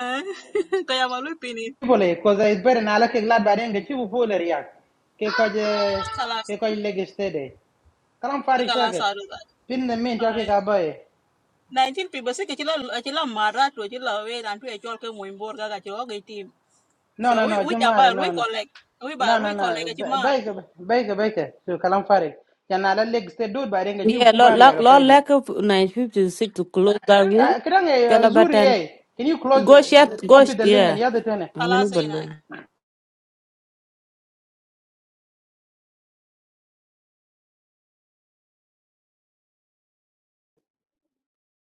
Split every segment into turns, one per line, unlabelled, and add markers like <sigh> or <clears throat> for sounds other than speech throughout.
Eh? <laughs> Kayamalupini.
Bole, cause it's better now. Look, glad by then get you full area. Ke kaje,
Kalasa.
ke kaje leg steady. Kalam fari shaket.
Kalasa do that.
Pin the main jockey
Alright.
ka boy.
19 people say kachila kachila mara to kachila we and to echol ke muimbor ga kachila team.
No, no,
So we
no,
we
Jumara,
chamba we
no, no.
collect. We ba
No, no,
we collect
no.
kachimar.
Bake, bake, bake. So kalam fari. Yana la leg steady dude by then get you
Yeah,
full
lo lo
area ka
lo
paidi.
lack of nine fifty six to close that room.
Kadang
Tell
eh
about
zuri
ten.
eh. Can you close,
Go shut.
uh,
Go.
copy
sh-
the link and
Yeah.
the other thing?
Ngani
Kalasa
ballo.
ina.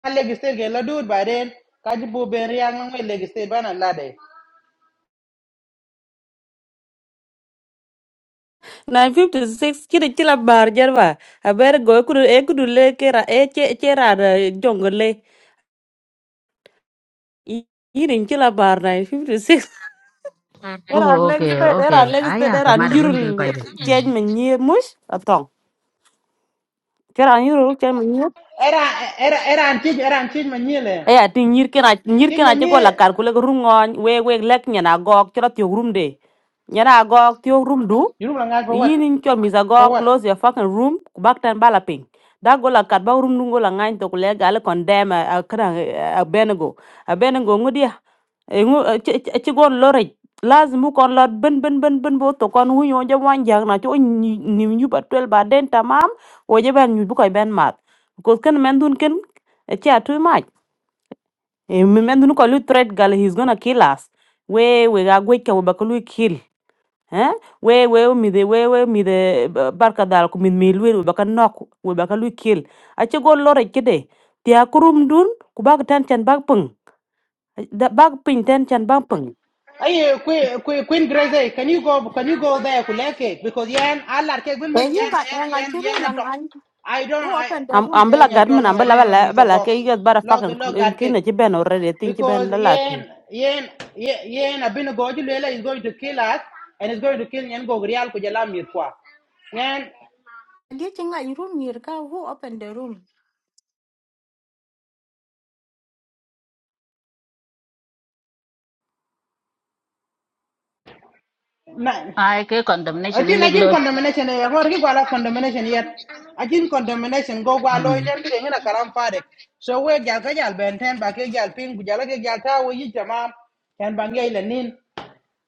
A leg steady ke la dude by then. Kaji bu ben ria ngwe leg steady bana lade.
Nine fifty six. Kira kila bar jarwa. Aber go kudu e kudu le kera e che che rada jongole. Yirin kila bar nine fifty six. <laughs> Era
Oh,
leg
okay,
spread.
okay.
Era leg spread.
Aya,
Era
kamada gun ke kai.
yurul change me near mush atong. Kera yurul change
Era, era, era antik, era antik manyele.
e ya tin nyir kena nyir
Change my
kena che gola
name.
kar kule rungon we we lek nyana go, chira tyo room de nyana go tyo room du
You know Langai for what?
yini cho misa
For
go
what?
close your fucking room ku back tan bala ping da go la kat ba room dungo la ngain to kule gal condemn a kra a benego a benego ngudia e ngu ci gon lore lazim kon lot ben ben ben ben bo to kon hu yo je wan jang na to ni nyu ba tel ba den tamam o je ben nyu bu koy ben mat ko ken men dun ken ci atu Eh, Remember, no threat gal, he's gonna kill us. We we are going to bakulu kill. Eh? We we mi the we we mi the barka dal ku min mi lwel we baka nok we baka lu kill. Ache go lore kide. Tia kurum dun ku bag tan chan bag pung. Da bag ping tan chan bag pung.
Aye, Queen Queen Grace, can you go? Can you go there? Kuleke because yan alar ke gunmen
And you
yan
got
yan
and
yan
like your room
yan
lang
atom.
I
I don't
who
I
opened the
Am
room.
ambela
yan yan chol
gadman ambela
ngari ne
bala
misa
bala
go.
ke you bara
Log
fucking
log gar
kin na
ke
chiben already think
because
chiben la la.
yan yan yan yan abin go julela is going to kill us and is going to kill yan go real ko jala mir kwa. Yan
And you think like your room near ka who opened the room.
na
I ke
I
condemnation in
think I
leg
think
loy.
condemnation eh ko ri gwala condemnation yet. I think condemnation go gwa lo iten bi ngina karam fare. So we gal ka gal benten. ten ba ke gal pin gu ke gal ta wo yi jama. Ken ba ngey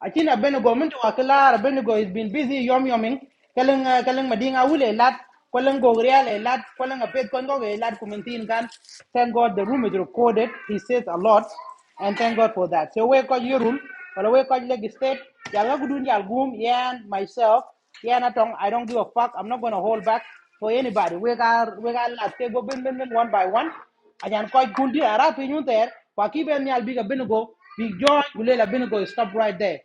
akin abenego mintu akala abenego is been busy yom yoming kaleng ah, kaleng madinga wule lat kaleng gogreal e lat kaleng apet kon goge e lat kumentin kan thank god the room is recorded he says a lot and thank god for that so we ko yorum wala we call ko legislate yalla gudun yal gum yan myself yan atong i don't give a fuck i'm not going to hold back for anybody we got we got lat ke go bin bin bin one by one ajan ko gundi ara pinyun ter kwa ki ben yal biga bin go Big George, Gulela Binigo, stop right there.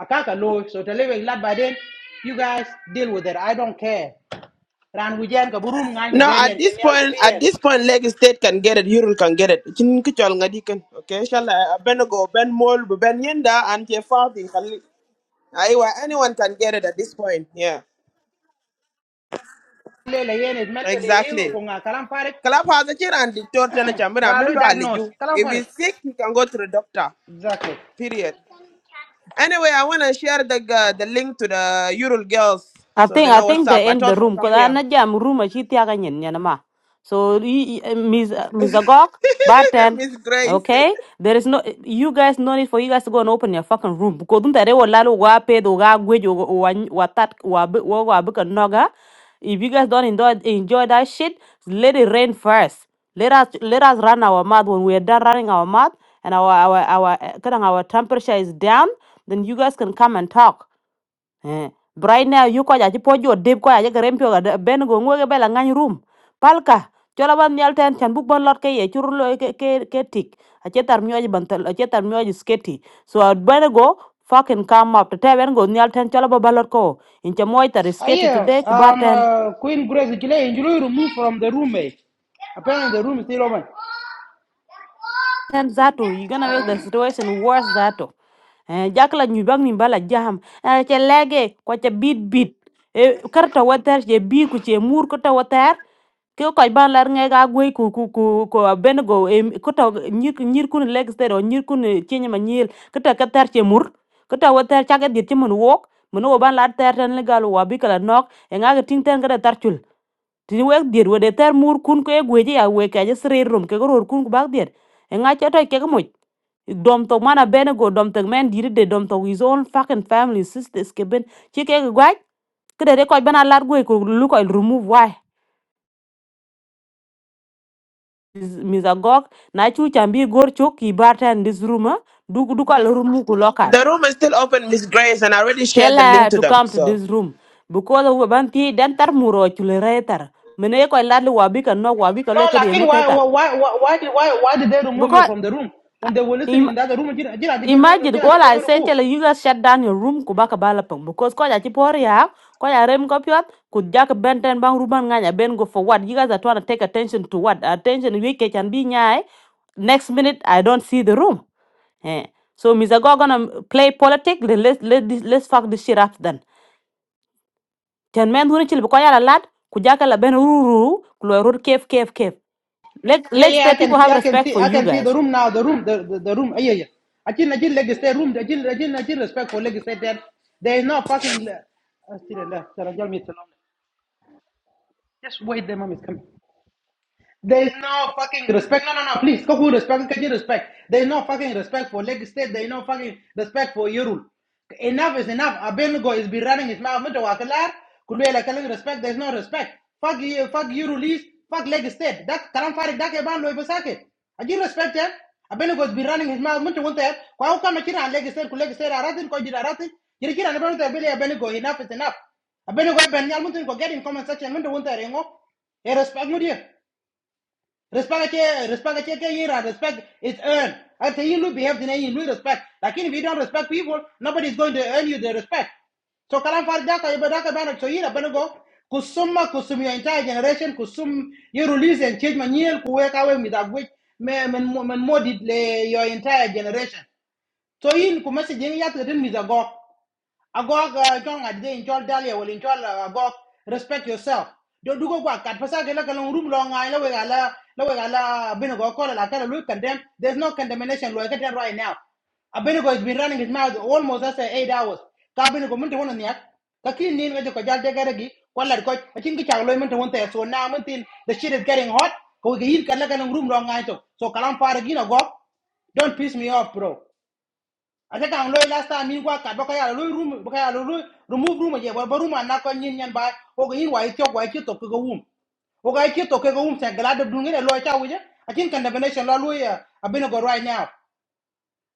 Akaka low, so Telewe lad by then, you guys deal with it. I don't care. Ran Wijan Kaburum Ngan
No, at
Gugarian
this
Genial
point, at
Kubian.
this point, Lagos State can get it. Ural can get it. Chin kichol ngadi kan. Okay, shall I? Ben go, Ben Mol, Ben Yenda, and Jeffati. Aywa, anyone can get it at this point. Yeah,
Lela Yen is mentally ill
exactly.
Kunga Kalam Farik,
Kalap has a chair and dictator tena chambera
but I
melo
diagnose.
aliju.
Kalam
If
Farik.
he's sick, he can go to the doctor.
Exactly.
Period. Anyway, I wanna share the uh, the link to the Ural girls
I
so
think
they
I
know what's
think
up.
they
I
end the
told them
room
come
because I
here.
na jam room a chiti aga nyen nyen ma. So y- y- Miss Miss Agok,
<laughs>
Barton,
Miss Grace.
okay? There is no you guys no need for you guys to go and open your fucking room because don't they will lalo wa pe do ga gwe jo wa wa tat wa bi- wa wa bika noga. If you guys don't enjoy enjoy that shit, let it rain first. Let us let us run our mouth when we are done running our mouth and our our our uh, kinda our temperature is down. Then you guys can come and talk. Eh, but right now you ko jaji po jot deb ko ya ga rem pio ga ben go ngo ga bela ngany room palka chola ban nyal ten chan buk bon lot ke ye churu lo ke ke ke tik a chetar myo ji ban tal a chetar myo ji sketi so a ben go fucking come up to te ben go nyal ten chola ba balot ko in cha moy tar
Ah
sketi
yeah,
today ku bar
um
ten
uh, Queen Grace Gile injury removed from the room. roommate. Apparently the room is still open.
zato you gonna make the situation worse zato eh jakla nyu bang ni bala jam eh che lege ko cha bit bit e karta water che bir ku che mur ko ta water ke ko ban lar nge ga gwe ku ku ku ko ben go em ko to nyir nyir kun leg stero nyir kun chenye ma nyil ko ta ka tar che mur ko ta wa tar cha ga dit che mun wok mun wo ban lar tar tan le gal wa bi kala nok e nga ga ting tan ga da tar chul ti we dit we de tar mur kun ko e gwe ji ya we ka je sre rum ke go ror kun ku bak dit e nga cha to ke ga moj dom to mana ben go dom to men dir de dom to his own fucking family sisters ke ben che ke ga gwa ke de ko ban lar gwe ku lu ko remove why Miss Agok na chu chambi gor chok ki barta in this room ah duk duk al room ku lokat
The room is still open, Miss Grace, and I already shared
tell
the link
her
to
to
them.
come to
So.
this room because we ban ti dan tar muro chule re tar mene ko lad wabi kan no wabi ka le
No,
ke de
like
ngote
why why
tar
why why why did why, did they remove you
because
from the room? When
ah,
they were listening
im
in the other room, Jira Jira Jira Jira
imagine
Jira
all I
Jira
say
remove.
tell her, you guys shut down your room ku baka bala pang because ko ja ti por ya ko ya rem ko pyot ku ja ka benten bang ruban nganya ben go for what you guys are trying to take attention to what attention we ke can be nyai next minute I don't see the room Eh. So Mr. Go gonna play politics. Let, let, let this, let's fuck this shit up then. Ten men who chill because a lad kujaka la ben ruru kulo rur cave cave cave. Let
Yeah,
let
yeah, I
the people
can see,
have
I can
respect
see,
for
I
you
can see the
guys.
room now. The room, the the, the room. Yeah, yeah. yeah. I didn't, I didn't like state room. I didn't, I didn't, I didn't respect for like state that there is no fucking. Uh, still in there. Sarah, tell me to- Just wait, the mom is coming. There is no fucking respect. No, no, no. Please, Kaku respect. Kaji respect. There is no fucking respect for Leg State. There is no fucking respect for Yerul. Enough is enough. Abenugo is be running his mouth. Mito wakalar. Kulwela kaling respect. There is no respect. Fuck you. Fuck Yerul is. Fuck Leg State. That kalam farik. That keban loy besake. Aji respect him. Abenugo is be running his mouth. Mito wante. Kwa ukama kira Leg State. Kuleg State aratin. Kwa jira aratin. Jiri kira nebenute abele Abenugo. Enough is enough. Abenugo ben yal mito ko get in comment section. Mito wante rengo. Hey, respect mo dia. Respect ke respect ke ke yira respect is earned. Until you look behave then you lose respect. Like if you don't respect people, nobody's going to earn you the respect. So kalam far daka iba daka bana so yira bana go kusuma kusum your entire generation kusum you release and change manuel kuweka we with that which men men men mod le your entire generation. So in ku message yin yat gatin mizago agog uh, chol ngad ge in chol dalia wel in chol uh, agog respect yourself do do dugo kwa kat pasa ke la kalong room long. I la we gala la we gala bino go kola la kala look condemn there's no condemnation lo get right now Abinigo has been running his mouth almost as eight hours. Ka Abinigo mun ta wannan yak. Ka kin ni ngaje ko jalde garagi kwallar ko a kin ki chaglo mun ta wonta so na mun tin the shit is getting hot. Ko ga yin kala kana room long. I to. So kalam fara gina go. Don't piss me off bro ata tang loy last time min gwa kat baka ya loy room baka ya loy remove room je ba room na ko nyin nyan ba o ga yin wa ikyo wa ikyo to ko ga wum o ga ikyo to ko ga wum sa gala da dun ngene loy ta wuje i think condemnation la loy abinago right now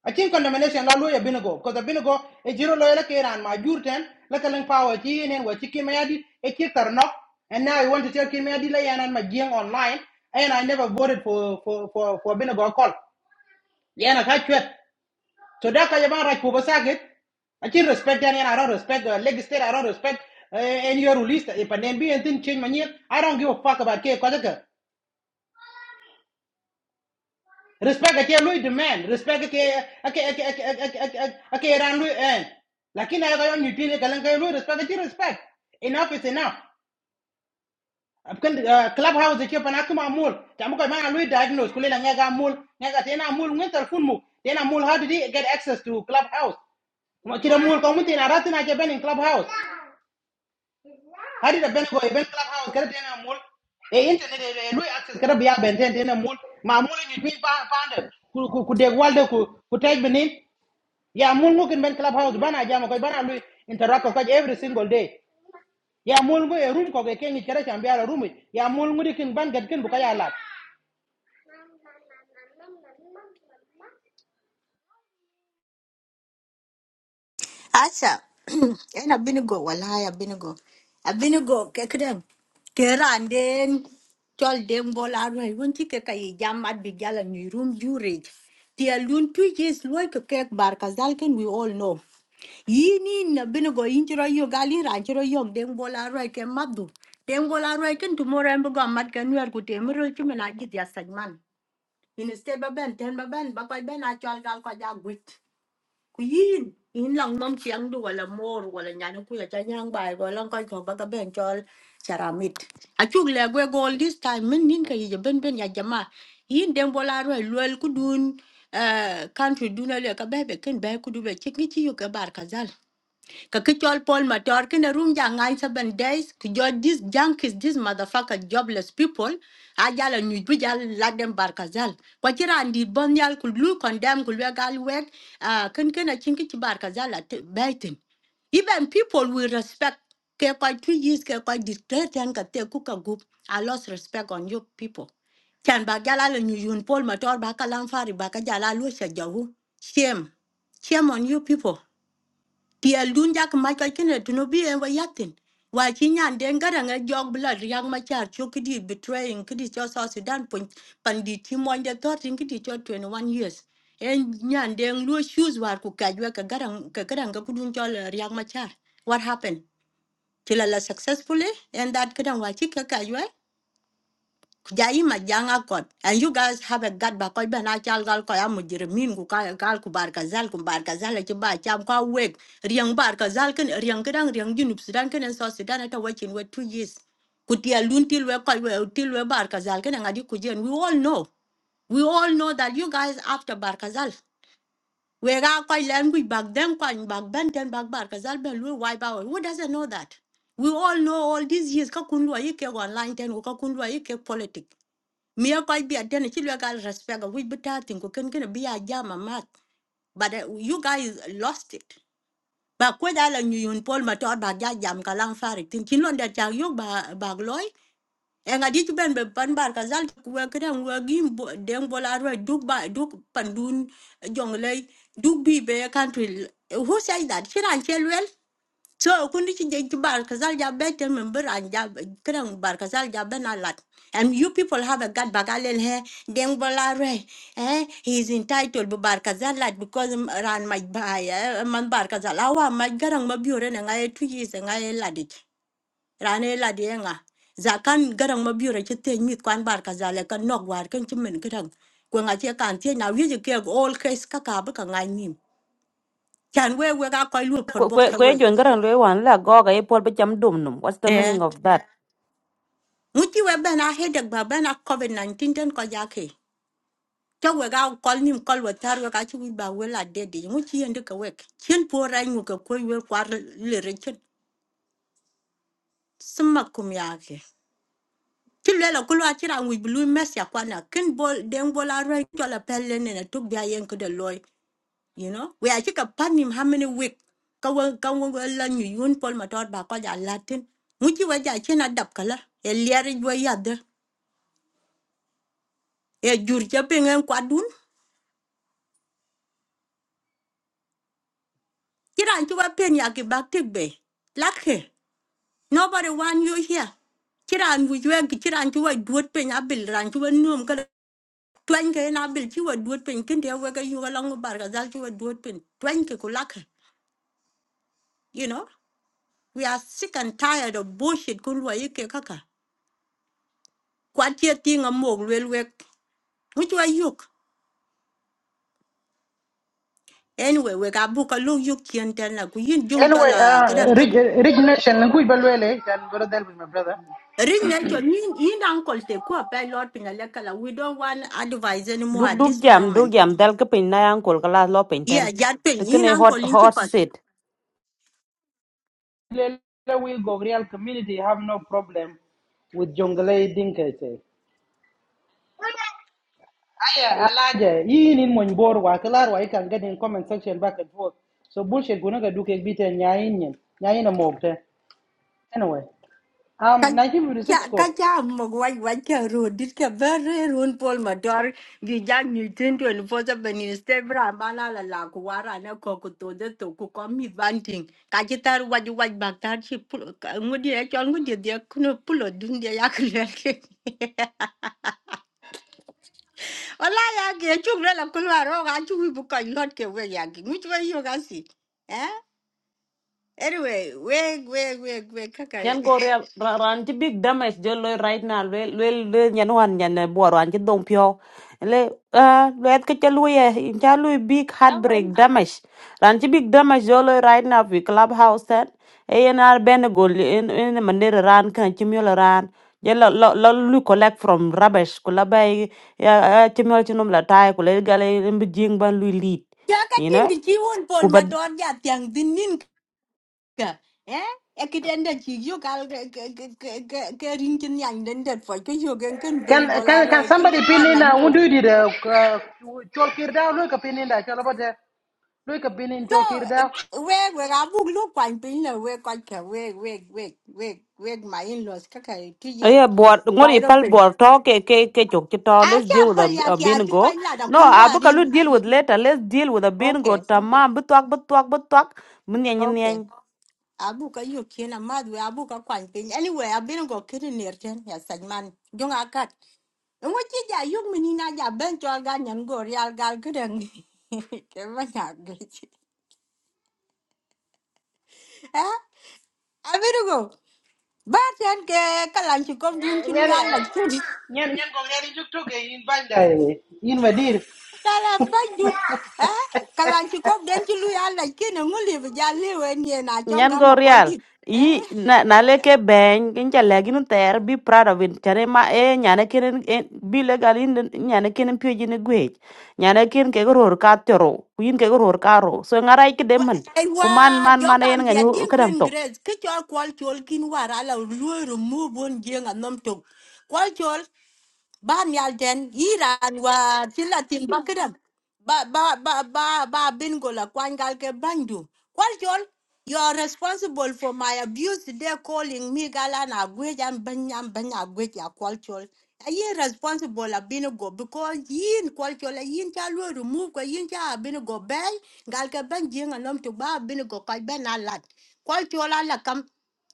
i think condemnation la loy abinago because abinago e jiro loy la ke ran ma jurten la ka lang power ti enen wa ti kimayadi e ki tarno and now you want to tell kimayadi la yanan ma jing online and i never voted for for for for abinago call yana ka chwet so that kind of right for Basagit. I can respect Danny and I don't respect the leg state, I don't respect uh, any your release. If an NBA and thing change my year, I don't give a fuck about K. Kajaka. Respect a K. Louis demand. Respect a K. A K. A K. A K. A K. A K. Ran Louis and. Lakin I got on you tell Kalanka Louis respect a K. Respect. Enough is enough. Ab kan ah, clubhouse ke pana kuma mul tamu kai mana lui diagnose kule la ngaga mul ngaga tena mul ngen telefon mu tena mul how did he get access to clubhouse kuma kira mul kamu tena ratina ke ben in clubhouse How Hari da ben go A ben clubhouse kada tena mul. E internet e lui access kada biya ben tena tena mul. Ma mul ni twi pa pande. Ku ku ku de walde ku ku take benin. Ya mul mu kin ben clubhouse bana jama ko bana lui interact with every single day. Ya mul go a room ko ke kengi kada chambia la room. Ya mul mu di kin ban gad kin buka ya lat.
Asa, <clears throat> ina binigo, wallahi abinigo. Abinigo, kekdem. Kera and then chol dem bol arwe. One keka ye jam at bigyal and you room you rage. Tia lun two years loy cake bar kazalken we all know. Yini na binigo injiro yo gali ranjiro yo dem bol arwe ke madu. Dem bol arwe ken tomorrow embo gamat ken wer kutemiro chumena jit ya sajman. instead ba ben ten ba ben ba koy ben a chol gal ko ja gwit ku yin yin lang nom chiang du wala mor wala nyana ku ya cha nyang bai go lang koy ko ba ka ben chol charamit a chuk le gwe gol this time min nin ka yi je ben ben ya jama yin dem bola ro lol ku dun eh country dun le ka be be ken be ku du be chik ni chi yu ka bar ka zal ka ki chol Paul Matar kina room ja ngai seven days ki jo junkies these motherfucker jobless people a jala nyu bi jal ladem barkazal ko chira ndi bon yal ku lu condemn ku le gal wet a ken ken a chinki ci barkazal a baitin even people will respect ke kwa two years ke kwa dictate and ka te ku ka gup i lost respect on you people chan ba jala le nyu yun Paul Matar ba kalam fari ba ka jala lu sha jawu shame shame on you people Ki el dun jak ma ka kene to no bi en wa yatin. Wa chi nyan den gara nga jog bla riang ma char betraying ki di cho so Sudan pun pan di ti mon de to tin 21 years. En nyan den lu shoes war ku ka jwa ka gara ka What happened? Chila la successfully and that kadang wa chi ka ka Jaima janga kot. And you guys have a gut ba koi bana chal gal ko ya mujrimin ku ka gal ku bar kazal ku bar kazal ci ba cham ka weg riang bar kazal ken riang kedang riang junub sudan ken so sudan ta wachin we 2 years. Ku ti alun we koi we til we bar kazal ken ngadi ku jen we all know. We all know that you guys after bar kazal. We ga koi len ku bag them koi bag ben ten bag bar kazal ben lu wipe out. Who doesn't know that? We all know all these years ka kun lu online ten ku ka kun lu politics. Mia koi bi adene chilu ya gal respect we bitatin ko ken ken bi a jama mat. But uh, you guys lost it. Ba ko da la nyun pol ma tor ba ja jam kalang fari tin kin non da chang yo ba ba loy. En adi tu ben be pan bar ka zal ku wa kren wa gim bo- deng bola ro duk ba duk pandun jonglei duk bi be country. Who say that? Chiran chelwel so kundi ci jeng ci bar kasal ja better member an ja kerang bar kasal ja ben alat. And you people have a god bagalel he deng bola re. Eh he is entitled bu bar kasal lad. because um, ran my bay eh, man bar kasal awa ma garang ma biure na ngai tu yi se ngai ladit. Ran e ladi e nga. Zakan garang ma biure ci te mit kwan bar kasal ka nok war kan ci men kerang. Ko nga ci kan te na wi je ke all case ka ka ba ka ngai nim. Kan we we ga ko lu por bok ka
Kwe
we.
jo ngara lo wan la go ga epol be dum num. What's the
Eh.
meaning of that?
Muchi we ben a headache ba ben a COVID-19 ten ko yake. Cho we ga call nim kol we tar we ka chi we ba we la de de. Muchi yende ka wek. Chien po ra nyu ka ko we kwar le re chen. Sma kum yake. Chi le la kulwa chi ra we blue mess ya kwana. Ken bol den bol a ra cho la pelle ne na tuk bia yen ko de loy. You know? We a chi ka pan nim how many week. Ka we ka we we la nyu yun pol ma tor ba ko ya latin. Muchi we ja chen a dap kala. E liari we ya de. E jur cha pengen kwadun. Kiran chuba pen ya ki bak tik be. Lakhe. Nobody want you here. Kiran wu jwe ki kiran chuba duot pen ya bil ran chuba num ka twen ke na bil chuba duot pen kin dia wega yu ga long bar ga zal chuba duot pen twen ke ku kulakhe. You know, we are sick and tired of bullshit kulwa yike kaka. Kwat ye ting a mog lwel wek. Which way yuk? Anyway, we got book a look you can tell like we jung
Anyway,
jala
uh,
gadan
rich, rich nation, ngui balwele, can brother help my brother.
Ring Nelson, you you and uncle take up by Lord Pinalekala. We don't want advice anymore
Duk
at
duk
this
jam duk
moment.
jam dal ke pin na yang kol kala lo pin ten.
Yeah, Japin, in. and
Tekene
uncle
hot hot
Inchipas.
seat.
With jungle, dinka, I say. alaje yin in mon bor wa kelar wa ikan get in comment section back and forth so bullshit guna ga duke biten nyayin yin nyayin na mokte anyway um 1956 ko
Kacha Mogwai Wacha Road, this very run Paul Mador, Vijan Newton to enforce a Benistebra, Malala Laguara, and a cocoto, the Tokuka, me vanting. Kajitar, what you white back that she pull, would you actually would you pull or do the Ola ya ge chuk le la kulwa ro ga chu wi bu ka not ke we ya ge. Much we yo ga si. Eh? Anyway, we we we we ka ka.
nyan go real ra- ran ti big damage je loy right now le le le nyan wan nyan eh, bo ran ti dong pyo le uh, le et ke che lu ye in cha lu big heartbreak
Awan.
damage ran ti big damage je loy right now vi clubhouse ten e yen ar ben go in in manera ran kan ti mi ran ye lo lo lo lu collect from rubbish ku la bay ya ti mi ti num la tai ku le gale mbi jing ban lu lead
Ja ka
you
tin
know
di chi won pol
ku
ma
ba
ton ya tiang din nin ka. Eh? E ki den da chi yo ga ke ke ke ke ke rin chin yang den da fo ke yo gen ken
can
den bola
can can
re ke
somebody
ke- pa
pin in
na
uh,
ni.
undu di the uh, chol kir da lo pin in da chol bote lo pin in
So,
chol kir da
ik- we we ga bu lu kwan pin le we kwa ke we we we we we my in laws ka two years
Yeah, but what you
wide
pal
open.
board talk ke ke ke chok chito.
I
Let's deal
can't
with a,
forget
a
ya to
bingo.
kind of
No, abu kalu
Kunwari.
deal with later. Let's deal with a bingo.
Okay,
Tamam, butuak butuak butuak. Munyan yan yan.
okay. Abuka you kin a mad way, Abuka quantin. Anyway, I've been go kidding near ten, yes, and man, young I cut. And what did ya, you mean, I ya bent your gun and go real gal good and Eh? I better <laughs> go. But then, Kalanchi come doon to
nyan
Luya like ten.
nyan nyan ko nyan juk to ke in banda in wadir
Kalam bang dude. Eh? Kalanchi come then to Luya like ten and only if ya live and ye and I chop
Nyan
gum
go
a
real. Yi na na
Eh?
leke bang kinja lagi nun ter be proud of it. Chane ma e nyane kinen e be legal in the- nyane kinen pio jine gwech. Nyane kin ke goror ka tero. Kuin ke goror ka ro. So ngarai ke demen. Kuman
Ewa,
man man e
jokam bia
nganyu
din
kadang
queen
tok.
grace. Kichol kwal chol kin warala luo remove on jeng anom tok ba mial ten iran wa chila tin bakram ba ba ba ba ba bingola gola kwan gal ke bandu kwal chol you are responsible for my abuse today calling me galana na gwej am banyam banya gwej ya kwal chol ayi responsible a bin because yin kwal chol a yin cha lu remove ko yin cha bin bay gal ke ban jing anom to ba bin kai ben alat kwal chol ala kam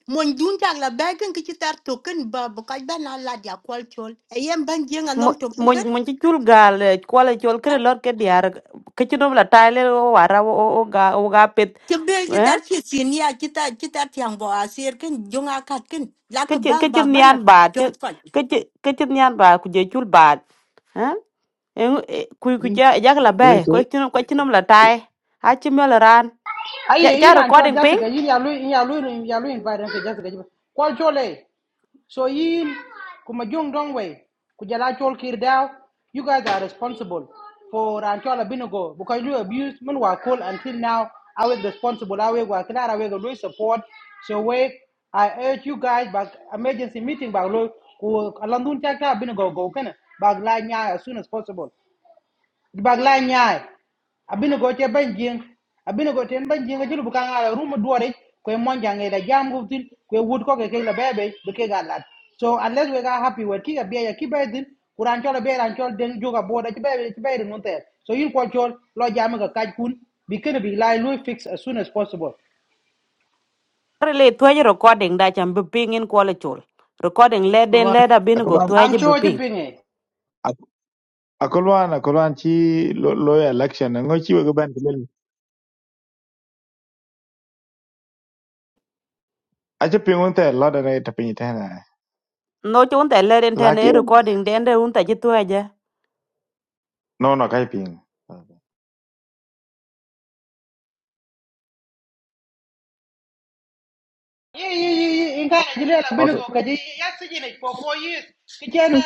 mon dun la bagen ki token ba bu kaj ben dia kwal chol e ban jenga
mo
nom token
mo mo ci cul gaal eh, kwala col kene lor ke diar ke ci nom la tayle o wara o o o ga o ga pet
ke bel ci
eh
tar ci sin tiang bo asir ken jonga kat ken la
ke ci
ba
ke ci
ba
nian
bana
ba ci
chol fat
ke ci ke ci nian ba ku je cul ba eh Eng- eh, ku ku
Zai-
ja jag la bay ko
zai-
ci nom- ko ci nom la tay ha ci mel ran ja
aye
ja
iran chol
recording
jasica yin ya yalu in yalu in lo invite ke jasica kwal chole So in Kumajung Dongway, Kujala Chol Kirdao, you guys are responsible for Anchola Binogo because you abused Munwa Kul until now. I was responsible. I will work I will do support. So wait, I urge you guys back emergency meeting back low. Alandun Chaka Binogo go can back line as soon as possible bag la nyaay abino go che banjing. jing abino go ten ban jing ajulu buka ngala rumu duore kwe monja ngela jam guftin kwe wood ko ke ke la bebe be ke galat so unless we are happy with kiga biya ki bedin kuran chola be ran chol den juga boda ki bebe ki bebe nun ter so you, ko chol lo jam ga kaj kun bi kene bi lai lui fix as soon as possible
Rele tuaje recording da chan biping in kwale chul. Recording le
akwai
den
wani-
le da bin
akwai
go
wani-
i'm
tuaje
sure you
biping.
pinge
akwai wani- akwai wani ci lo- lawyer election ngo ci wega ban tilel acha pingun ta la da ne ta pinyi ta na
No chun te le den ten e
laki
recording den de un ta je tuaje.
no no kai ping Ờ,
Yeah, yeah, yeah, yeah. In kind of jail, I've been to
okay
go. Yeah, yeah, sitting it for four years. Kitchen,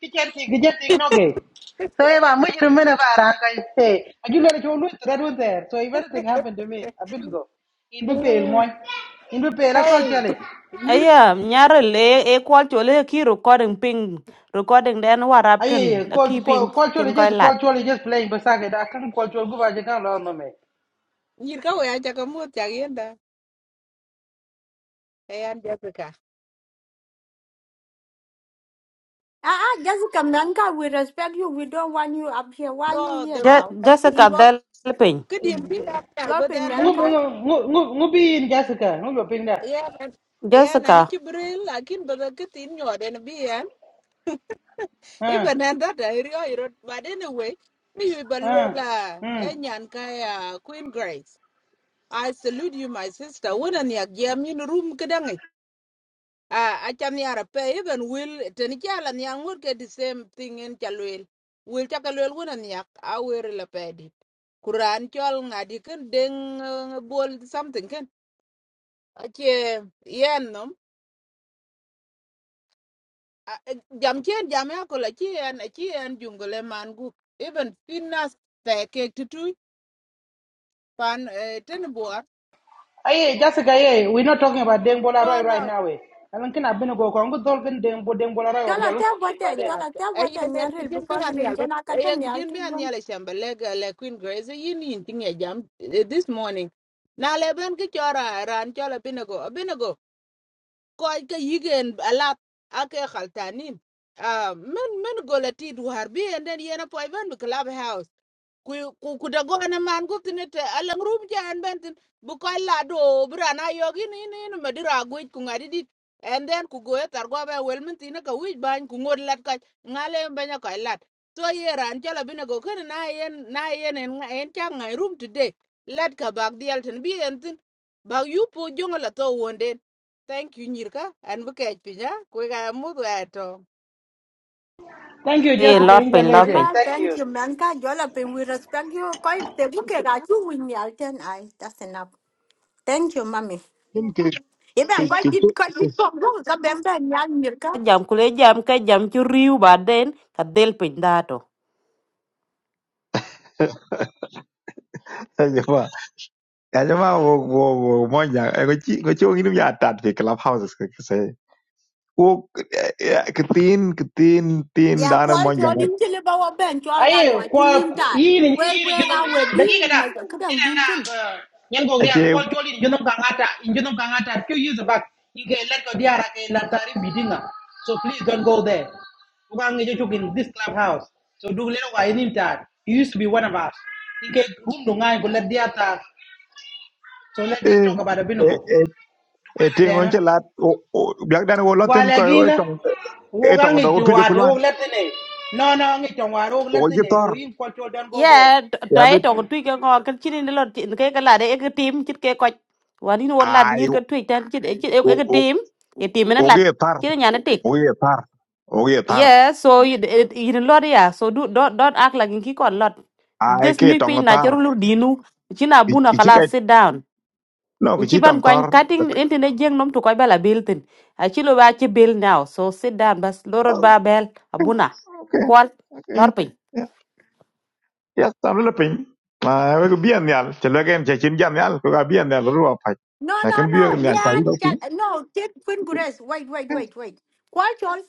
kitchen, kitchen thing, no gay. So if I'm with you, man, if I rank, I say, I do let it all that one there. So if anything happened to me, I've been to go. In the pale,
Mm,
one. In the pale, I call
Hey,
Charlie.
nyir
Aya nyare le e kwal chul e ki recording ping. Recording den
Ah,
warap
yeah,
ken
yeah.
a
Call,
ki
call,
ping
call Charlie,
chen koi
just
lat.
call Charlie, just playing beside I can't call Charlie, go back, I can't learn, no, man.
nyir ka wea chaka muot chak yenda. Hey, Aunt Jessica.
ah ah just come nanka we respect you we don't want you up here why you
No,
here
the
Je-
now
Jessica
involve
del ping.
kidim pi da nyal
lot
ba
pe
den da.
nanka
Ngubi in Jessica, ngubi ping that.
Yeah, man. Yeah,
Jessica
nani chibril lakin ba da kitin nyoden bi yan. Iba
Ah,
nan <laughs> da da rio iro but anyway, me you
ah,
balwela
hmm.
enyan kaya Queen Grace. I salute you my sister. Wona ni agiam in room kedang Ah, acha miara pe even will teni chala ni angur ke the same thing in chalwel. Will chakalwel wuna niak awer la pe dit. Kuran chol ngadi ken deng eh, bol something ken. Ache yen nom. Ah, eh, Jam chien jam ya kola chien chien jungule mangu. Even finas te kek tutu pan eh, ten boar.
Aye, Jessica, aye, we're not talking about Deng Bola Roy
No no
right now. Eh. I Alam kina abin go ko angut dol kin Deng Bo Deng Bola Roy
chala
obja lu
ta
kin
bote
ba de.
Yeah,
chala ta
ayen
bote
en
nyaril
kidin bi
because
han
rin
yal, but
jana katan
ayen
nyal
kidin bi han yal shamba leg le Queen Grace yin yin ting e jam eh, this morning. Na le ben ki chora ran chola binago, binago ko ka yigen alat ake khaltanin. Ah, men men go la ti duhar bi and then yena po even the club ku ku ku da gona man ku tine te alang rum jan bentin bu ko la do brana yogi ni ni ni madira guj ku ngadi dit and then ku goye tar go be wel min tine ka wij ban ku ngod lat ka ngale banya ka lat to ye ran jala bine go ken na yen na yen en nga- en cha ngai rum today lat ka bag dial tin bi en tin bag yu po jonga la to wonde thank you nyirka an bu kech pinya ku ga mu do
Thank you,
Ee,
Jessica,
Ai,
lor
inja
piny, lor piny.
lady.
Wala,
Thank
thank
you.
you, Manka. Jolapin, we respect you. Koi te buke ga chu win yal ten ai. That's enough. Thank you, mummy.
kin ke
mommy.
ke
Iben koi
ke chu
dit koi dit pom ru ka ben ben yal mirka.
Jam kule jam ka jam ci riu ba den ka del piny dato.
ajama ajama wo wo wo mo ja ngo chi ngo chi ngi dum ya tat fi club houses ke ke sai wo ke tin ke tin tin
Ya
danar
pol
mo ja
chol in chile ba wa ben chol gal
Aye,
wa chi
kwa
nim tan.
yini
We
yini
we
juno
ga we bi
dagiga da.
ma ka dang
Ina
dun kin.
na nyen go real kwa joli juno kangata, juno kangata few years back. Ike let go diara ke lantari bidinga. So please don't go there. Ugang ngejo chuk in this clubhouse. So do lelo wa inim tar. You used to be one of us. Ike room dungai go let diata So let's just talk about
ache
Abinugo.
e ting on
Then,
che lat o o- biak dan wo
while
loten ko e
again,
tong e
Wogang
tong do
it to
tujo
water,
kulwan
oh, Latine. No, no, it to water, oh,
o ji
Latine. So
tor
in culture, don't go
Ye,
there.
to
ya
e
bit
to ko tui ka ngor ka chini ni lor chini ka lade e ka tim chit ke koch. Wani ni won lad
ai
nyir ka
o
tui tan chit chit e ka
o
tim. E tim ina
o
lad.
ge tar
Chini nyana tik.
o ge tar o ge tar
Yeah, so yin lor ya. So do, don't, don't act like in ki kon lot.
ai
Just
ke
nyu
tong
piny na charu
tar
lur dinu. China
i
buna
chi
kala
kai
sit down.
no ki chi
Nchi ban
tong
kwany
tor
cutting into ne jeng nom to koy bala bill tin. A chi lo ba chi bill now. So sit down bas lorot ba bel abuna.
okay
Kwal
okay
lor pin.
ya ya tam le pin ma we ko bien nyal che le gen che chin jam nyal ko ga bien nyal ru pa
No,
na
no,
ken
no.
bien nyal ta wi
Yan
do pin
chal no, take queen grace. Wait, wait, wait, wait. Koi chol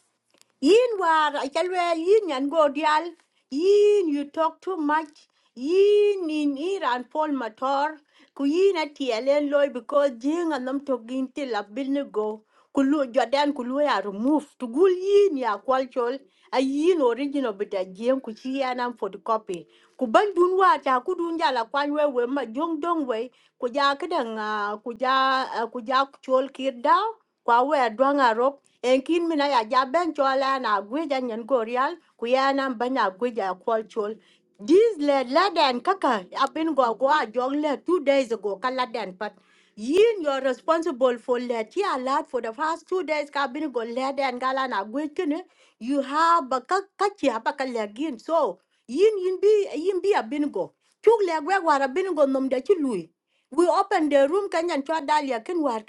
Yin war achalwel yin yan go dial. Yin you talk too much. Yin in Iran Paul Mator. Ku yin at TLN loy because jing and them talking till a bin go. Kulu Jordan Kulu ya removed To gul yin ya kwalchol. A yin original bit a jing ku chi yanam for the copy. Ku ban dun wa ta ku dun jala kwanwe we ma jong dong we. Ku ja kadang ah, ku ja ah, ku ja chol kir dao kwa we dwang arop en mina ya Jaben chola na gweja nyen gorial ku ya nan gweja kwal this lad laden kaka abin go go a jong le two days ago kaladen but yin you're responsible for let ya lad for the first two days ka bin go laden gala na gwej you have a ka ka chi so yin yin be yin bi abin go chuk le gwe war abin go nom de chi lui we open the room kanyan chwa dalia ken war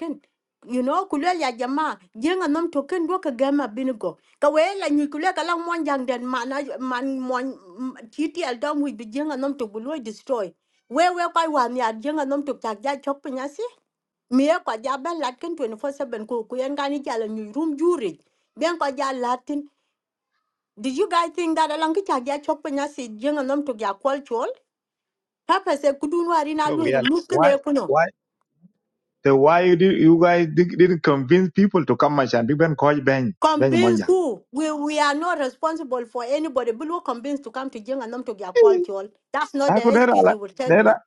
you know kulel ya jama jenga nom token ken do ka gama binigo ka we la ni kule la mon jang den mana man mon titi al dom wi jenga nom to bulo destroy we we kwa wa ni jenga nom to tak ja chok si mi e kwa ja ben 24/7 ku ku jala ni room juri ben kwa ja latin did you guys think that along ki tak ja si jenga nom to ya kwal chol papa se kudun wari na
go
lu
real
mu ken e
why So why you, did, you guys did, didn't convince people to come and be ben coach ben ben
Convince
monja.
who? We we are not responsible for anybody. But we're convinced to come to Jing and not to get quality all. That's not
I
the
could never
excuse
let
you will tell me.
never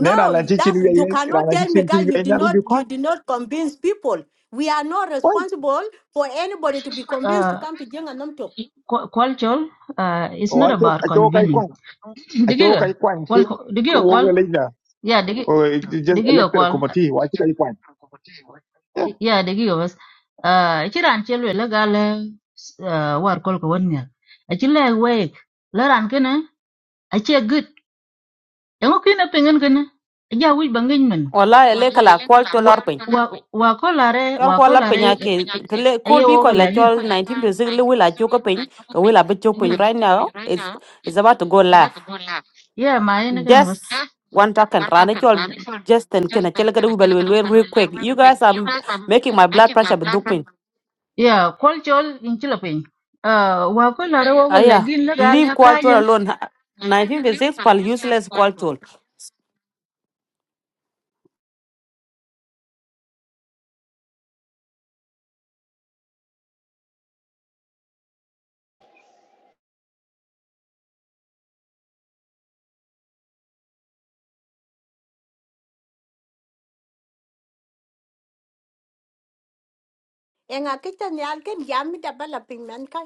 never let chichin
that's you
we ran
cannot tell me
chichin ti
guys you
we
did
nya
not
ubi
you
coach.
did not convince people. We are not
Why?
responsible for anybody to be convinced to
Uh,
come to Jing and Namtok.
cu- culture uh, it's
Oh
not
acho
about
acho kai
convening.
kwan. Acho kai
Digiga.
kwan ke
Qual digiga qual.
wo le na.
Yeah, digi
Oh just
digiga
elected a
qual.
committee wa chi kai kwan.
Yeah, digiga was. Uh, chiran chelwe lagale uh, war kol ko wonya. Achile wake. Laran kene. Achi good. Yango kina pengen kena. Ja wi bangin men.
Wala ele kala kwal to lor pin.
Wa kolare,
Chol
wa
kwal la
kola.
pin ake tele kol
Eye
bi koy la
wogalagi.
chol nineteen percent le wila chuka pin. Ka wila ba chuk pin right now. It's it's about to go live.
Yeah, ma ene
Just one second rane chol Justin kena chele kada wibal wel real quick. You guys are making my blood pressure be
Yeah, cultural in Philippines. Uh, wakula
Ah, yeah. Leave culture alone. 1956 pal useless culture.
Enga kita ni alken yami dabala pingman ka.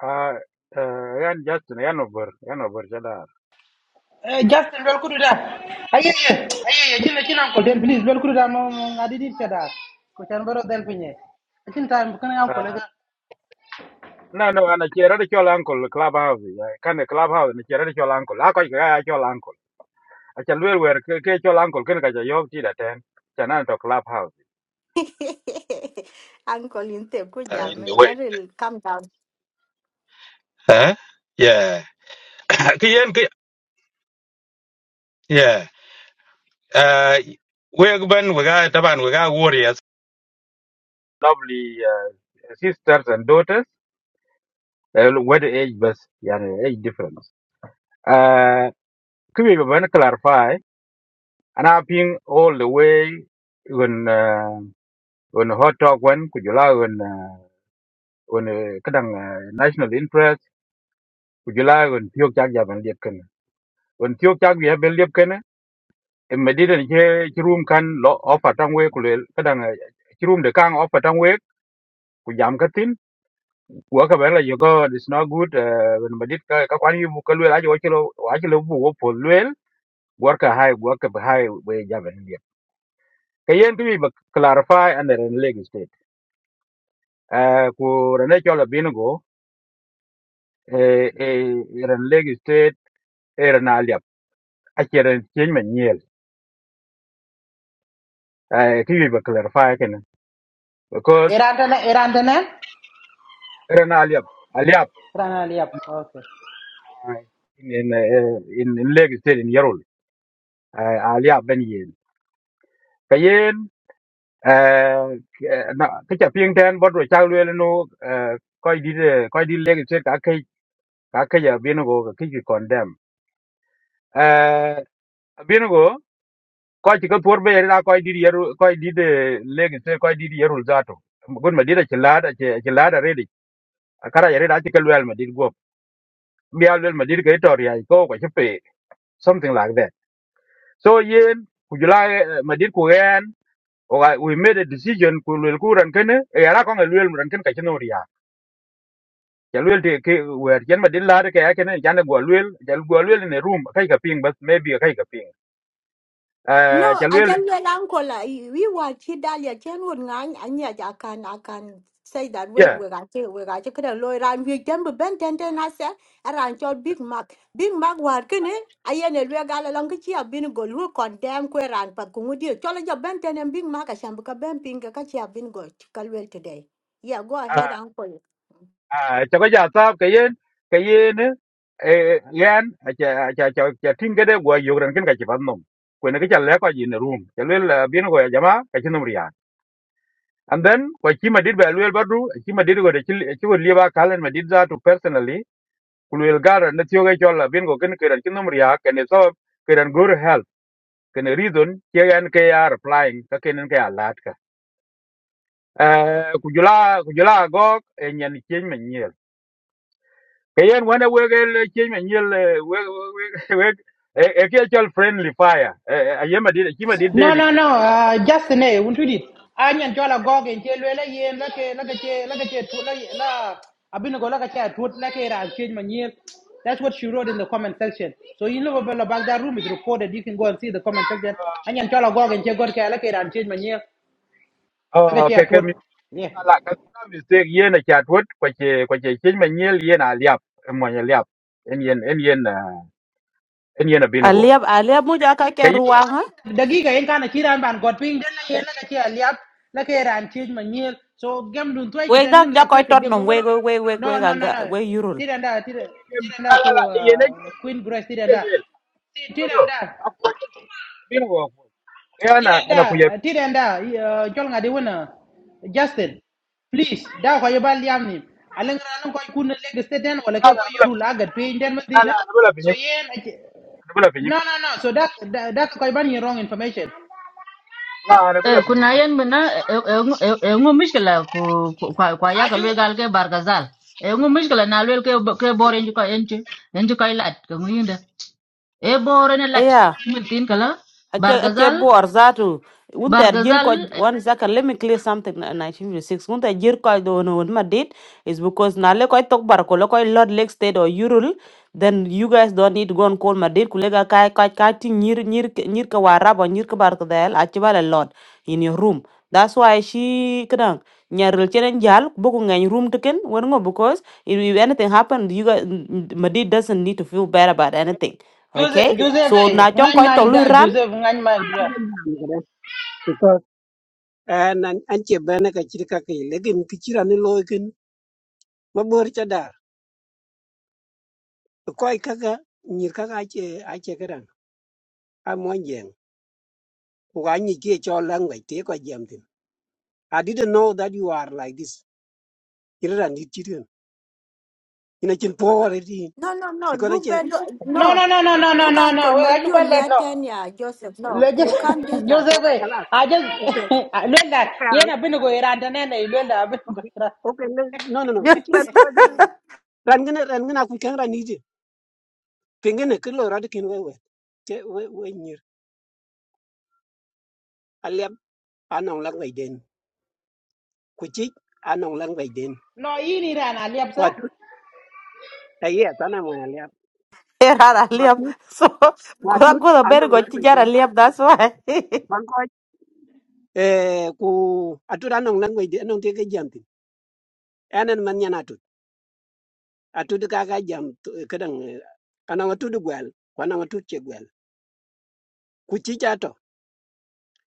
Ah, uh, yan just yan over, yan over jada.
Uh, Justin, well, could that? Aye, aye, aye, aye, aye, aye, aye, uncle, then please, well, could that? No, no, no, I didn't say that. Which I'm better than Pinay. I think time, can I, uncle?
Ah, no no, ana chera de chol uncle clubhouse. ya, Kan de clubhouse ni chera de chol uncle. La ko ga chol uncle. Acha luel wer wer ke ke chol uncle ken ga yo ti da ten. Chana to clubhouse.
<laughs> Uncle inte ku
Uh,
yam.
in the way.
Nyaril come down.
Huh? Yeah. <coughs> <laughs> Kiyen ki yeah. Uh we ban we ga taban we got warriors. Lovely uh, sisters and daughters. Uh, what age bus? Yani age difference. Ah, uh, could we even clarify? anh I've been all the way on uh, on hot talk when could you lie on uh, on uh, kadang uh, national interest could you lie on tiok chak ya ban liep kana on tiok chak ya ban liep kana e medida ni che chi room kan lo offer tang we kule kadang uh, chi room de kang offer tang we ku jam katin wa ka bela you go it's not good uh, when medit ka ka kwani bu kalwe la jo chilo wa chilo bu wo pol lwel gor ka hai gor ka hai we ja ban liep kayen tu bi clarify and then leg Ah, ku rane chola bingo e e ran leg state e ran aliap a cheren chen men nyel e ki ba clarify ken because
Erantana, Erantana?
ran aliap aliap
Rana, yep, okay.
ah, in in eh, in in leg state in yarul Ah, aliap ben yen kayen eh ke- na ka cha ping ten bodo cha lwel no eh, koi di de- koi di leg state ka kai ka kai ya bingo ka ki ki condemn eh bingo ko ci ka por be ra ko di yeru ko di de legi se ko di yeru zato gun ma dida ci lada ci lada redi akara yare da ci kalwel ma did go mi alwel ma did ga itor ya ko ko ci pe something like that so yen ku jula eh, ma did ku yen o ga- we made a decision ku lwel ku ran kene ya ra ko lwel ran kene ka ci no ya ya lwel de ke wer yen ma did lada ka ya kene ya ne go lwel ya go lwel ne room kai ka ping but maybe kai ka ping
No,
ya
I
lwel
can well uncle. uh, I- We were Chidalia, Chenwood Nang, and yet I can I can say that we
yeah
were at it, we got a lawyer, and we jump bent and then I said, around your Big Mac. Big Mac working it. I ain't a regal along which you have been go look condemn queer and Pakumudio. Cholaja bent and Big Mac, I shambuka bent Pinga, Kachi have been go to Chikalwell today. Yeah, go
ah,
ahead, uncle.
à cho cái giờ tao cái yên cái yên ấy eh yan cha cha cha cha tin cái đấy qua yêu rằng cái cái phần nông quên cái chả lẽ có gì nữa room cho nên là biến gọi jama cái chân riya and then qua chi mà đi dit ba bắt badru chi mà dit gọi chi chi gọi liba kalen mà đi ra to personally luel gar nó tiyo cái cho là biến gọi cái cái chân riya cái này so cái này good health cái này reason cái yan cái ya replying cái cái này cái alat ka eh kujula kujula go en yan chi mà kayen wana wegel chenya nyel eh, weg weg weg- eh, eh, kia chol friendly fire ayema dida chima did
No,
dedi
no, no. Uh, just ne, won't you it? Anyan chola goge in chelu la yen la ke la ke che la ke che tu la la abinu go la ke che tu la ke ra change my year. That's what she wrote in the comment section. So you know about back that room is recorded. You can go and see the comment section. Anyan chola goge in che god ke la ke ra change my year. La ke
oh
che
ke ke
tu.
mi
Yeah.
ala ka ka mistake yena chatwot kwache kwache chenya nyel yena aliap monya liap en yen en yen ah, en yen binago
Aliab aliab mo jaka ke
kayen
ruang ha.
dagiga yen kana chiran ban god ping den la yen la ka chi aliap la ke ran chi ma nyel so gem dun toy ke
We
ten
dag
ngin
da
lak
koy
toy ke
tot
gem dun
nom
ngin
we we we we
no
we ga
no no no
we yurul.
tiranda tiranda
ala
ko
la yena
uh, queen grace tiranda
jelwel kodo
tiranda
akwa binago yana
tiranda
ana kuya
tiranda jol ngadi wona justin please da ko yobal yamni alang ran ko kun leg steden wala ke
ala
ko
ana bula
yuru la gat pe den
ala ana bula
so
pinyim
yen
ana bula pinyim
no no no so that that, that ko ban wrong information
la ana bula
eh,
pinyim
kuna yan mina eh, eh, eh, eh, eh, ngu mishkila ku ku- kwa kwa yaka
Achu
lwe gal ke bargazal eh, ngu mishkila na lwe ke ke bore nji kwa enchi enchi kwa ilat ke ngu yinda e bore ne lat tin kala
Ache ache
bargazal
bor zatu unter jil
bargazal
ko one second let me clear something na- 1956 unter jil ko do no ma did is because na le ko tok bar ko le ko lord lake state or yurul then you guys don't need to go and call ma did kulega ka ka ka ti nyir nyir nyir ka wara bo nyir ka bar ko del ache bala lord in your room that's why she kadang nyaril chenen jal boku ngany room tiken wer ngo because if if anything happen you guys ma did doesn't need to feel bad about anything okay
Joseph, Joseph,
so na
hey, ngan
chong koy
mic
to
da,
lu
Joseph, ngan mic da.
because an an an bana ka chiri ka ke lekin ki ni loy kin cha da ko ai ni ka che a che ka ko ga ke cho lang wai te ko jam tin i didn't know that you are like this chira ni chiri ina chin po re
No, no, no,
because I
do
che
better.
No,
No,
no, no, no,
no
no,
no
no,
no
do
no, no.
uncle,
Wait, I
maybe
should
you
let no.
let and yeah, Joseph. No,
Let just
you
okay
can't do
<laughs>
that.
Joseph,
okay
hey,
kala
I just
okay
<laughs> let that.
okay
Yeah, I'm na binu go iran tane na ilu la binu <laughs> go
okay
iran.
okay le- no no no ki
<laughs>
ni loy ran gana ran gana ku kan ran pingene ke lo rad kin wewe ke we we nyir aliap anong lang wai den ku chi anong lang wai den
No, ini iran aliyab
kwa
sa.
tut ta ye ta na mo aliap
Era
kwa
liam.
tut
So
kwa
go
tut
go the better
anong
go
lang
to
wai
Jara
den
liam. That's why. <laughs>
bang ko eh ku atut anong lang wai den anong te ke jam tin anen man nyana tut atut ka ka jam kedang anong atut gwal kwa anong atut che gwal ku chi cha to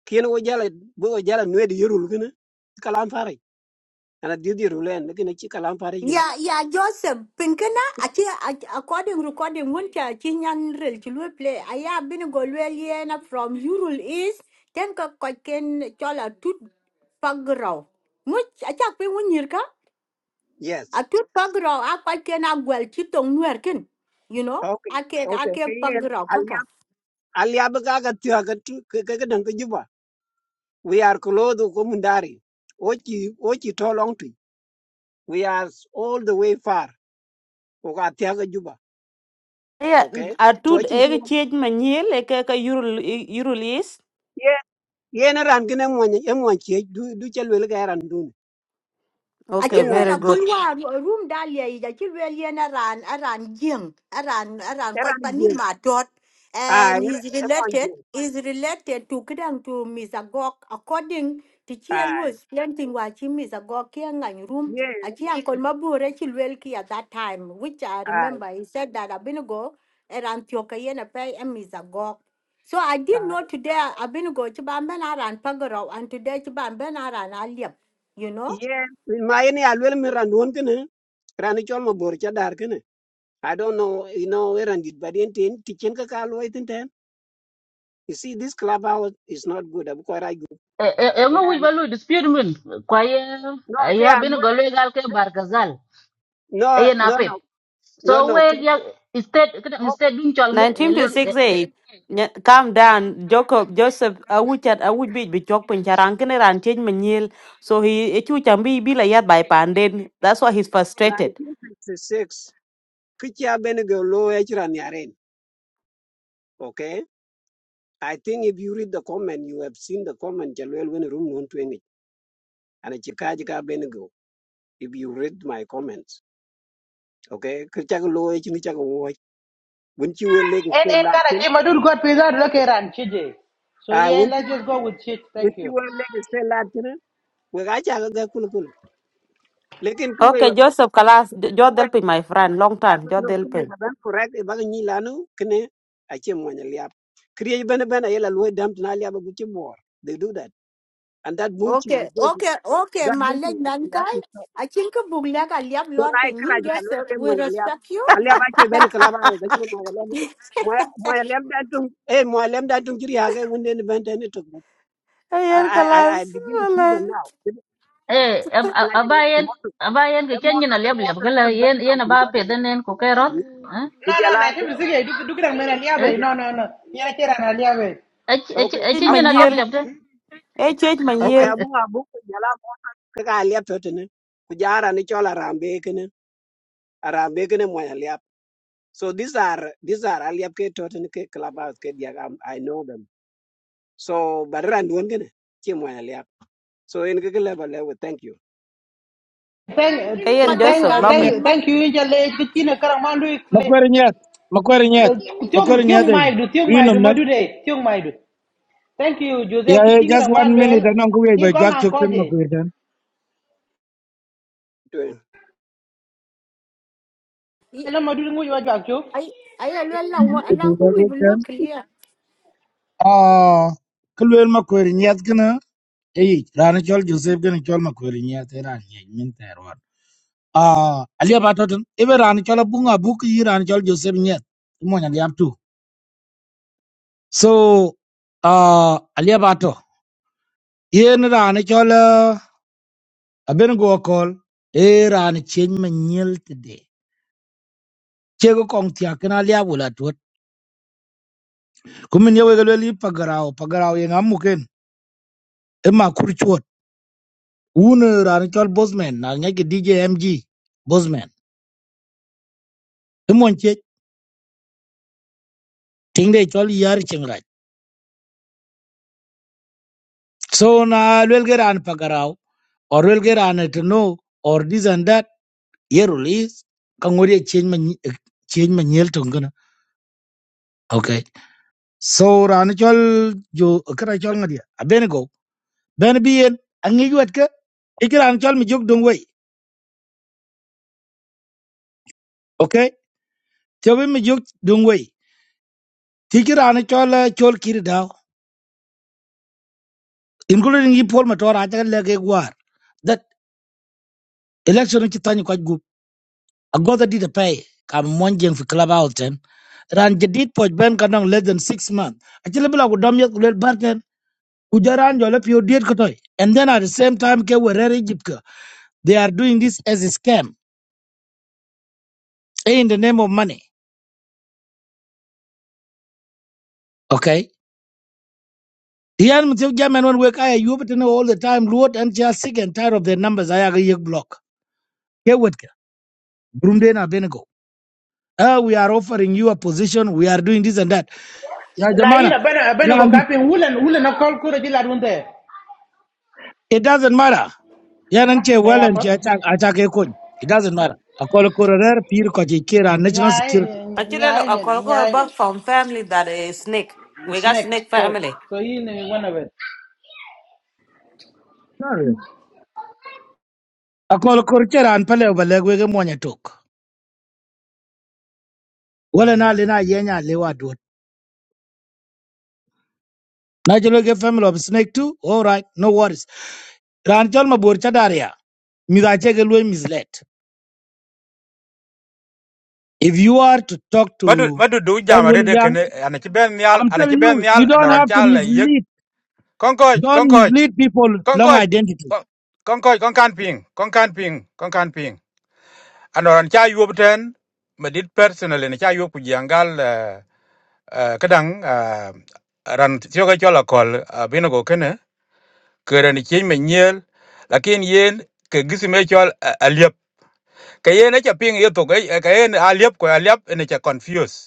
kien wo jala bo jala nwe di yorul kene kalam fari ana di di rulen ne kene chi kalam fari kene
Yeah, yeah, Joseph. Pinkana, achi achi- according recording winter chinyan rel chulu play. Aya bin golweliena from Ural East. Then ka kwaken chola tut pagrao. Much achak pin winyirka.
yes
A tut pagrao a kwaken a gwel chitong nwerkin. You know,
Okay,
ake
okay.
ake
Kayen
pagrao
aliab aliab ka ka tiwa ka tu ka juba. We are close to Komundari. Ochi ochi to long We are all the way far. O ka tiwa ka juba.
Yeah,
Okay.
I
So
do
ochi mtu
a change my nail like a Eurolease.
ye ye na ran kina mwanya ye mwanchi du du chalwe le ka ran dun. Ye
Okay,
Achil wel
very
mwanchi
akun
good.
war room dalia yi achil wel yen aran aran jing aran aran koi
ran
pani
ye.
matot
Ai
and he's
ye
related
mwanchi.
is related to kidang to misagok according to chiel
Ai
was planting wachi misagok kiang room
ye
achi uncle mabure chil wel ki at that time which I
ai
remember he said that abinago aran tioka yen apai and misagok so I did know
ai
today abinago chiban ben aran pagaro and today chiban ben aran aliap you know
ye ma ye ni alwe le mi dun kina. Ran chol mabor cha dar kina. I don't know, you know, where and it, but in tin, teaching ka kalo itin ten. You see, this clubhouse is not good. I'm quite right. good.
eh, eh, eh, ngu wij
And
balu dispute min kwa ye
no,
eh,
okay,
ya
and
bin go
what-
gal ke bargazal
no,
e na
no, no,
pep
no,
so
no.
we
okay.
ya instead
Oh,
instead dun chal
Nineteen to six a Calm down, Jacob Joseph. I would chat. I would be be chok pincharang kene ran change my nail. So he a chu chambi be like yat by panden. That's why he's frustrated.
1956. Kichia benego lo echran yaren. Okay. I think if you read the comment, you have seen the comment. Jalwell when room one twenty. And a chikajika benego. If you read my comments, okay. Kichia lo echin kichia watch. Wouldn't you will leg
En
say
en kara
Latin?
jima dul god pizza look iran chije. So
I
yeah,
not
let's just go
you
with shit.
wouldn't
Thank
you
you.
will leg say Latin? we ga cha ga kul kul lekin ku we
Okay,
ba ban
Joseph Kalas.
ku
You're
we
helping my friend. Long
ya
time.
ku
You're
no ku we
helping.
ba ban correct e ba ga ni lanu kne a che mo nya liap kriye ben ben a yela loy dam na liap gu che bor they do that and that bullshit is
Okay,
going to
okay, okay,
that bullshit
Malek
is you have
Nankai.
to stop
I think a buglaga liab
so na
lord
e kra
penin
ji kan
yes,
wala
uh,
ke mo
we
nya liap
respect you.
a liap a che ben
Like
kala
<laughs>
ba wa ga chi mo nya liap mo mo nya da tung e mo liap da tung kri ha ga wonde ne ben ten to I,
Ayer
I, I I
Kalas.
begin to see
wala.
them now. Kida-
eh ab-
<laughs>
kida
ab-
ngaji de,
abayen
Moses,
abayen ke
eh,
chen nyina
Moses, eh,
leb leb
Moses,
gala
kida-
yen yen
kida-
aba
kida- kida-
pedenen ku kerot eh
No, no,
kujala
na
ku-
timu sige du du kira mena
eh
aliyab. No,
kujala
no, no. Yeah, kira aliyab.
ach ach
okay
ach
Change my
nyina
abung
leb
nail.
abung
leb de
e chuech
okay
manyien
abung abung kujala kaka aliap yote ne kujara ni chola rambe kene arambe kene mwa aliap so these are these are aliap ke tote ne ke clubhouse ke dia um, i know them so barran duon kene chi mwa aliap so in ke level level thank you
e
Thank,
yen
madut
joseph
thank,
kan
lopin
Makwerinyet,
thank,
mad
thank you. Inja le kitina kara mandu
Makwerinyet, Makwerinyet,
Tiong
Makwerinyet,
tiong
eh,
mai du tiong
you
mai
know,
du
not-
madu de tiong mai du. Thank you Joseph
yeah, yeah,
kiching
just
ra
one
man
minute,
lel.
and I'm going
Tir
to
ko
drag
ngang ko
children,
je.
Makwerinyet.
Ela madu ngu yo jak chu.
I I alwala alang ku we will look clear.
Ah, Kulwel Makwerinyet, gonna, eh, Ranichol Joseph, gonna chol Makwerinyet, eh, Rani, mean terror. Ah, Alia Batoton, even Ranichol Bunga, book, you Ranichol Joseph, yet, come on, Alia So, ah, Alia Bato, Yen Ranichol, I've been go call, eh, Rani change my today. che ko kong tia kena lia bula tuot kumin ye wege lweli pagarao pagarao ye ngam muken e ma kur chuot un ran chol bosman na nge dj mg bosman e mon che ting de chol yar ching raj so na lwel ge ran pagarao or lwel ge ran to know or this and that ye release ka ngori chen ma nyi- eh, chen ma nyel tong kana okay so ran chol jo kra chol ngadia abene go ben bien angi wet ke ikiran chol mi jog dong wei okay Tiobi mi juk dung wei. Tiki rani chol chol kiri dao. Including yi pol mator aja lege war. That election ni chitanyi kwa gup. Agoda di de pay. Kam monjeng fi club out ten. Ran jadid poj ben kanong less than six months. Achile bila kudom yet kulel barken. Ujaran jole pio diet kotoy. And then at the same time ke werere jipka. They are doing this as a scam. eh, In the name of money. Okay. Ian mtiok jamen wan wek aya yubitene all the time. Luot and just sick and tired of their numbers. Ayaga yek block. Burundi and Abednego. Uh, we are offering you a position. We are doing this and that. Ya
La
Jamana,
ira bana bana go
Randi,
kapin wulan wulan akol ko ji la dun de.
it doesn't matter. Ya nanche well
Kaya
and
pat.
ki attack attack ekon. It doesn't matter. Akol kororer pir ko kira national
Nyaay
security.
Actually,
nyaay
I
nyen
call her
nyaay nyen.
back from family that is snake.
The
We got
snake
snake
so
family.
so in one of it.
No. Akol kor an pale obalegwe ge mwanya tok. Wala na lina yenya lewa duot. Na jelo ge family of snake too. All right, no worries. Ran chol mabur chadaria. Midache ge lwe misled. If you are to talk
madu
to
madu du
what
jam
will
rede
young,
kene ana ci ben nyal
I'm
ana ci
telling
ben
you,
nyal
you
ana
don't
ron
have to
cha la yek
mislead.
konkoj
Don't
konkoj
mislead people long
konkoj
identity.
kon- konkoj kon kan ping kon kan ping kon kan ping ana ron cha yub ten medit personally ne cha yub ku jangal kadang ah, ran tiyo ga chola kol ah, bino go kene kere ni chi me nyel lakin yen ke gisi me chol eh, aliep ke yen eche ping ye to ke ke yen aliap ko aliap ene che confused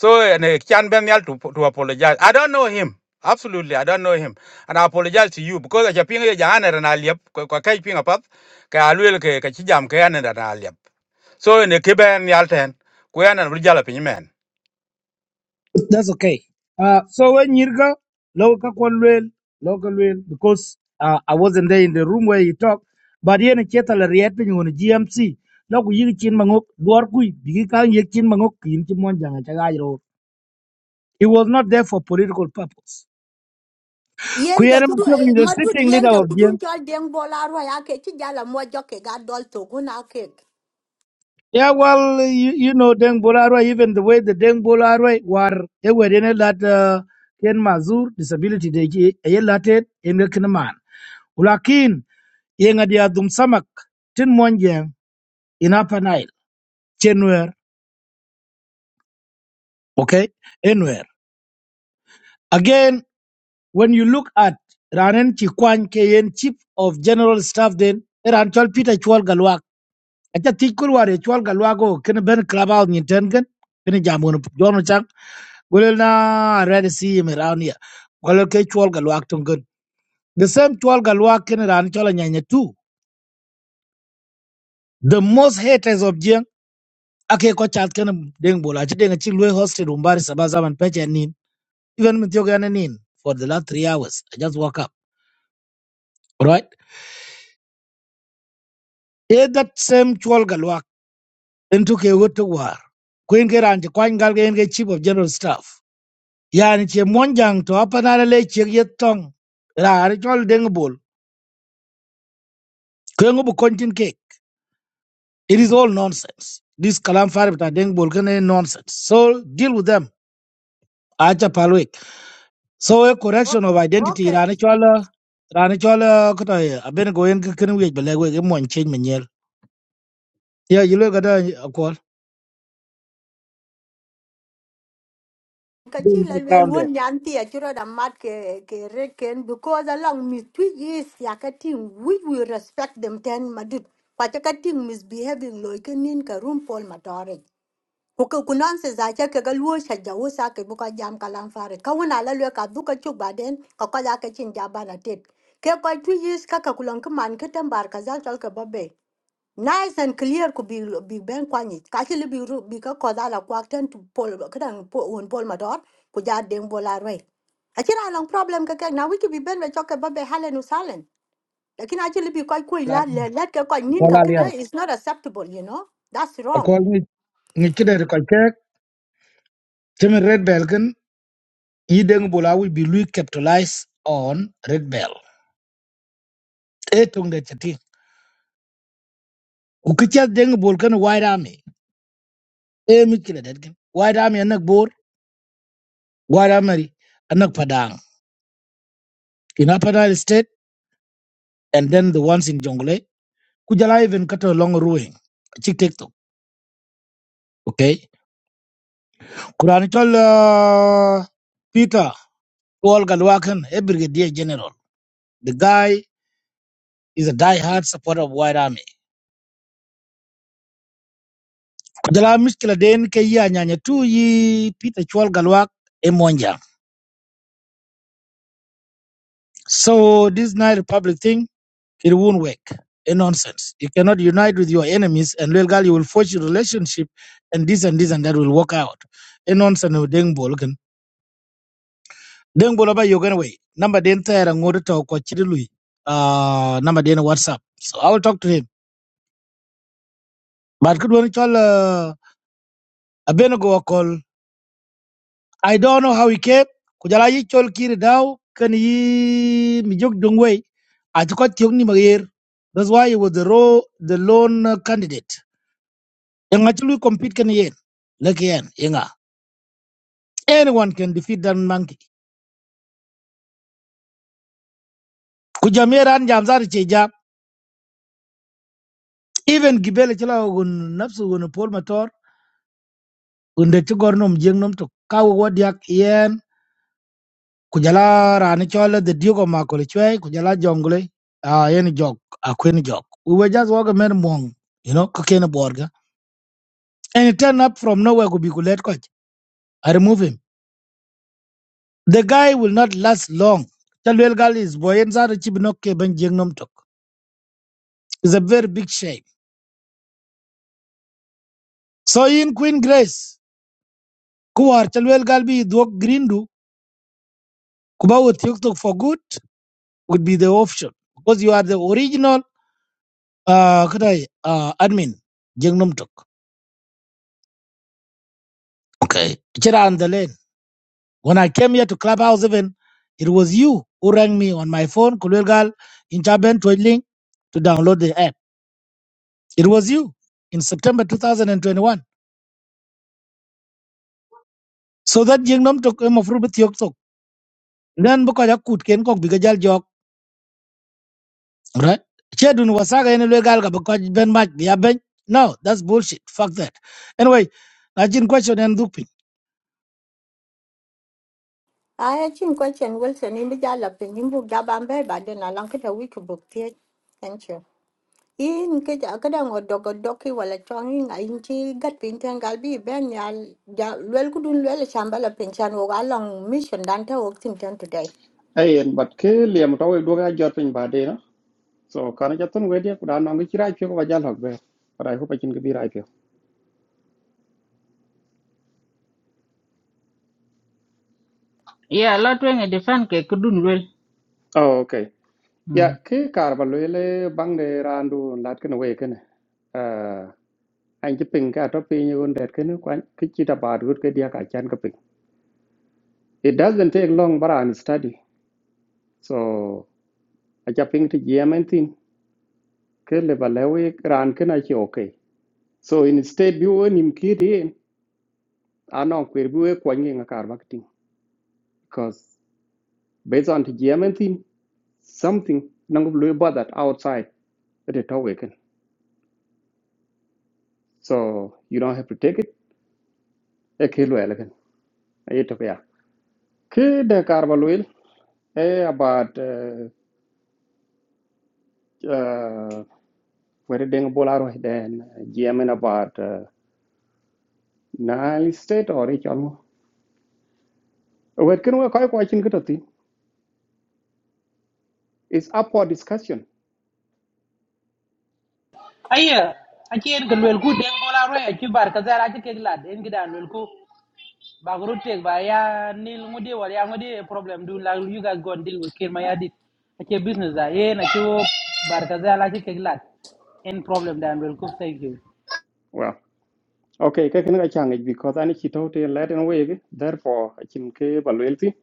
so ene chan ben yal to to apologize i don't know him absolutely i don't know him and i apologize to you because eche ping ye jana ene na aliap ko ko kai ping apap ke aluel ke ke chi jam ke ene na aliap so ene ke ben yal ten ko ene bri jala pin
That's okay. Uh, so when Yirga, local Kwanwell, local Well, because uh, I wasn't there in the room where you talk, but here in Chetal reacting on GMC, Loku Yirchin Mangok, Dwarkui, Bigikan Yakin Mangok, Yinchimonjang, Chagayro. He was not there for political purpose.
Yen de
Kuyere
kudu
Matoki
eh,
is the
madut
sitting
yen
leader
de
of GMC.
kudu chal deng bola arwa ya ke chi jala mo joke ga dol to guna ke.
Yeah, well, uh, you, you know, Deng Bolarwe, even the way the Deng Bolarwe were, they were in a lot, uh, Ken Mazur, disability, they eh, eh, a lot eh, in the Kinaman. Ulakin, yenga dia dum samak, tin monjang, in Upper Nile, chenwer, okay, anywhere. Again, when you look at Ranen Chikwan Kayen, Chief of General Staff, then, Ran Chol Peter Chwal Galwak, at the Tikurware Chwal Galwago, Ken Ben Krabal Nintengen, Pinajamun, John Chang. Gwelel na I'd rather see him around here. Gwelel ke chwal galwak good. The same chwal galwak ken ran chola nyanya too. The most haters of Jiang ake ko chat ken deng bola chi deng chi lwe hosted umbari sabaza man peche nin. Even mit yoga na nin for the last three hours. I just woke up. All right. Eh that same chwal galwak into ke wotu war. Queen ke ran chi kwany gal ke en ke chief of general staff. Yani che monjang to apanara le chi yet tong. Ra ari chol deng bol. Kwengu bu kontin ke. It is all nonsense. This Kalam Farib Tadeng Bolkane nonsense. So deal with them. Acha Palwik. So a correction of
Okay,
identity Ranichola Ranichola Kutaya. I've been going to Kinwich Belegwe Mon change Manuel. Yeah, you look at a call.
Kachil alwel
Down there.
won yanti achiro da mat ke ke reken because along mis twig is yakating we will respect them ten madut kwatakating misbehaving loiken in ka room pol matore kuka kunanse za cha ke galwo shaja wo sa ke buka jam kalam fare ka la lwe ka duka chu baden ka ka ya ke chin jaba na tet ke ko twig is ka kulan man ka tambar ka zal tal ka babe nice and clear could be be ben kwani actually be ru be ka ko dala kwak to pol kadang po un pol mador ku ja deng bola roi achira long problem ka ka na we could be ben we choke ba be halen usalen lakin actually be kwai kui la le
Call
let ka kwai nin ka kana
Alia.
is not acceptable you know that's
A
wrong
call me Nikida Rekolke. Timmy Red Belkin. Yideng Bola will be lui capitalized on Red Bell. Etong de Chati. Ukicha Deng Bolkan White Army. Eh, Mikila Dedkin. White Army and Bor. Guaramari, anak Padang, in Upper Nile State, and then the ones in Jongle, Kujala even cut along ruin, chick take to, okay? Kuranichol uh, Peter, Paul Galwakan, a brigadier general. The guy is a die-hard supporter of White Army. Kujala Mishkila Den Keya Nyanya Tu Yi Peter Chwal Galwak Emonja. So this Nile Republic thing It won't work. A nonsense. You cannot unite with your enemies and real girl, you will forge a relationship and this and this and that will work out. A nonsense of deng bolgan. Deng bolaba yogan Number den tire and order to kochidului. Uh number den WhatsApp. So I will talk to him. But could one call uh Abenago a Benago call. I don't know how he came. Kujala yi chol kiri dao can he mijuk dung I took out ni magir. That's why he was the raw the lone candidate. Yang actually compete kan yen. Laki yen, yenga. Anyone can defeat that monkey. Kujamia ran cheja. Even gibele chila gun napsu gun pol mator. Gun de chigor nom jeng nom to. Kawo wadiak yen. Kujala rani chola the duke of makole chwe. Kujala jongle. Ah, yen jog. Akwen jog. We were just walking men mong. You know, kakena borga. And he turned up from nowhere kubikulate coach. I remove him. The guy will not last long. Chalwell Gal is boy and zari chibinoke ben jeng tok. It's a very big shame. So in Queen Grace, Kuar Chalwell Galbi Dwok Grindu, Kuba with TikTok for good would be the option because you are the original uh, kadai, uh admin, Jengnom Tok. Okay. Chira on the lane. When I came here to Clubhouse even, it was you who rang me on my phone, Kulwel Gal, in Chaben Twedling, to download the app. It was you in September 2021. So that Jengnom Tok em of Rubit Yok Tok. Then Bukajak Kut Ken Kok Bigajal Jok right? Chedun wasaga any legal because Ben Mach the a bench. No, that's bullshit. Fuck that. Anyway, I didn't question and looping.
I chin question Wilson in the jala pin in book jabambe but then along kita we could book tie. thank you in ke ja ka dang od dog dog wala chong in ga in chi gat pin tan gal bi ben ya ja lwel ku dun lwel shamba la pin chan wo ga mission dan ta wo tim tan today
ayen but ke liam tawe do ga jot pin ba de na so kana jatun we de kuda no ngi chirai pyo ba jal hokbe but i hope i can be right pyo
ya la twen e defan ke kudun wel
oh okay ya ke kar ba le le bang de randu lat ken we ken uh an ji pin ka to pin yun det ken kwan ki chi ta ba rut ke dia ka chan ka pin it doesn't take long but an study so I just pin ti yemen tin ke le ba le we ran ken a chi okay so instead bi wo nim ki de anon kwer bi we kwan ngi ka kar ba tin. Based on the geometry, something nang blue about that outside at the talk So you don't have to take it. A kilo elegant. A it of Kid the carbon will eh about uh uh where dang bolaro then geometry about uh Nile state or each almost. Where can we call watching good? It's up for discussion.
Aya. Achi en galwel ku den bola ro ya chi bar ka zara chi ke glad en gidan lel ku. Bagrutek, root ya nil ngudi war ya ngudi problem do like you guys go and deal with kid my adit. Ake business da ye na chu barkaza la ke glat. In problem da will cook thank you.
Well, okay, kakin ka changage because ani chito te Latin way, therefore I can ke balwelti.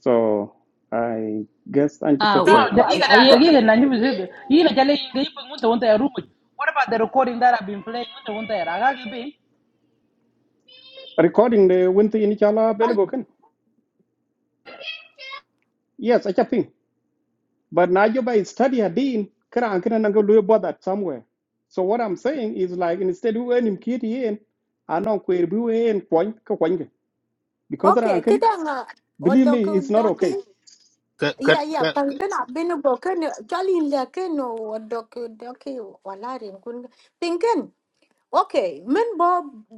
So I guess I'm just
ah
sin
okay.
Now,
ba-
dagiga
ya-
da
aye
do-
dagiga na nyu bisu. Yi na chale yi ngai pung mun ta wanta ya rumu. What about the recording that I've been playing? Mun ta wanta ya raga ki be.
Recording the winter in chala belego kan. Yes, I think. But now you by study a dean, kara ankara nango about that somewhere. So what I'm saying is like instead of earn kitty in, I know queer bu en point. Because that
okay ke
ankan,
dang od
believe
dog
me, it's not
dog
okay.
ka ka
ya ya
ka
pan
ka-
ben a ben bo ken jali la ken od dog dog wala rin kun pin okay men bo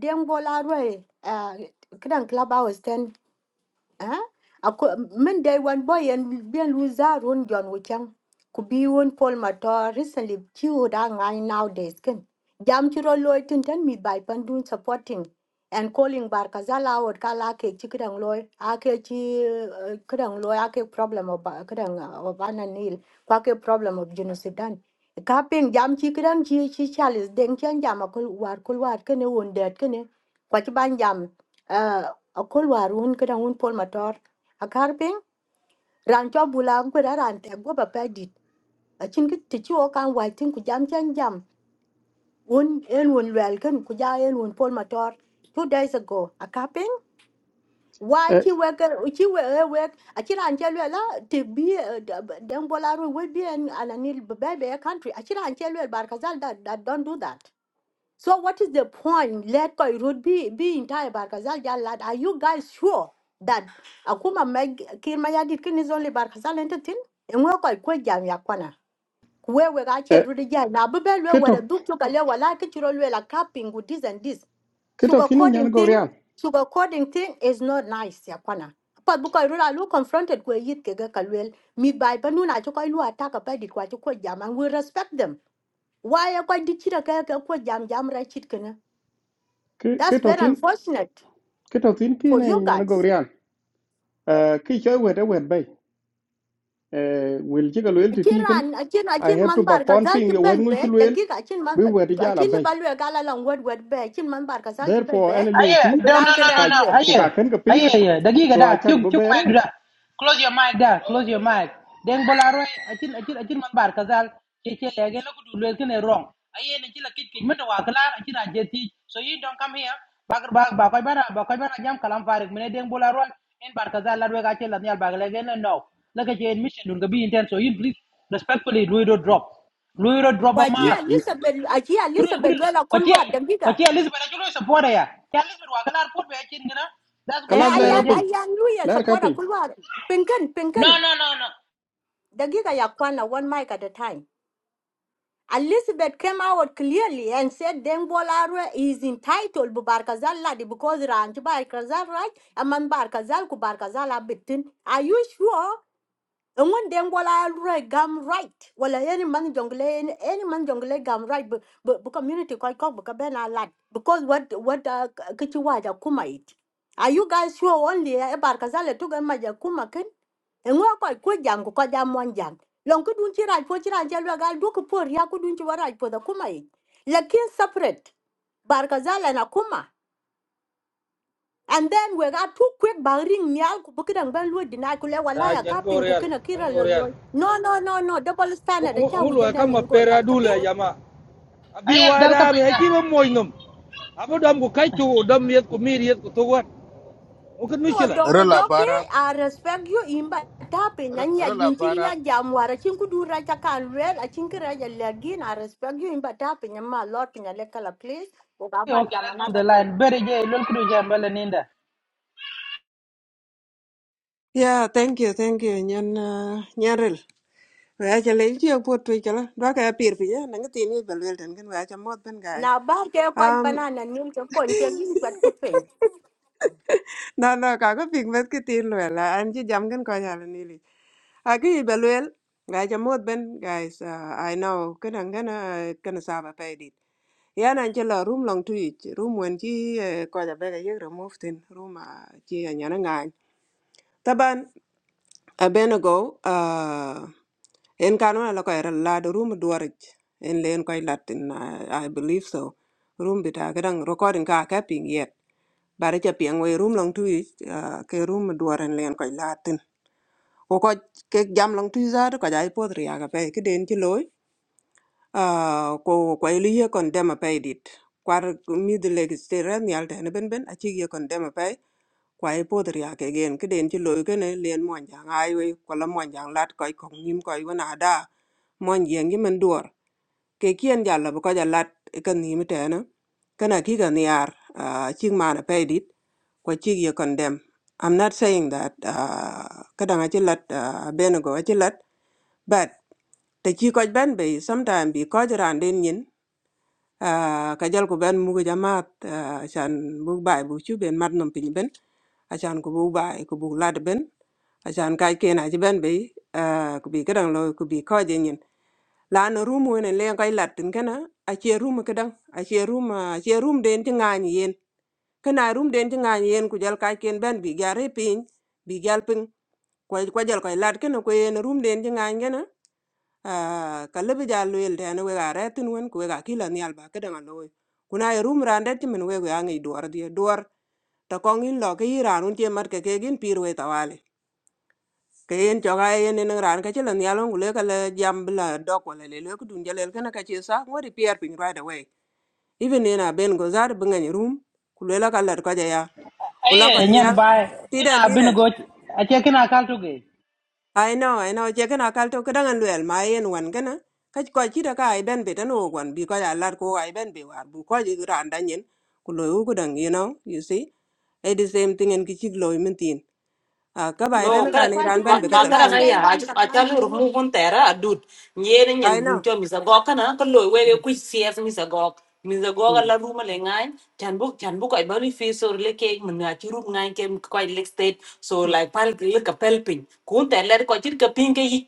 dem bola la roi eh, ka club hours ten eh ako min day one boy and ben loser run John Wichang could be one Paul Mator recently chewed on guy nowadays can jam chiro loy tin tan mi by pandun supporting and calling bar kazala or kala ke chikidang loy ake chi eh, kidang loy ake problem of eh, kidang eh, of ananil kwake problem of genocidan kaping jam chikidang chi chi chalice deng chen jam akul war kul war kene wondet kene kwachi ban jam eh, a kol warun ke dang un pol motor a kar ping ran cho bula ko ra ran te go ba pa dit a chin ki ti chu kan wa tin ku jam chen jam un en un wel kan ku ja en un pol motor two days ago a kar why
Eh
chi we chi we e we a chi ran che le la ti bi dang bola ru we bi an anani be be country a chi ran che le that that don't do that So what is the point? Let Koirut be be entire Barkazal Jalad. Are you guys sure that Akuma Meg Kirmayadikin is only Barkazal entertain? And we're quite quick jam yakwana. Where we are here,
eh
Rudy Jan, Nabubel, where the
keto
Duke took a level like it, you're like capping with this and this.
keto
Sugar
kini nyan
coding
go
thing,
real.
sugar coding thing is not nice, yakwana. But because I look confronted where yit kegakalwell, me by Banuna, took a lua attack a paddy quite a jam, and we respect them. Why are quite ditching a kaka jam jam right chicken? That's
Keto
very
thin,
unfortunate
keto tin kini
for you
nyan go
guys.
real. Uh, ki choy wede wed bay. Eh, wel ci loyal ti tiken
Akiran, akin
i
akin
have to
man
ba
bar ka
kon
zal
ping
ki
yo wen
bel
ngu ci
be
loyal
dagiga akin man
bi wadi jala
akin li
bay
balwe gala lang wed wed be akin man bar ka zal ki bel
therefore
be
any liu
Aye,
tin
ku
no, no,
bilang ki
no, no,
ka
rai
no.
wen.
ku ka
Aye,
can ka ping
aye, aye. Dagiga
so I
da,
check a chak
chuk,
bu
chuk
bere
mic da. Close your mic da, close your mic. Deng bola roi, achin, achin, achin man bar kazal. Che che lege lo kudu lel kene wrong. Aye, ne chila kit kit mito wa kalar, achin ajeti. So you don't come here. Bak bak bakoy bana bakoy bana jam kalam farik mene deng bola roi. En bar kazal la roi achin la nyal bag lege no no. Lege che en mission dun gabi intent. So you please respectfully Luido drop. Luido drop
Wa
a
ji
yi-
mark
a
yi-
lisa bel a ji a
kuru
lisa
kuru
bel wela
kwache
kulwa dagiga.
kwache elizabeth achulo support ya ya elizabeth wakalar put be chin gina that's good
Eh
kalas
in a way
lera
ayan
rajer
ping
ayan luya
ler ka
support a
ping
kulwa pinkan
no
pinkan
no no no
dagiga ya kwana one mic at a time. Elizabeth came out clearly and said Deng Bolare is entitled to Barkazal Ladi because Ranch Barkazal right and man Barkazal ku Barkazal abitin. Are you sure? ngon den wala re gam right wala any man jungle any any man jungle gam right but but community ko ko but ka ben a lot because what what uh, kichi kuma it are you guys sure only eh, e bar kazale tu ga maja kuma ken ngo ko ko jam ko jam mon jam lon ku dun ci raj po ci ran jelo gal du ko por ya ku dun ci waraj po da kuma it lakin separate bar kazale na kuma and then we got too quick by ring nyal ku bukidang ban lu deny ku le wala
Raj
ya kaping ku
Nyangorial,
kena kira lo
Nyangorial.
lo. No no no no double standard cha wi
Ngulu
jana
kama
nyan gor yal
pera
chapin.
dula jama. Abi
ayen dal ka
wada me
pinga
achi ba moinum. Abu dam ku kai chu dam yet ku mir yet ku tuwan. Ukat
No
mishila.
ro
dogo
la
doki
para
I respect you imba tapi
ro
nyan ya
ro la
jinchi
para
ya jam wara chin ku dura cha kan wel a chin kira ya lagin I respect you imba tapi nyan ma lord pinya le kala please. Ku ga
okay
ban
okay,
jam
let's
na
move
ba
the
ti.
line bere je lol kudu jambale ninda
Yeah, thank you, thank you. Nhân uh, Nyaril. Vậy cho lấy chiếc bút tùy cho lắm. Đó cái bìa bìa, nâng cái tin như bà luyện đến cái vậy cho mốt bên guys.
Na ba ke kon
Um,
panana nim ke kon ke gin kwat ku pin.
<laughs> nó nó cả cái việc mất cái tin rồi. là anh chỉ dám cái coi nhà là nili. À cái gì bà luyện, vậy cho mốt bên guys. Uh, I know cái nâng cái nó cái nó sao mà phải đi. Yeah, anh chỉ là room long tùy, room when chỉ coi nhà bé cái remove tin, room à chỉ nhà nó ngay. Taban Abenago, uh, en kanuna la ko era la do room duarij. En len koy latin, I, I believe so. Room bita kadang recording ka ka ping yet. Bare cha piang we room long tu ich, uh, ke room duaren len koy latin. Ko ko ke jam long tu za ko jai podri aga pe ke den ti loy. Uh, ko ko ili ye kon dema pe dit. Kwar mi de leg stere ni al tene ben ben achi ye kon dema pe. Kwai podh riak cái ke den ci loy kene lien mòn jang ai we kwala mon jang lat koy kong nim koy wana da mon jang gi men giờ ke cái jalla bu ko lat kan nim tena kana ki ga niar nó mana pe dit ko ci còn condemn i'm not saying that uh, kada nga ci lat uh, benego ci lat but the chi koj bên be sometimes bi koj ran đến nyin cái jal của bên mua cái Jamat, à, cái an mua bài bướu chú bên mặt nó mình đi bên, cái an cũng mua bài, cũng mua lạt bên, cái an cái kia na chứ bên bị, à, cũng bị cái đó là cũng bị khó như nhiên, là anh ở room bên này là cái lạt tính cái na, anh chơi room cái đó, anh chơi room, chơi room đến tính anh yên, cái này room đến tính anh yên, cái jal cái kia bên bị giao hình pin, bị giao pin, quay quay jal quay lạt cái nó quay yên room đến tính anh yên na. Ah, kala bi ja loyel tene wek a retin wen ku wek a kila nial ba kede nga loy kuna ye rum randet timin wek we angi duor die duor ta kong in lo ke yi ran un tie mat ke ke gin pir we tawale ke yen choga ye yen en ran ka chila nial un le kala jam bla dok wala le le ku dun jalel kana ka chi sa ngori pier ping right away even in a ben go zar bunga ni rum ku le la kala ka ja ya ku la ka
ayen nyen
nial
bay kina bin
tiden
go ache kina kal to ge
I know, I know. Che kana kal to kadang an luel ma yen wan kana. Ka ko chi da ka ai ben be tan o wan bi ko ya lar ko ai ben be war bu ko ji ran dan yen. Ku lo u gudang you know, you see. It is same thing en ki chi lo min tin. A ka ba
Wa
No,
tan
ju
ka
kada
ni
wa
ran
ju
ma
ben be
ben
ka
be
ma kada
wa
na
telefon di.
ya
den wan
aju
sa man
achalu
du.
rumu kun tera adut. Nyere nyen
I know.
guncho misagok kana kallo wewe kuch CS misagok. Misagok
Mm.
ala ruma le ngai. Chanbuk chanbuk ay bari fi so le ke mun achi rum ngai ke quite lake state. So
Mm.
like pal le kapel pin. Kun tera le ko chit kapin ke yi.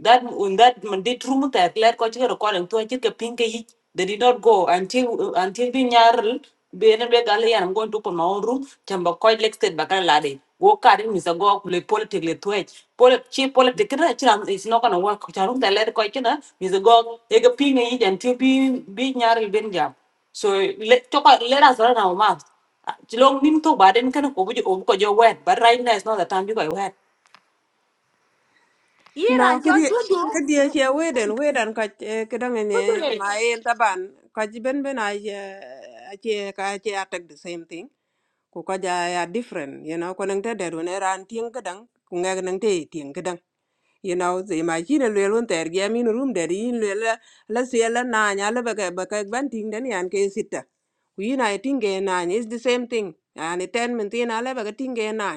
that when that man did room ta clear ko ci ko lan to ci ke pinke yi they did not go until until bi ñaaral be na be gal yan ngon to ko ma on room tamba ko lek state ba kan la de go ka de mi sa go le politique le to ci pol ci politique na ci ram is not gonna work ci ram ta le ko ci na mi sa go e ga pinke yi jan ti bi bi ñaaral ben jam so le to ko le ra sa na ma ci long nim to ba den kan ko bu ko jo wet but right now is not the time bi ko wet
No,
Iran
ka di
chol du
ka di
du.
che we den we dan ka kadang ne
Dudu ye.
ma yen taban ka ji ben ben ai eh, a che ka a che attack the same thing. ku ko ja ya different you know ko nang te der wen ran tieng kedang ku ngeg nang te tieng kedang you know ze ma chi ne lwe lun ter ge min rum de yin lwe la la se la na nya la ba ka ba ka ban ting den yan ke sita ku yin ai ting ge na is the same thing and ten min tin ala ba ka ting ge na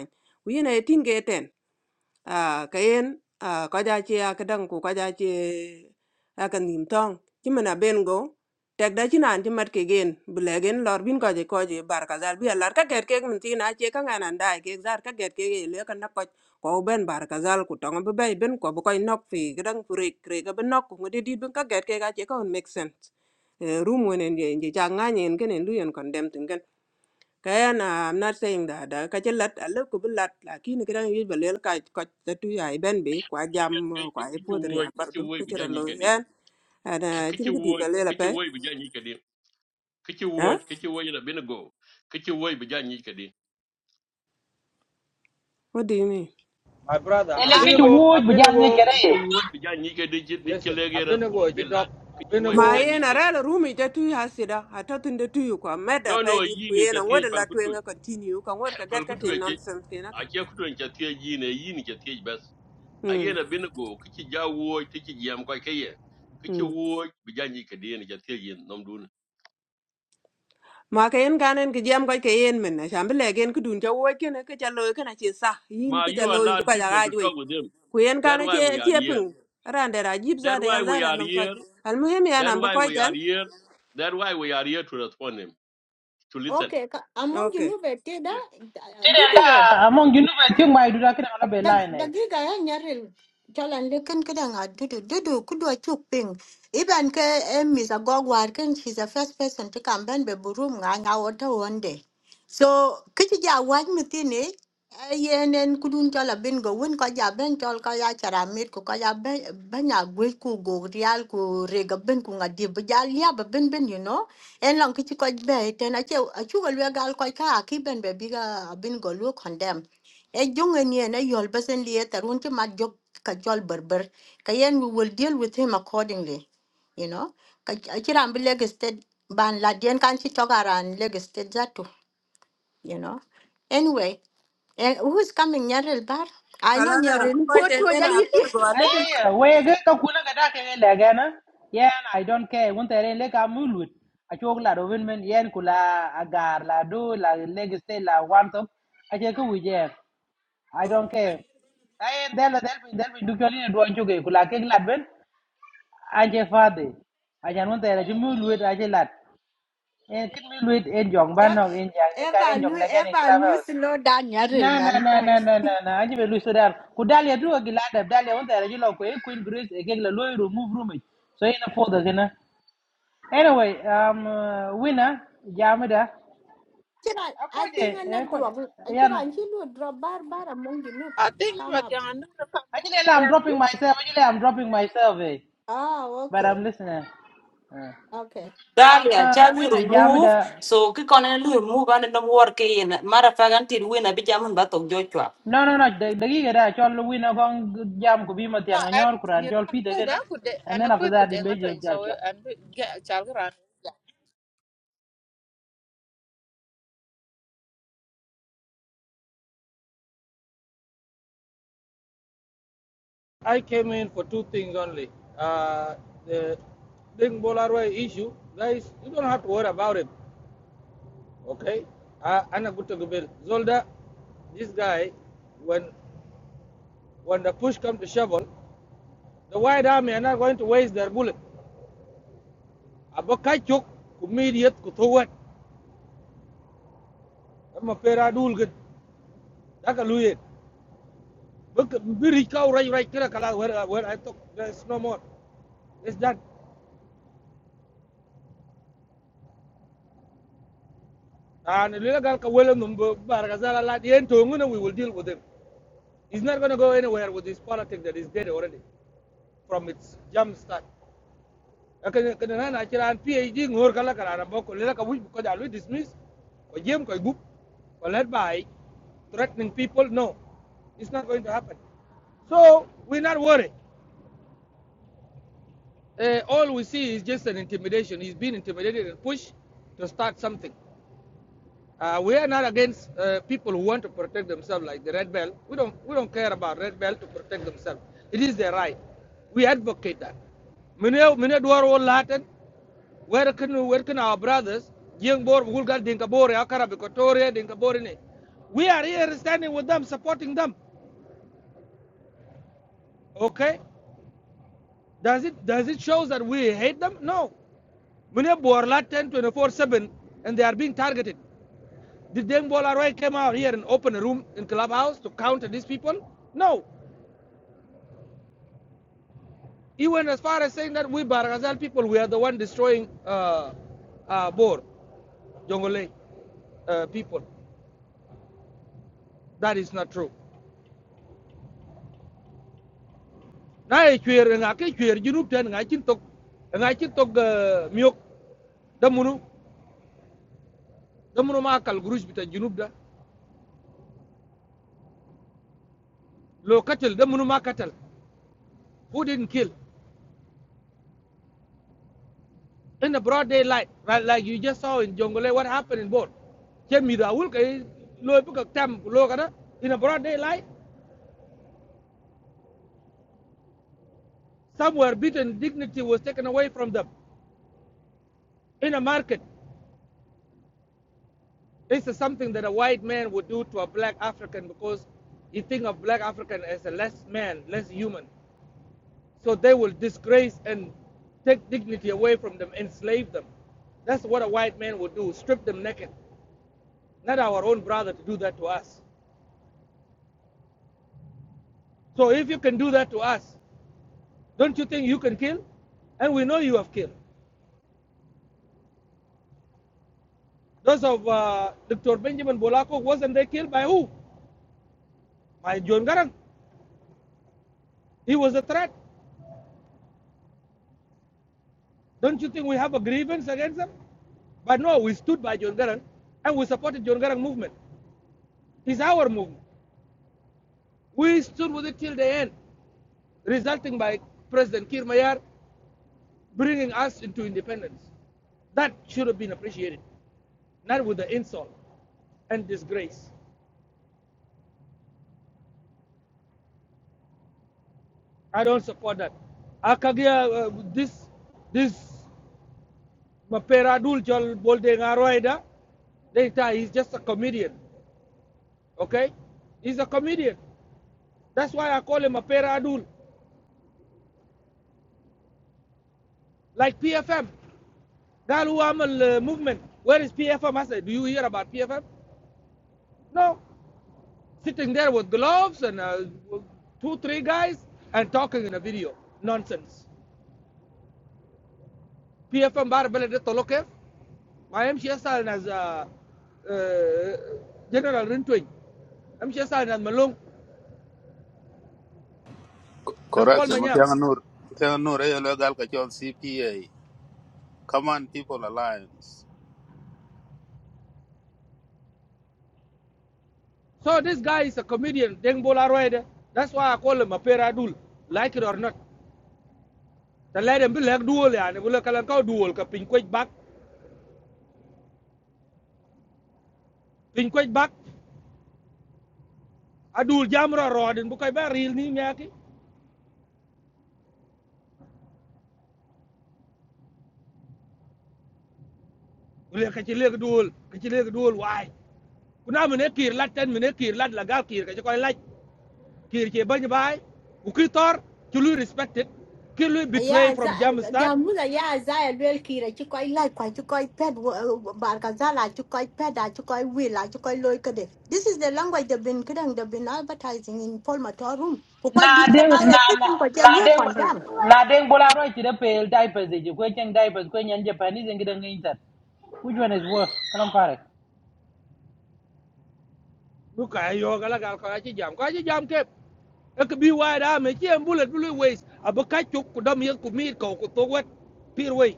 ku yin ai ting ge ten à, cái en à, có giá trị à, cái đằng của có giá trị à, cái niềm thong chứ mình là bên go tag đó da china chứ mất cái gen bile gen lor bin ko je ko je bar ka zal bi lar ka get ke min tin a che ka ngana dai ke zar ka get cái le ka na ko ko ben bar ka zal ku tong be bay ben ko bu koy nok fi gran kure kure ga ben nok ku ngade dit ben ka get ke ga che ko make sense Eh, room when en je je cha nga nyen ken en luyen condemn tin ken kayan i'm not saying that da ka che lat a le ku bu lat la ki ne gran yi be lel ka ko ta tu ya i ben be kwa jam eh, kwa e
kichi
po de ya
wuoch
bar
kichi
du
wuoch
ka
bi
che ro lo
janyi kedi
yan ana
kichi
chin ki di
wuoch
be lel
kichi
pe
wuoch bi janyi kedi kichi
ha
wuoch kichi wuoch na bin kichi wuoch bi janyi kedi
what do you mean
My brother,
kichi
ele
Ah,
ke chu
wuoch
Abinego,
woj bu jal ngi
Abinego,
gere
kichi
ye
wuoch bi janyi kedi di ci
listen,
lege
Abinego,
respond bi
Jidok,
lat kichi wuoch bi
Ma
Abinego,
janyi
yena
ke
rela rumi ja tuyi hasida hatatin da tuyi kwa meda
no
pay
no
dit
yi
ku
ni ca
yena
tiej
wada la
pal
tuwe
kutu
nga continue kan wada ka gat
pal
ka
kutu
ken
e ke
nonsense ke naka.
a ke kutu en ca tiej <coughs> yi ne yi ni ca tiej bes a ye
Hmm.
na bin kichi ja wuoch kichi jam ko ke ye kichi
Hmm.
wuoch bi janyi kedi ni ca tiej nom dun
Ma ka yen kanen ki jam kwa ke yen minna shambi legen ki dun ja uwa kene ki cha loy kana che sa yin
ma
ki cha
you
loy ki
allowed
kwa ja
people to
gajwe.
talk with them
Ku yen
That's
kanen
why we
che
are
che
here.
ping rande ra jib za
That's
da
why
yan za
we
da
are
nam kwa.
here.
Al muhim ya
That's
nam ba
why
kwa
we are
ten.
here. That's why we are here to respond him, to listen.
okay. ka- Among you
Okay.
know better
Yeah.
that dudu
nda
ye.
among you know be ting mai du da kina la be
Dag-
line
dagiga ya nyaril jalan leken kedang adudu dudu kudua chuping iban ke em is a agog warken she's a first person to come ben be burum nga nga wata one day so kiti ja waj mitini yenen kudun jala bin go win ko ja ben jol ko ya charamit ko ko ya ben ben ya gwe ku go real ku rega ben ku nga di bu ja lia ba ben ben you know en lang kiti ko be ten ache achu go gal ko ka ki ben be biga bin go lu e jonge ni na yol besen li eta run ti ma jog ka jol berber ka yen we will deal with him accordingly you know ka akiran bi leg state ban la den kan ci togaran leg state zatu you know anyway and who's coming nyarel bar i know
Kala za nam ba
nyarel
kwa
ko
ten
to <laughs> I
yena apel
yidi
go a little
ayaya wege ka kuna ka dake ge lege na yen i don't care won tere le ka mulut a chok la do win men yen kula agar la do la leg stay la one top a che ku wije i don't care ay del del bin del bin dukyo ni do ancho ge kula ke la ben a che fade a jan won tere ju mulut a che lat en kin mulut en jong ban no en jang ne ka
ever
en
lu
jong na ge en
ever lu
club
slow down nyarel
Na na
man
na
Bye.
na na na na aji be lu sudan ku dalia duwa gi lada dalia wanda ya jilo ko e queen grace e gela loy remove room it. so ina foda gina anyway um uh, winner jamida
Kira, I
akoje
think I'm
e
not
ko
drop. I think
yana
I'm drop bar bar among the No,
I think
come
about
up.
yang anu na
aji
kabel
le I'm
yan.
dropping myself aji le I'm dropping myself eh
Oh,
but
okay,
I'm listening uh.
okay.
am
Dalia,
uh,
Charlie
winner
remove.
jamida
So ki kone lu remove ane no work in. Mara fagan til win abi jamun batok jochwa.
no no no da gi da chol winner gong jam ko bi ma
No,
tianga
and
nyor kuran
you
chol
can
pide
go da
gina
ku de
and
ana
then
ku
after
ku
that
de
imbe
ngato in so
jol
and ga chal gran.
I came in for two things only. Uh, the Ding Bolarway issue, guys, you don't have to worry about it, okay? Uh, Anna Gutagubel, Zolda, this guy, when when the push comes to shovel, The White Army are not going to waste their bullet. Abu Kachuk, immediate Kutuwat, Amma Pera Dulgit, Dakaluye. Look, Birika, right, right, Kirakala, where, where I took, there's no more. It's done. And Lilagalka Willem, Bargazala, Latien, Tunguna, we will deal with him. He's not going to go anywhere with his politics that is dead already from its jump start. kana na na kiran phd ngor kala kala na boko le ka wuj ko dismiss ko jem ko gup ko led by threatening people no it's not going to happen so we're not worried uh, all we see is just an intimidation he's being intimidated and pushed to start something Uh, we are not against uh, people who want to protect themselves, like the red belt. We don't we don't care about red belt to protect themselves. It is their right. We advocate that. Many many Dwaro Latin, where can where can our brothers, young boy, Vulgar Dinkabore, Akara Bikotoria, Dinkabore, ne. we are here standing with them, supporting them. Okay? Does it does it show that we hate them? No. Many Borlat 10 24 7 and they are being targeted. Did Deng Bolaroy came out here and open a room in clubhouse to counter these people? No. He went as far as saying that we Baragazal people, we are the one destroying uh, uh, Bor, Jongole uh, people. That is not true. Now e chwer nga ke chwer junub ten tok nga tok uh, miok damunu damunu ma kal bita junub lo katel damunu ma katel who didn't kill in the broad daylight, right? Like you just saw in Jonglei, what happened in both. Chen mi da wul kay loy bu ko tam in a broad daylight, somewhere beaten dignity was taken away from them. In a market, this is something that a white man would do to a black African because he thinks of black African as a less man, less human. So they will disgrace and take dignity away from them, enslave them. That's what a white man would do, strip them naked. Not our own brother to do that to us. So if you can do that to us, don't you think you can kill? And we know you have killed. Those of uh, Dr. Benjamin Bolako, wasn't they killed by who? By John Garang. He was a threat. Don't you think we have a grievance against them? But no, we stood by John Garang and we supported John Garang movement. It's our movement. We stood with it till the end, resulting by President Kir Mayar bringing us into independence. That should have been appreciated, not with the insult and disgrace. I don't support that. Akagia, uh, this, this Maperadul Jol Bolde Ngaroida, they he's just a comedian, okay? He's a comedian. That's why I call him a Peradul, like PFM. Galu Amal uh, movement. Where is PFM? I said, do you hear about PFM? No. sitting there with gloves and uh, two, three guys and talking in a video. Nonsense. PFM bar belede tolo kef. Ma yem shi nas uh, uh, General Rintwing. Yem shi yasal nas Malung. Nas Kwal
correction mo
Manyang.
tiang nur tiang nur e lo gal ka chol cpa command people alliance
So this guy is a comedian. Deng Bola Roide. That's why I call him a peradul. Like it or not. The lady bi lek dual yani bu lek kalan kaw duol ka pin kwech bak. Pin kwech Adul jamra rodin bu koy ba ril ni nyaki. le ka ci le ka duol ka ci le ka duol waay ku na mene kir lat ten mene kir lat la gal kir ka ci koy laaj kir ci bañ baay ku ki tor ci luy respected ki luy betray
ya za
from jamstad
jamuza ya za ya lwel kira ci koy laaj kwa ci koy pet barka za ci koy pet ci koy wi ci koy loy kede this is the language they've been kidding they've been advertising in Paul Matar room ku koy
na
dit
de
na
na
ya ci
na
ko ci
na de
lu
na de bola ro ti pel diapers de ko chen diapers ko nyen japanese ngi de ngi tat which one is worse kalam pare
bu ka yo ga la gal ko ci jam ko ci jam kep ek bi waay da me ci en bulet bu luy wees abu ka ci ku dam yel ku miir ko ku to wet pir wey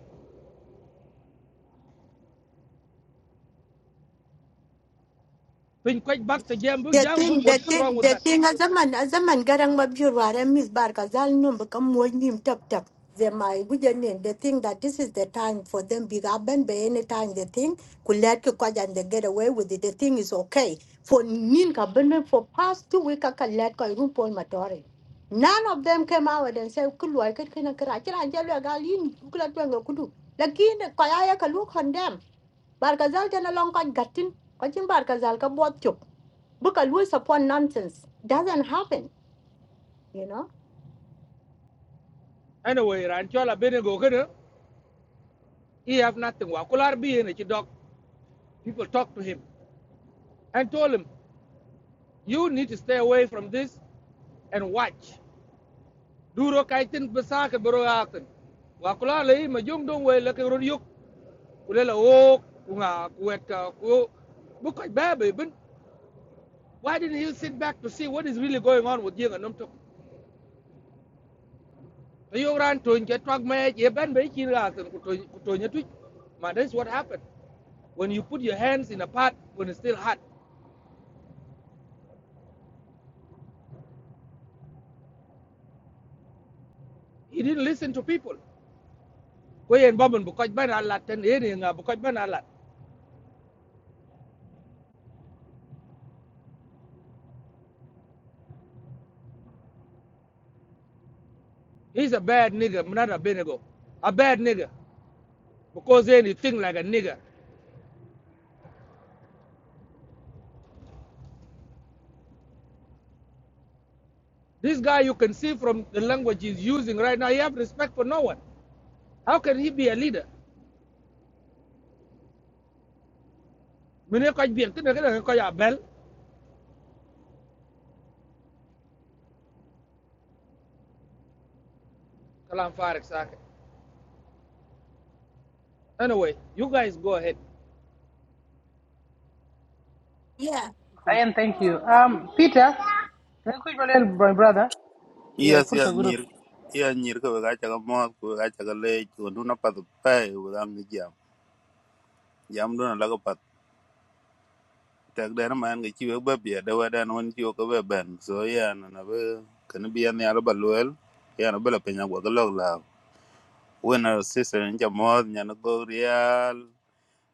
pin ko bak te jam bu
The
jam bu
thing, the
what strong
thing,
with
the
that
thing. As a man, as a man, garang mabjurwar and Miss Barka zalnum become more him tap tap. They my good gujanin. They think that this is the time for them big aben by any time they think could let you go and they get away with it. The thing is okay for ninka kabenwe for past two weeks. I can let go room Paul Matori. None of them came out and said, "Could I get can I get a jelly a galin? Could I do go good?" Lakin kaya look on them barkazal tana long ko gatin ko jin barkazal ka bot chop buka lose upon nonsense doesn't happen you know
anyway ran chola bene go gëna he have nothing wa kular bi yene ci dog people talk to him and told him You need to stay away from this and watch. Duro kaitin besaka bero yakin. Wakula lay majung dong way laki run yuk. Kulela wok kunga kuwet ka ku. Bukai baby bin. Why didn't he sit back to see what is really going on with Ying and Numtuk? The Yoran to get drug me ye ben be kin yakin kutonya tuik. Man, that's what happened. When you put your hands in a pot when it's still hot, he didn't listen to people. Kwe en bombon bukai ben alat ten eri nga bukai ben alat. He's a bad nigga, not a Benigo. A bad nigga. Because then he think like a nigga. This guy you can see from the language he's using right now, he have respect for no one. How can he be a leader? Mene koj biel, kene kene koj abel, kalam farik sake. Anyway, you guys go ahead.
yeah
i am thank you um peter ngi ku jole my brother brother? yeah
yes
fursa
yes
guru
nyir iya nyir ko ga cha ga mo ko ga cha ga le ko nu na pat pa u dang ni jam jam do na la ko pat tek de na man ga chi we ba bia de wa dan won chi ko be ben so ya na na be kan bi an ya lo ba luel ya na be la pe nya go ga lo la wena sister nya mo nya no go real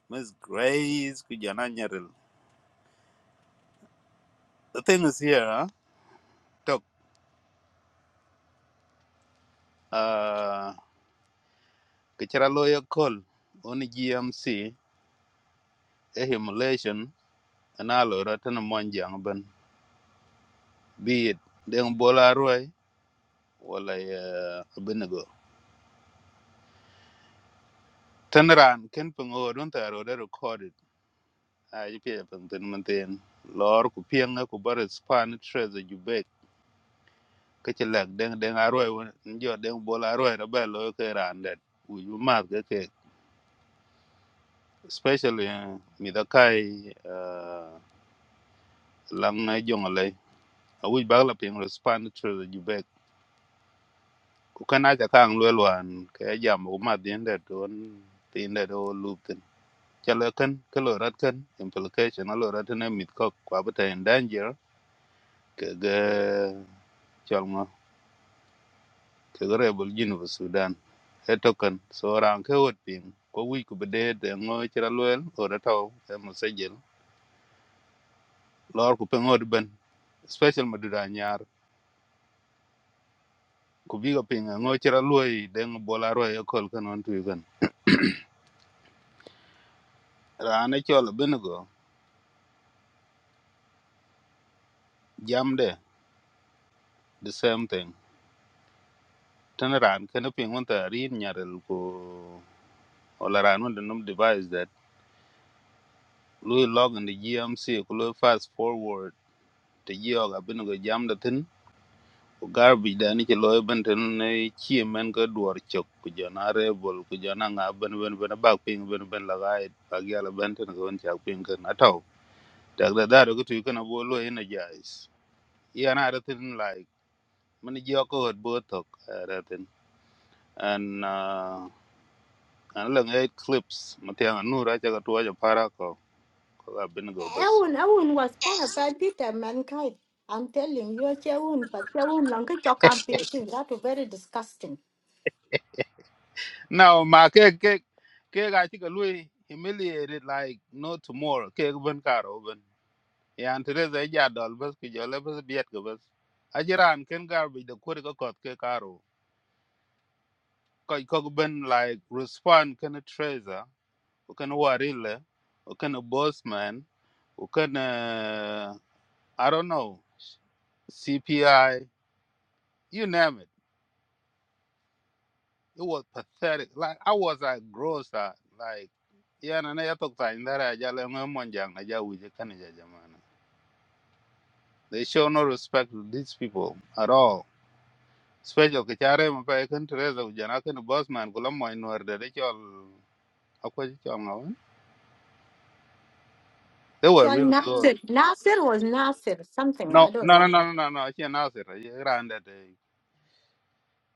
Miss Grace, Kujana Nyaril. The thing is here, huh? Talk. Uh, Kichara lawyer call on GMC, a humiliation, and alo ratana monjang ben. Be it deng bola roy, wala uh, abinago. Tanaran, ken pungo, don't I already recorded. I pay up and then maintain. Lord, Kupianga, Kubar, Span, Treasure, you beg. Kachalak, deng deng arroy, and your deng bola roy, a bell, okay, and that. Will you mark the cake? especially uh, midhakai uh, lang na jong le awi bag la ping respond to the jubek ku kana ta kang lwe lwan ke jam ku ma din de don tin de do loop tin chalo kan ke lo rat kan implication lo rat ne mit ko kwa bata in danger ke ge chal ma ke ge rebel jin bu sudan e token, kan so ran ke wot ping ko wi ku bede de ngo chira lwel o da taw e mo sejel lor ku pe ngod ben special madura ku bi ga pinga ngo chira luoi deng bola ro e kol kan on tu gan ran e chol bin go jam de the same thing tan ran kan ping on ta rin nyarel ko ola ran on the num device that lui log in the gmc ku lui fast forward te gi ga bin go jam de tin ku garbage da ni ke loy ben tin ne chi men ko duor chok ku jona rebel ku jona nga ben ben ben bak ping ben ben la ga ba ga la ben tin ko on chak ping kan ataw tak da da ko tu kan bo lo ina jais Yeah, and I don't think like many Joko had both talk everything. And uh and long eight clips. Matiang and Nura Jaga to a paraco. I've been go bus.
Ewun, Ewun was kind of bad people, mankind. I'm telling you, Chewun, but Chewun Lanka campaign that very disgusting.
Now my cake cake cake I think a Louis humiliated like no tomorrow. Cake when car open. Yeah, and today's a yard all bus could your levels be at go bus. Ajiran can garbage the Kurika got cake arrow. Kok ben like respond can a treasure. who Can a warilla. Can a boss man. who can I don't know, CPI, you name it. It was pathetic. Like I was like gross that like yeah, na na yatok ta indara ya le mo monjang aja wije kani ja jamana. They show no respect to these people at all. Special ke chare mo pa kan Teresa ujana kan boss man kula mo inwar de de chol akwa ji chol ngawan. They were
Your
real gross.
Nasir, Nasir was Nasir, something,
No,
I don't
no, no,
know.
no, no, no, no. She announced it. It ran that. It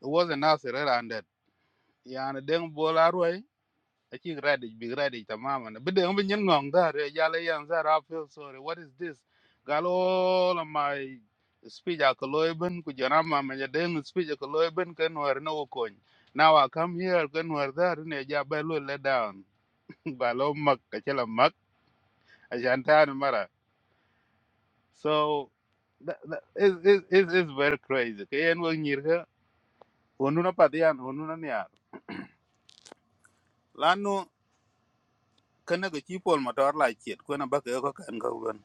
wasn't announced. It ran that. Yeah, and then bowl arway. achi ready big ready tamaman bideng bin yin ngong da re yale yan za ra feel sorry what is this gal all of my speech a koloy bin ku jana ma ma deng speech a koloy bin ken wer no kon now i come here ken wer da ne ja ba lo let down <laughs> ba lo mak ka chela mak a janta na mara so that, that is is is is very crazy ke en wo nyir ga onu na patian onu na nyar kana ga chi pol motor la chet ko na ba ke ko kan ko gon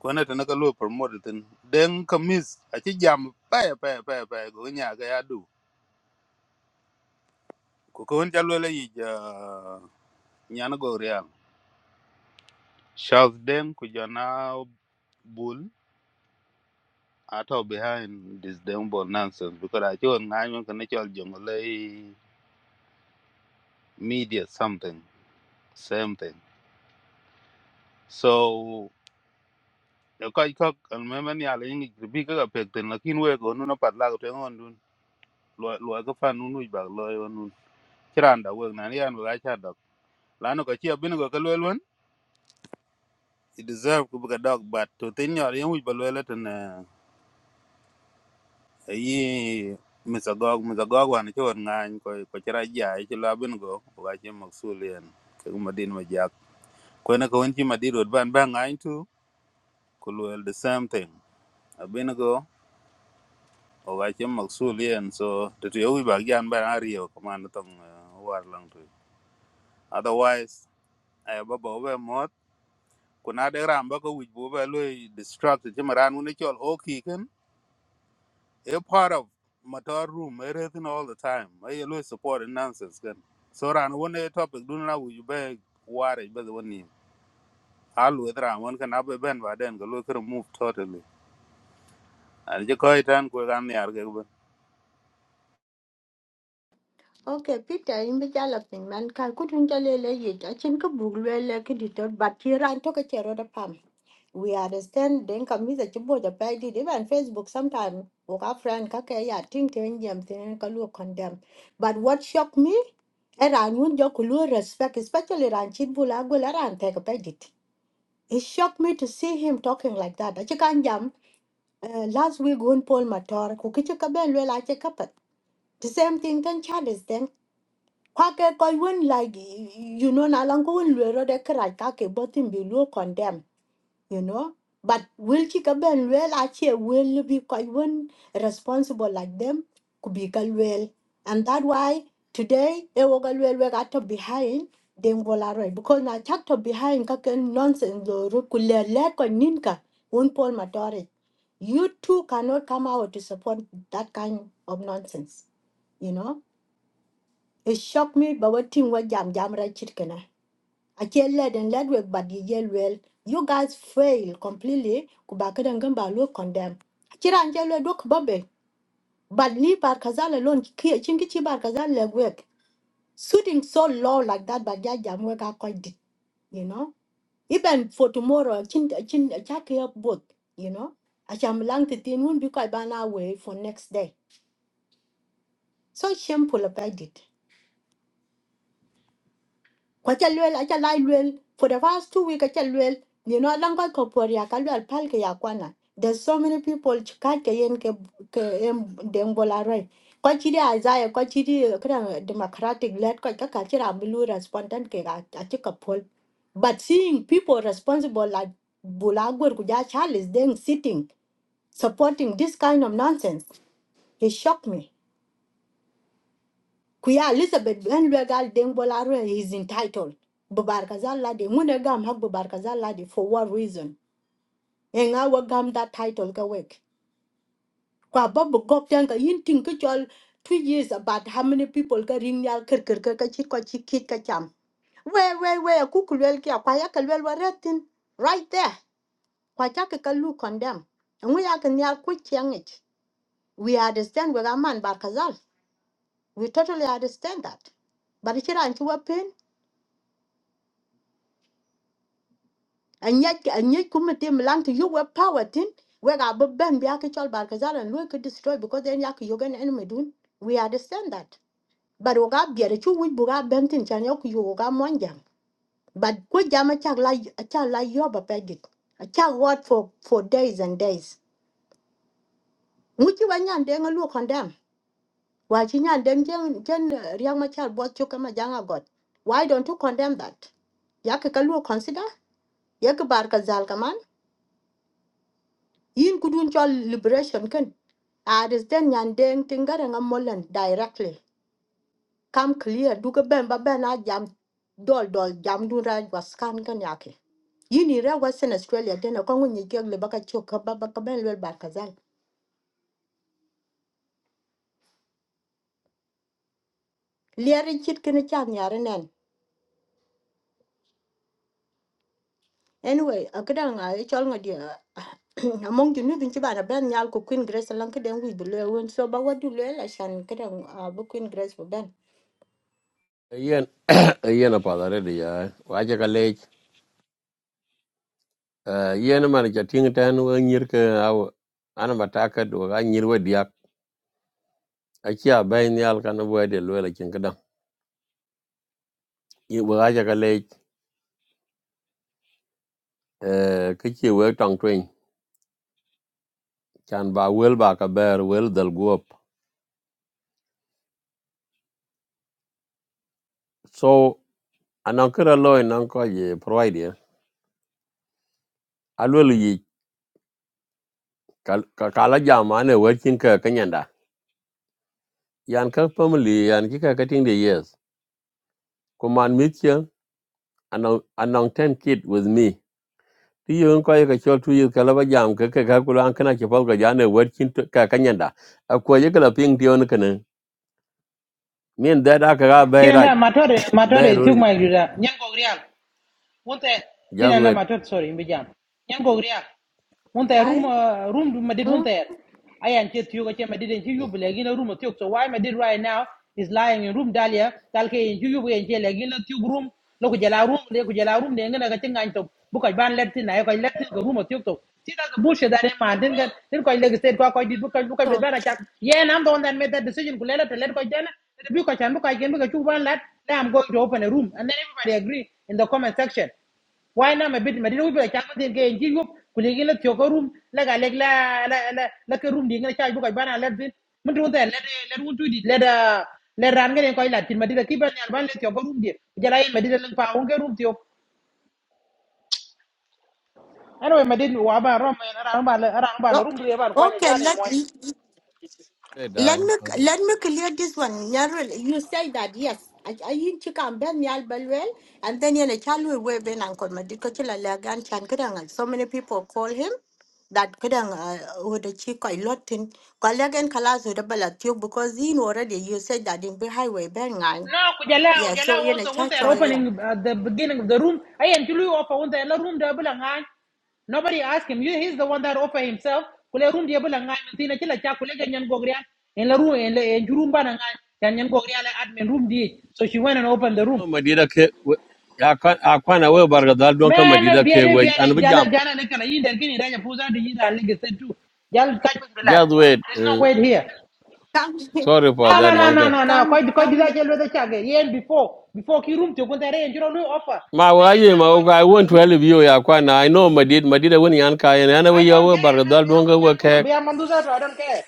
ko na tan ka lu promote tin den ka mis a chi jam pa pa pa pa go nya ga ya du ko ko on jalo le yi ja nya na go real shaz den ku jana bul ato behind this damn ball nonsense because I don't know can actual jungle media something same thing so the kai kok and memen ya le ngi bi ka pek ten lakin we go no pat la to ngon lo lo ka fan nu nu ba lo yo nu kiran da wek nan yan ga cha dok la no ka chi bin go ka lo lon i deserve ku ga dog but to tin yo yan wi ba lo la tan yi misa gog misa gog wan chi won ngan ko ko chira ja chi la bin go ko ga chi maksul yan ka ma din ma jak ko na ko won chi ma di rod ban ba ngan tu ku lo the same thing a bin go o ga chi maksul yan so to yo wi ba yan ba ari yo ko man tong eh, war lang tu otherwise ai ba ba we ku na de ram ba ko wij bo ba lo distract ti maran un chol o ki ken a part of motor room everything all the time I lo support and nonsense ken so ran one a topic dun na wij ba ware ba the one alu e ram one kan abe ben ba den ko lo move totally and je ko itan ko gan yar
Okay, Peter, in the galloping man, Kakutun Jalele, Yachin Kabugwele, Kiditor, but here I took a chair of palm. We understand then come with a chibo the pay did even Facebook sometime. Oka friend Kakaya, Ting Ting thing. Tin Kalu condemn. But what shocked me? Eran wun Jokulu respect, especially Ran Chitbula Gularan take a pedit. It shocked me to see him talking like that. I Achikan Jam, uh, last week, Gun Paul Mator, Kukichakaben, well, I check up. The same thing, then Charles, kwake koi win like you know na lang ko win lwe ro de kra ka ke botin bi lu condemn you know but will chi ben lwe a will be koi win responsible like them could be ka and that why today e wogal well we got ga to behind them bola because na chak to behind ka ken nonsense do ro ku le ko nin ka un pol matore you too cannot come out to support that kind of nonsense you know it shocked me, but what thing was jam jam right chicken. I can't let and let work, but the yell well. You guys fail completely. Kubaka and Gamba look condemn. Chirangelo look bobby. But leave Barkazal alone, Ki- Chinkichi Barkazal leg work. Shooting so low like that, but yeah, jam work are quite deep, you know. Even for tomorrow, chin chin chuck up both, you know. I shall lang to thin won't be quite ban away for next day. So shameful if I did. kwa cha luel acha lai luel for the past two week acha luel you know lang ko ko por ya kalu al pal ke ya kwana there's so many people chika ke yen ke ke em dem bola roi kwa chiri azaya kwa chiri kra democratic led kwa ka ka chira milu respondent ke ga acha but seeing people responsible like bulagwer kuja charles then sitting supporting this kind of nonsense it shocked me Kuya Elizabeth ben legal deng bolare is entitled. Bubarkazal ladi mune gam hak bubarkazal ladi for what reason? Enga wa gam that title ka wek. Kwa babu gop ten ka yin ting ka chol two years about how many people ka ring yal kir kir kir ka chit kwa chit kit ka We we we kukulwel kia kwa ya kalwel waretin right there. Kwa chake condemn. And we are can yal quick it. We understand we man barkazal. We totally understand that. But it's an pain, anyec anyec ku metem lang to you were power tin we ga be ben bia ke chol bar ka zalan lu destroy because then yak you gan enemy dun we understand that but we ga bia de chu we bu ga ben tin chan yok you ga mon but ku jam cha la cha la yo ba pe git what for for days and days mu chi wa nyan de ngalu condemn wa chi nyan de jen jen riang ma cha bo chu kama janga god why don't you condemn that yak ka lu consider yak bar ka zal yin kudun dun chol liberation ken a des den nyan deng tingare nga directly come clear duga ben ba ben a jam dol dol jam dun ra was kan kan yake yin i western australia den ko ngun yi gegle baka chok ka ba ba ka ben lel bar kazal liare chit kene chan yare nen anyway akadan a e chol ngadi <clears throat> among you nudin ci bana ben nyal ko queen grace lan ka den wi bu le so ba wadu le la shan kadan bu queen grace bu ben
yen yen apa da re ya wa ja ka le yen <coughs> man ja ting tan wo nyir ke aw an ma ta ka do ga nyir wo dia a chi a bai ni al kan wo de lo la kin ka da yi wa ja ka le ke chi wo tong twin chan ba wel ba ka ber wel dal guop so anan kra lo nan ko ye provide a lo yi ka ka la ja ma ne wo kin Yan kak family yan kika cutting the years. Kuman meet you anong anong ten kid with me. Ti yun ko yaka chol two years kalaba jam kaka kakula an kana chapal ka jane working to ka kanyanda. Akwa yaka la ping ti yun kana. Mean that aka ga
ti
bay
na
raj.
matore
Bay
matore ti
rori
ma gura nyen ko grial wonte ti
just
na
wait.
matore sorry mbi jam nyen One there
ai
room uh, room I did one there. I ain't chet you got my did and you believe in a room of you. So why I did right now is lying in room dalia. Talke in you and jail again at you room. Look at room, they could yell room, they're gonna get in to book I ban let in. I got let in the room of talk. See that's the bullshit that man didn't get then not quite like state quite did book I book up the
oh.
banner chat. Yeah, and I'm the one that made that decision. Could let it let go then. And the book I can book I can book a two one let. Now I'm going to open a room and then everybody agree in the comment section why na me bit me dinu be cha tin ke nji yup ku le gele tyo room la ga leg, la la la la ke room di ngala cha bu ko bana le bin mun tu te le le run tu di le da le ran ngene ko la tin me dinu ki ban yar ban le tyo room di ja la yin me dinu pa un ke room tyo ano me dinu wa ba rom ra ba ra ba
No.
room di ba ko ni cha
Okay,
ni
let
mo
Hey,
let
die.
me
Okay.
let me clear this one. Nyarel, You say that yes. I I in chika ben nyal belwel and then yana chalu we ben ankol madiko chila lagan chan kadang. So many people call him that kadang uh with the chico a lot in kalagan kalas with the balatiu because in already you said that in the highway ben ngang.
No, Kujala,
Yeah,
Kujala
so yana
also when they
church
are
all yeah.
opening at the beginning of the room, I am you offer when the room the Abulangan. Nobody asked him. You he's the one that offer himself. Kule room the Abulangan, Tina Chila Chakule Ganyan Gogrian, in the room in la in the room Banangan, Ganyan Gogrian admin room D. So she went and opened the room.
Ko Madida ke we- ya kwan- a kwana we barga dal don ka madida
Man,
ke
Biade
we an
Biade
bi
Jala
jam.
Jana Nakana Yin and Raja Puza to Yin and Legacy too. Jal Kajak
Just wait.
There's no
eh,
way here.
Come
Sorry
<laughs>
for
No,
come
that
no, no,
man
down
no, no, no.
come
Quite, quite this
come down
actually the check. Yeah, before, before key room to go there and you don't do offer.
ma
Nay,
wa
and
ye
I'm
ma
going to
wa I
open
want to
the room.
help you ya kwa na I know madid madid when yan ka yan ana we
I
ya
don't
wa
care,
bar
man.
dal
Be a
don
one
ga wa
young
ka
They are a manduza. so I don't care.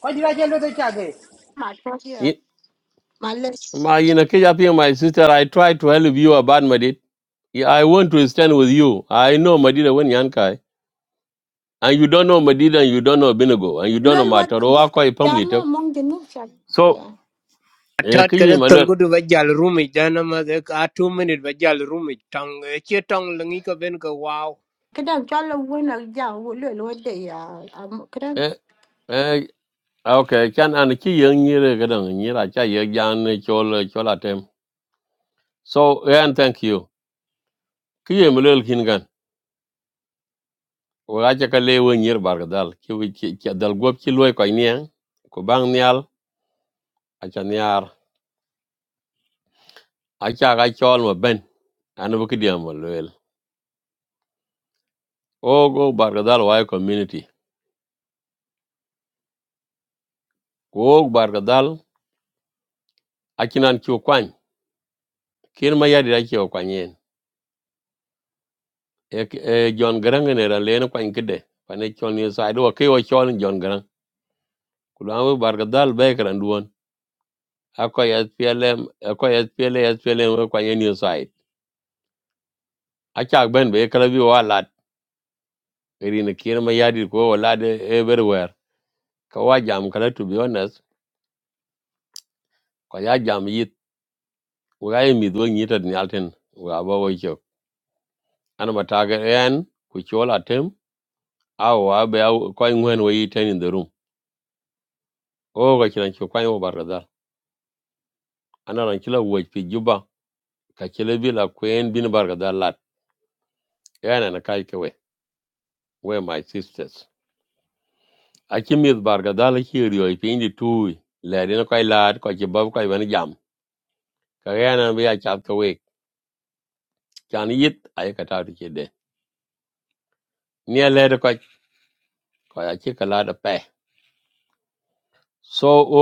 Quite this actually the check.
my yeah. My list.
ma you know ke ya pe my sister I try to help you about madid Yeah, I want to stand with you I know madid when yan ka and you don't know madid and you don't know binago and you don't know
Lwel wat
matter I
ja-
call i family
jam
to
mong jinuk chan.
so
Yeah.
eh ke
Atat
ye
kada
ma
tolgo du bajal rumi jana ma dek a two minute bajal rumi tong che tong langi ka ben ka wow.
Kadang chala wena jam lwel wat de ya. am- Kadang.
eh eh okay can an ki yan ni re ga dan ni ra cha ye yan chol chol atem so eh, and thank you ke ye ma lo kin wacha ka le nyir Bargadal ga ki wi ki ki- dal gop ki loy ko nyang ko bang nyal acha nyar acha ga chol ma ben an bu ki diam ma loel o go bar wa community ko Bargadal ga dal akinan ki kwan kin ma yadi da ki kwan yen e k- e jon garang ne ran le kwan kide pane chol ni sa e do ki o chol jon garang ku dan wi bar ga dal be kran duon akoy SPLM akoy SPLM kwan yen ni sa acha ben be kala bi wa la Irin kien ma yadi ko walade everywhere. Kawa jam kala to be honest, ko ya jam yit wa mi do nyita ni alten. yalten wa ba wo jo. Ana mataga en ku chola tem aw wa be aw ko ngwen wo yiten in the room. O ga kiran ko kwa wo bargadal. Ana ran kila wo fi juba ka kila bila kwen bin bargadal lat. Yana na kai ke we. We my sisters. Aki mi bargadal ki riyo fi indi tu. Ladin ko lad ko ki bab ko ban jam. Ka yana bi ya chat ko we. chan yit ay ka ta ti de nia le de ko ko ya chi ka de pe so o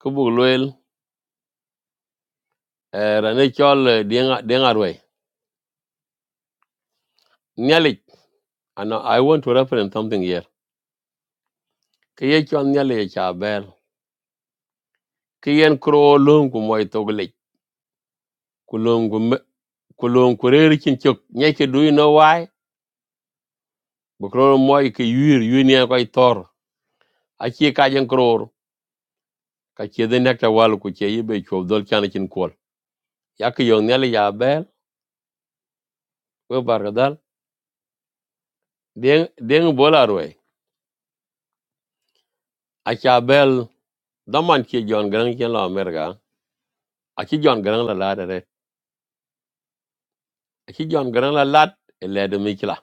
ku bu loel era ne chol denga denga rwe nia le and i want to reference something here ke ye chon nia le cha ber ke yen kro lum ku moy to gle ku lum ku me- ku lum ku re ri chin chok nya ke do you know why bu kro moy ke yir yu nia ko tor a chi ka jen kro ka chi de nek ta wal ku che yi be chol dol chan chin kol ya ke yo nia le ya ber we bar deng deng bolar we a bel daman ki John gran ki la merga a John jon la la de a ki jon gran la lat e le mikla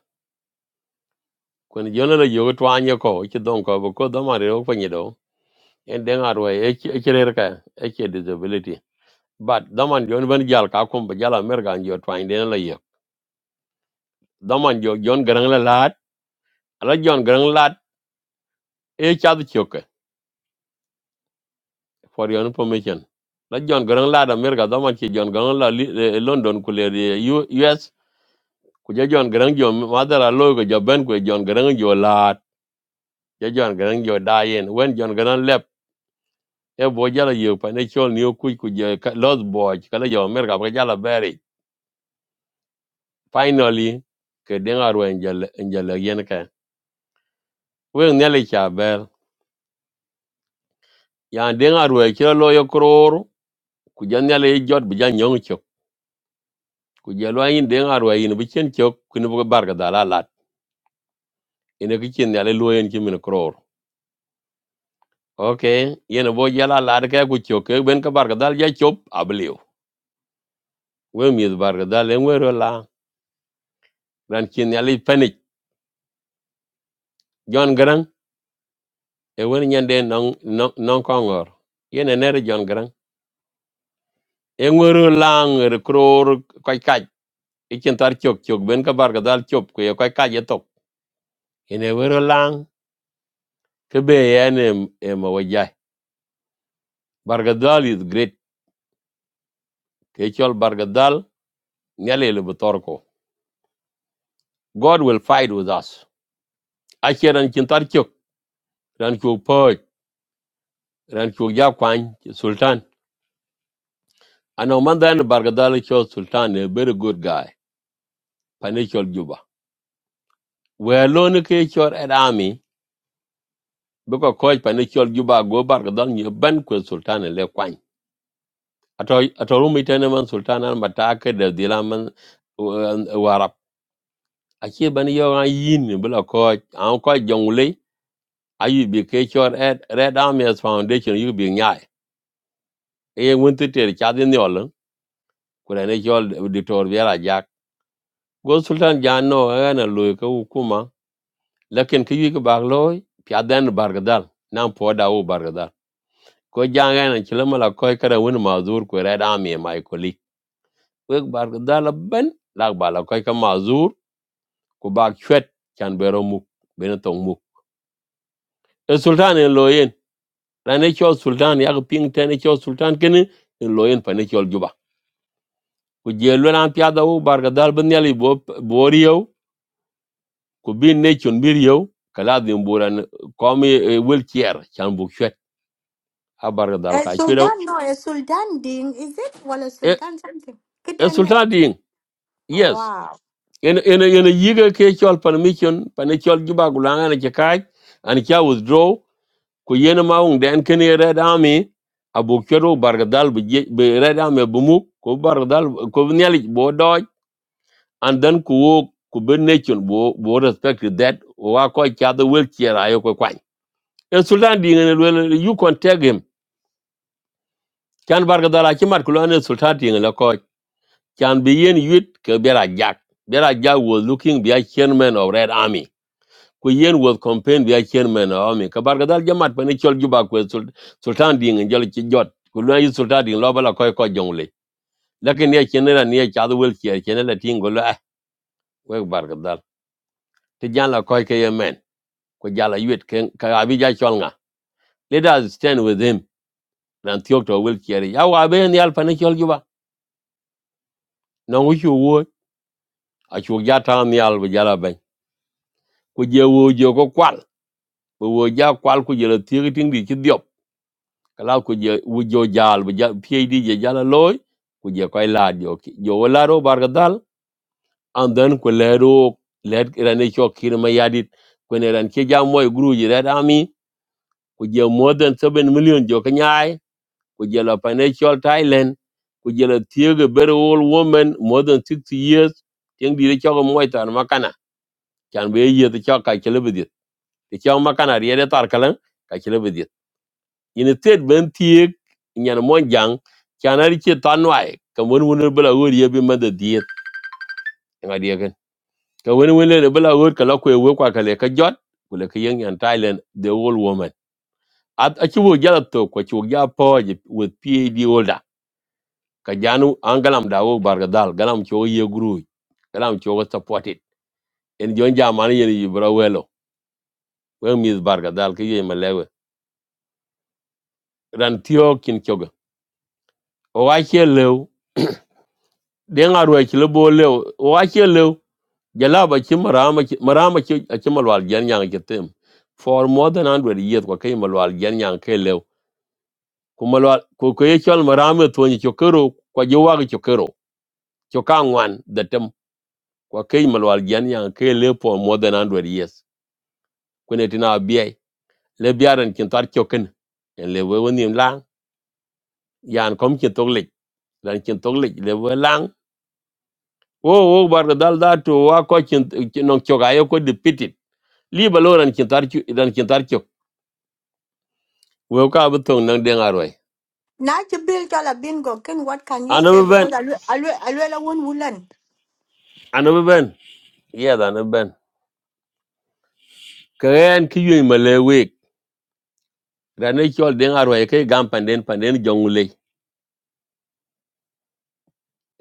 kun jon la yo to ko e ki don ko bo ko daman re ko ni do en deng ar we e ki e ka e disability but daman John ban jal ka kom ba jala merga jo to anye la yo daman jo John gran la lad la John gran lad e cha de choke for your information la John gran lad da daman ki John gran la li- eh, london ku le US ku je jon garang jo madara lo ko jo ben ku jon garang jo lat je jon garang jo dayen wen jon garang lep e bo jala yo pa ne chol ni ku ku je los boy kala jo mer ka jala beri finally ke den arwe njel njel yen ka wen ne le cha ber ya den arwe ki lo yo kror ku je ne le jot bu jan nyong chok ku je lo yin den arwe yin bu chen chok ku ne bu bar ga dala lat ene ki chen ne le lo yen ki min kror okay yene bo yala la de ka ku chok ke ben ka bar ga dal ya chop abliu we mi bar ga dal en wero la ran kin ya li panik jon gran e won nyen de non non non kongor yene ne jon gran en wero la ngor kror kai kai e kin tar chok chok ben ka bar ga dal chop ku ye kai kai ye tok yene wero la ke be yene e mo wajai bar ga dal is great ke chol bar ga dal nyale le bu tor ko god will fight with us a ran kin tar chok ran ku po ran chuk ja kwany sultan ano man dan bargadal cho sultan a very good guy panichol juba we alone ke chor at army Because coach panichol juba go bargadal ni ban ko sultan le kwany at ato rumi tane man sultan and matake the dilaman warap achi ban yo an yin bila coach am quite jongle I bi ke chor at red army as foundation you bi nyai e won teter chadin yolun kurane chol ditor go sultan Jano, ana loy ka hukuma lakin ki yik bag loy piadan bargadal nan poda u bargadal ko janga nan kilama la koy kada wani mazur ko red army e mai koli we bargadal ban la bala koy ka mazur ko bag chwet kan bero mu ben tong mu e sultan en loyen rane cho sultan ya ping tane cho sultan ken en loyen pane cho juba ko jelo nan piada u bargadal ban yali bo boriyo ku bin ne chon bir yow kala din buran komi wel kier chan bu chwet abar dal
Eh,
ka chwedo
Sultan no, a Sultan ding, is it? Well, a
e
Sultan something.
e
Kadang.
sultan din
Oh,
yes
wow.
en en en yiga ke chol pan mission pan e chol juba gulanga ne kai an kya withdraw ku yena maung den ken red army abu chwedo bar dal bu je- bu red army bu mu ko bar dal ko nyali bo doj and then ku wo ku be ne bo bo respect that wa ko kya the wel kier ayo ko kwan e sultan din ne wel you contact him chan barka dala ci mat ku lo ne sultati ngi la ko chan bi yen yit ke bera jak bera jak was looking be a chairman of red army ku yen was campaign be a chairman of army ka barka dal jamat pa ne chol juba ku e Sul- sultan di ngi jol ci jot ku lo yi sultati lo bala koy ko jongle lakin ye chenera ni ye chadu wel ci chene la tingo lo eh we barka dal ti jan la koy ke ye men ku jala yit ke ka abi ja chol nga let us stand with him ran tiok to wel ci ya wa be ni al pa ne chol juba no wuchu achuok ja taŋ nial bi jala bɛny ku je wo jo ko kwal bi wo ja kwal ku jela thieki tiŋ di ci dhiop kala ku je wo jo jal bi ja phd je jala loy ku je koy laad jo ki- jo wo laad o barka dhal and then ku leer o leer ran e chok kir ma yadit kwen ran ke ja moy gru ji red army ku je more than 7 million jo ka nyaai ku je la financial thailand ku je la thiegi very old woman more than 60 years tiŋ di de chok moy tan makana chan be ye de chok ka chele ti chong ma kana riede tar kalang ka chile bidit yin tet ben tiek nyen mon jang chana ri che tan ka won won bela wor ye bi ma diet nga die ken ka won won le bela wor ka la ko we kwa ka ka jot kule ka yeng yan thailand the old woman at a chi wo jala to ko chi ja po with PhD holder ka janu an galam da wo barga dal galam cho ye guru galam cho wo support it en jon jamani yen yibra welo we mi barga dal ye malewe ran tio kin choga o wa che den arwai ki lebo lew o ake lew jalaba ki marama ki marama ki a ki malwal gen yang ki tem for more than 100 years kwa kai malwal gen yang kai lew ku malwal ku ko ye kyol marama to ni chokero ko je wa chokero Chokangwan ngwan da tem kwa kai malwal gen yang kai lew for more than 100 years kune tina biye le biaran kin tar chokin. en le we woni lang yan kom kin toklik dan kin toklik le we lang wo wo bar dal da to wa ko kin non choga yo ko defeated li ba lo ran kin tar ki ran kin tar we ka bu nang deng arwai
Now you build chala bingo, ken what can you say?
anabu ben
Because alwe alwe alwe la wun wulan.
anabu ben yeah da anabu ben kayan ki yoy male we ran ne kyol deng arwai kai gam panden panden jongule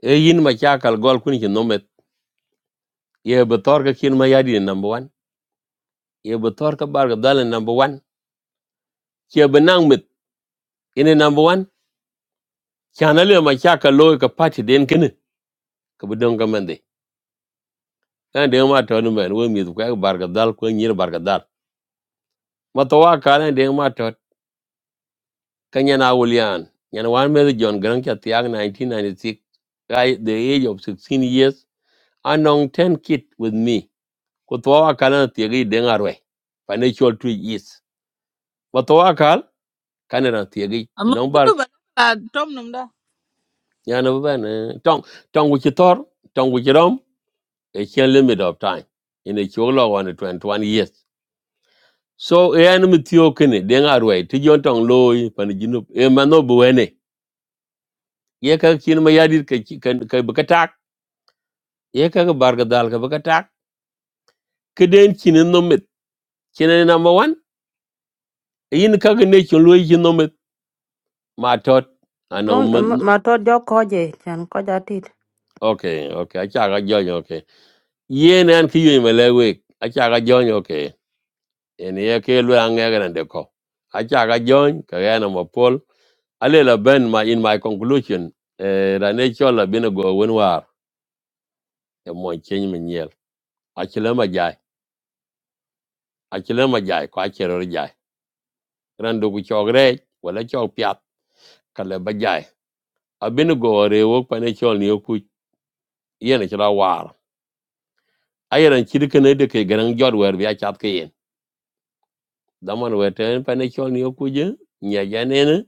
e yin ma cha gol kun ki nomet ye ba tor ka kin ma yadi number 1 ye ba tor ka bar ga dal e number 1 ke ba nang mit ine number 1 kana le ma cha ka ka pati den kin ka bu ga mande kan deng ma to ni men we mi ka bar ga dal ko nyir bar ga dal ma to wa kana deng ma Kanyana Willian, Yanwan Mary John Grant Chatiak, 1996, guy the age of 16 years, Anong 10 kid with me. Kutwawa kana tiagi dengarwe. Financial tree is. Watwawa kal, kanana tiagi.
Amma ku
Tinongbar,
do ba la tom num da.
yana bana. Tong, tong wichitor, tong wichirom, a chen limit of time. In a chola one to 21 years. So, e an mitio kene, dengarwe, tijon tong loy, panajinu, e manobuene. Ye kakin mayadir ye kaga barga dal ka baka tak keden chinen nomit chinen number 1 yin kaga ne chon loy chin nomit ma tot
Mo-
anong man
mo- ma to jo koje chan ko ja tit
okay okay acha ga joy okay yen an ki yoy male we acha ga joy okay en ye ke lo an ga ran de ko acha ga joy ka ga na mo pol ale la ben ma in my conclusion eh ra ne chola bin go won war e mo chen min yel achile ma jai achile ma jai ko achero jai ran du ku chogre wala chog piat kale ba jai abinigo rewo pane chol ni ku yen chira war ayeran chirkene de ke garan jor wer bi achat ke yen daman weten pane chol ni ku je nya janene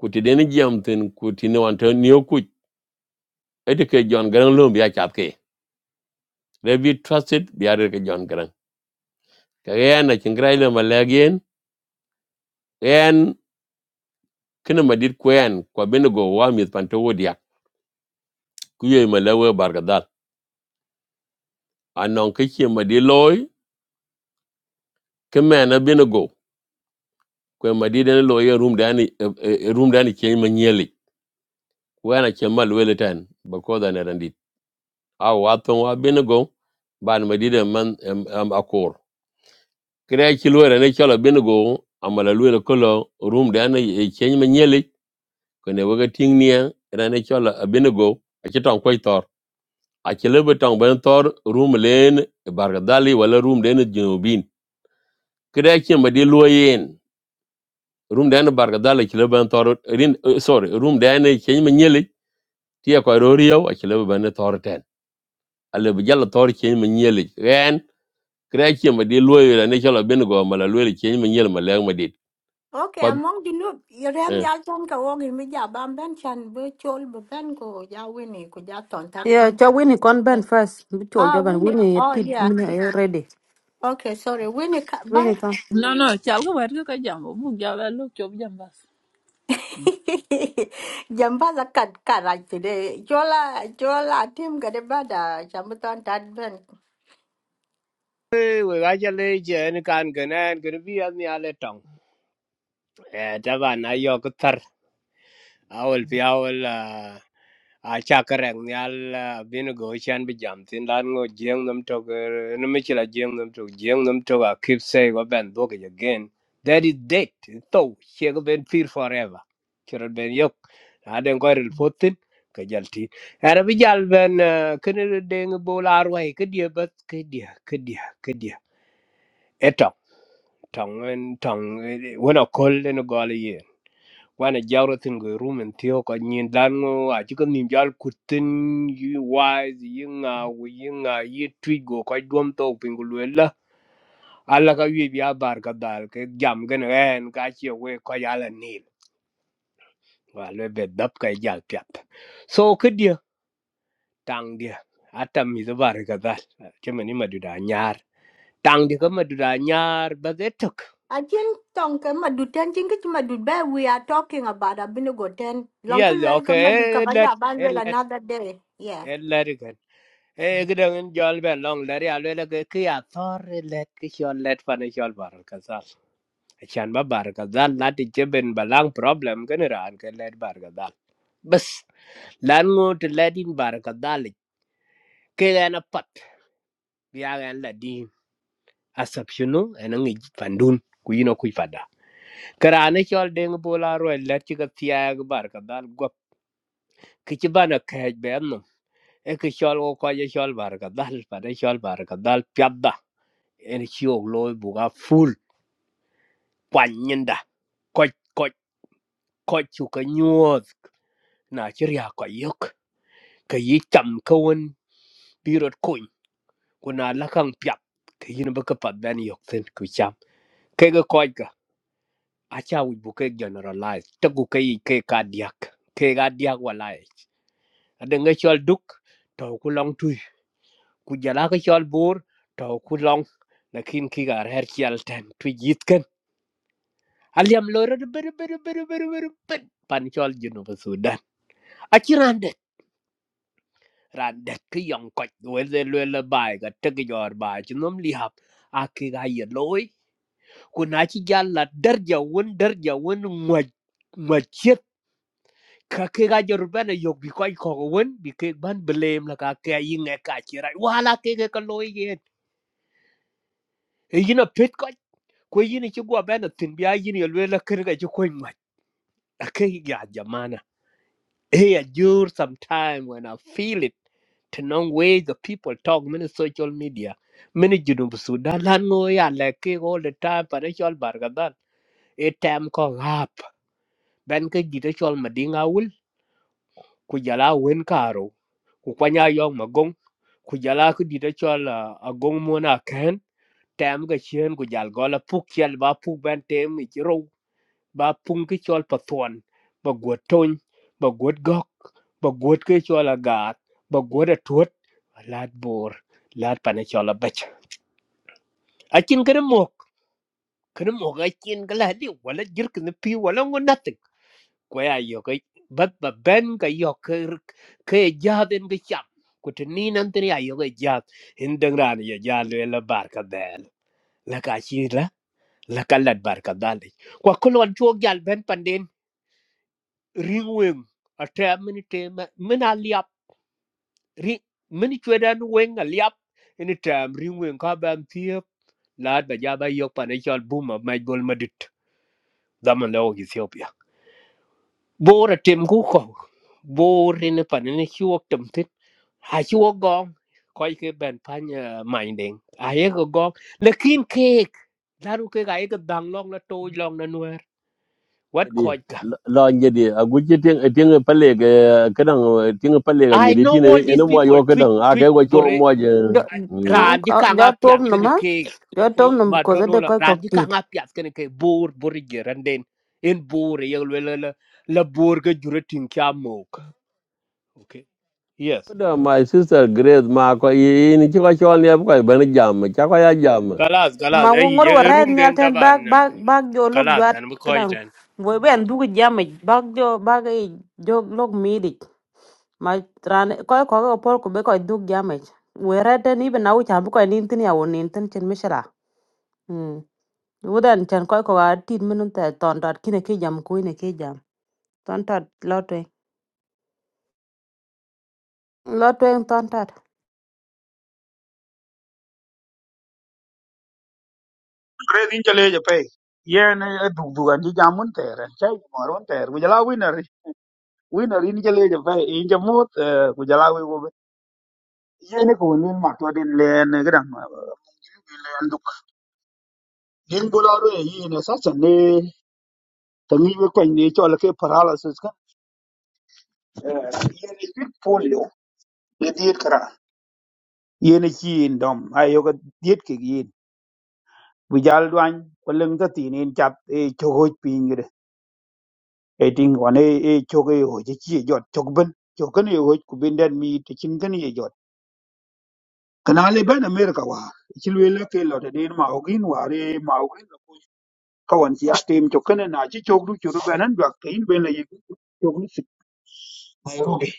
ku den jam ten ku ti ne wan ten ni ku ede ke jon garan lom bi achat ke they be trusted bi are ke jon gran. ke yen na chingrai le malagen yen kene madit kwen ko binigo wa mit panto wodia ku malawe bargadal anon ke chi madi loy ke binigo kwe madiden lo ye room dani eh, eh, eh, room dani chen manyeli wana chen mal wele tan bakoda na randit aw waton wa benego ban madiden man em, em, akor kre kilwere ne chala benego amala lwele kolo room dani chen manyeli kone waga tingnia rane chala benego akitan koy tor akilebe tang ben tor room len bargadali wala room den jinubin kre chen madi lo yen room dani bargadali kilebe tor rin eh, sorry room dani chen manyeli ti ya ko rorio a chile ba ne tor ten ale bi jalla tor chen ma nyele ren kra chi ma di loyo la ne chalo ben go ma la loyo chen ma nyele ma le ma dit
Okay,
ko
among the noob, you ram
eh
ya chan ka wogi mi ja chan be chol be ben ko ja wini ko ja ton tat
yeah
kin.
cho wini kon ben first bi chol
Ah,
jo ben
wini.
wini ye
Oh,
tit
yeah.
mini ye ready
Okay, sorry. Winnie,
wini kon
No, no, chal ka wet ka jam bu ja ba lu chop jam bas.
<laughs> Jamba la kat karaj today. Jola jola tim gade bada chamuton tad ben.
We we bajal le je ni kan gana gana bi an ni ale tong. Eh taba na yo awol pi awol ah, a chakarek nyal ah, bino go chan bi jam tin lan ngo jeng nam tok no mi chila jeng nam tok jeng nam tok a keep say go ben dog again that is dead to she go ben fear forever chiro ben yok a den go ril fotin ka jal ti ara bi jal ben ken deng bol arwai ke dia bat ke dia ke dia ke dia etong tong en tong wona kol no go wana jawratin go rumen tiyo ko nyin dango a chikan nim jal kutin yi wise yi nga wu yi nga yi twi go ko dwom to pingulwela ala ka wi biya bar ka dal ke jam gan ren ka chi we ko yala nil wa le be dap ka jal pyat so kedia tang dia atam mi bar ka dal chemani maduda nyar tang dia ka maduda nyar ba de tok
Ajin tong ke maduten jinga madut ba we are talking about abinigo ten. Lonkel
yes
wel ke
okay
madut
eh, let
kabaja ban
eh,
wel
let
another day. Yeah.
en lari kan e gidan en jol ben long lari alwe la ke ki athor let ke chol let fan chol bar kazal chan ba bar kazal lati jeben balang problem kan ran ke let bar kazal bas lan ngot ledin bar kazal ke na pat biya gan ladin asapshunu en ngi pandun ku yino ku fada karane chol deng bola ro let ki ka tiag bar kazal gop ki ci bana kaj ben no e ki chol ko ko ye bar kazal fa de chol bar kazal en chiok loy buga full kwan nyinda koch koch koch chu ka nyuoth na chi ria ko yok ka yi cham ka won birot kun kuna la kang pyap ka yin ba ka pat ben yok sen ku cham ke ga koch ga a cha wi bu ke generalize ta gu ke yi ke ka diak ke ga diak wala e a de nge chol duk to ku long tu ku jala ka chol bur to ku long lakin ki ga her chal ten tu yit ken aliam loro de beru beru beru beru beru pet pan chol jinu ba sudan achi randet randet ki yong koch wele lele bai ga tege jor bai chinom li hap aki ga ye loy kuna chi jalla darja won darja won ngwa ngwa chet ka ke ga jor bana yok bi koch ko won bi ke ban blame la ka ke yi nge ka chi rai wala ke ke ka loy ye e yina pet koch ko yini chi gwa bana tin bi a yini lele ker ga chi ko ngwa ake ya jamana Hey, adjure sometime when I feel it. Tenong way the people talk many social media. Many junub Sudan lan ngồi à lẹ kê all the time para chol bargadan. A time ko rap. Ben ke gita chol madinga ul. Ku jala wen karo. Ku kwanya yong magong. Ku jala ku dita chol uh, agong mona ken. Tam ga chien ku jal gola puk chel ba puk ben tem ichiro ba pung ki chol pa thuan ba guot tony ba guot gok ba guot ki chol agat ba guot atuot lat bor lat pane chol abach akin kada mok kada mok akin kala di wala jirk ni pi wala ngo nothing kwaya yo kai bat ba ben ka yo ke ke jaden ke cham ku tini nan tini ayo ke jad hindang ran ya jalo la bar ka del la ka chi la la ka lat bar ka dal kwa kolon chuo gal ben panden ring wing a tam mini tem min a liap ring mini chwedan wing a liap ini tam ring wing ka bam thiep lad ba jaba yok pa ne chol buma ma gol madit zaman lo ethiopia bor a tem ku ko bor e ne pa ne chuok tam thit ha chuok gong koi ke ben pan mai ding a ye go gong lekin cake daru ke ga ye ga dang long na to long na nuer what
di
koi ka
la nye di a gu chi ting ting pale ga kadang ting pale ga
i
nye
know
tin
all these
ene mo
people
yo
tweet
kadang a ke
tweet
go cho
bore
mo je mm
ran
Ang-
ji
ah,
kanga
jo tom
piat
no
ken
ma
ke
jo tom no
ma
ko za
toro
de
la
ko
ran
ko
ji
tit
kanga piat ken ke bur bur ji randen en bur ye le le le le bur ga jure tin kya mok okay yes
my sister grace ma ko yi ni chi ko cho ne ko ben jam cha ko ya jam
kalas kalas
ma ngo
eh
ngor
ye
wa red
room
nyal
den
ten
taban
bag bag bag jo lok
kalas
jwat
dan bu ko
kadang wo ben du ga jam bag jo bag e jo lok mi ma ran ko ko ko pol ko be ko duk jamaj werete ni be nawu chambu ko nin tin ya wonin tin chin mishra mm wudan chan ko ko ga tit minun ta ton dot kine ke jam ko ne ke jam ton tat lotwe lotwe ton tat
Praise in chale je pay. Yen e duk duk an ji jamun ter. en Chai maron ter. Kujala winner. Winner in chale je pay. In je mut. Kujala wi gobe. Yen e kun win matwa din len gedang. Len duk. Din bula ro e yin e sacha ne. Tangi we kwen ne chola ke paralysis kan. Yen e bit polio. E diet kara. Yen e chi in dom. Ayo ka diet ke yin. Kujal duan. Kwa leng ta tinin chat e chokoj pingire. e ting wane e chok e ho je chi e jot chok ben chok kan e ho ku bin den mi te chin kan e jot kana le ban america wa chil we la ke lo te den ma ogin ware ma ogin lo ku ka wan si astem chok kan na chi chok du chu ru banan ba ke in ben le ye chok ni sik nairobi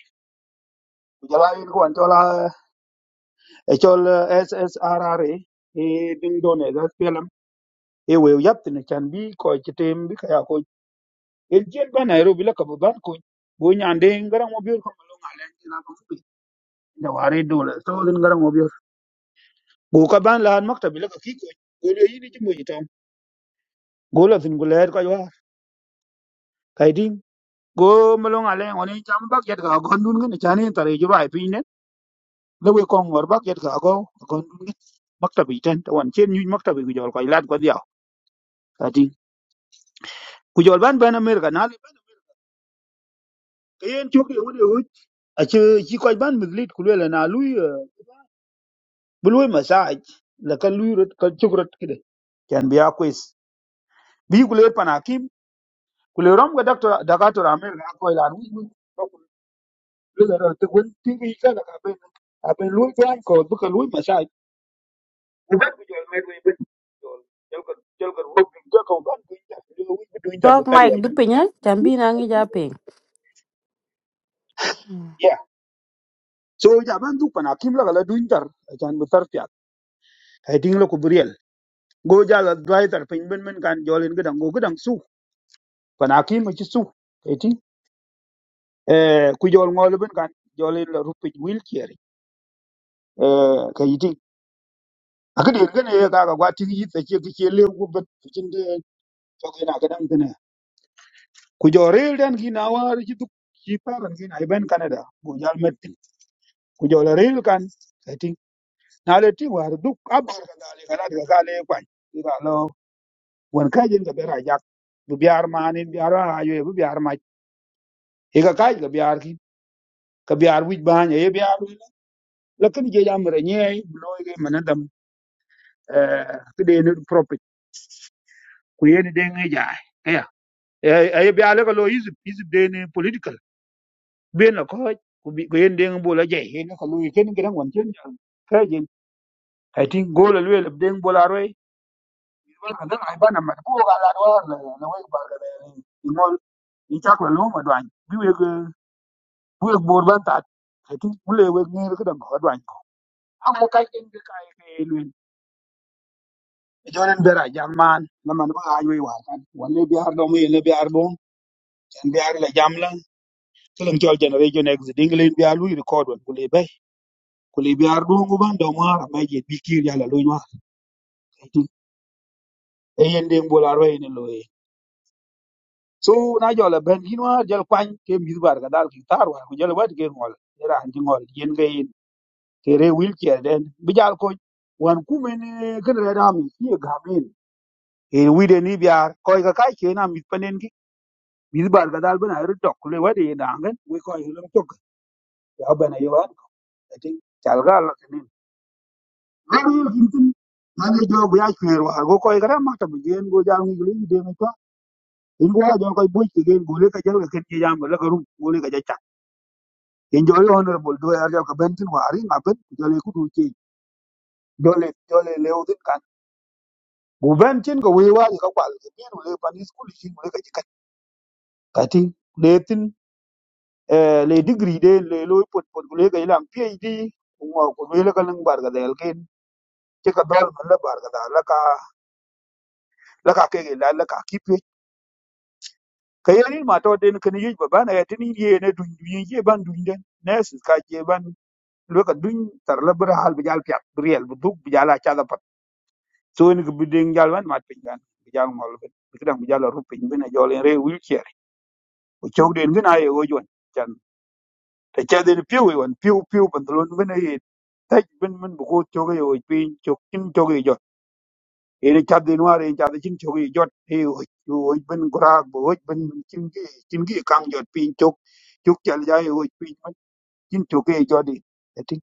ku jala in ko an chola e chol ssrr e e ding don e da pelam e we yap tin chan bi ko chi tem bi ka ya ko el jen ba nairobi la ka ba ban ko bo nyande ngaran mo bir ko lo ngalen na ko jawari dole so din garan obio go ka ban la maktabi la ki ko go le yini ci moji tom go la fin go leer ko wa kay din go malong ale woni jam bak yet ga gon dun ngene chani tare ju bai pin ne le we kong war bak yet ga go gon dun ngene maktabi ten to wan chen nyu maktabi ku jol ko lat ko dia ati ku jol ban ban amerika na li ban kayen chok ye woni hu a che ci ko ban mizlit ku le na lui bului masaj la kan lui rot kan chukrot kide kan biya quiz bi ku le panakim kulerom ga doctor dakator amel ga ko ilan wi wi ko le ga te wen ti gi ka ga be a be lu ga ko bu ka lu pa sai u ga ku jol mer wi be jol jol ko jol ko wo bi ga ko ban ku ta lu wi bi du inter bu
tok
tar ya
mike du pinya chambi na ngi ja ping Mm.
yeah so ja ban du pana kim la ga la du inter jan bu tar pya kai ding lo ku briel go ja la dwai tar pin ben men kan jol en ga dang go ga dang su pana kim ci su kai ti eh ku jol ngol ben kan jol en la rupi wil kier akidi gane ya kaga gwati yi tsake kake le gubat cikin da to kai na gadan tane ku jore dan gi na war ki duk ki faran gi na iban canada go jal metti ku jore ril kan kati na le ti war duk abar ka dale kana daga kale kwan ira lo wan kajin ga bera jak bu biar manin biar ayo bu biar ma e ga kaj ga biar ki ka biar wij ban e biar lakin je jam re nye bloy ge manadam eh kide ne proper ku yeni de ngai ja ay bi ala ko lo yizib yizib de ni political ben la ko ku bi ko yen de ngbo la jey hen ko lo ken gran won ken jang kajin i think go la le de ngbo la roy wal ka dal ay bana ma ko ga la do la la way ba ga ni ngol ni chak la lo ma dwan bi we ko bu ek bor ban ta i think bu le we ni ko dang ko dwan ko am mo kay en ga kay ke lu jonen bera jang man la man ba ay we wa kan wal bi ar do mo yen bi ar do ken bi ar la jam la kelam tol generation exit ding len bi alu record wal ku le ku li biar duong ku ban dong mar ma ye bi kir ya la lo nyar e yen den bo la re ne lo e so na jo la ben gin war jal kwan ke mi bar ga dal ki tar war ku jal wat ke ngol ni ran ji ngol yen ge yen ke re wil ki den bi jal ko wan ku men eh, ken re da mi ye ga min e wi de ni biar ko ga kai ke na mi panen ki mi bar ga dal ben a re dok le wa de da ngan we ko yi lo tok ya ben ye wan ti chal ga la ken Ani kinkin nani jo buya chwer war go koy gara ma tabu gen go jal ngi li de ma to. In go jo koy buy ki gen go le ka jal ka ket ki jam la ka rum go le ka jacha. In jo le honorable do yar ka bentin wari ma ben jo le ku du ki do le do le le udin kan. Bu bentin go wi wari ka kwal ke ni le pan school shi go le ka jikat. Kati le tin eh, le degree de le lo pot pot go le ka ilam PhD ngo ko le ka nang bar ga del ken. Ke ka dal la bar ga da la ka la ka ke la la ka ki ka yel yin ma to den kin yuj ba ban ya tin ye ne dun yin ye ban dun den ne su ka je ban lo ka dun tar la bra hal bi jal piat briel rel bu duk bi jala cha da pat so ni ko bi den jal ban ma pin gan bi jal mol ben bi kidan bi jala ru pin ben jol en re wil cher o chok den gina ye o jon chan ta cha den piu won piu piu pantalon ben ye ta ben men bu ko chok ye o pin chok kin chok ye ene cadde noir en cadde cin cogi jot e hoj ben gorak bo hoj ben cingi cingi kang jot pin cok cok cal ja e hoj pin man cin cogi jodi eti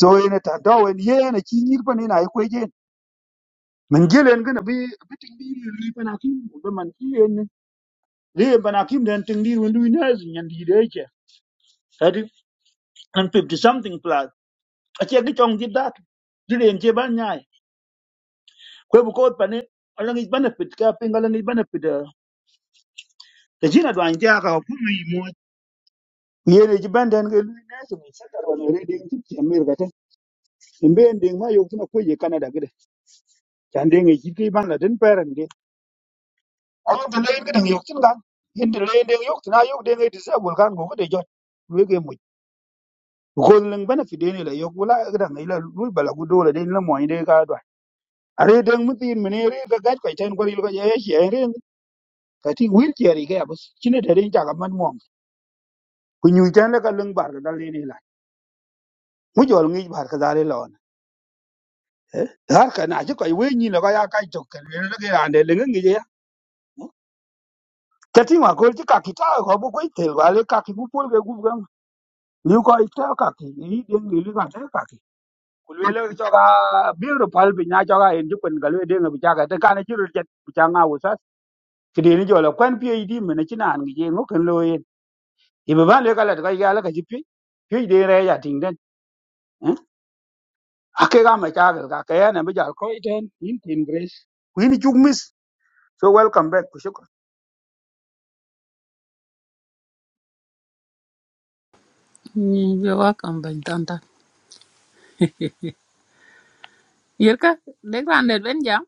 so ene ta do en ye ene ci nyir pan ina ko je men gelen gna bi bi tin bi ri pan akim bo man ki en li pan akim den tin dir wendu ina nyen di de che eti and 50 something plus a che gi chong di dat di en che ban nyai ko bu ko pan ne ala ngi benefit ka pinga ala ngi benefit da jina do an ja ka ko yene ci benden ke lui nesu mi sakar wana re ding ci ci amir gata imben ding ma yok tuna kuye canada gede can ding ci ki ban la den parent de ayo de le gede nge yok tun gan yin de le ding yok tuna yok ding de sa gol gan go gede jot lui ge mu ko leng bana fi deni la yok wala gede ngai la lui bala gu dole den la mo inde ka do are ding mu tin mene re ga gat ko ten goril ko ye ye re ka ti wir ki ari ga abus cine de den ta ga man mo ku nyu tan la ka leng bar ga dal le la mu jol ngi bar ka dal la eh har kana ji ko we ni la ya kai to ke le le ya ne le ngi ya tati ma ko ji ka ki ta ko bu ko te wa le ka ki bu pol ke gu ga ni ko i ta ka ki ni de ni le ka ta ka ki ku le le to ka bi ru pal bi nya to ka en ji kun ga le de ngi ja ka ta ka ne ji ru jet bi ta nga wu sa ki de ni jo la kwan pi di me ne chi na ngi je ngo ken lo yin i ba ban le ka la ka ya la ka ji pi pi de re ya ting den eh ake ga ma cha ga ka ka ya ne bi ja ko i ten in tin grace ku ni chu mis so welcome back
Ni be wa kam ban tan ta. Yer ka de kan de ben jam.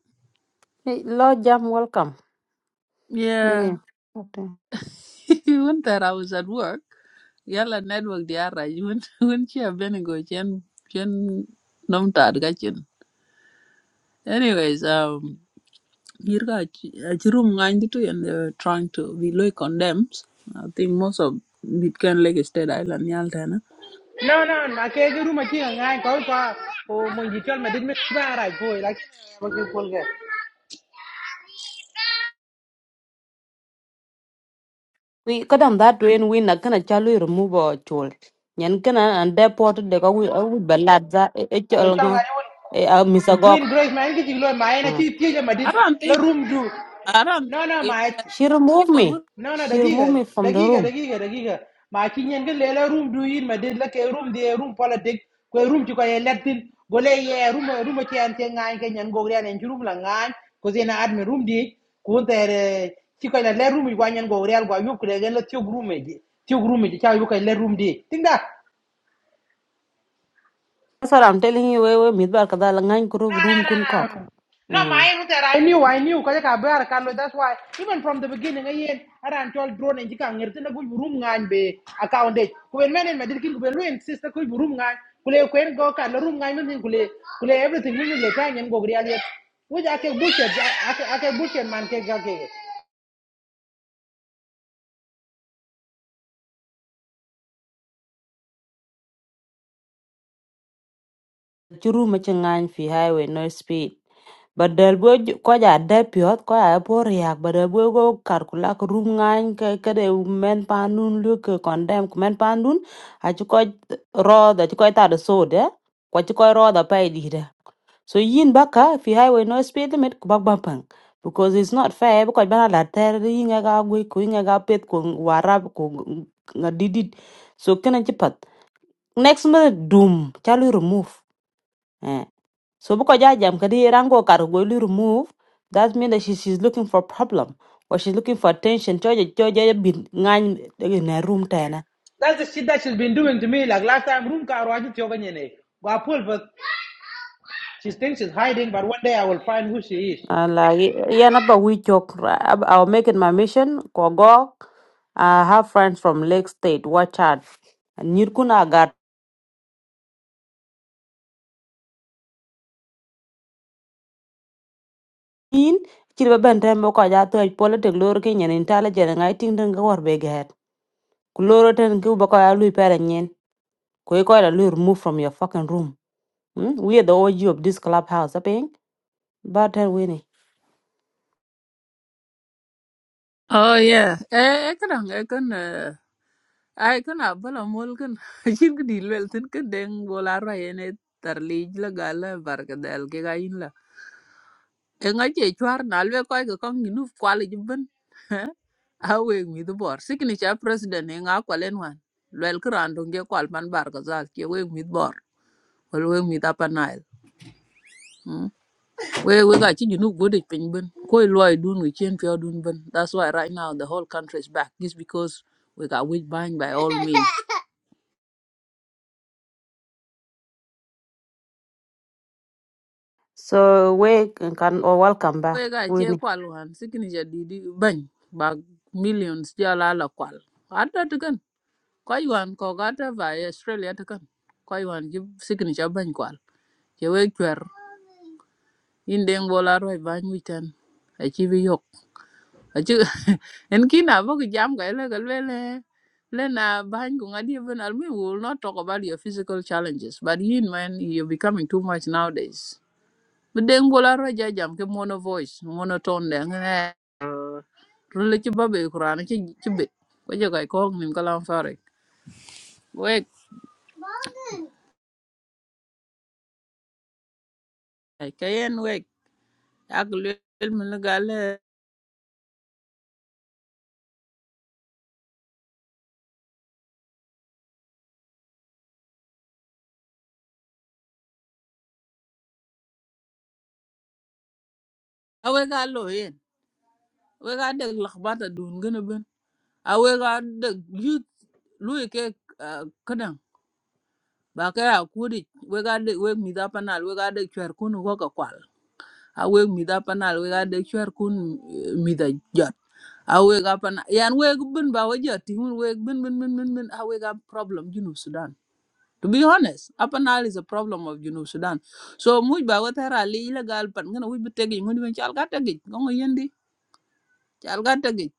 Hey, lo jam welcome
Yeah.
wini
<laughs> When that I was at work, yalla network di ara yun <laughs> when chi ben go chen chen nom ta ga chen. <laughs> Anyways, um. Yirga Chirum Nganditu and they're trying to be low condemned. I think most of Bitcoin Lake State Island Yaltana.
No, no, no. I'm Okay, the my again. I go to. Oh, my detail. My didn't make that right boy. Like, what you call it?
wi kadam that when win na kana chalu remove or chol nyen kana and deport de ko wi wi belad za e e
Uh,
chol
chong I
ngo
want
e misagok
Queen Grace. Man, get you low. My energy. Teacher, my
I
did.
don't
La
think
room do.
I don't think
No, no,
yeah,
my
the
She removed
people
me.
would
No, no,
She removed
dagiga,
me from the
dagiga,
room.
dagiga, dagiga. Ma kinyen ke lela room do yin ma de la ke room de room politic ko room ti ko ye latin go le ye room room ti an te ngai ke nyen go rian en room la ngai ko zena admin room di ko ter ti ko la le room yi gwa nyen go rian gwa yu ko le gen la ti room e di ti room e di ta yu ko le room di tinga
That's what I'm telling you. We we midbar kada langan
No,
kuru
no,
room
no,
kun kok.
no. No, my
Hmm.
aim that I knew, I knew, because I bear Carlo. That's why, even from the beginning, I ran told drone and Jika Nertin, a good room line be account it. When men in Medikin, when we insist, a good room line, Kule, Quen go, the room line, and Kule, Kule, everything, we will try and go really. Which I can bullshit, I can I can bullshit, man, can can- can.
Churu machengan fi highway no speed. But del bo ko ja de piot ko ja po riak. But del bo go karkula ku room ngan ke ke de men panun lu ke condemn ku men panun. Achu ko ro da chu ko ta de so de. Ko chu ko ro da pa di So yin baka fi highway no speed limit kubak bampang. Because it's not fair because bana la ter yinga ga gwe ko yinga ga pet ko warab ko nga didid. So kena chipat. Next minute doom chalu remove. Eh. So buko ja jam kadi rango kar go lu remove. That mean that she, she's looking for problem or she's looking for attention. cho je cho choja bin ngany in a room ta
That's the shit that she's been doing to me. Like last time, room car, I just Go pull, but she thinks she's hiding, but one day I will find who she is.
Uh, like yeah, na ba we joke. right? Ab- I'll make it my mission. Kogo, I have friends from Lake State. Watch out. Nyir kuna agatin. Chiri ba benten bo ko ja to politic lor ke nyen intelligent ngai ting den ga war be get. Kuloro ten ku ba ko ya lui pere nyen. Ko i ko la lui remove from your fucking room. Hmm? We are the OG of this clubhouse, I think. But Winnie.
Oh yeah. Eh, I can, I can. ai kana bala mol kan <laughs> ajin ka di lwel tin ka deng bola ra yene tar lij la gala barka dal ke ga yin la e nga che chwar na lwe ko ga kong ni nuf kwal ji ben <laughs> a we mi du bor sikni cha <laughs> president e nga kwalen wan lwel ka ran dong ge kwal man Bar barka zal ke we mi bor wal we mi ta panail we we ga chi ji nu gode pin ben ko loy dun wi chen pyo dun ben that's why right now the whole country is back just because we got weak bind by all means
So we can or welcome
we
back.
ga che
Winnie.
kwal wan sikini ja didi bany ba millions ja la la kwal ata tikan ko yuan ko gata va e australia tikan ko yuan ji sikini ja bany kwal che we kwer indeng bola roi bany witan a chi bi yok a chi <laughs> en kina bo ki jam ga le gal le le na bany ku ngadi even al we will not talk about your physical challenges but you man you're becoming too much nowadays mi deng bola ra ja jam ke mono voice mono tone de ngene rulle ci babe qur'an ci ci be ko je kay ko nim kala fare wek ay kayen wek ak lel mi gal awe ga lo yen we ga de lakhbata dun gëna ben awe ga de yut luy ke kadan ba ka ya kudi we ga de we mi da panal we ga de chwer kun ko ka kwal awe mi da panal we ga de chwer kun mi da ja I wake up aweg apana yan weg bin ba waja tingun wake bin bin bin bin bin I wake up. problem junub sudan to be honest apanal is a problem of junub sudan so much, ba watara li illegal pan ngana wuj bi tegi ngun ben chal ga tegi ngongo yendi chal ga tegi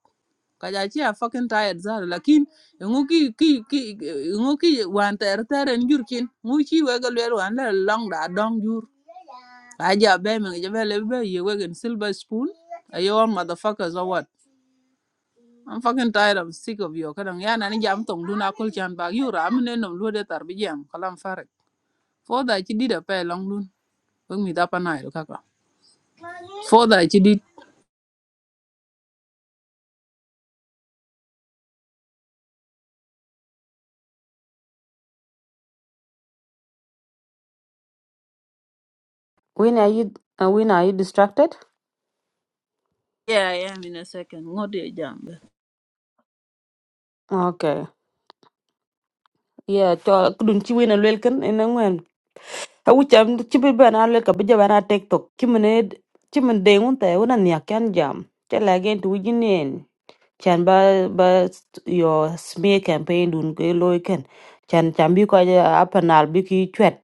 kaja chi a fucking tired zar lakin ngu ki ki ki ngu ki wan ter ter en jur kin ngu chi wega lwer wan le long da dong jur aja be me je be le be ye wegen silver spoon ayo motherfuckers or what I'm fucking tired. I'm sick of you. Kadang ya nani jam tong dun akul chan bag you ram ne nom lu de tar bi jam kalam farik. For that you did a pay long dun. Bang mi dapa na ido kaka. For that you did.
Winnie, are you uh, Winnie, are you distracted?
Yeah, I am in a second. What do you jam?
Okay. Yeah, to dun ci wena lwel ken a wucham ci bi ben a leka bi jaban a tek tok ci mene ci men de ngun te wona nya kan jam te la gen tu jin chan ba ba your smear campaign dun ke loiken chan chan bi ko ja apanal bi ki chwet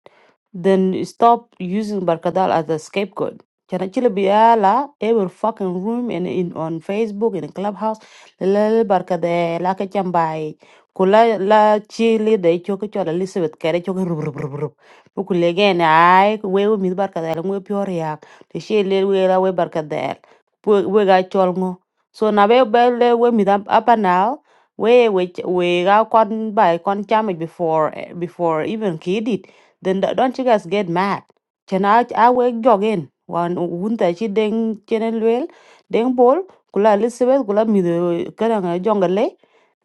then stop using barkadal as a scapegoat chan achile bi ala every fucking room and in on facebook and in clubhouse le barkade la ke chan bai kula la chilli li de choke ke chola elizabeth kere choke. ke rub rub rub rub bu kule gen ai we mi barkadal ngwe pyor yak te she le we la we barkadal we we ga chol ngo. So na be bele we mi dam up and now we we we ga kon by kon chame before eh, before even kid it. Then th- don't you guys get mad? Chena I we jogging wan wunta chi deng chenen lwel deng bol kula Elizabeth kula mi the kadang jongale.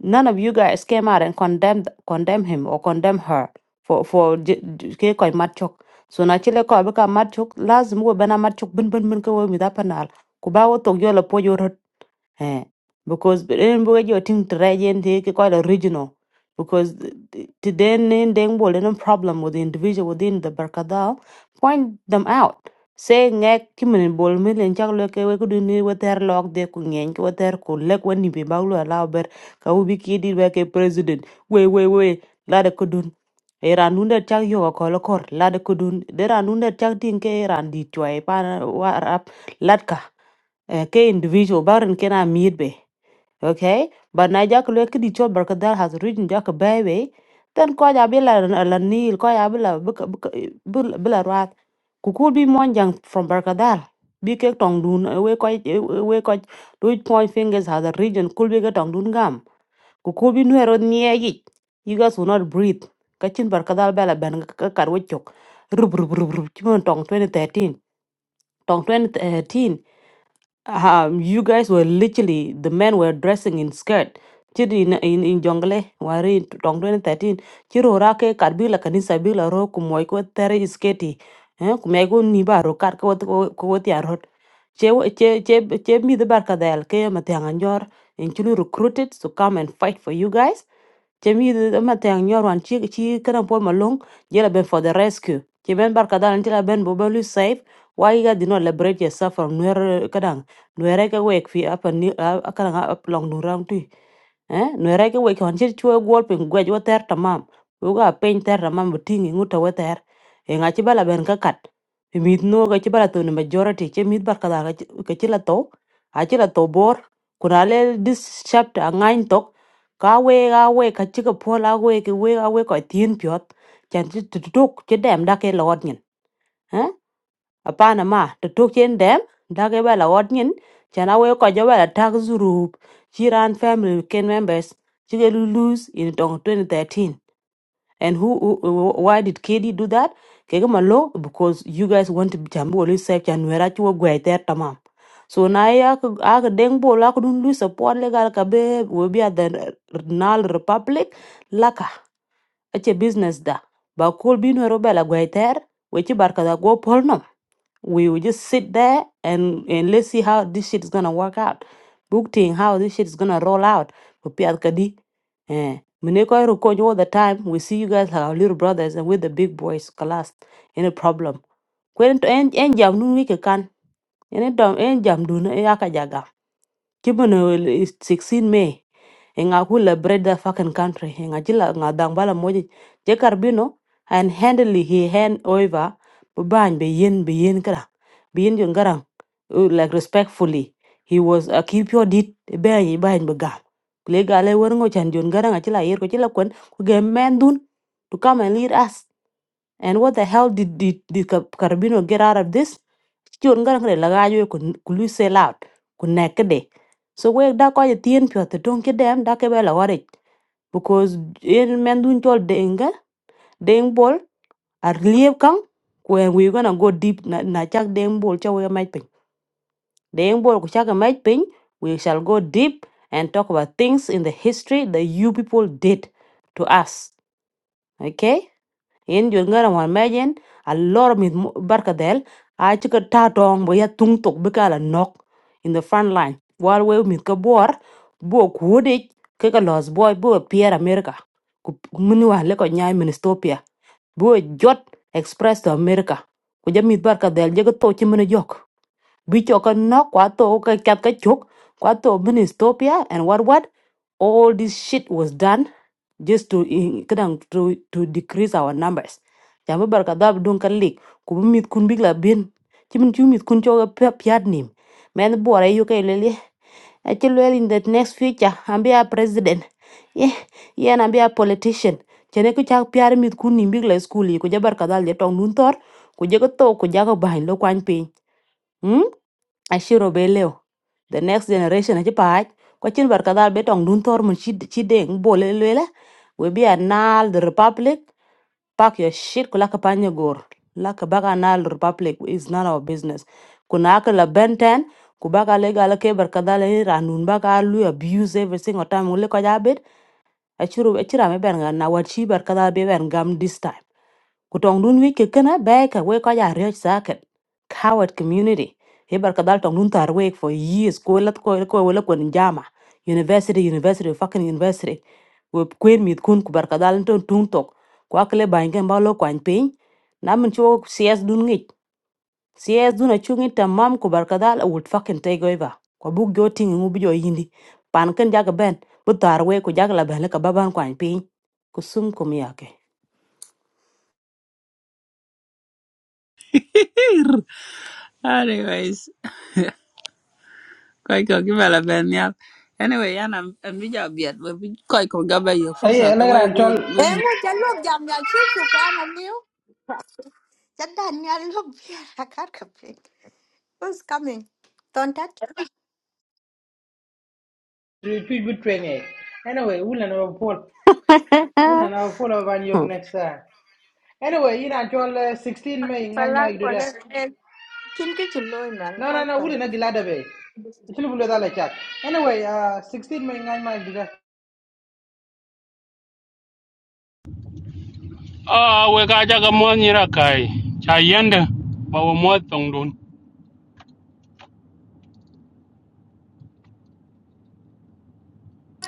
None of you guys came out and condemned condemn him or condemn her for for j- j- ke koy mat chok. So na chile ko be ka mat chok lazim we bana mat chok bin bin bin ko we mi da panal. Kuba wo tokyo la po Eh, because ren bu jo ting trajen the quite original because to then then then bol no problem with the individual within the barkadal point them out say ngek kimen bol mi len chak le ke we ku ni we ter lok de ku ngen ku ter ku le ku ni bi ba lu ala ber ka u bi ki di we ke president we we we la de ku dun e ran nun de chak yo ko lo kor la de ku de ran nun chak din ke ran di chwa e pa na- wa rap latka ke individual barin kena miet okay but na jak le kidi chol barkadal has written jak baby then ko ja bila la la nil ko ja bila buka- buka- bila bila rat ku could be monjang from barkadal bi ke tong dun eh, we ko eh, we ko do point fingers has a region could be ke tong dun gam ku could be nuero nye yi you guys will not breathe kachin barkadal bela ben ka karwe chok rub rub rub rub chimon tong 2013 tong 2013 um you guys were literally the men were dressing in skirt cir in, in, in jongle wari in tong 2013 ciro rake kar bi la kanisa bi la ro ku moy ko tere isketi eh ku me ko ni ba ro kar ko ko ti arot che che che che mi de barka dal ke ma te in chulu recruited to come and fight for you guys che mi de ma te anjor wan chi chi kana pol malong jela ben for the rescue che ben barka dal la ben bo safe why you guys did not liberate yourself from nuer eh, kadang nuere ka wek fi apa ni kadang up long nurang tu eh no era ke we kon chir chue gol pin gwe jo ter tamam u ga pen ter tamam tingi nguta we ter e nga chi bala ben ka kat Pi mit no ga chi bala to ne majority che mit bar kada ga chi la to a chi la to bor kuna le this chapter a ngain tok ka we ga we ka chi ka pola we ke we ga we ko tin pyot chan chi tu tuk che dem da ke lot nyen apana ma to tok chen dem dage bela wot nyin chana we ko jo bela tak zurup chiran family ken members chige lose in tong 2013 and who, who who- why did KD do that kege malo because you guys want to be chambu oli sep chanwera chuo gwe ter tamam so na ya ak deng bo la ko dun lu support legal ka be we be at the nal republic laka ache business da ba kol binu ro bela gwe ter we ci barka da go polno we will just sit there and and let's see how this shit is gonna work out. Booking how this shit is gonna roll out. Kupiat kadi. Eh. Mineko rukonyo all the time. We see you guys like our little brothers and with the big boys class. Any problem. Kwen to en en jam nu wike kan. Any dom en jam dun e akajaga. Kibono is 16 May. Enga hula bread the fucking country. Enga jila nga dangbala moji. Jekarbino and handily he hand over. Baban be yen be yen kra uh, like respectfully he was a keep your dit be yi ba ni ga le ga le wer ngo chan jon garanga chila yer ko chila kwen ku ge men dun to come and lead us and what the hell did did, did Ka- Carbino get out of this jon garanga le la ga yo ku ku lu sell out ku nek de so we da ko ye tien pyo te don ke dem da ke be la wari because in men dun chol denga deng bol ar lieb kang when we gonna go deep na na chak deng bol cha we The Engbol Kuchaka Mike Ping, we shall go deep and talk about things in the history that you people did to us. Okay? In Jungara Majen, a lot of Mith Barkadel, I took a tatong, we had tung tok bikala knock in the front line. While we with Kabor, Bo Kudik, Kaka Lost Boy, Bo appear America, Munua Leko Nyai Ministopia, Bo Jot Express to America. Kuja Mith Barkadel, Jago bi cho ka no kwa to ka kat ka chok kwa to ministopia and what what all this shit was done just to in- kadang to to decrease our numbers ya ba barka dab don ka lik ku bi mit kun big la bin ti min chu mit kun cho ka pya pyat nim men bore yu ka lele a ti lele in the next future i am be a president yeah yeah and am be a politician chene ku chak pyar mit kun nim big la school yi ku jabar ka dal je tong nun tor ku je ko to ku jago bahin lo kwan pin hmm ashiro the next generation ci paaj ko cin barkadal be tong dun tor mun ci ci deng bole lele we bi anal the republic pack your shit kula ka panya gor la ka baga anal the republic is none of our business kuna ka la benten ku baga le gala ke barkadal ni ranun baga lu ya biu ngotam ngule ko jabet achuru achira me ben na wachi barkadal be ben gam this time. Kutong dun wiki kena beka we kaja rioj saket. Coward community. Hibar kadal tong dun tar wake for years. Ko lat ko ko wala ko njama. University, university, fucking university. We queen mit kun kubar kadal ton tung tok. Kwa kle baingen ba lo kwany piny. Namin chuo CS dun ngich. CS dun achungi tamam kubar kadal I would fucking take over. Kwa buk jo tingi ngubi jo yindi. Pan ken jaga ben. Bu tar wake ko jaga la ben le kababan kwany piny. Kusum kum yake.
<laughs> Anyways, koi ko kiba la ben ya. Anyway, yan am am bi jam biat. Bi koi ko gaba ye
Eh, yeah,
fursa ka
like
we
I'm
we
told.
we mi.
Engu jalok jam ya chir chukan aliu. Jadan ya lok biar akar kaping. Who's coming? Tontat?
tweet between it. Anyway, we'll never pull. We'll never pull over on
<laughs>
you next time. Anyway, you know, until uh, 16 May, ngay may
Palat
do that.
palat. Chin ke chiloi man
No, no, no,
kalpal.
we'll not be glad of it. Actually, we'll let chat. Anyway, uh, 16 May, ngay may do that.
Ah, we ga jaga mon yira kai. Cha yende ba wo mo tong dun.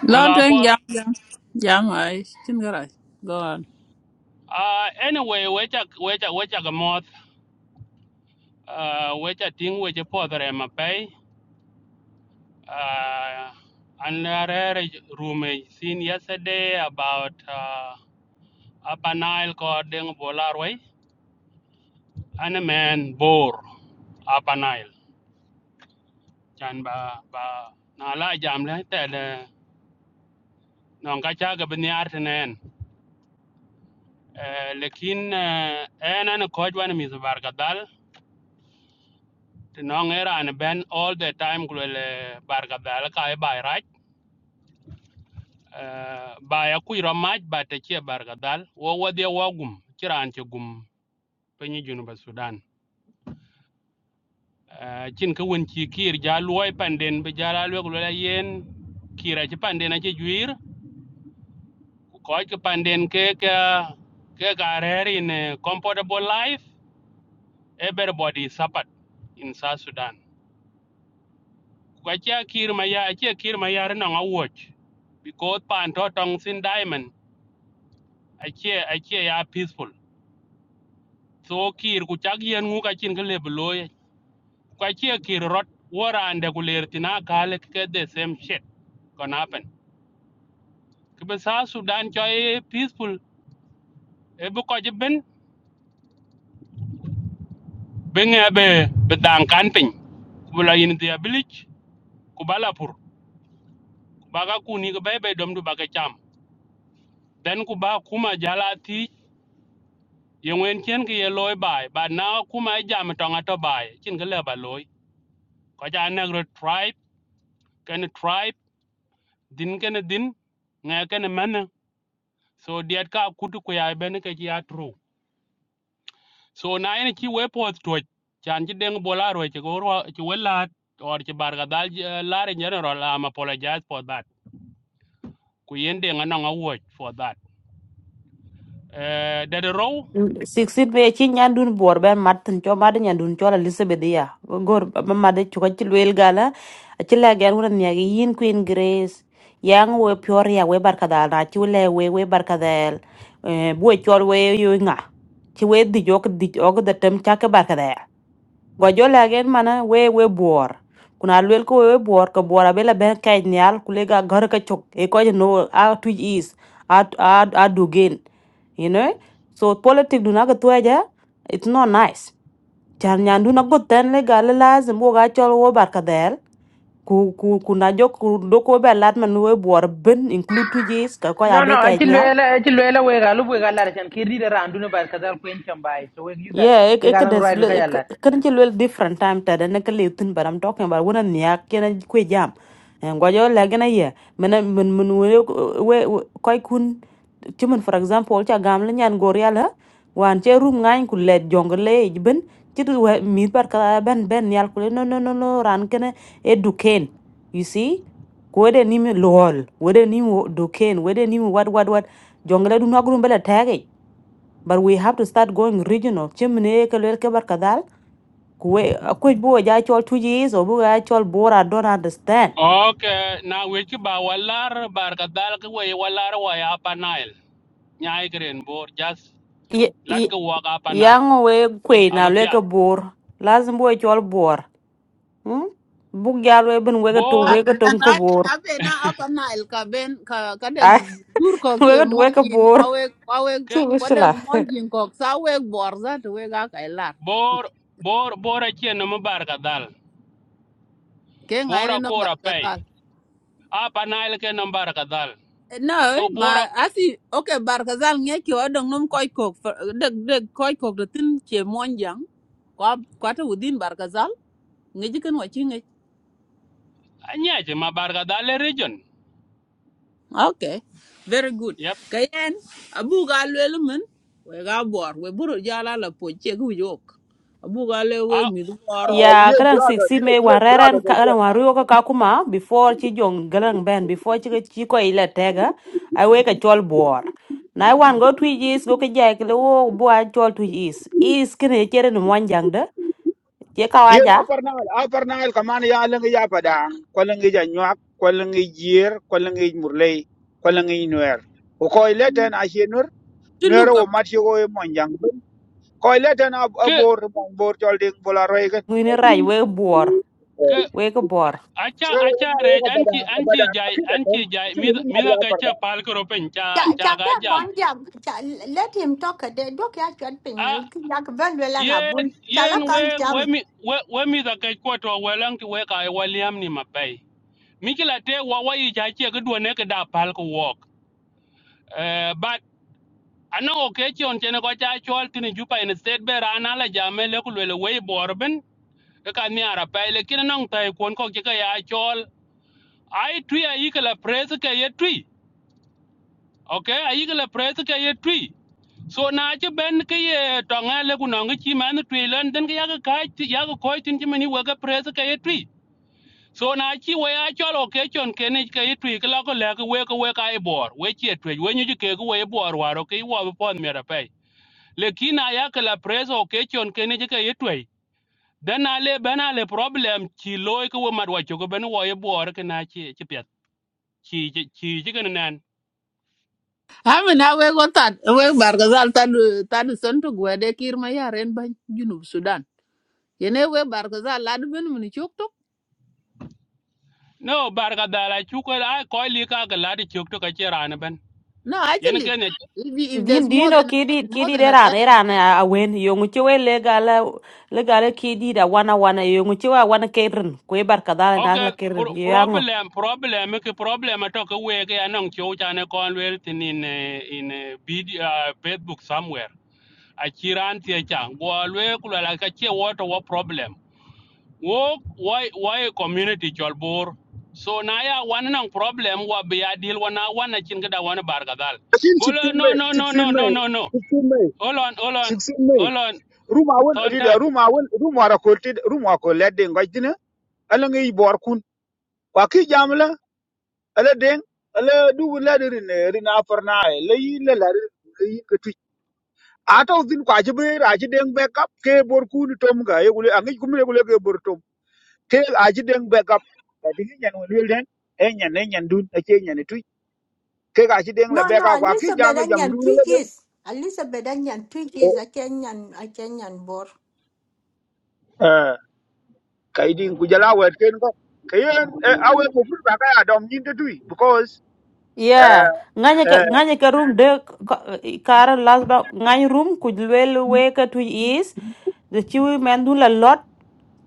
We
Lo
ga
tueng
pol.
jam jam jam ay. Chin garai. Go on.
Ah, anyway, we cha we cha we cha ga mo. Ah, we cha ting we cha po dare ma pai. Ah, an rare room seen yesterday about uh, Upper Nile ko deng bolarway. An a man bore Upper Nile. Chan ba ba na la jam le te le. Non ka cha ga bin yar tenen. Eh, lekin ena en an koj wan mis bargadal ti nong era an ben all the time gulele bargadal ka e bai raj Eh, bai akui ro maj ba te chie bargadal wo wadhie wo gum che gum pinyi junuba sudan Eh, chin ka wen chi kir ja luoi panden bi jala lwe gulele yen kira chi panden ache juir ku koj panden ke ke ke ka in eh, comfortable life everybody is support in south sudan kwa chia kir ma ya chia kir ma ya no ngawch because pan to tong sin diamond a chia ya peaceful so kir ku chak yen ngu ka chin kle bloy kwa chia kir rot wara ande ku ler tina kale ke the same shit gonna happen kibe sudan cho e peaceful e bu ko ben ben e be bedang dan kan pin ku la yin dia village ku bala baga kuni ke be dom du baga cham then ku ba kuma jala ti ยังเว้นเช่นก็ยังลอยไปบ้านนอกคู่มาไอ้ยามมันต้องอัตบ่ายจึงก็เรียบบ้านลอยก็จะอันนักรถไทร์กันไทร์ดินกันดินไงกันแมนเนอร์สุดท้ายดก็คู่ทุกอย่างเป็นกันที่อัตรูส่วนนายเนี่ยชีวโพสต์ถอดจากที่เด้งบอกลาเราใช่ก็รู้ว่าชีวลาดวันที่บาร์กาดัลลาเร์ยังเนอร์เราไม่ขอเลิกใจ for that คุย ending ของอันนั้นเราไว้ for that เอ่อเดี๋ยวรอ
60 pe ci nyandun bor ben matin cho mad nyandun cho la elizabeth ya gor ba mad ci ko ci wel gala ci la gen wona ne yin queen grace yang we pior ya we barkadal na ci le we we barkadal eh bu ci we yo nga ci we di jok di og da tem ca ka barkadal go jo la gen mana we we bor kuna lwel ko we bor ko bor ben kay nyal ku le ga gar ka chok e ko no a tu is a a a dogen you know so politics do naga tuaja it's not nice chan nyan do not go ten le gal and wo ga chol wo barka del ku ku ku na jo ku do ko be lat man we bor ben include tu jis ka ko ya
No, no,
be ka
actually,
nya
actually, we got, we got galu chan kiri de randu ne bar kadal kuen chambai. So we use that.
yeah it
Ke
it
galang
des
ride bika
kan ci lel different time ta da na ka le tin but i'm talking about when I'm nya ken ku jam ngwajo lagina ye Men men men we we koy kun ci men for example ca gam la nyan gor yalla wan ce rum ngañ ku let jong le ben ci du we- mi par ka ben ben yal ku le, no no no no ran kene e du ken you see ko de ni mi lol we de ni mi du ken we de ni mi wat wat wat jong le du nagrum bela tagi but we have to start going regional ci mene ke le ke bar ka dal ku we ko bo ja chol tuji so bu ga chol bora don't understand
โอเคน้าเวที่บาร์วาลาร์บาร์กาดัลก็เวทวาลาร์วาอยอาปาเนล nyaay kren bor jas lat ko waga panail
yang we kwe na
abe
le ka
piat
bor lazim we chol bor hmm? buk jal we bin wega tu
bor
Ai-
wega
an
tum ka
ai
bor
abe na apa Nile ka ben ka kada
ai
dur ko
<laughs>
ke
wega tu wega
monji
bor
kwawe kwawe
ke
chu
kada
wisla
monji ko sawe borza to we ga kai lar
bor bor bor a chien no barka dal
ke
bor
ngai
a
no
kora pay
barkazal
apa panail ke no barka kadal,
no
so
ma
bor a
asi okay barkazal nge ki odong num koy ko deg deg koy ko de tin ke monjang kwa kwata within barkazal ngeji kan wachi
nyaje ma barka dal e region
Okay, very good.
yep
Kayen, abu ga lwel mun, we ga bor, we buru jala la po che gu yok. Abu ga le
a
we mi du bor.
ya
Yes,
kadang
brother.
siksi
Yes,
me wan
yes, brother.
reren
Yes.
ka- kadang
yes.
wan ruyo ka ka kuma before chi jong galang ben before chi chi ko ile tega ai wega chol bor na one go twi is go ka jai kle wo bo a chol twi is is kine chere ni mwan jang de che ka
Yen
waja
upper Nile, upper Nile kaman ya lengi ya padang, ko lengi ja nyak, ko lengi jier, ko lengi murlei, ko nuer. Ko ko ileten a shenur,
Tulu
nuer wo
kama.
mat yogo e monjang. bin. Ko ileten a a
ke
bor mon bor tol ding bola roi gan.
ngwini bor
ke
wega bor
acha
So ya
acha rej
ko pada
anchi anchi
pada
jai
akita kon,
anchi jai mi
chini ni
mi
madu
la
upper da.
pal ko pen cha
Ja,
cha
ja,
ga
ja,
jam
bon, ja, ja, let him talk. They don't care what thing.
a
Like very well and a
yen
bull.
yen
Chala
we
can't jam.
we mi we we mi da ke ko to we ki we ka e waliam ni mapei Mikila te wawayi cha che ke duone ke da pal ko wok. Eh but ana o ke chon chene ko cha chol tini jupa in state be rana la jame le ku le we borben ke ka ni ara pa le kin nong tai kon ko ke ka ya chol. Ai twi ai a ikala pres ke ye tui. Okay, ai a ikala pres ke ye tui. So na che ben ke ye tonga le ku nong chi man tui len den ke ya ka ka ya ko tin chi mani we ke pres ke ye tui. so na chi we a cholo ke chon ke ne ke twi ke lo ko le ke we ko we ka e bor we che twi we nyu ke ko we bor waro ke wo be pon mera pe le kina ya ke la preso ke chon ke ne ke twi dan ale bana le problem chi loy ko we madwa cho ko ben wo ye bor ke na chi chi pet chi chi chi ke nan
Amin na we go tan. we bargazal tan tan sentu gwe de kir ma yaren ban junub Sudan. Yene we bargazal lad ben mun chok tok.
no bar ga dala chu ko a ko li ka ga la di chuk to ka che ran ben
No,
yen
actually,
ke ne
if, you- if there's
Din
more
dino
than
kidi
more
kidi
than a
era
that
era na awen yongu chewe legala legala kidi da wana wana yongu chewe wana keren kwe bar kadala na la
Okay,
keren
pro-
yango
problem, problem, ke problem ato ke wege anong chow chane konwer tin in eh, in eh, video, uh, Facebook somewhere. Achiran tie chang. Gwa lwe kula la ka che water wa problem. Wo why why community chol bor. So na ya wan nang problem wa be ya deal wa na wan na chin gada wan bar gadal.
Akin 16
Golo no
May,
no no
16
no no
May,
no no.
16 May,
Hold on hold on
16 May.
hold on.
rum awon
Thon
rida
tat.
rum awon rum wara koltid rum wa kolle de ngoj dina ala ngi bor kun wa ki jamla ala den ala du la rin rin afarna le yi le la rin le yi ke tu ato din kwa ji be ra ji den backup ke bor kun tom ga ye gule angi kum le gule ke bor tom ke a ji den backup da dingi nyan won le den e nyan ne nyan dun e ke nyan tu ke ga ji den la
No, no,
backup wa ki jam
Elizabeth and
jam
Yan
dun
three
le den
years. Elizabeth and Yan three years. a can Yan, I can Yan bor.
eh kai din ku jala wet ken ko kayen awe bo fur ba ka dom nyin tu because
yeah
eh
nganya ka
eh
nganya ka room de kar lasba ngany room kujlwel we ka tu is the chewe men du la lot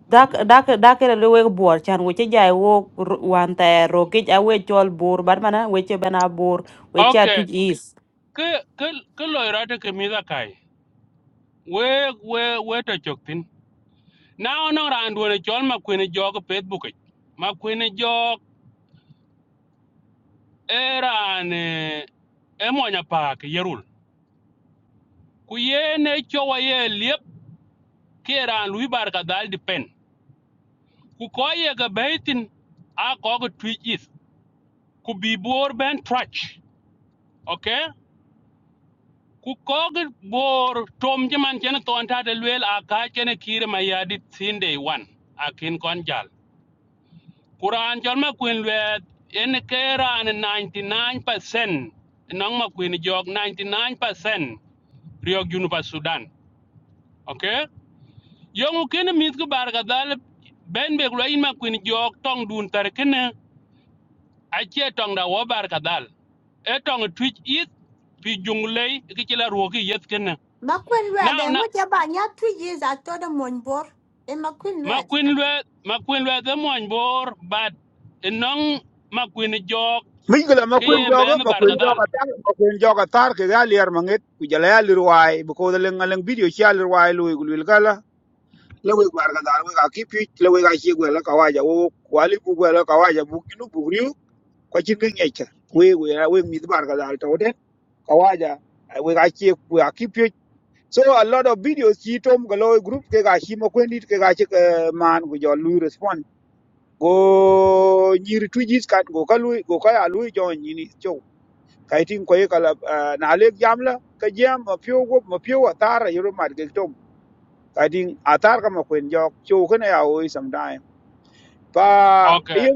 dak dak dak le we bor chan we che jai wo wan ta ro ke awe chol bor bar mana we che bana bor we che tu
Okay.
is
Ke ke ke loira te kemiza kai. We we we to chok tin. na no ran duone chol ma kwene jog facebook ic. ma kwene jog e ran eh, e yerul Kuyene ye lip cowa ye liep ke ran lui bar ka dal pen ku ko a ko ga is ku bi bor ben trach okay ku ko bor tom jaman chen ton ta de luel a ka chen kire ma yadit sinde akin kon Quran chol ma kwin luet en ke ran 99% nong mà kwin jog 99% riok junu pa Sudan. Okay? Yong ken mit ko bar ga dal bên be lo in mà kwin jog tòng đun dun cái này, a che tong da wo bar ga dal. E tong twitch it cái jung lei ki chila ruoki cái này.
McQueen Red,
Now
and
na
what you buy, yeah, three years. I told them one bor. And McQueen
mà
Red.
kwin luet mà kwin luet the mon bor but e nong mà kwin jog
migla ma
ke
kwen
ye
jogo
men
ma
bar
kwen
ga dal.
jogo tar ma kwen jogo tar ke ga lier manget ku jala ya lir wai bu ko le ngaleng video cha lir lu gul wil le we gwar ga dar we ga ki pi le we ga chi gwe ka waja wo kwali bu gwe ka waja bu ginu bu riu ko chi ke ngecha we we we mi bar ga dar to den ka waja eh, we ga chi ku ga ki pi so a lot of videos chi tom ga lo group ke ga chi ma kwen dit ke ga chi eh, man ku jo lu respond go nyiri twijis kat go ka lui go ka ya lui jo nyini chou kai tin ko kala na lek jam la ka jam ma pio go ma pio atar yoro mar gel tom kai tin atar ka ma kwen jo chou ka na ya oi sometime pa
Okay.
ye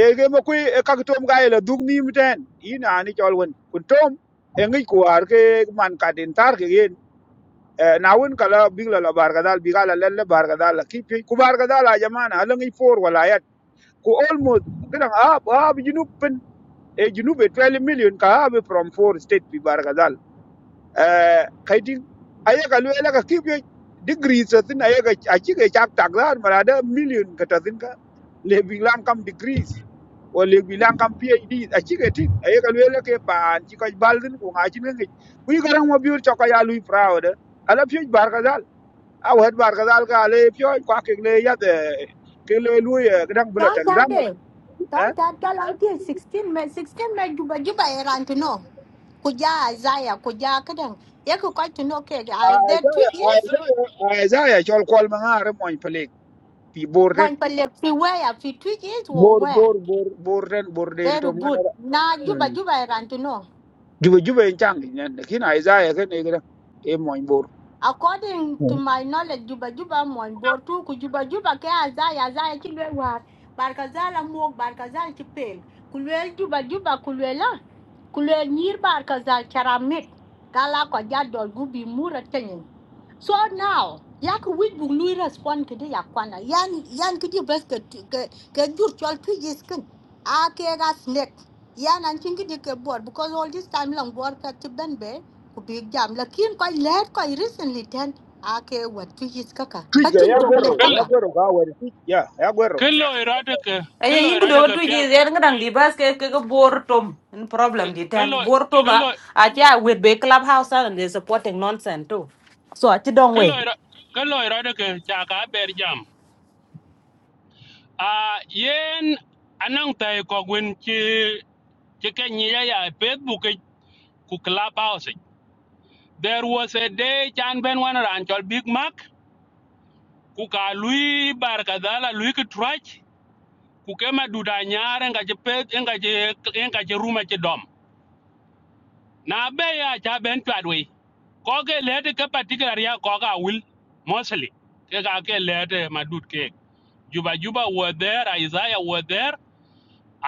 ye ge ma kwi e ka tom ga ile dug ni miten ina ni chol wen kun tom e ngi ku ar ke man ka din tar ke yen Eh, na wun kala bigla la bargadal bigala lelle bargadal la kipi ku bargadal a jamana ala ngi for wala ku almost kada ah ah bi junub pen e junub e 12 million ka ah from four state pi bargadal eh kaiti ayaga luela ka kibyo degrees tin ayaga achige chak takdar marada million kata tin ka le bilang kam degrees o le bilang kam phd achige tin ayaga luela ke pan chi ka baldin ku ngachin ngi ku garang mo biur chaka ya lui proud ala pyo bargadal a wad bargadal ka le pyo kwa ke le ya de ke le lui gadang
Don't
bulatan
tell
zam
them. Don't tell tell out here 16 men, 16 men, Juba, Juba, Iran to know. Kuja, Isaiah, Kuja, Kadang. You could quite to know, okay, are there three
Isaiah
years?
Isaiah Isaiah chol kol ma ngare moñ pelik pi bordet
Mon palle fi where fi two or
bor
where?
bor bor bordet borden
Very
tom ngana
good. Now Juba Juba I want to know.
juba juba en chang nen kin Isaiah ken e gra e moñ bor
According to my knowledge, Juba Juba mon bortu ku Juba Juba ke azaya azaya chilwe war. Barkazala mok barkazal chipel. Kulwe Juba Juba kulwe la. Kulwe nir barkazal charamit. Kala kwa jadol gubi mura tenyen. So now, yak wit bu lui respond kidi yakwana. Yan yan kidi best ke ke ke jur chol two years kin. Ake ga snake. yan an chingi dike board because all this time long board ka ti ben be ku big jam lakin ko let ko recently ten ake what two years kaka
twij ga
kachin
ya
to le
gorro
Kil
ya
kaka
gorro ga wer twij ya ya gorro
kilo irada ke
Aye,
kilo
yin
irada
kudu
ke
tu
piang
ji zer ngadang libas ke ke ke bor tom. In problem
ki-
di ten.
kilo
Bor tom
kilo
a aja with be clubhouse and they supporting nonsense too. So aja dong
kilo
we.
ira- kilo irada ke chaka ber jam. Ah yen anang tai ko gwen chi chi ke nyi ya ya Facebook ki- ku clubhouse. There was a day chan ben wan ran chol Big Mac ku ka lui bar kadala lui ki trach ku kema duda nyare nga je pet nga je nga je ruma che dom. na be ya cha ben chwat we ko ke le de ke particular ya ko ga wil mostly ke ga ke le de madut ke juba juba were there isaiah were there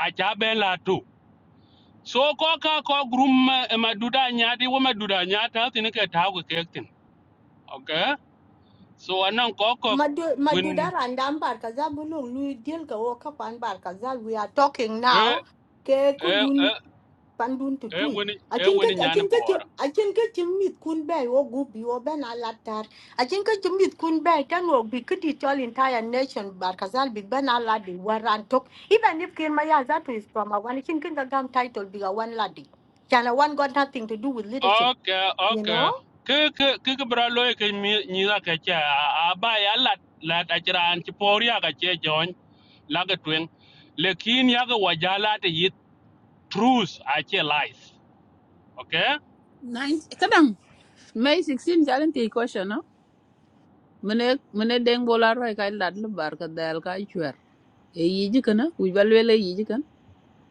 a cha ben la tu so ko ka ko grum maduda nya di wo maduda nya ta tin ke ta ko ke tin okay so anan ko ko
madu
win
madu daran dam bar ka bulung lu deal ka wo ka pan bar ka we are talking
e
now ke
e
ku
e
pandun to
e
do it
win
I
e
think acin
win
ke
nya
acin
ni
ke acin ke chimit kun bay wo gubi wo ben alatar acin ke chimit kun bay tan wo bi kiti chol entire nation barkazal big ben aladi waran talk. even if kirma ya that is from a one I think kin gam title be a one ladi chana one got nothing to do with leadership
Okay,
you
okay.
know
Ke ke ke ke bralo ke mi ni na ke cha aba ya la la ta chira an ti poria ka che jon la ga twen. Lekin ya ga wajala te yit truth a che lies. Okay?
nine kadang May 16 jalen te question no. Mene mene deng bolar wa kai lad lu barka dal kai e yiji kana wi balwele yiji kan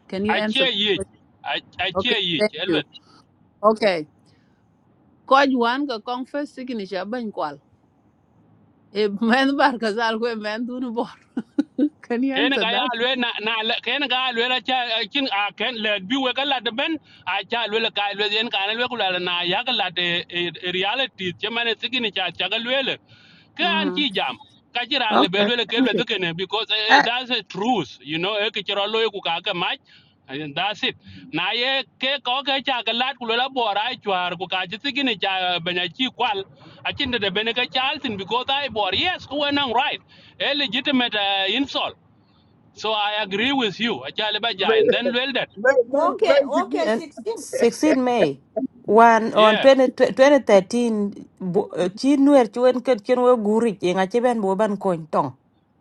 can you
A
answer
che
that
yit
question
a a
okay
che yit
thank you
elwet
okay koj wan ka kong first signature ban kwal e men <laughs> bar ka zal ko men dun bor <laughs> can you
ken
answer
ga ya
that
lwe na na le- ken ga lwe la cha kin a ken le bi we la de ben a cha lwe la ka lwe yen ka na lwe ku la na ya ga la de eh, eh, reality che ni cha cha ga lwe le ke anti
mm-hmm.
jam ka chi le be
okay
lwe le ke
thank
lwe
you
de ken because eh,
ah
that's a truth you know e ke chro lo ku ka ka ma and that's it na ye ke ko ke cha ga lat ku la bo ra e chwar ku ka chi sigini cha eh, be na chi kwal a chin de de ka cha altin because i bor yes ku enang right a legitimate uh, insult so I agree with you, Achale
me
Bajai, and then well that.
me me
okay okay
And
16
16 May one on
Yeah.
twenty twenty thirteen. 2013 bo- eh, chi nuer chi wen ket chen we guri e nga ben bo ban kony tong.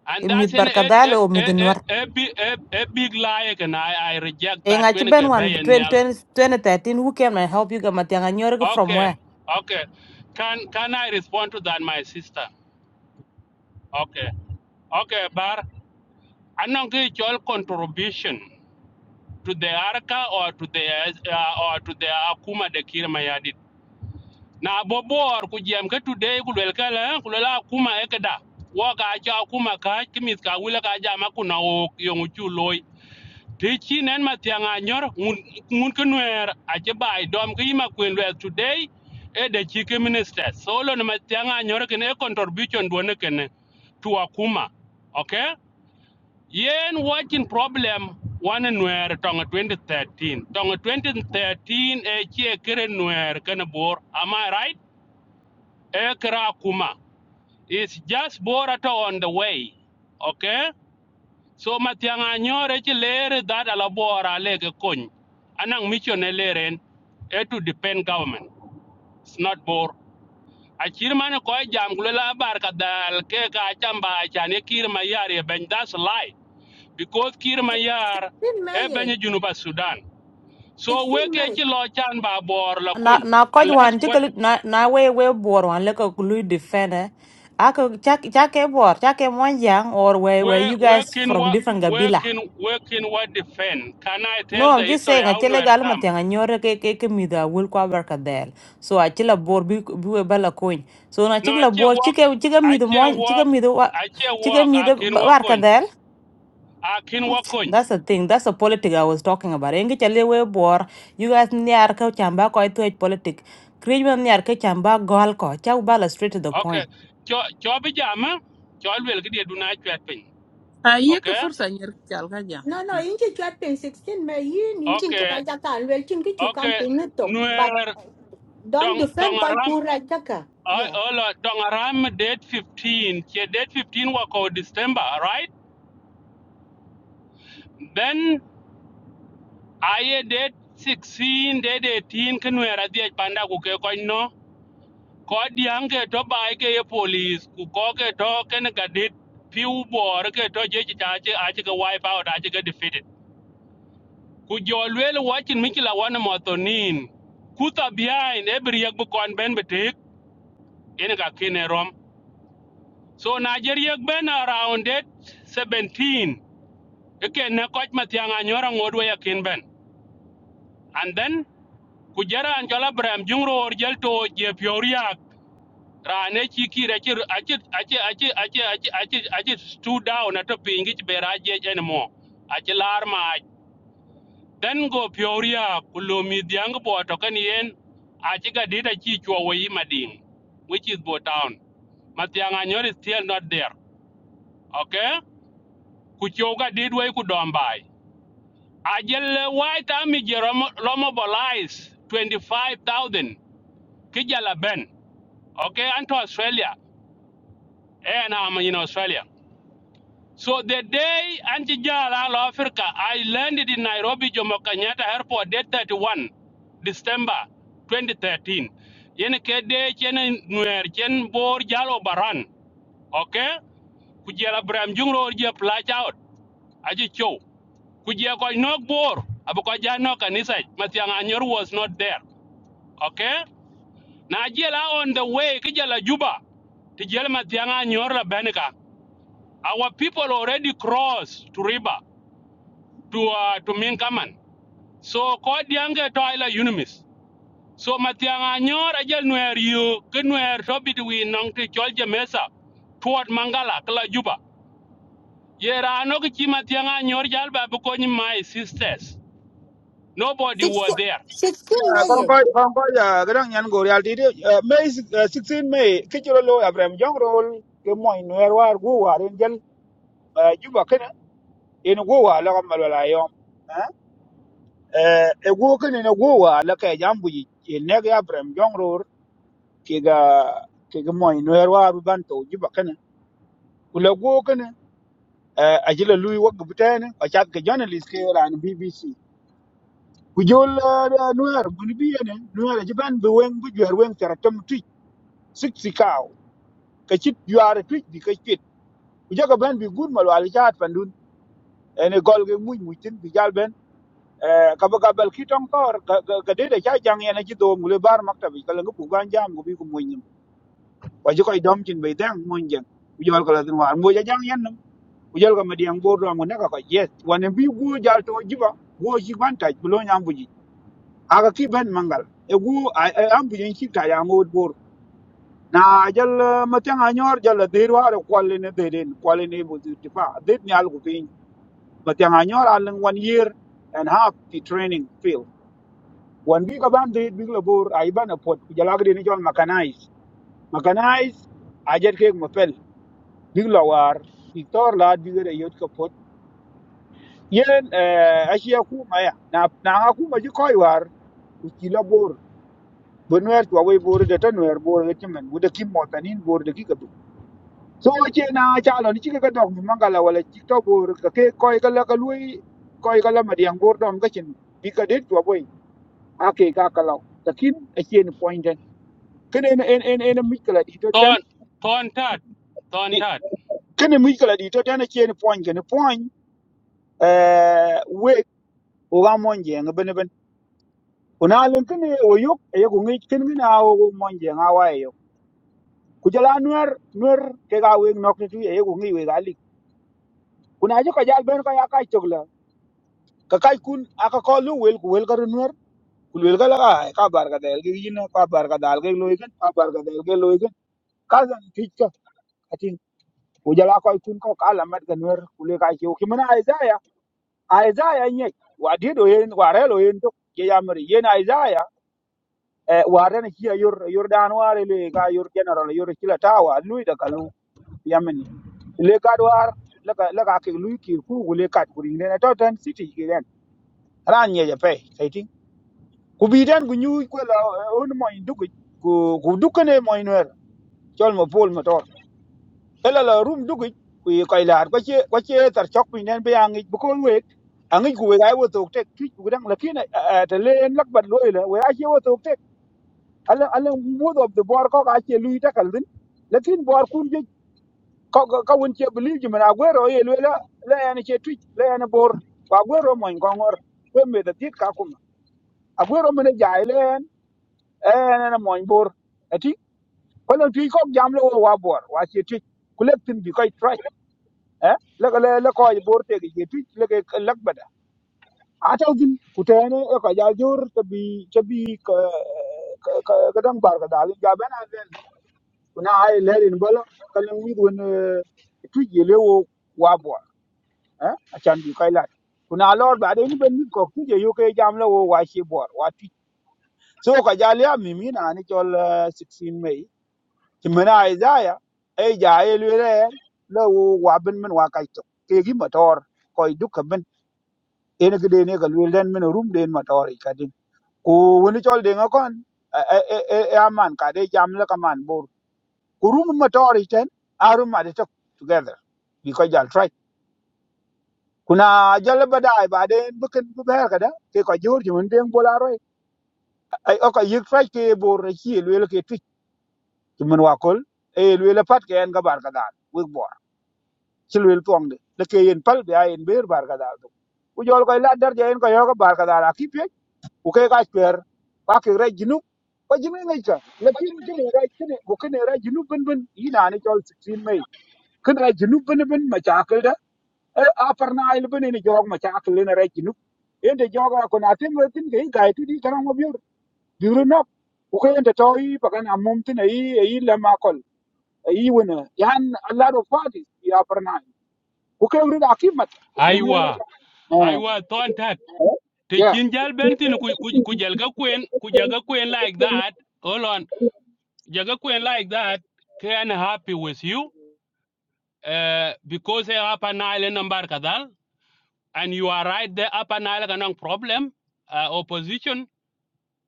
And
E mit
that's an a,
barkadal
a,
o mit
a,
nuer.
a, a, big- a, a big lie, and I, I reject
E
that.
nga ben
Kwenike
one 20
Bayanial.
20 2013. who came and help you gamatianga nyorg from where?
Okay, okay. Can can I respond to that, my sister? Okay. Okay, Bar. I'm not going your contribution to the arca or to the uh, or to the Akuma de Kirmayadit. na bobor ku jem ke today ku lel kala ku lela kuma ekda wo ka cha kuma ka kimit ka wila ka jama ku na o yong chu loy ti chi nen ma nyor ngun ngun ke bai dom ke yima today e de chi minister so lo ne ma tianga nyor ke ne e contribution do ne to akuma okay yen watching problem one nwer tonga 2013 tonga 2013 e chi e che kere nwer ken bor am i right Ekra Kuma. It's just Borato on the way. Okay? So Matianga nyore chi lere that alabora lege kun. Anang mission eleren it to depend government. It's not bore. Achir man ko jam gulela bar kadal ke ka chamba chane kir e ben that's lie because kirmayar mayar
16
e
may
ben
eh,
junuba Sudan. So
16
weke
may
chi lo chan ba bor la
na
kun.
na ko
Unless
wan ti
what
na na we we bor wan le ko lu defend eh. a ko cha cha ke bor cha ke mon yang or we we
Where
you
where
guys
can
from
what
different
where
gabila
can where can what defend? Can I tell
no
the
i'm just
history
saying a
how
chele
nowhere
gal ma
come?
tanga nyore ke ke ke mi da will kwa barka del so a chila bor bi bi we bala coin so na
No, I
chila
can
bor
walk
chike chike mi
I
do
can
mon chike
walk
mi do
I can
chike
walk
mi
I
do
can walk on.
barka
I can walk on.
That's the thing. That's the politic I was talking about. Engi chale we bor. You guys niar ka chamba ko itu it politic. Kriyo niar ka chamba goal ko. Chau bala straight to the
Okay.
point.
Cho cho bi jama cho wel gidi du na chat pin.
ah, ye ka
Okay?
fursa nyer ka chal ka jam.
No, no,
Mm.
inji chat pin 16 me yin inji kra
Okay.
jaka an wel chin Can chu kam
Okay.
pin ni tok. But
Nowhere
don't
dong dong
defend koi
aram
pura jaka.
I
Yeah.
all dong aram date 15. Che date 15 wa ko December, right? Then aye det 16 det 18 ke nwer adhiac panda ku ke kony no kod diaŋ ke to bai ke ye polis ku ko ke to kene gadit piu bor ke to jeci ca aci aci ke wipe out aci ke defeated ku jo luel wacin mikila wane mothonin kutha behind every yak bu kon ben betek ene ka kene rom so nigerian ben around it 17 ke ne koch mathiang anyora ngodwe ya kin ben and then ku jaran chola bram jungro jel je pyoria rane chi kira chi achi achi achi achi achi achi achi stu down at a pingi chi bera anymore achi lar then go pyoria kulomi diang bo to kan yen achi ga dita chi chwo mading which is bo town matiang is still not there okay ku chwo ga did wei ku dombai ajel white army jeromo twenty five thousand kijala ben okay, and to Australia. Eh, And I'm in Australia. So the day Anjijala All Africa, I landed in Nairobi Jomo Kenyatta Airport, day 31, December 2013. Yen kede chen nuer chen bor jalo baran, okay? Kujela bram jungro je plach out, aji chow. Kujia koi nok bor, abu koja no kanisa, Matiang Anyor was not there, okay? na jela on the way ki jela juba ti jel ma tianga nyor la benika our people already cross to river to uh, to minkaman so ko diange to ila unimis so ma tianga nyor ajel nuer yu ki nuer to bit nong ti chol mesa toward mangala kala juba yera no ki chi ma tianga nyor jal ba bu my sisters nobody were
16,
there
16 me
16 kon ko kon ko ya gran nyan gor yal di me 16 me kichiro lo abrem jongrol ke moñ wer war gu war en jel eh, juba ken en gu war la kam la yom eh ego kene na go wa la ka jam bu yi ne ga abram jong ror ke ga ke ga moy no erwa bu ban to ji ba kana ku la go kene eh ajila lui wa gbute ne ka chat ke journalist ke ran bbc ku jol no er bu ni bi ne no er ji ban bu wen bu jwer wen tera tam tu sik sikaw ka chit yuare tu bi ka chit ku jaga ban bi gud mal wal chat pandun ene gol ge muj mujtin bi gal ben Eh, kaba gabal ki tong tor ka de de cha jang yana ji do mule bar maktab ka lang pu ban jam go bi ko moy nim wa ji koy dom cin be dang mon jeng u jol ko la din war mo ja jang yan nam u jol ko ma diang bo do ngone ka ko yes wan bi gu jal to jiba go ji ban taj bu lo nyam bu ji aga ki ben mangal e gu am bu yin ki ta ya mo bor na jal eh, ma tang a nyor jal la de war ko le ne de den ko le ne bu ti fa de ni al gu pin ma tang a nyor al wan year and half the training field wan bi ka ban de bi la bor ai ban a pot ku jala gade ni jol makanais makanais a jet ke mo pel bi la war bi tor la bi re yot ka pot yen eh asia ku ma na na ha ku ma ji koy war ku ki la bor bonwer to we bor de tan wer bor de timen u de kim mo tanin bor de ki ka du so che na cha lo ni chi ka dog mi mangala wala chi to bor ka ke koy ka la ka lui koy ka la ma diang bor dom ka chen bi ka det to boy a ke ka ka law takin a chen kene en en en en mikla di to ten
ton ton tat ton
Di-
tat
kene mikla di to ten a chen point kene point eh we o ga mon je ngi ben ben kuna len kene o yok e ko ngi ken ngi na o mon je nga wa yo ku jala nuer nuer ke ga we nok tu e ko ngi we ga li kuna je ko jal ben ko ya kai chogla ka kai kun aka ko lu wel ku wel ga nuer ku wel ga la ga ai, ka bar ga del gi yin ka bar ga dal ge loy ken ka bar ga del ge loy ken ka zan tich ka atin ku jala ko kun ko ka la mat ga nuer ku le ka chi ki mana ai Isaiah nye wadid oyen warel oyen tok ye yamri yen Isaiah eh, waren hiya yor yor dan ware le ga yor general yor kila tawa lui da kalu yamni le ga war la ka la ka ke lui ki ku gu le kat gurin ne to tan city ki ren ran ye je pe sayti ku bi den gu nyu ku la eh, un mo indu ku ku dukane mo inwer chol mo pol mo ela la rum dukic ku yi koy laar kwa ce tar cok piny nen bi aŋic bi kon wek aŋic ku wek ai wothok tek tuic ku kedaŋ lakin te le en lakbat lo ile wek acie wothok tek ale muoth of the bor kok acie lui takal thin lakin bor kun je kawun ce bilil jumen aguero ye lue la la en ce tuic la en bor ku aguero mony koŋor kwe meth athiet kakuma aguero mene jai le en en en mony bor ati kolon tuic kok jam lo wo wa bor wacie tuic ku lek thin bi koc eh la la la ko ay bor te ge tu la ge lak bada ata gin utene e ko ja jor to bi to bi ka ka dang bar ka dal ja bana len kuna ai lerin bolo kalan wi gon tu ye le wo wa bo eh achan bi kai la kuna lor ba de ni ben mi ko ku je yo ke jam la wo wa shi bor wa tu so ko ja le mi mi na ni chol eh, 16 mei ti mena ai ja ya ai ja ai le le la wo wa ben men wa kai to ke gi motor ko duka ben en ki den e ka luel den min rum den ma tori ka din ku woni chol den a kon e e e e a man ka de jam la ka man bor ku rum ma tori ten a rum ma de tok together bi ko jal try kuna jal ba dai ba de bu ken bu ber ka da ke ko jor ji mun den bola roi ai o ka yik try ke bor re ki luel ke twit ti mun wa kol e luel pat ke en ga bar ka da wi bor ci luel tong de le ke yen pal bi a yen ber bar ka da ku jol ko la dar je en ko yo ga bar ka da ki ku kai ka chwer ka ke ra jinu ko jinu ngai ka lakin kene ra kene ko kene ra jinu bin bin ina ne chol 16 mai kene ra jinu bin bin ma cha ka da Eh, a parna il bin ni jog ma cha ka le ne ra jinu ende joga ko na tin tin ke ga tu di karang mo biur biur no ku kai ende to yi pakan amum tin ai ai la ma kol ai wona yan a lot of parties ya parna ku kai ru da kimat
aiwa
eh
aiwa ton
eh
te
yeah
chin jal ben tin ku ku ku jal ga kwen ku jal kwen like that hold on jal ga kwen like that can happy with you uh, because they are upper nile number kadal and you are right the upper nile kanang problem uh, opposition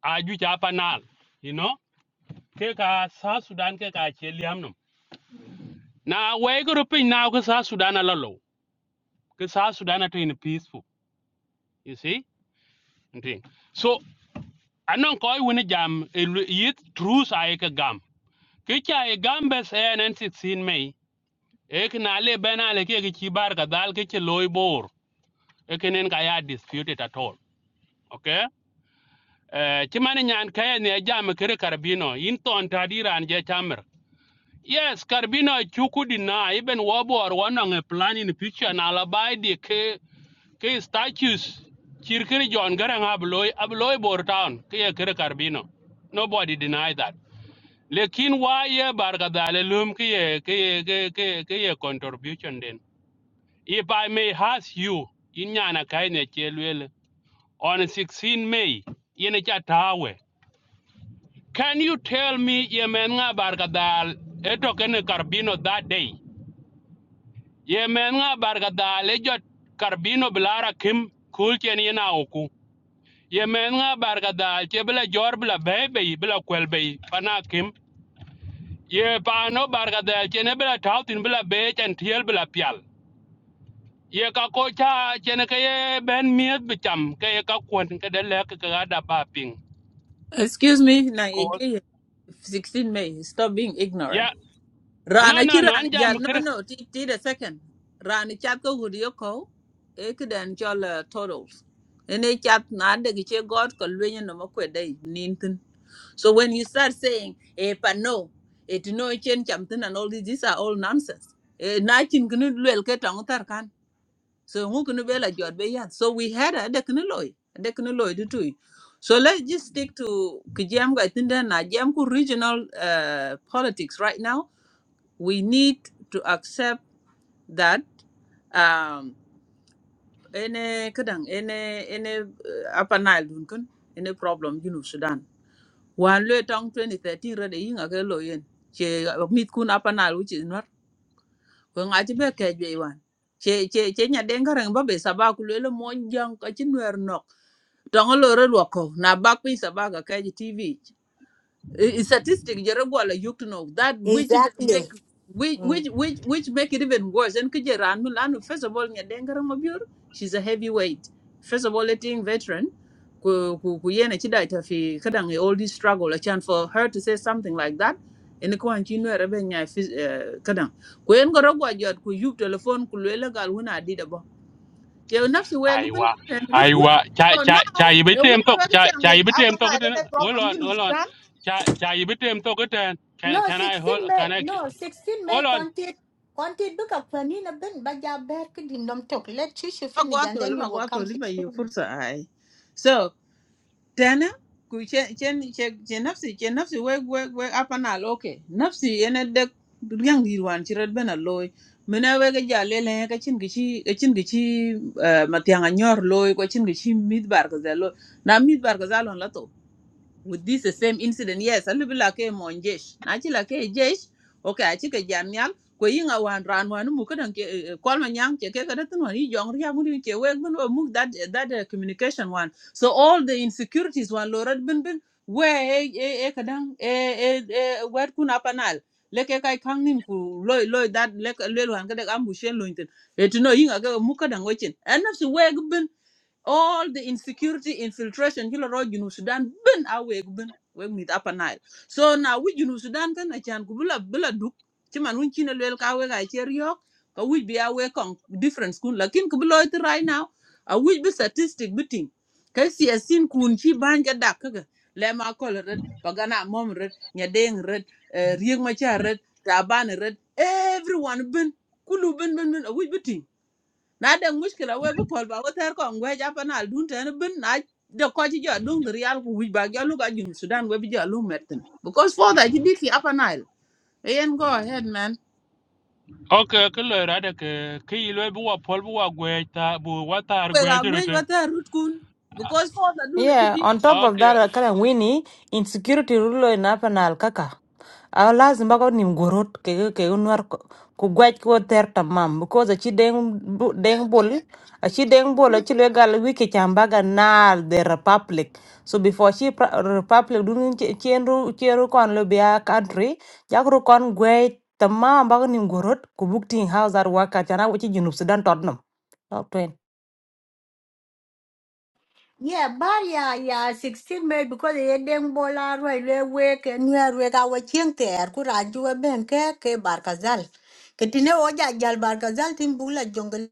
are ju cha upper nile you know ke ka sa sudan ke ka che liam nam na we go pin now ke South sudan alalo ke South sudan to in peaceful you see okay. so anong koy woni jam eh, yit truth ay ka gam kicha e gambes e enen sitsin mei ek na le bena le ke ki bar ka dal ke che loy bor ekenen ka ya disputed at all okay eh chimani nyan ka ne jam kere karbino in ton tadiran je chamber yes karbino chuku dina even wobor wanong a plan in picture na la bai de ke ke statues chirkiri jon garang abloy abloy bor town ke kere karbino nobody deny that lekin wa ye barka dale lum ki ye ki ye ki ki ki ye contribution den if i may ask you in yana kaine chelwele on 16 may yene cha tawe can you tell me ye men nga barka dal carbino that day ye men nga barka dal e jot carbino blara kim kul chen yena oku ye men nga barka dal che bla jor bla bebe bla kwelbe pana kim ye pano bargadel chene bila tautin bila bech and tiel bila pial ye ka kocha chene ke ye ben miet bicham ke ye ka kwon ke de lek ke ga da ba ping
excuse me na ye
because
ke ye- 16 may stop being ignorant
ya no
Rana ci
no no
rana jal
anjam
no
kir
no ti ti the second. Rana chat ko gudio ko e kden chol uh, totals. Ene chat na de che god ko lwenye no ma kwe dai nintin. So when you start saying e pa no it no e chen chamtin and all this these are all nonsense. E na chin gnu lwel ke tong tar kan. So ngu gnu bela jot be yan. So we had a de knu loy. De knu loy du tui. So let's just stick to kujam ga tinda na jam ku regional uh, politics right now we need to accept that um any kadang any any uh, upper nile dun kun any problem you know sudan wan le tong 2013 rede yinga ke lo yen che uh, mit kun upper nile which is not ko ngaji be ke be wan che che che nya den garang ba be saba ku le mo jang ka chin wer nok tong lo re lo ko na bak pin saba ka ke ji tv i- i- statistic jere gwala yuk know that which even
Exactly.
make which
Mm.
which which which make it even worse and kije ran mu lanu first of all nya dengara mabior she's a heavyweight first of all letting veteran ku ku ku yene chida ita fi kadang e all this struggle a chance for her to say something like that en ko an chinu rebe nya fi eh, kadang ku en goro gwa jot ku yup telephone ku lele gal huna dida bo je nafsi we gubin
aiwa
rut kun
aiwa cha
so
cha
now
cha yibe
e
tem
wona
tok
we ga
cha cha
jangi
yibe
apa
tem tok den
na
hold
problem you
on hold on
know
cha cha yibe tem tok den can
No,
can i
16
hold
May.
can i
no, 16 May.
hold on
content. Content book up for Nina Ben, but ya bear could in nom talk. Let Chishu finish and
Pagwatho le
then you will
pagwatho
come
lima ye
16.
fursa ai. So tena ku che che che che nafsi che nafsi we we we apana loke. Nafsi ene de yang dirwan chirat bena loy. Mena we ga jale le ka chin gichi ka chin gichi uh, matianga nyor loy ko chin gichi mid bar ga zalo. Na mid bar ga zalo with this the same incident yes a little like a mon jesh na chi like a jesh okay I chi a jamial ko yinga wan ran wan muka ke dan ke kol ma nyang che ke ke dat no ni jong ria that eh, that uh, communication one so all the insecurities one lorad bin bin we e e e ke dan e e e wer kun apanal le kai kang nim ku loy loy that le le wan ke de am bu shen lointen et no yinga ke mu ke dan wechin en nafsi we all the insecurity infiltration hilo ro junu sudan bin aweg bin weg mit upper nile so na wi junu sudan kan achan ku bula bula duk ci man hun chine lel ka weg a cher yok ka wi bi awe kon different kun lakin ku bulo it right now a wi bi statistic biting ka siasin kun chi banja dak ka le ma kol red pagana mom red nyadeng red eh, riek ma cha red taban red everyone bin kulu bin bin bin a wi na de mushkila we bu pol ba ko ter ko ngwe ja pa na dun ten bin na de ko ji ja dun ri al ku wi ba ja lu ga jun sudan we bi ja lu metin because for that ji diki apa nile E yen go ahead man
okay ke lo ra de ke ke yilo bu wa pol bu wa gwe ta bu wa tar
we
gwe
ga ngwe
jere te
wa ter rut kun because for that dun ji
Yeah.
di
On top of
okay
that, uh, kala wini insecurity rulo ina panal kaka. aw lazim ba ko nim gorot ke ke unwar ko ku gwaj ko ter tamam because achi deng bu- deng bol achi deng bol
90
achi le gal wiki chambaga naal the republic so before chi pra- republic dun chenru chenru kon lo bia country jakru kon gwaj tamam ba ko nim gorot ku bukting house ar waka chana wachi junub sudan totnam
Yeah, but yeah, yeah, 16 May because the Eden Bola railway wake and we are wake our chink there. Could I do a banker? K Barkazal. Ketine oja jal Barkazal timbula jungle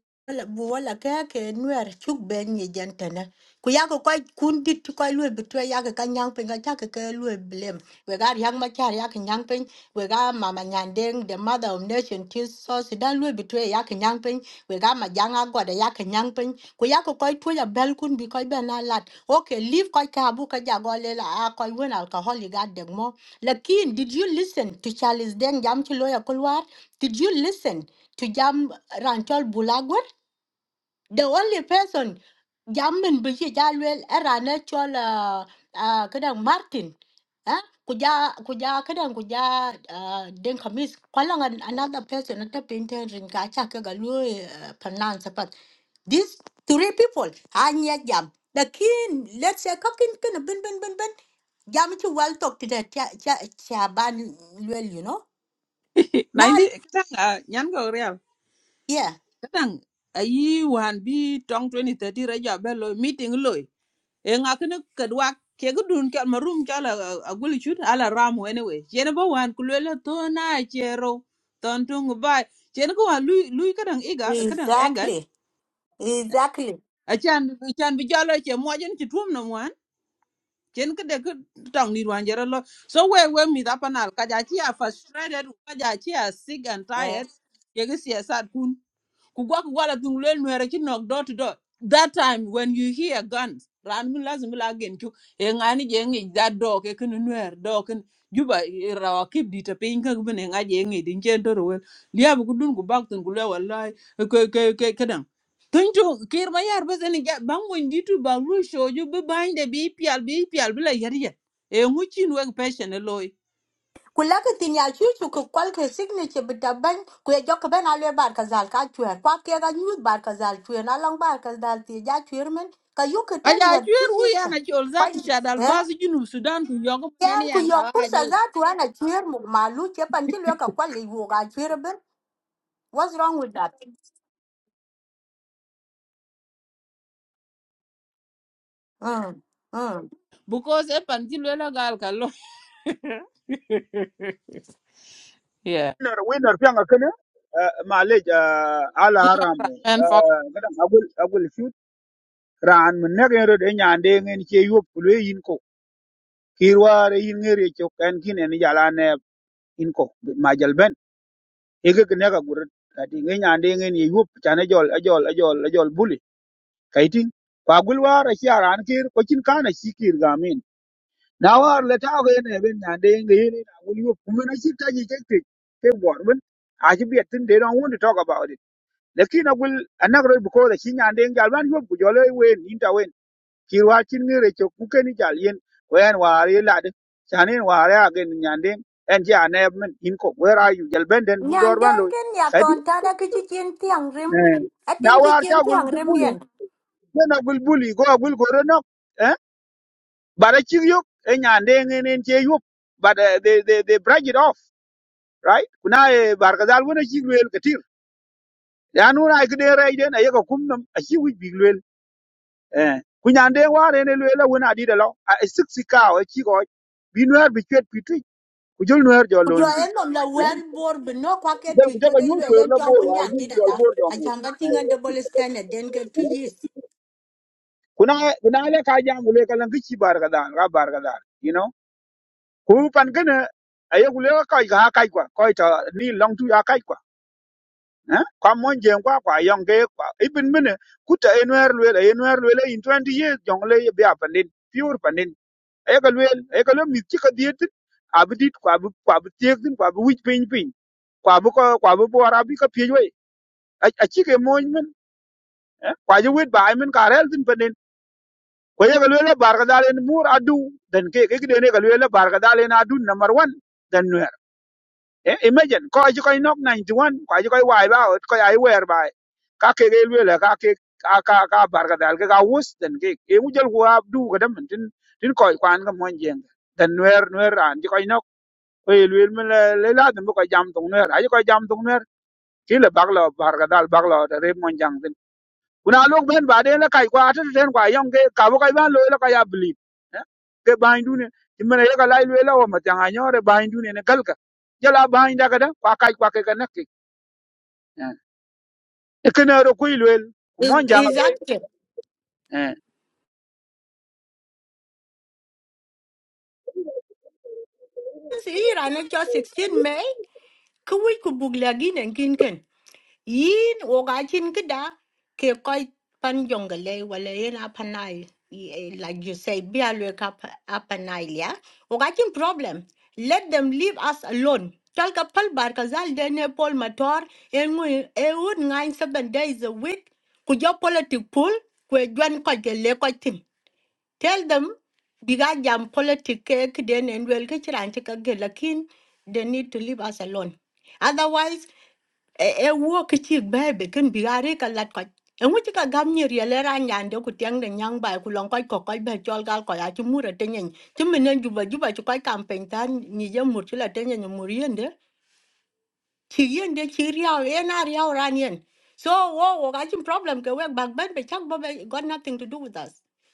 buwala kake nwer chuk ben ye gentene. Kuyako koi kundi to koi lui betray yak a kanyang ping attack a chaka ke lui blame. We got young machar yak and yang ping. We got Mama Nyandeng, the mother of nation, tis sauce, dan lui betray yak and yang ping. We got my young agwa the yak and ku ya ko koi tuja bel kun bi koi be na lat okay leave koi ka bu ka ja go le la a koi wen alcoholic ga de mo lakin did you listen to charles Deng jam ti loya kulwar did you listen to jam ranchol bulagwer the only person jam men bi ji ja lwel era na chol uh, uh, kadang martin eh kuja kuja kadang kuja uh, den kamis kwala another person at the painter rin ka cha ka ga lu uh, pronounce these three people, Anya Jam, the king, let's say, cooking, can bin, bin, bin, bin. Jam to well talk to the cha, cha, chaban, well, you know. Now,
<laughs> kadang ah, nyan go real
yeah,
kadang ayi wan bi tong 2030 ra ja be lo meeting lo e ŋakini köt wak kegi dun kel ma rum cal agulu cut ala ram wene we cien ba wan ku luel la tho na cero thon tungu bai cien ku wan lui lui kadang iga kadang engat
exactly, exactly.
achan achan bi jalo ce muajin ci tuom na muan cien kede ke tong ni wan jero lo so we we mi da panal kaja ci a frustrated kaja ci a sick and
Eh,
tired kegi siasat kugwa kugwala tung lwel nwere chi nok door to door that time when you hear guns ran min lazim la gen chu e ngani je ngi that door ke kun nwer door kun juba i rawa kip di ta pin ka bin nga je ngi din chen to rowel liab ku dun ku bak tun ku le wallahi e ke ke ke kadan tun chu kir ma yar bas ni ja bang won di tu bang lu sho ju bi bain de bi pial bi pial bi la yar yar e ngu chin wek passion e loy
Kulaka tin ya chu chu ku kwal signature bita ban ku ya jok ben alwe bar ka zal ka chuer kwa ke ga nyut bar ka chuer na long bar ka ti ja chuer men ka yu ten
aja
wat tu
chwer hu
chis
yana
ka
chol zat shadal
Kwa- eh?
bas junu sudan ku yogo nani
Yan ku
yan
yok pursa
ka
za tu ana chwer mu malu che pan chi lwe ka kwa wo ga chwer ben. What's wrong with that? Mm. Mm.
because e pan ci lwela gal ka lo <laughs> yeah
winner winner fianga kana معلش آه، على حرام
democrat man fuck off.
قدام اقول اقول شوت ران من نغير دي ñande ngeen ci yop lu yin ko kirware yin ngere ci kan kine ni jala ne in ko ma jal ben e ge ne ga gur kati ngeen ñande ngeen ye yop tane jol ajol ajol ajol buli kayti ko agul wara ci aran kir ko cin kana ci kir gamin na war le ta ge ne ben ñande ngeen ni agul yop kuma na ci taji ke ke bor ben a ci biet tin de don't want to talk about it. lakini agul anak roi buko da kinya ande gal ban yob ku jole wen inta wen kirwa chin ngire cho kuke ni jal yen wen wari lad chanin wari agen nyande en ja ne men in ko where are you jal benden bu
Nyan
dor ban
den
loy
ken ya
kadi
ton ta da ki chi chen tiang rim.
eh,
A
na
ten ki
war ta
chen
gul
tiang
du
rim
bulu
yen.
wen agul buli go agul go no eh bara chir yok en nyande en che yob but uh, they they they break it off right kuna eh, bar kazal wona chir wel katir ya nuna ay kede ray den ay ko kumnam ashi wi eh ku nyan de war ne lwe la wona di de lo a e sik sikaw e chi ko bi nwer bi chwet bi twi ku jol nwer jo
Ku jo
loñ bi
en nom la
jol
wen bor ben no kwa ke tu
ku
ke
jago
ge
nyul
lwe
kwer
len
la
ta
bor
won
wa
yan
bi
ti da
jol
da.
bor jo
A
mu
chan ga tinga double standard den ke two years.
kuna kuna le ka jam le ka lan gichi bar ga dan ga bar ga dan you know ku pan kana ayo ku le ka ga ka kwa ko ta ni long tu ya ka kwa eh kwa mon jeng kwa kwa yong ge kwa ibin mine ku ta enwer le enwer le in twenty years jong le ya pandin pure pandin e ka luel e ka lo mit ci ka diet tin a bi dit kwa bi kwa bi tiek tin kwa bi wich piny piny kwa bi ko kwa bi bor abi ka piej wei a a ci ke moñ men eh, kwa ji wit bai men ka rel tin penen ko ye ka luel bar ka dalen mur adu den ke ke de ne ka luel bar ka dalen adu number One, den wer e imagine ko ji ko nok 91 kwa ji ko wai ba ot ko ai wer bai ka ke ke luel ka ke ka ka ka bar ka dal ke ka wus den ke e mu jal ko abdu ka dam tin tin ko kwan ka moñ jeng den wer wer an ji ko oye luel mi le le la dum ko jam tung ner ay ko jam tung ner ki le baglo bar ga dal baglo de re mon jang tin kuna lok ben ba de la kai kwa atu ten kwa yong ke ka bo kai ban lo la ka ya bli ke ban du ne ti mena ye ka lai luel o ma jang anyo re ban du ne ne kal ka je la ban da ga da kwa kai kwa ke ka na ki e ke ne ro ku luel
Is
mon jang
is
be
active.
eh
Si ira ne 16 May. Ku we ku bug again and nen kin yin wo ga chin ki da ke koi pan jong ga wala yin apanai y- eh, like you say be a look up apanai ya wo ga chin problem let them leave us alone tal ka pal bar ka zal de ne pol motor e ngu e wood nine seven days a week ku jo politic pool ku jwan ko ge le ko tim tell them biga jam politic ke den en wel ke chiran ka ge they need to leave us alone Otherwise e e wo ke chi be be ken bi are ka lat ko e mu chi ka gam ni ri le ran yan de ku tiang de nyang ba ku long ko ko ko be chol gal ko ya chi mu re te nyen chi men ju ba ju ba chu ko kam pen tan ni je mu chi la te nyen mu chỉ yên để chỉ riau yên na riau ran yên so wo wo ga problem ke wek bag ben be chang ba got nothing to do with us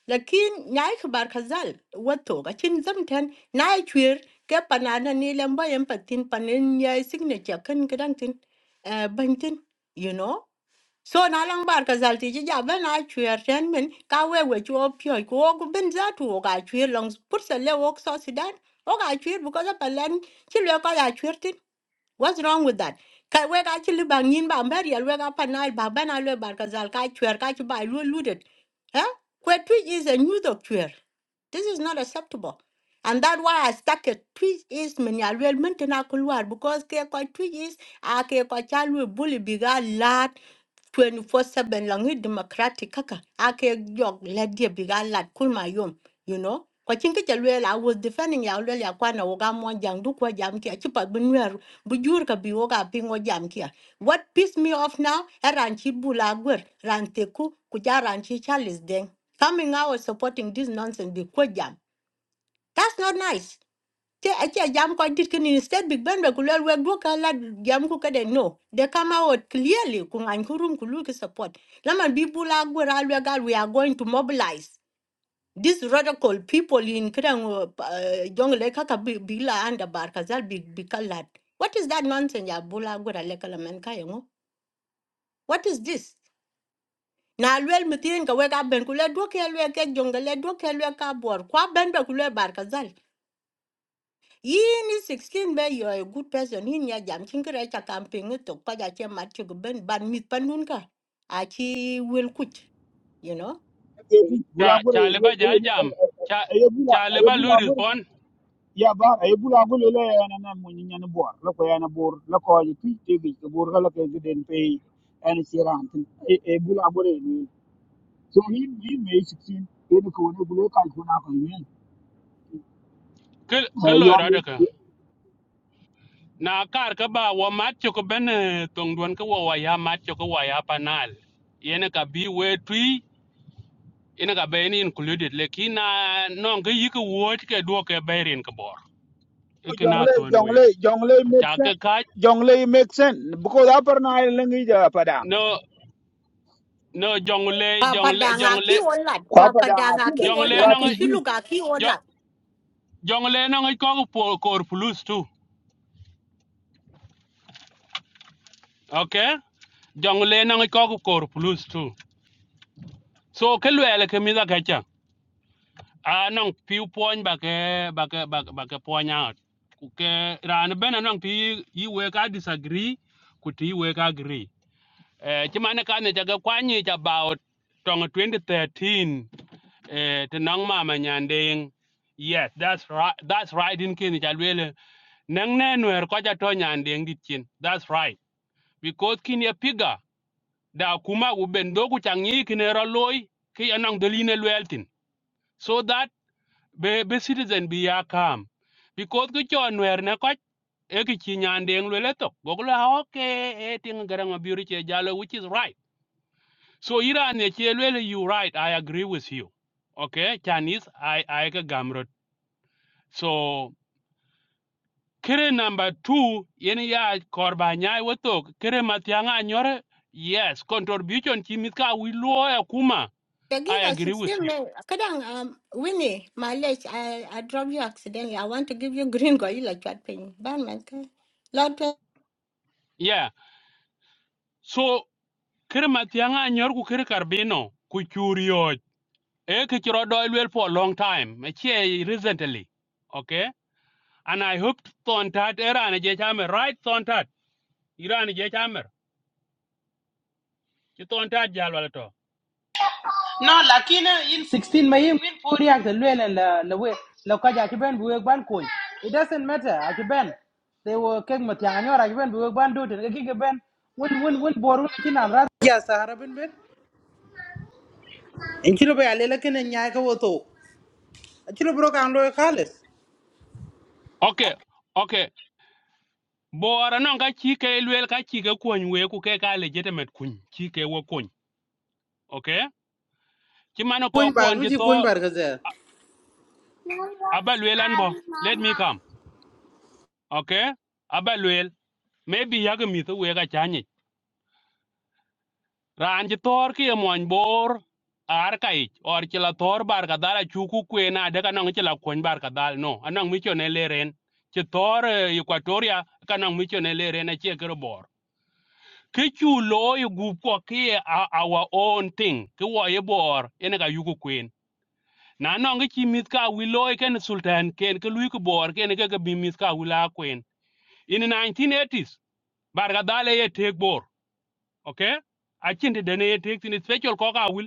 lakin nyai khbar khazal wato ga chin zam ten nai chwir ke panana ni lamba yam patin panen nyai signature kan kedang tin eh, ban tin you know so na lang bar khazal ti ja ben na chwir ten men ka we we chu opyo ko ko ben za tu wo ga chwir long put a le wok so sudan o ga chwir bu ko a palan chi le ko ga chwir What's wrong with that? Ka we ka chili bang yin bang bari al we ka panal bang ban al we bar ka zal ka chwer ka chuba lu looted. Huh? Kwe twitch is a new dog chwer. This is not acceptable. And that's why I stuck it. Twitch is many al we mentina kulwar because ke ko twitch is a ke ko chalu bully biga lat 24 7 lang hi democratic kaka ake jog la dia biga lat kul ma yom you know kwa chinga cha la I was defending ya lwe ya kwana woga mo jang du kwa jam kia chipa bunwer bujur ka bi woga pingo jam kia what pissed me off now eran chi bula gwer ran teku kuja ran chi charles deng coming out supporting this nonsense bi kwa jam that's not nice Ke acha jam ko dit kin instead big ben be kulel we go kala jam ku kade no. They come out clearly kung an kurum kulu ki support. Laman bi bula gwera alwe gal we are going to mobilize. These radical people in Krang Jongle Kaka bi- Bila and Bar Big Bikalat. What is that nonsense ya bula gwera lekala men kayango? What is this? na luel mithirin ka wek aben ku le duok ye ke jong le duok ye ka buor kwa ben be ku le yin is 16 be you are a good person yin ya jam chin kra cha camping to pa ja che mat chu ben ban mit panun ka a you know
cha
Bulaguro,
cha leba jal jam cha cha leba lu respond
ya bar ay bula gule le yana na mun nyan bor la ko yana bor la ko yi ti ti bi ko bor la ko giden pe an siran tin e bula gule ni so hi mi me 16 e ko ne gule ka ko na ko ni
ke ke
e
lo
yo
ra
mi
de ka na kar ka ba wa mat cho ko ben eh, tong duan ka wa wa ya mat cho ko wa ya panal yene ka bi we tui ina ka be ni included le ki na non ke yi ke wo ke do ke be rin ka bor e ke na
jongle
ton we
jongle jongle make
cha ke
sense
ka
jongle make sense because upper na lengi ja pada
no no jong le
pa
jong
pa
le
da
jong
nga ki
le
olat
kwa
pa pa
pada
da
na ti
nga
da
jong
ti
le
da
na
to
ti
shi
ji
lu ga
jong le na ko ko por plus tu okay jong le na ko ko por plus tu so ke lwele ke mi da ke cha a nang pi poin ba ke ba ke ba ke- ba ke poin out ku ke ran ben nang pi yi we ka disagree ku ti we ka agree eh ti mane ka ne ja ga kwani ja about tong 2013 eh te nang ma ma nyandeng yes that's right that's right in kin ja lwele nang ne nwer ko ja to nyandeng dit chin that's right because kin ya piga da kuma u ben do ku changi kin ro loy ki anang doline lweltin so that be be citizen bi ya kam because ki chon wer ne ko e ki chi nyandeng le le to go lo ha okay e ting garang biuri che jalo which is right so iran ne che le you right i agree with you okay chinese i i ka gamrot so kere number 2 yen ya korba nyai wotok kere matianga nyore yes contribution chi mit ka wi lo ya kuma
the
i
giga
agree with
16
you
me kadang um winnie my leg i i drop you accidentally i want to give you green go you like that thing ban man ka lot of-
yeah so kere matianga nyor ku kere karbino ku churioj e ke chiro doi luel for a long time che recently okay and i hope ton tat era ne je chamer right ton tat iran je chamer ti ton tat jal
no lakini in 16 ma yin win pori ak the lwele la la we la ka ja ki ben buwe ban ko it doesn't matter ak ben they were kek mat yang anyor ak ben buwe ban do te ki ben win win win boru ki nan ra ya have ben ben in kilo ba le la ken nya ka woto kilo bro kan lo khales
okay okay bora non ka chi ke luel ka chi ke kun we ku ke ka legitimate kun chi ke wo kun okay ti mano ko
koñ bar
kun
mi
ti
ci
to
koñ bar ka zeh.
aba luel an bo let me come okay aba maybe yag to we ka chanyi ran ci thor ki ye muony bor ar kaic or ci la thor bar kadhal acuku kuen adek anɔŋ ci la kuony bar kadhal no anɔŋ micone leren ci thor eh, equatoria kanɔŋ micone leren acie kere bor ki cu lo i gup kɔ ki ye a- our own thing ki wɔ ye bor ene ka yuku kuen na nɔŋ ki ci mith ka wi lo e ken sultan ken ki luiki bor kene keke bi mith ka wi la kuen in 1980s bar kadhal eye tek bor okay acin ti dene ye tek thin special kɔk awil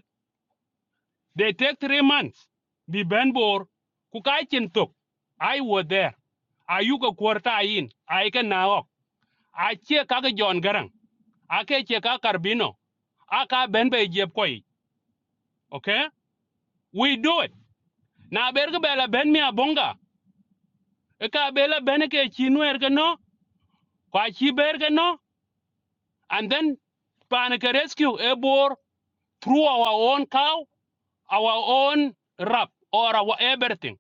They take three months. Be Benbor, Kukaichen took. I was there. Ayuka Kwarta in, I can Aika I check Kaka John Garang. Ake Cheka Carbino. I Aka Benbe Jepkoi. Okay? We do it. Na berga bela ben mia bonga. Eka bela beneke chinu ergano. Kwa chi bergano. And then Panaka Rescue Ebor through our own cow, our own rap or our everything.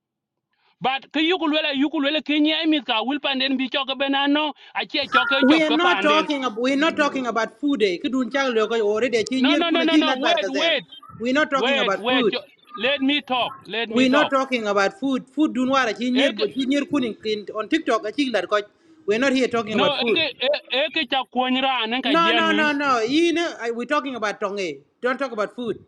but ke yukul wela yukul wela ke nyai mit ka wil panden bi choke benano achie choke
we
chop
are
ke
not
panden
talking about we are not talking about food eh ki dun chang lo ko ore de ci
no
ñer
no no
kuna
no
ci
no
lat bar ka
wait
zeh.
wait
we are not talking
wait
about
wait
food
cho- let me talk let me
we're not
talk
talking about food. Food dunwara chinyir
ek
chinyir kuning kin- on TikTok I think that koch. We're not here talking
no
about
ek
food.
ek cha kuonyra anen ka
No, no, no,
jamin
no. You know, I- we're talking about tongue. Don't talk about food.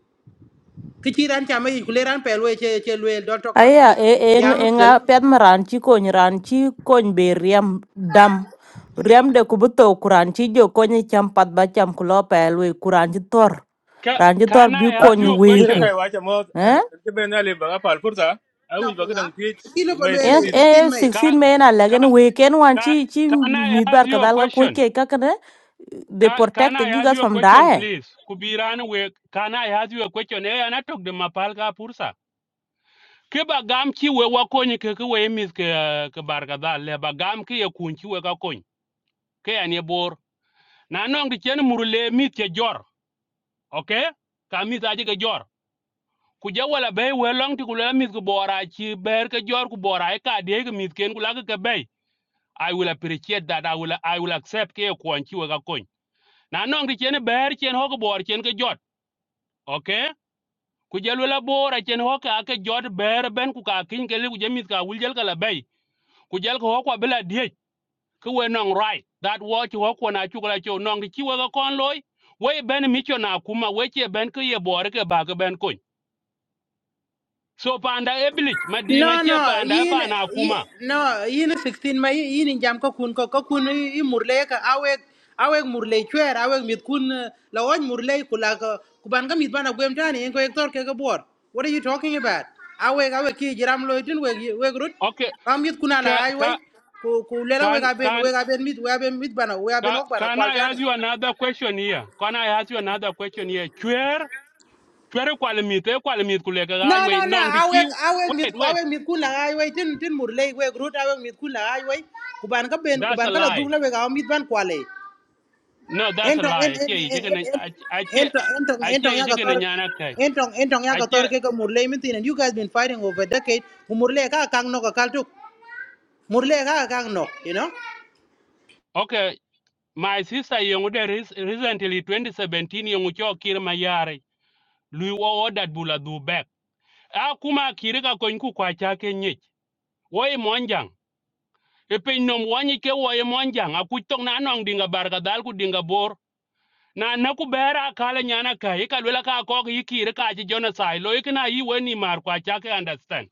Kichi ran chama ikuleran pelwe che che lwel. Don't talk about
Aya
food.
e e ng-
Jamu
e
kdala.
nga pet maran chi kony ran chi kony be riam dam riam de kubuto kuran chi jo konyi cham pat ba cham kulo pelwe kuran chi tor
Ca-
ran chi tor
can
bi
i ask
kony
you a
we
nyiro
ku
question
kai wacha mo an
eh
ke ben ale baga pal fursa a wi baga dang ti
Kilo
mai
pelwe
en
le
16
16
e
May.
16
ka
men a
ka
legen we ken wan
ka
chi chi
can i
mi
ask
bar
you a
kadal ga ko
question
ke ka kana they
Ca- can
protect
i ask
gigas
you a
from
question
dying
please kubiran we can i ask you a question eh anatok de mapal ka pursa ke ba gam ki we wa kony ke ke we mis ke eh, ke bar ga dal le ba gam ki ye kun ki we ka kony ke an ye bor na nong di chen mur le mit ke jor okay ka mit aje ke jor ku je wala be we long ti ku le mit ku bora chi ber ke jor ku bora e ka de ke mit ken ku la ke ke be i will appreciate that i will i will accept ke ye kun ki we ka kony na nong di chen ber chen ho ke bor chen ke jot okay ku je la bora chen ho ka ke jot ber ben ku ka kin ke le ku je mit ka wul jel ka la be ku jel ko ho kwa bela diech ku we nong right that wo chi wo ko na chu la chu nong di chi we ga kon loy we ben mi cho na kuma we che ben ke ye bor ke ba ke ben kun so panda e bilich ma di nga
No,
che
no,
panda e
yin,
pa na
yin
kuma
no, yin 16 ma yin yin in jam ko kun ko ko kun i i murle ka awek awek murle chwer awek mit kun eh, la won murle kula ko kuban ga mit bana gwem tani en ko ektor ke ga bor. What are you talking about? Awek awek ki jiram lo tin weg yi- weg rut.
okay
Am mit kuna la
ka
ai wai.
ka
Ku ku le la weg
can
aben
can
weg aben mit weg aben mit bana weg aben
ca-
ok bana
can
kwal
I
tani.
ask you another question here? Can I ask you another question here? Chwer chwer kwalimit e kwalimit kule ka ga
No,
we
no, no.
nong di
I
chi
Awek, awek mit,
wait wait
awek mit kun lagai wei tin tin murlei wei grut awek mit kun lagai wei. Kuban ka ben,
that's a
kuban ka la
lie
duk la wei gao mit ban kualei.
no that's a
Entong, en,
lie che
en,
ye
en,
ke na
en,
a che
entong, entong,
a che
entong ya
ye ke na
gator,
nyana kai
entong, entong ya
a
gator
che
ke ka murlei min tin. And you guys been fighting over a decade. Ku murlei ka kang nok akal tuk. Murlei ka kang nok, you know.
okay My sister yongude recently 2017 yongu cho kir mayare. Lui wo ordered bula du back. A kuma kire ka kony ku kwa chake nyich. Wo i monjang. E piny nom wanyi ke wo i monjang. A kuch tok na anong dinga barga dal ku dinga bor. Na na ku bera kala nyana ka. Ika lwela ka kok yi kire ka achi jonasai. Lo ikina yi weni mar kwa chake understand.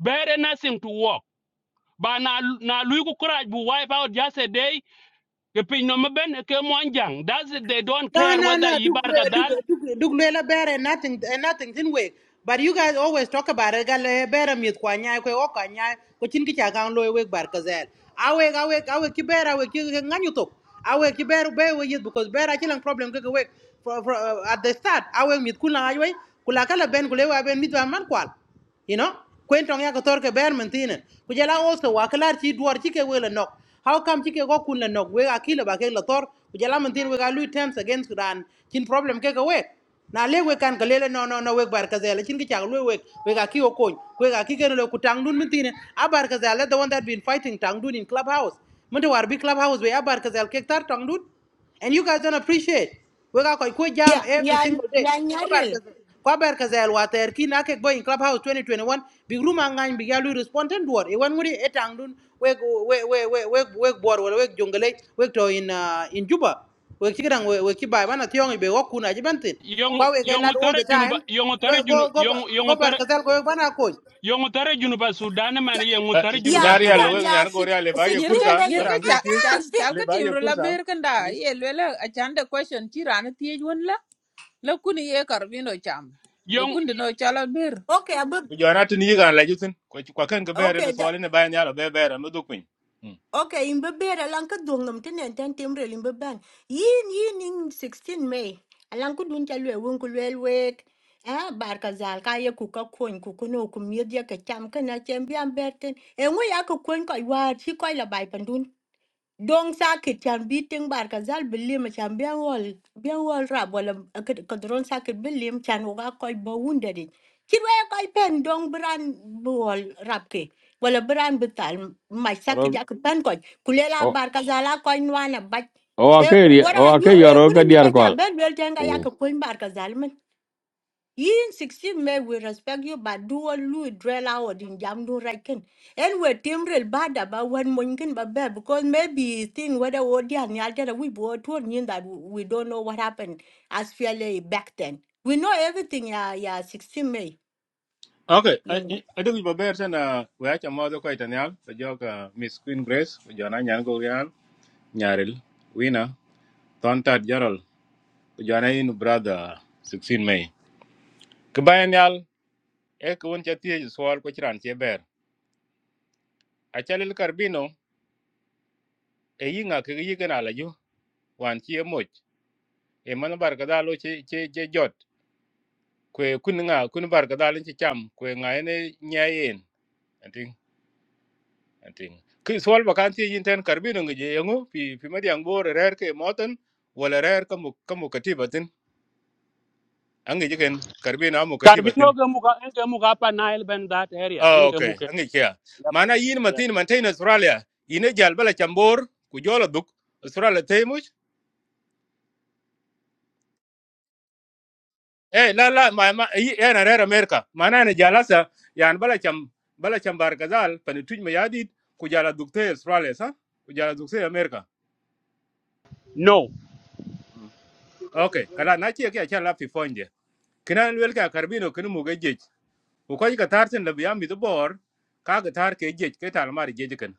Bere nothing to work. Ba na na lui ku kuraj bu wipe out just a day. E piny nom e ben e ke monjang. That's it. They don't
No,
care
no, no.
whether yi
Duk,
barga
duk,
dal
duk, duk lela bere nothing, eh, nothing in way. But you guys always talk about it. Gale bere miet kwa nyai kwe oka nyai ko chin kicha kang loy wek bar kazel. Awe awe awe ki bere awe ki nganyu tok. Awe ki bere be we yit because bere chilang problem keke wek. For, for, uh, at the start awe miet kula aywe kula kala ben kule wa ben miet wa man kwal you know kwen tong ya ko tor ke ber men tinen ku jala also wa klar ti duar ti ke wele nok how come ti ke go kun le nok we akile ba ke la tor ku jala men we ga lu temps against sudan Chin problem ke ke we na le we kan ka lele no no no we bar ka chin ki chak lu we we ga ki o kon we ga ki ke le ku tang dun men tinen a the one that been fighting tang dun in clubhouse men to war bi clubhouse we a bar ka zel ke tar tang dun and you guys don't appreciate. We got quite quick jam
yeah
every
yeah
single day.
yeah nyaril
Kwabar kazel water ki na ke boy in clubhouse 2021 big room angan big yalu respond and word e wan nguri etang dun we we we we we we board wala we jungle we to in uh, in Juba we kigrang we we kibai bana tiong be wakuna jibantin
yong
kwa we get
yong
lad all
tare
the
junuba
time
yong tare
go
junu
go go
yong
go
yong
bar
tare
kazel go bana coach
yong tare junuba sudan man yong tare junuba
yeah
nyari al
sudan
we
kadang yeah
nyar go
six-
ale ba ye
nyer ka
fursa
16 me
nyer
bara
ka
yet
an kin
chal
ti
chal
16
chal
le
ka
ba ye
timru la
fursa
ber ka nda
please
ye lwela a chande question ci ran tiej won la la kuni ye karbino cham e
yong
kundi no chala ber
okay abu
ku jona tin yi gan la jutin ko ko kan ga bere ne
okay
swali ne bayan yalo be bere no dukun
Okay, in beber alan ka dong nam tenen ten timre in beban. Yin yin in 16 May. Alan ku dun chalwe won ku lwel wek. Eh bar ka zal ka ye ku ka kon ku kuno ku miet ye ka cham ka na chem biam berten. E ngwe ya ku kon ko war dong sakit chan bi ting bar ka zal bilim chan bian wol bian wol rab wala ka dron sakit bilim chan wa koy ba wunda di kir wa koy pen dong bran bu wol rab ke wala bran betal mai
ro
sakit jak pen koy kulela
o
bar ka zala koy nwana ba
o a
e
ke ri-
are
o a
yu
ke yo
e
ro
kuna
ka diar
liba ja
ko
ben wel tenga yak koy bar ka zal yin 16 may we respect you but do all lu drill out in jam do right and we team real bad about when one can but bad because maybe thing whether or the and other we bought to mean that we don't know what happened as fairly back then we know everything yeah yeah 16 may
okay
you know
a duk ba bere sana wacha mo do ko itanyal so joka miss queen grace ku jona nyar go yan nyaril wina tontat jarol ku jona in brother 16 mai ke bayan e ko won chati e swal ko chran che ber a chalil karbino e yinga ke yi gana la ju wan chi e moch e man bar ka dalo che che che jot kwe kun nga kun bar ka dalo che cham kwe nga ene nyayen anting anting ki swal ba kan ti yin ten karbino ngi je yango pi pi ma diang bor rer ke moten wala rer ka mu ka mu katibatin angi je ken karbino amu
karbino
katibatin
ke muka en ke muka pa nile ben that area
ah
in ke
okay
muke
angi kya
yep
mana yin matin man
yeah
tin man tai na australia ine jal bala chambor ku jola duk australia eh la la ma ma eh, yi yana rera america mana ne jalasa yan bala cham bala cham bar gazal pani tuj ma yadit ku jala dukte australia sa ku jala dukte america
no
okay kala na ce ke kan lafi fonje kinan welka karbino kin mu ga jej ku ko ka tartin da biya mi bor ka ga tar ke jej ke talmar jej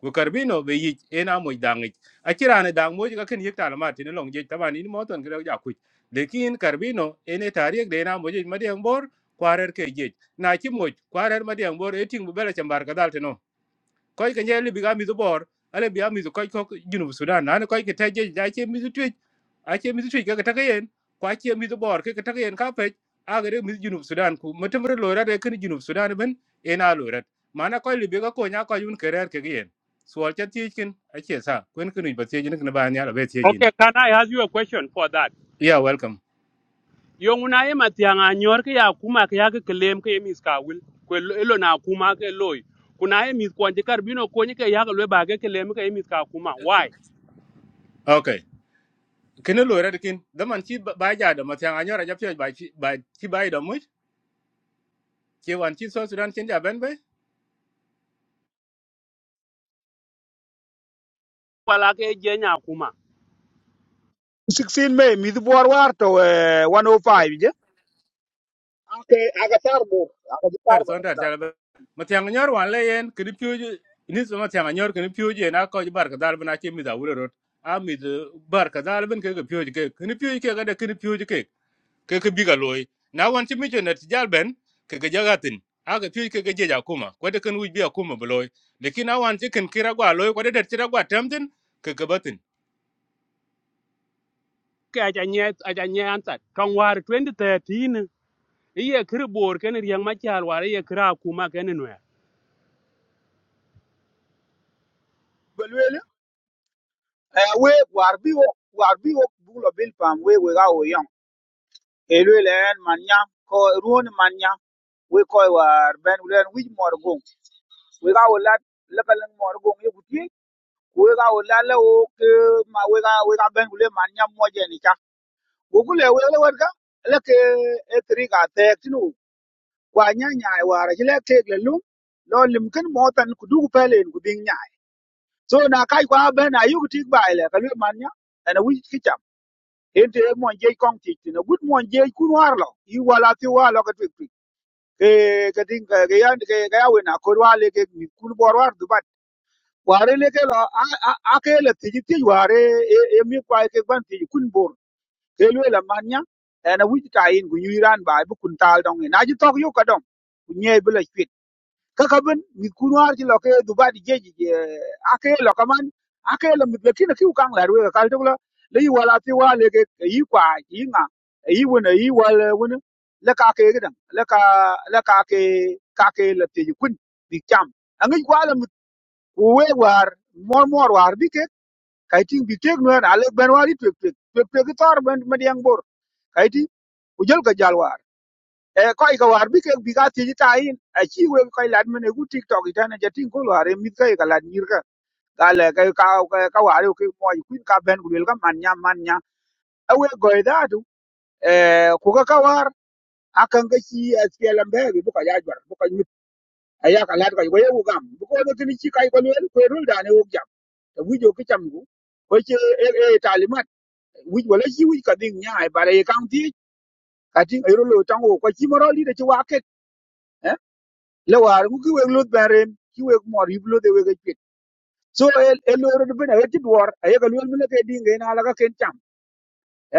ku karbino be yi ena mo dangi akira ne dang mo ga ken yekta la martin long je tabani ni moton kre ja ku lekin karbino ene tarik de na mo je madiang bor kwarer ke je na chi mo kwarer madiang bor eting bu bela chambar kadal teno koy ka nyeli biga mizu bor ale biya mizu koy ko junub sudan na koy ka taje ja che mizu twij a che mizu twij ka taka yen kwa che mizu bor ka taka yen ka pej a ga de mizu junub sudan ku matamre lora de kan junub sudan ben ena lora mana koy libi ga ko nya ko yun kerer ke yen suol cha tiichkin a che sa kwen kunu ba tiijin kan ba nya la be tiijin
okay can i ask you a question for that
yeah welcome
yong una e matianga nyor ke ya kuma ke ya ke claim ke mis ka wil ko elo na kuma ke loy kuna e mis kwanje karbino konye ke ya ke lwe ba ke claim ke mis ka kuma why
okay kene lora de kin da man chi ba ba ja da matyan anyora ja pye ba chi ba chi ba da mu chi wan chi so sudan chen ja ben be
wala ke jenya kuma
16 me mi bor war to eh, 105 je ake aga tar bor aga tar
er ton tar chal ba matiang nyor wan le yen kri piuje ni so matiang nyor kri piuje na ko bar ka dal bana che mi da wuro rot a mi de bar ka dal ben ke ke piuje ke kri piuje ke ga de kri piuje ke ke ke biga loy na wan che mi che net jal ben ke ke jagatin a ke piuje ke ke je ja kuma ko de ken wi bi kuma bloy lekin a wan che ken kira gwa loy ko de de tira gwa tamtin ke ke batin
ke aja nye aja nye ansat kan war 2013 iye kir bor ken riang ma chal war iye kra kuma ken no ya
bor Eh, we war bi wok war bi wok bulo bil pam we we ga wo yong e lwe len man nya ko ruon man nya we ko war ben len wij mor gong we ga wo lat le balen mor gong ye guti we ga wo la le o ke ma we ga we ga ben le man nya mo je ni cha wo gule we le war ga le ke e tri ga te tinu wa nya nya e war ji le te le lu lo lim ken mo tan ku du pelen ku ding nya so na kai kwa ben ayu ti ba ile ka lwe man nya ana wij ki ente mon je kong ti na gut mon je kun war lo i wala ti wa lo ka tik tik ke ke ding ke ke yan ke ke awe na ko wa le ke mi kun bor war du bat ware le ke lo a a a ke le ti ti ware e e mi kwa ke ban ti kun bor ke lo la manya na wi ta in gu yiran ba e bu kun tal dong e. na ji tok yu ka dong nye bu la kaka bin mit kun war ci loke duba di jeji ake lo kaman ake lo mit lekin ki ukang la ruwa kal tokla le yi wala ti wa le ke yi kwa yi nga yi wona yi wala wona le ka ke gidan le ka le ka ke ka ke le ti kun bi cham angi kwa la mit we war mor mor war bi ke kai ting bi tek no na le ben wari tek tek tek tek tor ben ma diang bor kai ti ujal ka jal e koy ka war bi ke bi ga ti ta yin a chi we koy lad mene ku tiktok ita na jatin ko war mi ka ka lad nyir ka ka le ka ka ka ka war ke mo ku ka ben ku le ka man nya man nya a we go da du e ku ka ka war a kan ga chi a ti lam be bi bu ka ya jor bu ka mi a ya ka lad ka go ye u gam bu ko do ti chi kai ko le ko rul da ne u jam ta wi jo ki cham gu ko chi e e talimat Eh, wi wala chi wi ka ding nya e bare kan ti ka ti e ro lo tang o ko chi mo ro li da chi wa ke le war ku ki wek luth beren ki wek mor yip luth e wek epit so e loro de bena weti duor aye ka luel mine ke dinga ina ala ka ken cham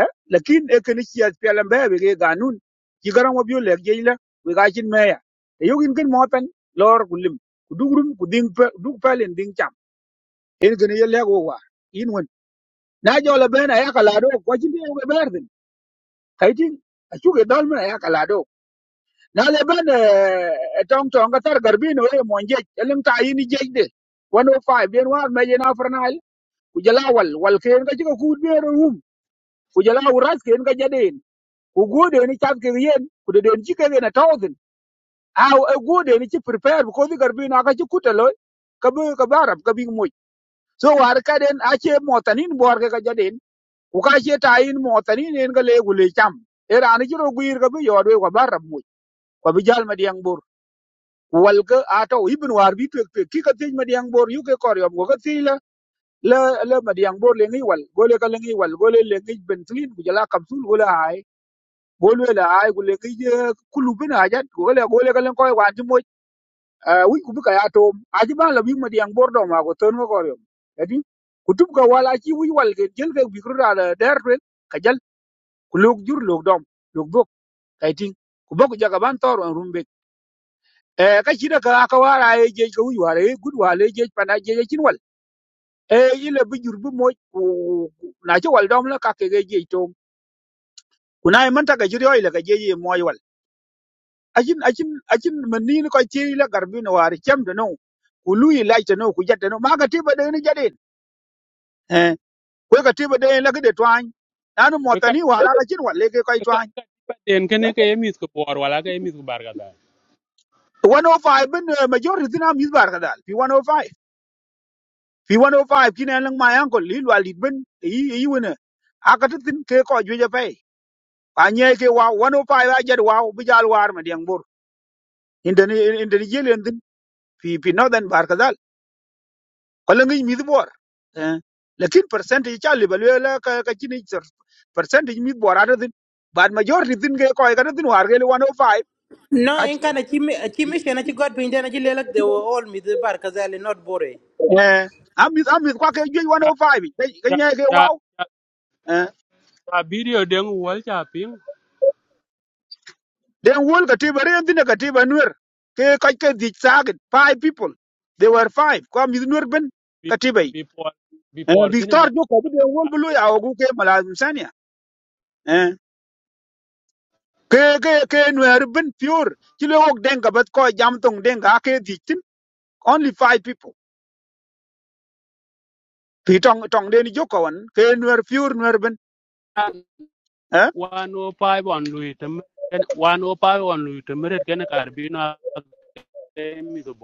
eh lakin e ken chiat pelam be be ke ganun ki garan wo biu lek jeila we ga chin meya e yogin ken mo pen lor kulim kudugrum kuding pe dug palen ding cham en ken ye lek wo war in won na jola bena ya kala do ko chin de we berdin kaitin achuge dal mena ya kala na le ban tong tong ka tar garbi no e mon je elim ta yini je de 105 bien war me jena fernal ku jala wal wal ken ka jiko ku be rum ku jala uras ken ka jaden ku gode ni chat ke yen ku de den jike na thousand aw e gode ni ci prepare ko di garbi na ka ci kutalo ka be ka barab ka bi moj so war ka den a ce motanin bor ka jaden ku ka ce tayin motanin en ka le gule cham era ni jiro guir ka be yodwe ko barab moj ko bi jal ma diang bor wal ga ato ibn war bi pek pek ki ka tej madiang bor yu ke kor yom go ka tej la la la madiang bor le ngi wal gole ka le ngi wal gole le ngi bentlin ku jala kapsul gole ay gole la ay gole ngi kulu bin ajat gole gole ka le koy wan ti moj wi ku bi ka ato aji ba la bi madiang bor do ma go ton go kor yom edi ku tub ka wala ci wi wal ke jel ke bi kru da der twen ka jal ku lok jur lok dom lok dok kay ting ku bok jaga ban tor on rumbe e ka ci daga aka wara ye je ka wuj wara ye gud wara ye je pana je cin wal e yile bi jur bi mo na ci wal dom la ka ke je to kuna yi manta ga jiri oi la ga je je mo wal ajin ajin ajin man ni ko ci la garbi no wari cem de no ku lu yi lai ta no ku jatta no ma ga tiba de ni jade e ko ga tiba de la ga de twan nanu mo
e ka
tani wara ga cin wal le ke kai twan
ka den ken ke emis ko bor wala ke emis barga da
105 bin majority na mi bar kadal fi 105 fi 105 kine lang ma yang ko li lwa li ben yi yi wona akata tin ke ko ju ja pay pa nye ke wa 105 a jad wa bu jal war ma diang bor inde ni inde ni jelen tin fi fi northern bar kadal ko la ngi mi bor eh lakin percentage cha li balwe la ka ka kini sir- percentage mi bor ada tin bad majority tin ke ko ka tin war ke 105
no in
kat
kana chimi chimi shena chi god pinde na chi lelak they were all mid bar kazel not bore
eh amit amit kwa ke ju
ya
105 ke
ya
nye ke
ya
wa
ya ya video den wal cha ping
Then won katiba re ndine katiba nuer ke kaj ke dich five people. They were five. Kwa mi nuer ben
bi-
katiba yi.
before
Eh
before ken
Victor
mo
jo kabi de wol bulu ya ogu ke malazim sania. Eh ke ke ke nuer ben pure. Kilo ok denga bat ko jam tong denga ke dichtin. Only five people. Pi tong tong deni joko wan ke nuer pure nuer ben. Eh?
one o five on lui tem ken one o five on lui tem red ken kar bi na ke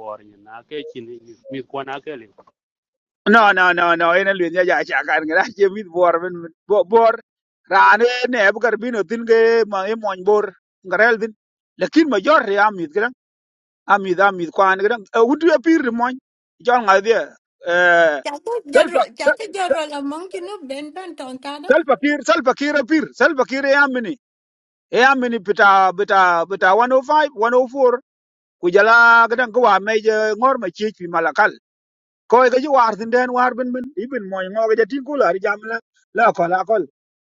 bor ni na ke chin mi ko ke li
no no no no ina lwen ya ja cha kan ga che mit bor men bo- bor rane ne bu kar bino tin ge ma e mon bor ngarel din lakin ma jor ya mit gran amit amit kwan gran udu ya pir mon jor nga de eh
Chaka
salfa
general, chaka general among you know Ben Ben Tonkada.
salfa kir salfa kir pir salfa kir ya mini ya mini bita bita bita 105 104 ku jala gran ko wa me je ngor ma chi chi malakal koy ga ji war tin den war bin bin ibin moy ngo ga tin kula ri jam la la ko la ko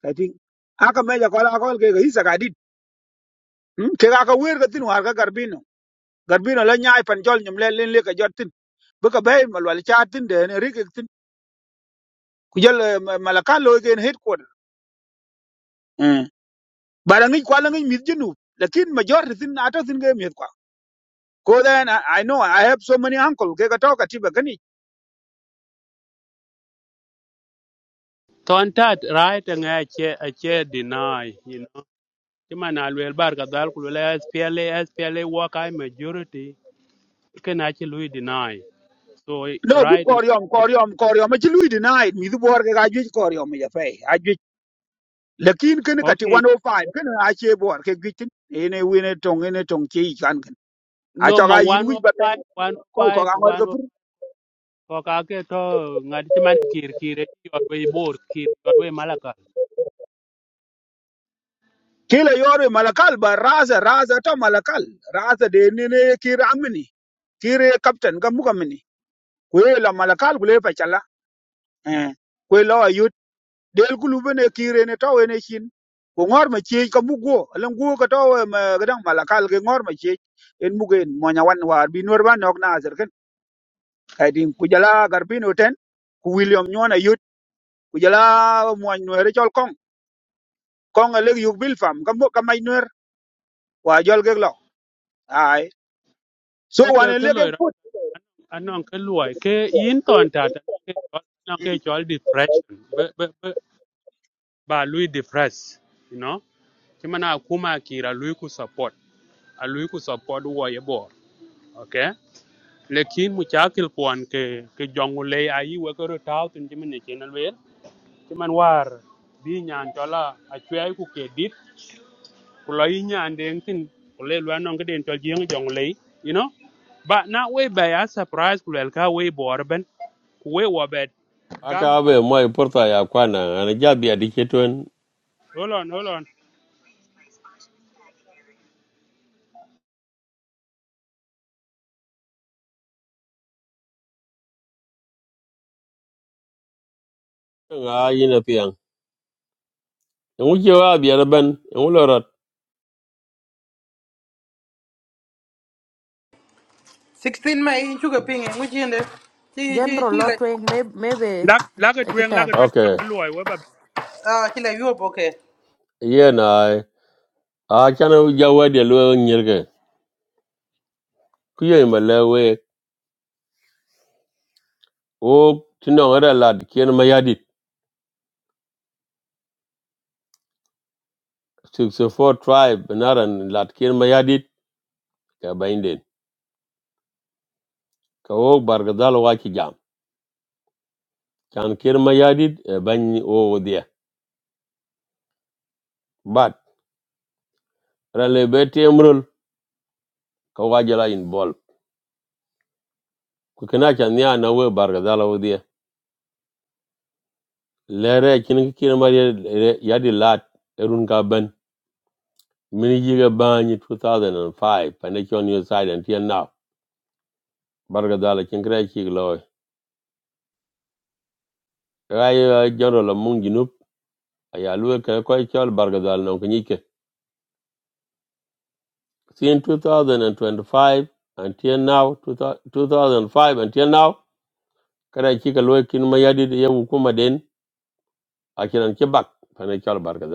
ka tin aka me ja ko la ko ke ga isa ga dit Hmm? ke ga ka wer ga tin war ga garbino garbino la nyaay pan jol nyum le len le ka jot tin bu ka bay mal wal cha tin den ri ke tin ku jël malaka lo gen het ko bara ngi kwa la ngi mit jinu lakin major tin ata tin ga mit kwa ko then I, i know i have so many uncle ke ga to ka ti ba gani
ton tat right nga che e che deny you know Chima na alwel bar kadhal kulwela SPLA, SPLA wakai majority. Can actually deny. So
no good
right and
koryom koryom koryom ma ci lui deny mi du bor ga ga ju koryom ya fay lakin kin ka ti
okay.
105 kin a che bor ke gitin ene wine tong ene tong che kan kin a
No
cho
ma
ga yin wi ba pen
105,
ko ko
105,
ga ngor ga
105.
pur
Kokake to ngadi chiman kir kire yorwe bor kir yorwe malakal.
kila yore malakal ba raza raza to malakal raza de ne ne ki ramni kire captain ga muka mini kwe la malakal kule pa chala eh kwe la yut del kulu bene kire ne tawe ne shin ko ngor ma chie ka mugo lan go ka tawe ma gadang malakal ke ngor ma chie en mugen mo nya wan war bi nor ban nok na zer kaydi ku jala garbino ten ku william nyona yut ku jala mo nuer chol kong kong a leg yuk bil fam kam ka mai nuer wa jol gek lo ai so wan
Okay,
a
ke
leg
loy
ek put
anong ke loy ke yin ton tata ke chol anong ke chol depression. Be be be ba lui depress, you know. Chimana akuma kira lui ku support. A lui ku support wo ye bor. Okay. lekin mu chakil kwan ke ke jongu le ayi we ko taw tin jimin ne chenal wel ti man war bi nyan tola a chwai ku ke dit ku lo yi nyan deng tin ku le lwa nong den tol jeng jongu le you know but na we by a surprise ku le ka we bor ku we wa bet gamba
akabe moy porta ya kwana ana jabi adi ketwen
hold on hold on
nga yina pian ngu je wa bi ana ben ngu lorot
16 May in sugar ping in which end chi chi
general
chi la
lotwe maybe
lak lak e tweng lak
maybe
e tweng
okay
nong loy we
ah chi la yo okay.
ye na a chana jawa de lo nyirge ku ye o tino ngara lad kien mayadit 64 tribe naran lad kien mayadit ka bainden ka o bargadal wa ki jam chan kien mayadit e ban o dia but rale be temrul ka wajala in bol ku kana chan ya na we bargadal o dia lere kin kin mar yadi lat erun ka ben min yiga bany 2005 pande chon your side until now bargadala dala kin kra chi lo ay la mung ginup ay alwe ka ko chol barga no kinike sin 2025 until now 2005 until now kra chika loy lo kin ma yadi ye den akiran kebak bak pande chol barga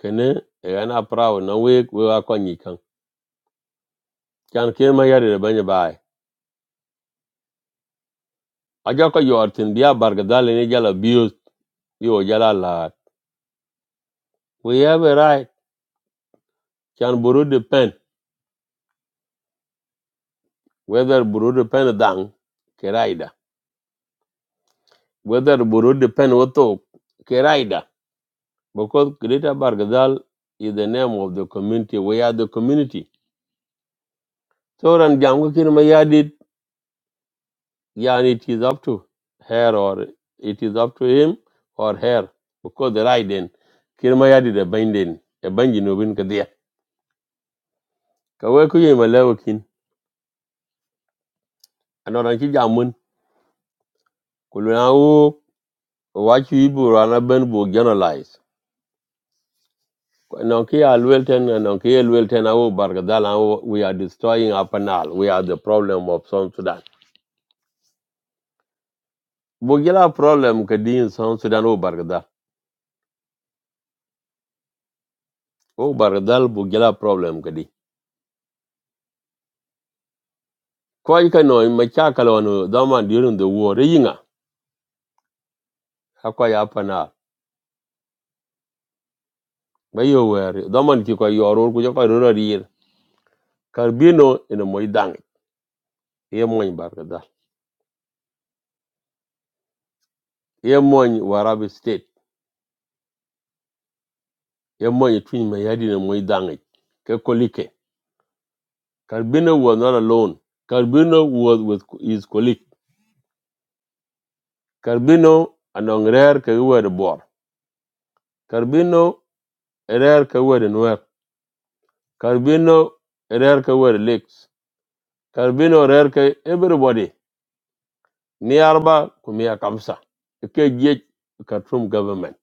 kene egana ana prawo na we we akon yikan kan kin ma yadi banye aja ko yortin bia bargadal ni jal abuse yo jala la we have a right can buru depend whether buru depend dang keraida whether buru depend woto keraida because greater bargadal is the name of the community we are the community so ran jangu kin ma yadit yani it is up to her or it is up to him or her because the right then kin ma yadit binding a binding no bin kadia ka we ku yema lewakin anoran ki jamun Kulunau wachi ibu rana ben bu generalize. Nonki alwilten and nonki alwilten au bargadal au we are destroying our panal. We are the problem of South Sudan. Bugila problem kadi in South Sudan au bargadal. Au bargadal bugila problem kadi. Kwa yika no machakala wanu daman during the war yinga hakwa ya panal. Bayo were daman ki kwa yoro kuja kwa rura rir. Karbino ina moidangi. Ye moin bargadal. Ye moin warabi state. ye mo ye twin me yadi ne mo idange ke kolike Carbino was not alone Carbino was with his colleague Carbino anong rare ke were the bor Carbino a rare ke were nwer Carbino a rare ke were the lakes Carbino rare ke everybody ni arba kumia kamsa ke je Katrum government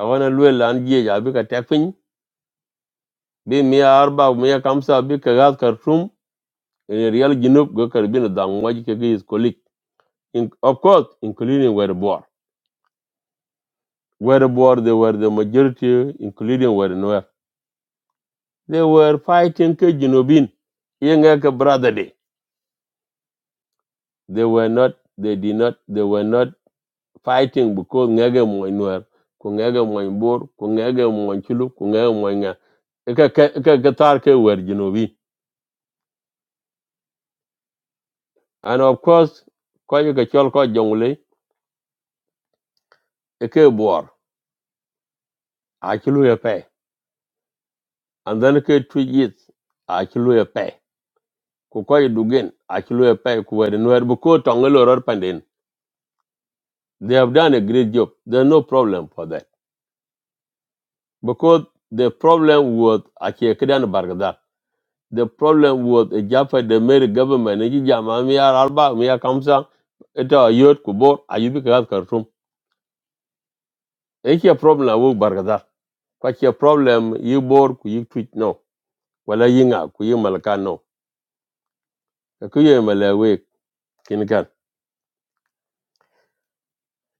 awana lwe lan je abi ka tekpin mia arba mia kamsa bi ka gas Khartoum in a real ginup go Carbino dangwaji ke his colleague In, of course, including were Boer. Were Boer, they were the majority, including were Nuer. They were fighting Kejinobin, Yengeke brother day. They were not, they did not, they were not fighting because Ngege Moy Nuer, Kungege Moy Boer, Kungege Moy Chulu, Kungege Moy Nga. Ika ke- ika Gatar ke were Jinobin. And of course, Koyuka Cholko Jongle, Ike Boer, Achulu Epe. And then Ike Twigit, Achulu Epe. ku koy dugen achilwe pay kuwer nwer because tongelo ror panden they have done a great job there's no problem for that because the problem was achie kidan bargadal the problem was a jaffa the mary government ni jama mi ar arba mi ar kamsa eta yot kubor ayubi kagat kartum Eki a problem awu bargadal a problem yi bor ku yi twitch no wala yinga ku yi malaka no ku yi malawe kinkan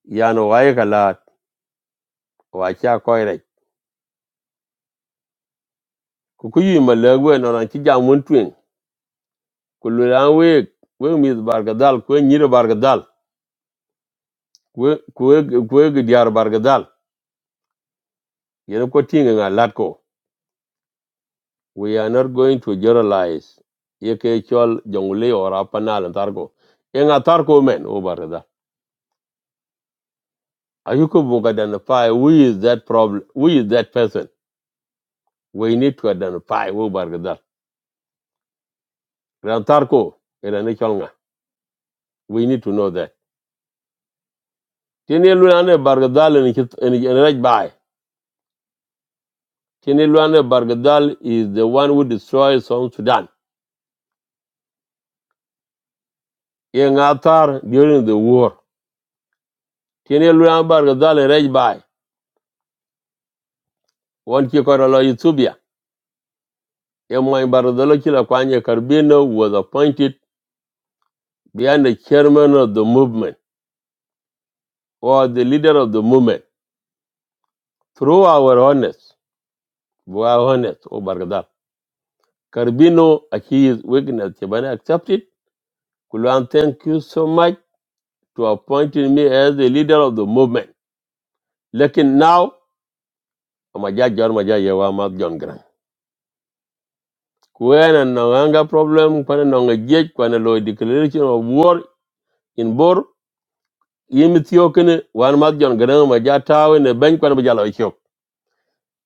yano waye kala wacha koire ku ku yi malak we no ran ci jam won twen ku lu ran we we mi bargadal ku ni re bargadal ku ku ku ge diar bargadal ye ko tinga nga lat ko we are not going to generalize ye ke chol jongle or apanal targo e nga targo men o bargadal ayuko bu ga identify who is that problem who is that person we need to identify who bargadal ran targo era ne chol nga we need to know that tiene lu ran bargadal ni ci ni raj bai Tinilwanda Bargadal is the one who destroyed South Sudan. In Athar during the war. Tinilwanda Bargadal and Rejbai, one Kikorolo Yutubia. Emoy Bargadalo Kilakwanya Carbino was appointed behind the chairman of the movement or the leader of the movement through our honest, our honest, O Bargadal. Carbino, his weakness, Chibane accepted. Kulan, thank you so much to appointing me as the leader of the movement. Looking now, amaja jor maja yewa mat John Grant. Kwene no anga problem when kwene no ngejek kwene lo declaration of war in Bor yimi thiokene wan mat John Grant maja tawe ne ben kwene maja lo chok.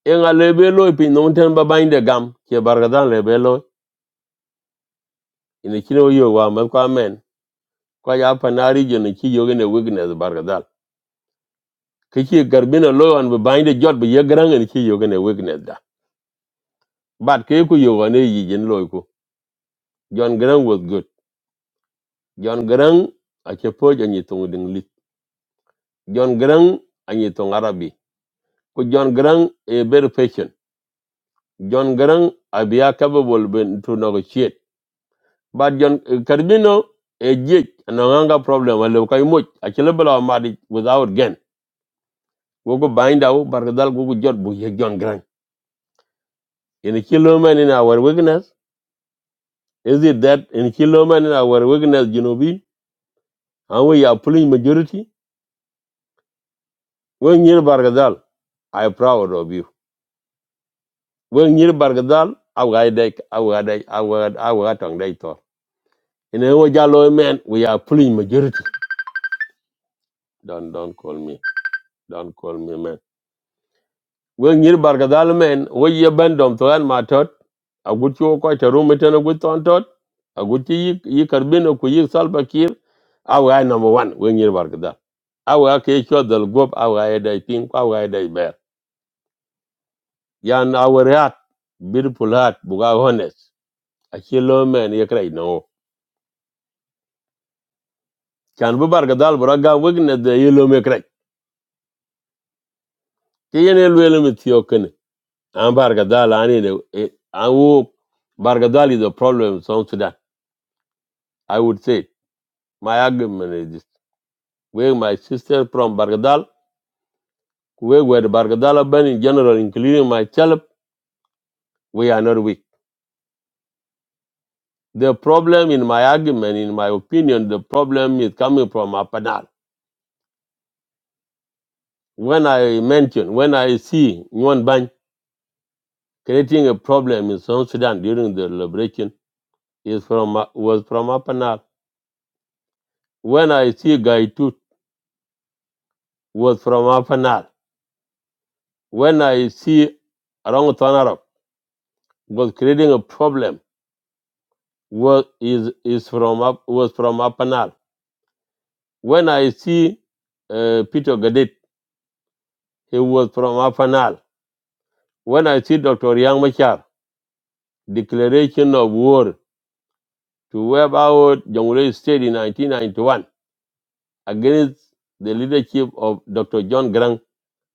Enga lebe lo pi no ten ba binde gam ke bargadan lebe lo ini kine yo wa mat kwa men kwa ya panari jo ne ki yogene weakness bargadal. Kiki garbina lo an ba binde jot ba ye grang ne ki yogene weakness da. But ke ku yogane yi jen lo John Grant was good. John Grant ache poj anyi tong ding lit. John Grang, anyi tong Arabi. Ko John Grang, a very patient. John Grant abia capable ben to negotiate. But John eh, Carbino a jit ananga problem wale kai moj ache lebala madi without gain. go bind out bargadal gogo jot bu ye John Grang. In a kilo man in our weakness, is it that in a kilo man in our weakness, you know, we and we are pulling majority? When you're bargadal, I am proud of you. wen nyir bargadal awai dek awai dek awai awai tong dek to in a wo man we are pulling majority don't don't call me don't call me man wen nyir bargadal man wo ye bandom to an matot agut yo ko ta rum ten agut ton tot agut yi yi karbin ko yi salba kir awai number 1 wen nyir bargadal awai ke cho dal gop I dek pin awai dek ber yan awai rat beautiful heart buga honest a kilo man ye krai kan bi barka dal bu raga wek ne de yelo me krek ke yen yelo yelo me tiyo kene an barka dal ani ne an is a problem in South Sudan I would say my argument is this where my sister from Bargadal where were the Bargadal band in general including myself we are not weak the problem in my argument in my opinion the problem is coming from Apanal when I mention when I see Nguyen Bany creating a problem in South Sudan during the liberation is from uh, was from Apanal. When I see Gaitut was from Apanal. When I see Rang Tanarab was creating a problem was is is from up was from Apanal. When I see uh, Peter Gadet, he was from Apanal. When I see Dr. Yang Machar, declaration of war to wipe out Jonglei State in 1991 against the leadership of Dr. John Grant,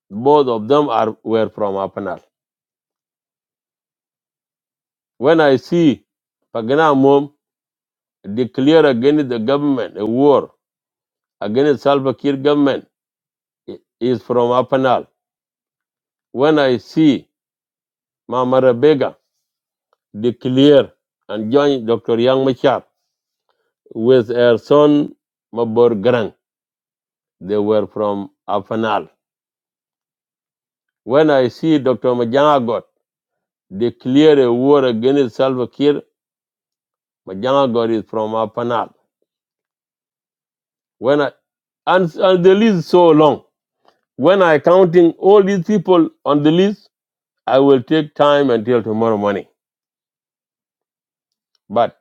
both of them are were from Apanal. When I see Pagana Mom declare against the government a war against Salva Kiir government it is from Apanal. When I see Mama Rebecca declare and join Dr. Yang Machar with her son Mabor Garang, they were from Apanal. When I see Dr. Majangagot declare a war against Salva Kiir, Majangagot is from Apanal. When I, and, and the list is so long When I counting all these people on the list, I will take time until tomorrow morning. But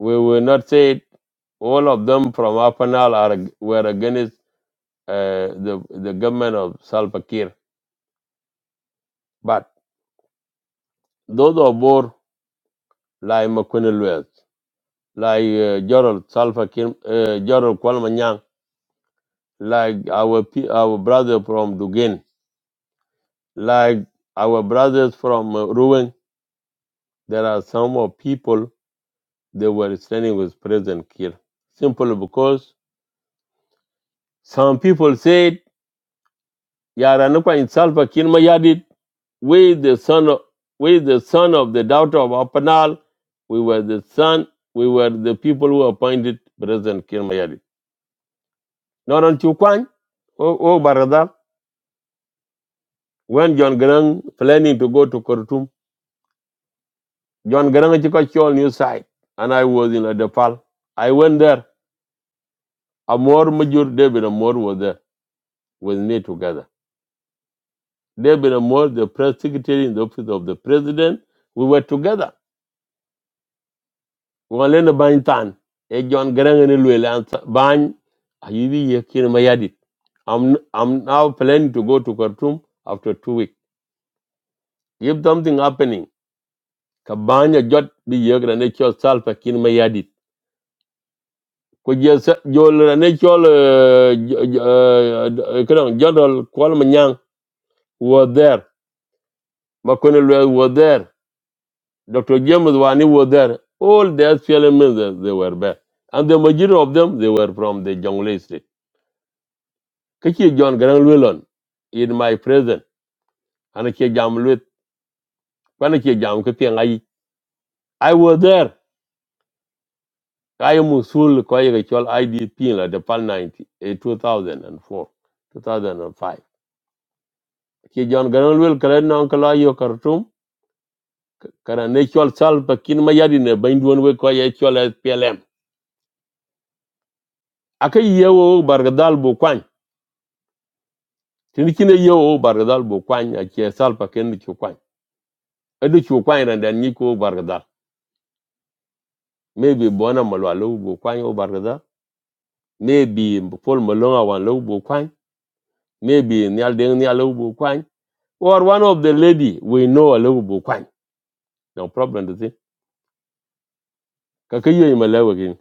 we will not say it. all of them from Apanal are ag- were against uh, the the government of Salva Kiir. But those of Bor, like Makunelwes, like uh, Gerald Salva Kiir, uh, Gerald Kwalmanyang, like our pe- our brother from Dugin, like our brothers from uh, Ruang, there are some of people they were standing with President Kiir. Simply because some people said, Yaranukwa in Salva Kiir Mayadit, we the son of we the son of the daughter of Apanal, we were the son, we were the people who appointed President Kiir Mayadit. Not on Chukwan, oh, oh Barada, when John Grang planning to go to Khartoum, John Grang Chikachol new site, and I was in Adapal. I went there. Amor Major David Amor was there with me together. David Amor, the press secretary in the office of the president. We were together. We were in the Bantan. A John Garang and Luelansa Bany. Ayidi Yakin Mayadit. I'm, I'm now planning to go to Khartoum after two weeks. If something happening, Kabanya Jot the Yagra Nature Self Akin Mayadit. Could you say, Joel Ranature, General Kualmanyang was there. Makonelwe was there. Dr. James Wani was there. All the SPLM members, they were there. And the majority of them, they were from the Jonglei State. Kaki John Garang in my presence, and I jam lwet, when I jam kati I was there. I am usul kwa yeke chol IDP la the PAL 90, eh, 2004, 2005. Ki John Garang Lwel kare na kala yo Khartoum, kara ne chol sal pakin mayadi ne baindwan we kwa ye chol SPLM. Aka yewo bargadal bu tin kine yo o bargadal bo kwany a che salpa ken chu kwany edu chu kwany ran dan ni ko bargadal maybe bona malwa lo bo kwany o bargadal maybe pol malonga wan lo bo kwany maybe nyal deng nyal lo bo kwany or one of the lady we know a lo bo kwany no problem to thing ka ka yo malawa gin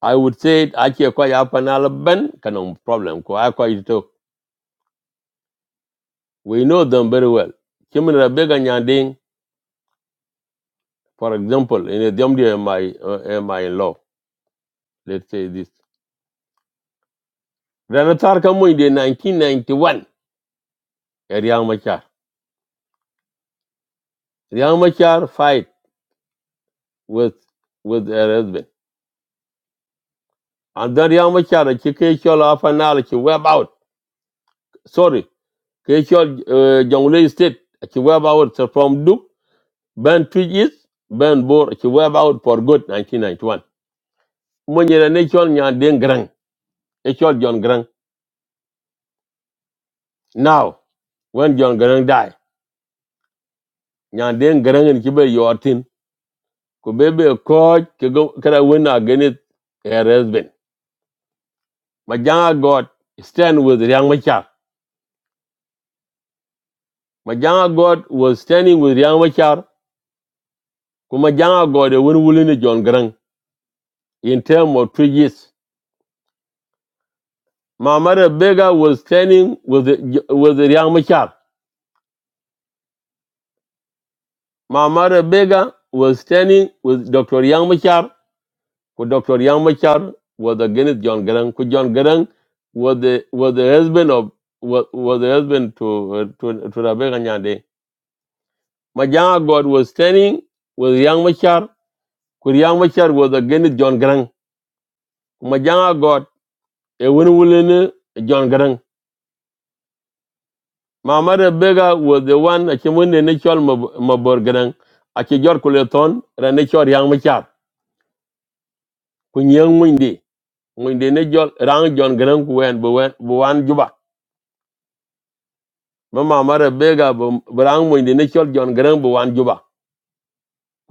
i would say a che quite ya panal ben no problem ko a ko talk? we know them very well kimra bega nyanding for example in a Domdi am my am I in law let's say this Then Atar Kamuin in 1991, Riyang Machar. Riyang Machar fight with with her husband. And then Riyang Machar, she came off an hour, she web out. Sorry, Kishol uh, Jonglei State, she web out so from Duke, Ben Twigis, Ben Bor, she web out for good 1991. When you're a nation, you're Den Grang, Kishol John Grang. Now, when John Grang died, die, nyan den Garang and kibe your tin. Kubebe a coach, kara win against her husband. Majanga God stand with Riang Machar. Majanga God was standing with Riang Machar. Kumajanga God a win willing John Grang in term of three years. Mamara Bega was standing with the- with the Riang Machar. Mamara Bega was standing with Dr. Riang Machar. Dr. Riang Machar was against John Grang. Ku John Grang was the was the husband of was, was the husband to uh, to to Rebecca Nyande. Majanga God was standing with Riang Machar Kur Machar was against John Grant. Majanga got a win win John Grant. Mama Bega was the one that came in the natural Mabor Grant. Ache Jor Kuleton, Ranachor Yang Machar. Kun Yang Windy. When the natural Rang John Grang, went Buan Juba. Mama Rebecca Brang when the natural John Grang, Buan Juba.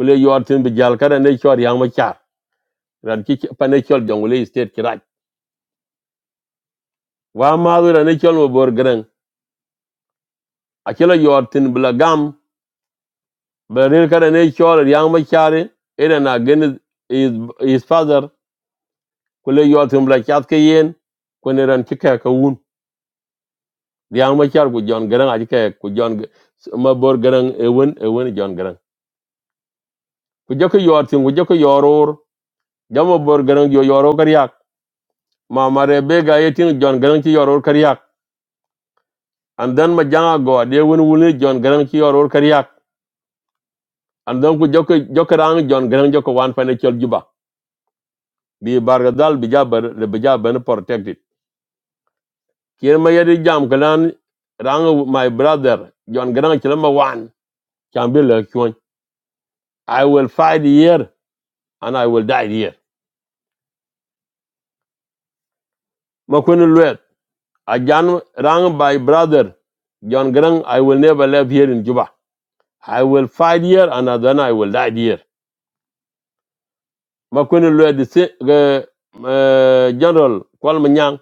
Kule Yortin Bijalka and Nachor Yang Machar. Ranki Panachor Jongule State Kirak. Wa Madu Ranachor Mabor Grant. Achela Yortin Blagam But in kada ne chol yang ma chari na gen is his father kule yo tum la chat ke yen kone ran chike ka un yang ma char ku jon gran ajike ku jon ma bor gran e won e gran ku joko yo tin ku joko yoror jamo bor gran yo yoro kar yak ma mare be ga yetin gran ci yoror kar yak and then ma janga go de won wule jon gran ci yoror kar yak and then ku joko joko rang jon gran joko wan financial juba bi bargadal dal bi jabar le bi jabar protected kien ma jam kalan rang my brother John garang chilama wan can be like you I will fight here and I will die here ma kun luet a jan rang my brother John garang I will never live here in Juba I will fight here and then I will die here ma kun luet the si-, eh, eh, general kwal manyang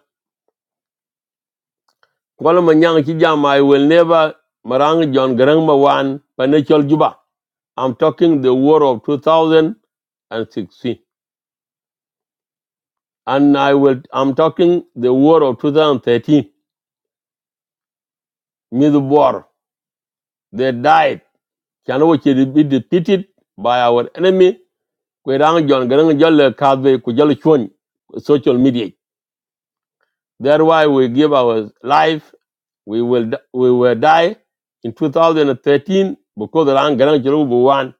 kwal manyang chi jam I will never marang John garang ma wan pa ne Juba I'm talking the war of 2016 And I will, I'm talking the war of 2013, mid war. They died. Can we be defeated by our enemy? Kwe rang jon- garang jol le kadwe, ku jol chwony, Social media. That's why we give our life we will we will die in 2013 because the land grand jury will won.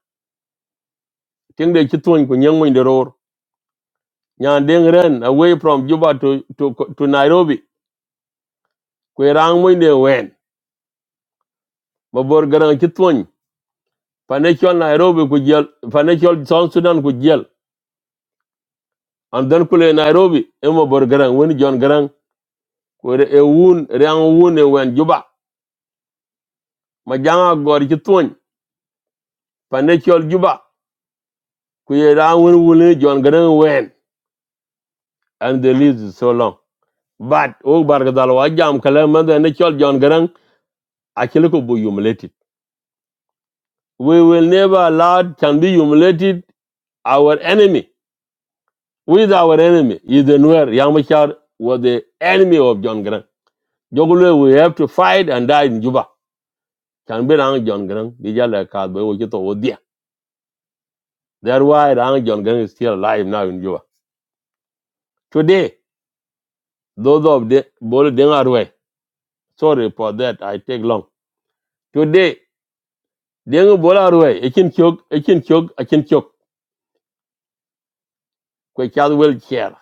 Think they chit one kunyang mo indoror. Nyan deng ren away from Juba to to to Nairobi. Kwe rang mo inde wen. Mabor garang chit financial Nairobi ku jel financial South Sudan ku jel and then kule Nairobi emo bor garang wen John garang ku re- e wun rang wun e wen juba ma janga gor ci tuñ financial juba ku ye rang wen wun e John garang wen and the list is so long but o bar gadal wa jam kala man the natural John garang akile ko bu humiliated we will never allow can be humiliated our enemy with our enemy is the Nuer Yamachar was the enemy of John Garang Jogule, we have to fight and die in Juba. Can be Rang John Grang, Dijala Kadbe, Ojito Odia. That's why Rang John Grang is still alive now in Juba. Today, those of the Bolo Dengarwe, sorry for that, I take long. Today, Dengu Bolarwe, Ekin Chok, Ekin Chok, Ekin Chok, Kwechad will chair,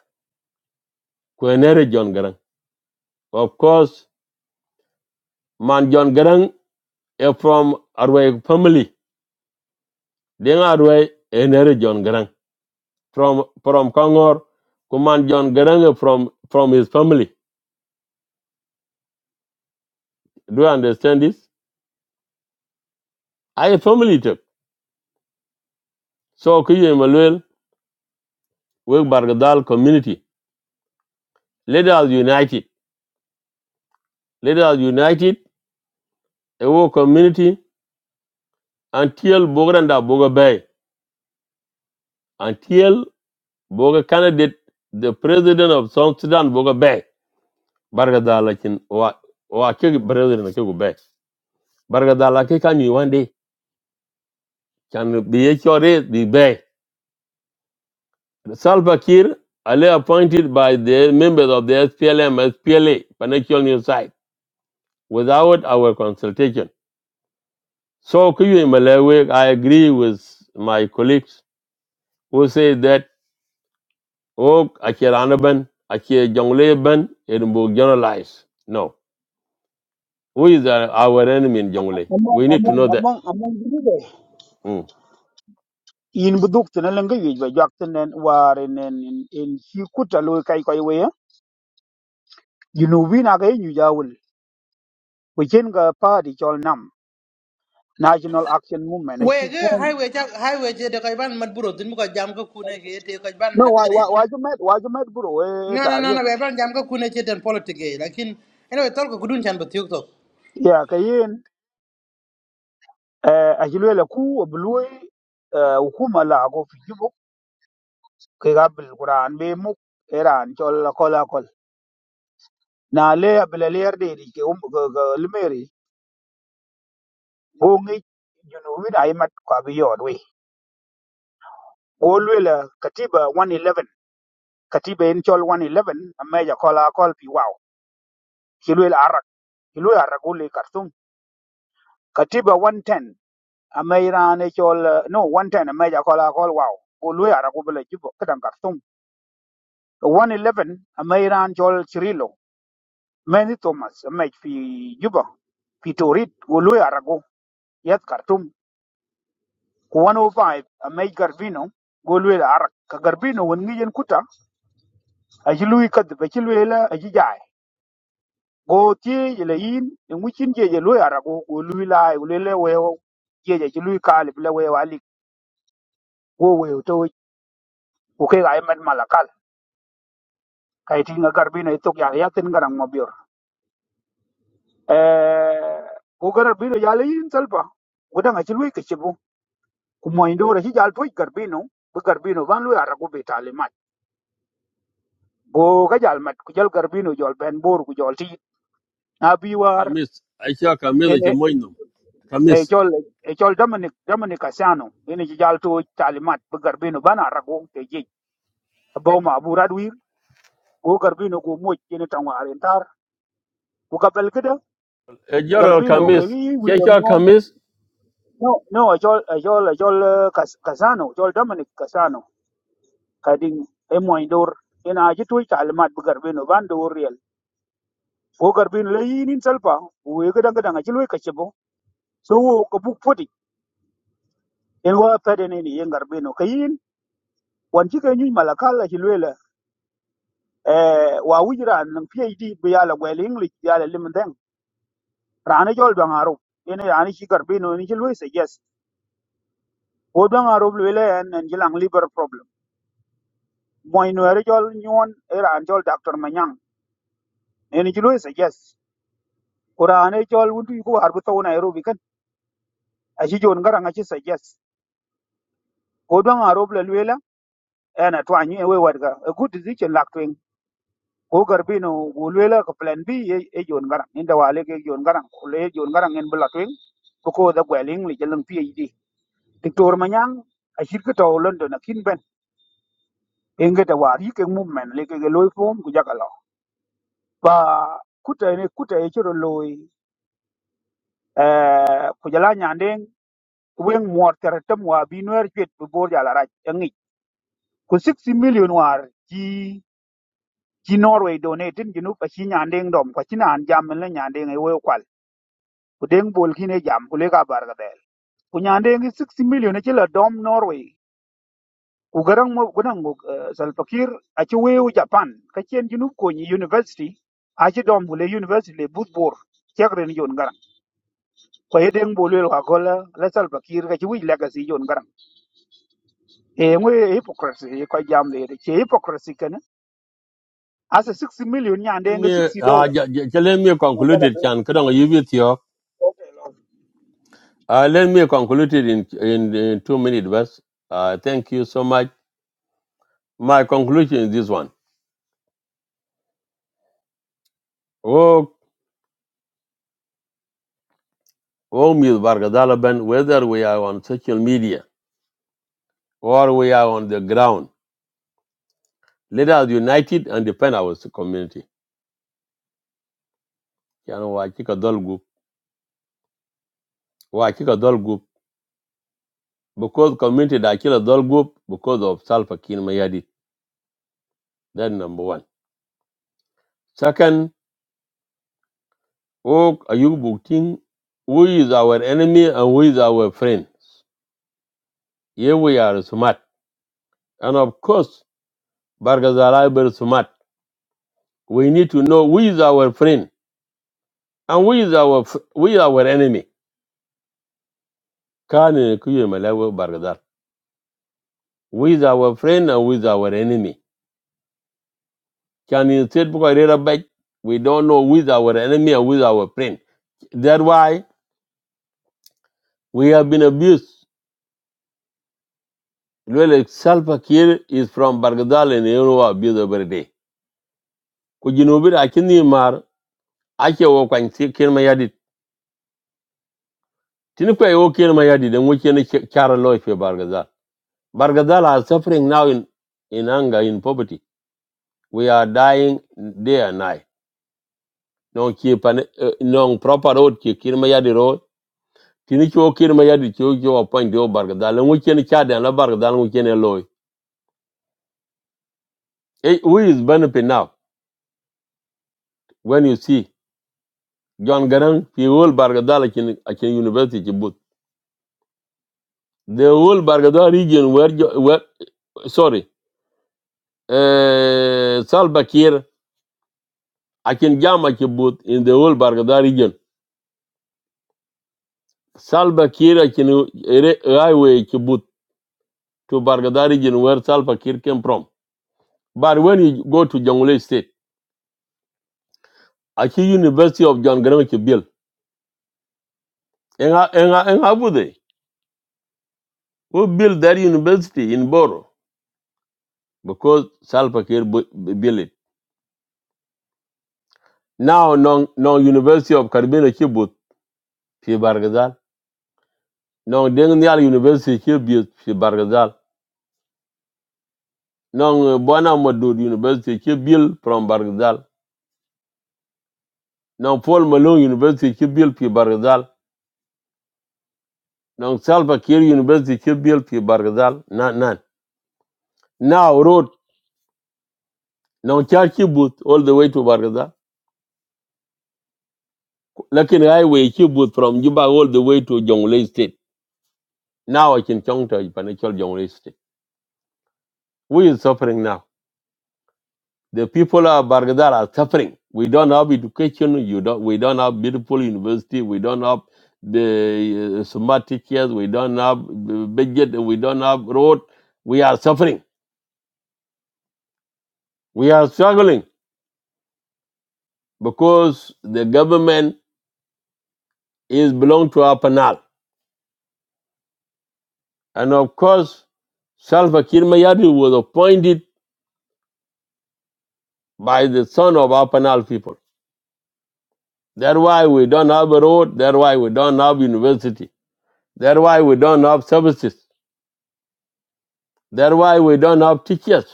Kwenere John Grang. Of course, Man John Grang is from Arwe family. Dengarwe, Enere John Grang. From, from Kongor, Kuman John Grang from, from his family. Do you understand this? I a family tip. So Kiyo Emmanuel we Bargadal community. Let us unite it. Let us unite it, a war community, until Bogranda Boga Bay, until Boga candidate, the president of South Sudan Boga Bay. Bargadal Lakin, wa wa ke president ke go Bay. Bargadal Lakin can you one day, can be H R a sure the Bay. Salva Kiir, Ali appointed by the members of the SPLM, SPLA, Financial News Site. without our consultation. So Kuyu Malewe, I agree with my colleagues who say that oh Akiranaban, Akir Jongleban, it will generalize. No. Who is our our enemy in Jongle?
among
We need to
among
know that.
among among
Mm.
in buduk tena lenga yuj ba jak tenen ware nen in in hi kuta loy kai kai we you know win aga yu jawul we chen ga party chol nam national action movement a
we
hi
ge
form
highway ja highway je de ban mat buro din ko jam ko kune ge te ko ban
no why why why you met why you met bro
no no no
e
no we ban jam ko kune che den politic ge lakin ene we tol ko gudun chan batiok to
ya kayen eh, a jilwela ku bluy hukuma la ko fi jubo ke gabil quran be mu iran chol la kola kol na le abla le yarde di ke um limeri go ngi junubi da imat ko bi yodwe go lwela katiba 111 katiba en chol 111 amma ja kola kol fi wow jilwela arak jilwela arak le kartum katiba 110 amma iran e chol no 110 amma ja kola kol wow go lwela arak bla jubo kadan kartum 111 Ameiran Joel Chirilo Mendy Thomas Amech fi Juba fi Torit Golui Arago Yat Khartoum ku 105 Amech Garvino Golui Arak ka Garvino won ngiyen kuta aji lui kad ba ci lui la aji jaay go tie je le yin en wucin je je lui Arago go lui la le le we je je ci lui kali le we wali go we to ku ke ay mat malakal kay tinga Garvino itok ya yatin garang mo eh ku garbino ya le yin salba gudang achil wi kichibu ku mo indo ra jal toy garbino bu garbino ban lu ara ku betale ma go ga jal mat ku jal garbino jol ben bor ku jol ti na bi war
Kamis, Akia
en
Kamis
e
Akimoinum.
e
Kamis.
jol e jol dominic dominic asano en ji jal to tale mat bu garbino ban ara ku te ji bo ma bu radwir go garbino go mo ken tan war entar ku ka bel kida
A general
garbino ke
Kamis,
wi
Kia
william Wong,
Kamis,
no no e jol e jol e jol eh, Cas- casano jol dominic casano kadin e moy dor ina ji toy kalmat bu garbe no ban dor real wo garbe no yi nin salpa we ga danga danga ji loy kace bo so wo ko buk fodi en wa pede ne ni yen garbe no kayin wan ji ga nyi malakala ji loyla e wa wujra nan phd bu yala gwel english yala limden rana jol danga ro ina yani ji garbe no ni ji loy se yes wo danga ro loyla en en ji liver problem moy no re jol nyon era an jol doctor manyang en ji loy se yes Kurane jol wuntu ko harbu taw Nairobi kan aci jon ŋaraŋ aci suggest ko dwaŋ a rob lo luela en atwaŋ nyu e we wetga a good decision lak twiŋ ko garbi no gu luela ko plan b ye e jon ŋaraŋ inda wale ke jon ŋaraŋ ko le jon ŋaraŋ en bula twiŋ ko da gweliŋ li jeleŋ phd diktor manyaŋ acir ke to london akin ben enge da war yike movement le ke loy form ku jaka lo ba kuta ne kuta e chiro loy eh ku jala nyandeng wen muor tere tem wa bi nuer chwet bu bor jala raj ngi ku 60 million war chi Norway donating junub a chi nyandeng dom kwa chi nan jam le nyandeng e wo kwal ku deng bol kine jam ku le ka bar ga del ku nyandeng 60 million chi la dom Norway ku garang mo gunang mo salpakir a chi weu Japan ka chen junub ko ni university a chi dom ku le university le budbor chakren yon garang ko he deng bol le ka ko la la salpakir ka chi wi legacy yon garang e ngwe hypocrisy e ko jam le de che hypocrisy kana asa 60 million
let
nyandeng
me
60
uh, j- j- j- let me conclude it, Chan
dollar
Kadang Yubitio. Uh, let me conclude it in in, in two minutes, verse. Uh, thank you so much. My conclusion is this one. Oh, oh, Ms. Bargadalaban, whether we are on social media or we are on the ground, let us unite it and defend our community. You know, why kick a dull group? Why kick a dull group? Because community that kill a dull group because of Salva Kiir Mayadi. That number one. Second, oh, are you booking who is our enemy and who is our friend? Here we are smart. And of course, Bargazalai is smart. We need to know who is our friend And we is our f- we are our enemy. Kani kuye malawi bargadar. We is our friend and we is our enemy. Can you say because read back? We don't know who is our enemy and who is our friend. That's why we have been abused. Well, Salva Kiir is from Bargadal and you know abuse every day. Kujinubira akini mar ake wo kwanti kirma yadi. Tini kwa yo kirma yadi then we can chara loy for Bargadal. Bargadal are suffering now in in anger, in poverty. we are dying day and night non ki pan eh, non proper road ki kin road tini cho kin ma yadi cho cho appoint do barga dal ngu chen cha dan la barga dal ngu chen loy e who is benefit now when you see John Garang fi whole barga dal kin kin university ki but the whole barga dal region where Jo- where sorry uh, Salva Kiir akin jama ki but in the whole barga dal region Salva Kiir akin eh, re- highway ki but to Bargadari in where Salva Kiir came from. But when you go to Jonglei State, Aki University of John Greenwich built. And how and how would they? Who built that university in Boro? Because Salva Kiir built it. Now, non, non University of Caribbean Kibut, Fi Bargadal. Non Dengial University Kibut, Fi Bargadal. Non Buana Madud University Kibil from Bargadal. Non Paul Malone University Kibil, Fi Bargadal. Non Salva Kiir University Kibil, Fi Bargadal. None. Now road now charge Kibbutz all the way to Bargaza. Lakin highway Kibbutz from Juba all the way to Jonglei State. Now I can count to financial Jonglei State. We is suffering now. The people of Bargaza are suffering. We don't have education. You don't. We don't have beautiful university. We don't have the uh, smart teachers. We don't have the budget. We don't have road. We are suffering. We are struggling because the government is belong to our panel And of course, Salva Kiir Mayardit was appointed by the son of Apanal people. That's why we don't have a road. That's why we don't have university. That's why we don't have services. That's why we don't have teachers.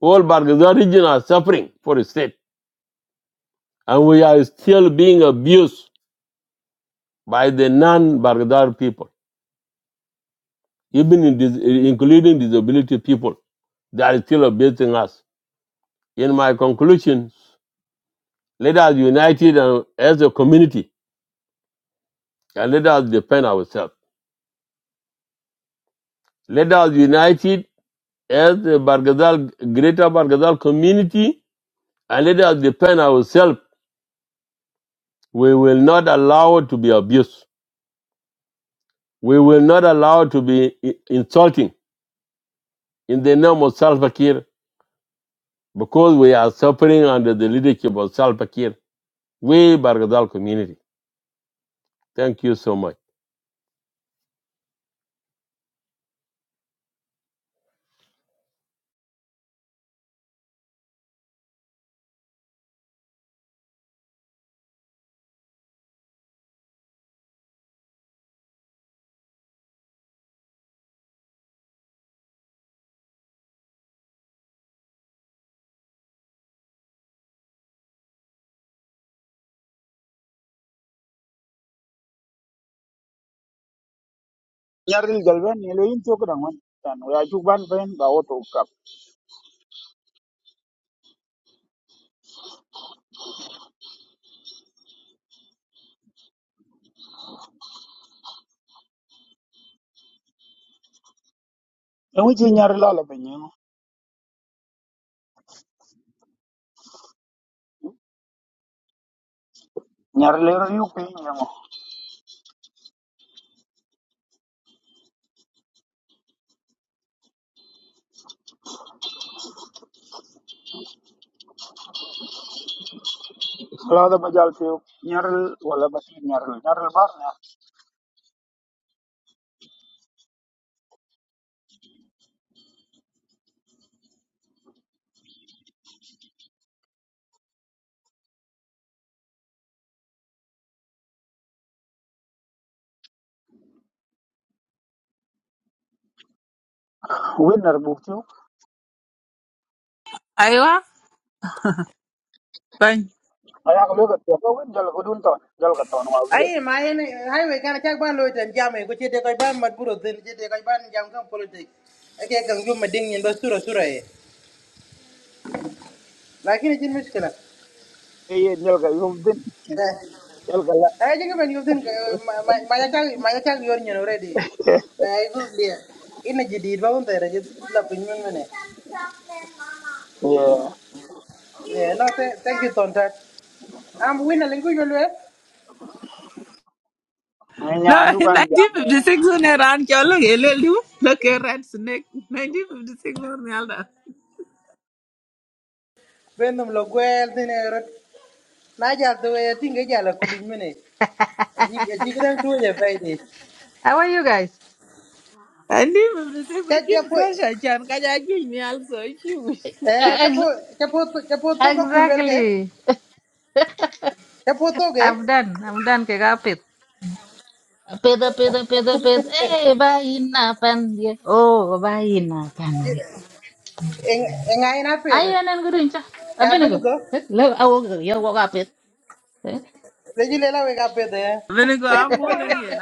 All Bargaza region are suffering for the state. And we are still being abused by the non-Bargadar people, even in dis- including disability people. They are still abusing us. In my conclusions, let us unite as a community and let us defend ourselves. Let us unite it as the Bargazal, greater Bargazal community and let us defend ourselves. We will not allow it to be abused. We will not allow it to be i- insulting in the name of Salva Kiir because we are suffering under the leadership of Salva Kiir. We Bargazal community. Thank you so much.
nyaril galben ne lo yin to kadan wan tan wa ju ban ben ba o to kap en wi nyar la la ben yemo nyar le ro yu pe yemo la da ba jal pe nyar wala ba si nyar nyar bar na winner bu tu
Aiwa, bang.
aya ko lo ka to ko win jal ko dun to jal ka to wa wi
ai ma ene highway kana chak ban lo ten jam e ko che de ko ban mat buro din che de ko ban jam ko politic ake kan ju ma ding yin ba sura sura e lakin chin miskala
e ye nyal ga yu din jal ga la
I think when you think my my child, my child, you're already. I good there. In a GD, bound there, just love in one
e
Yeah, no, th- thank you, Tontat. I'm winning a language. well.
me nya
No, <laughs>
andu kan ja ne
1956 on a run, Kyolo, Elelu, look a red snake. 1956 on the other.
When the Loguel, then I wrote Naja, the way I think a yellow cooling minute. A jigger to your Friday.
How are you guys?
1956, making
Chapo,
pressure, Chan, Kaja, give me also a huge.
eh,
I'm
ex
Chapo, Chapo, Chapo, Toka Kulwelke,
Exactly.
Chapo Toge,
I'm done. I'm done. Kegapit. peda peda peda peda eh bayin na pan dia oh bayin na pan dia
and I in a feather.
ayen en gudun cha
Yeah,
abene go Eh, le awo yo go ga pet
Regilela, we got better.
gonna go, I'm all in here,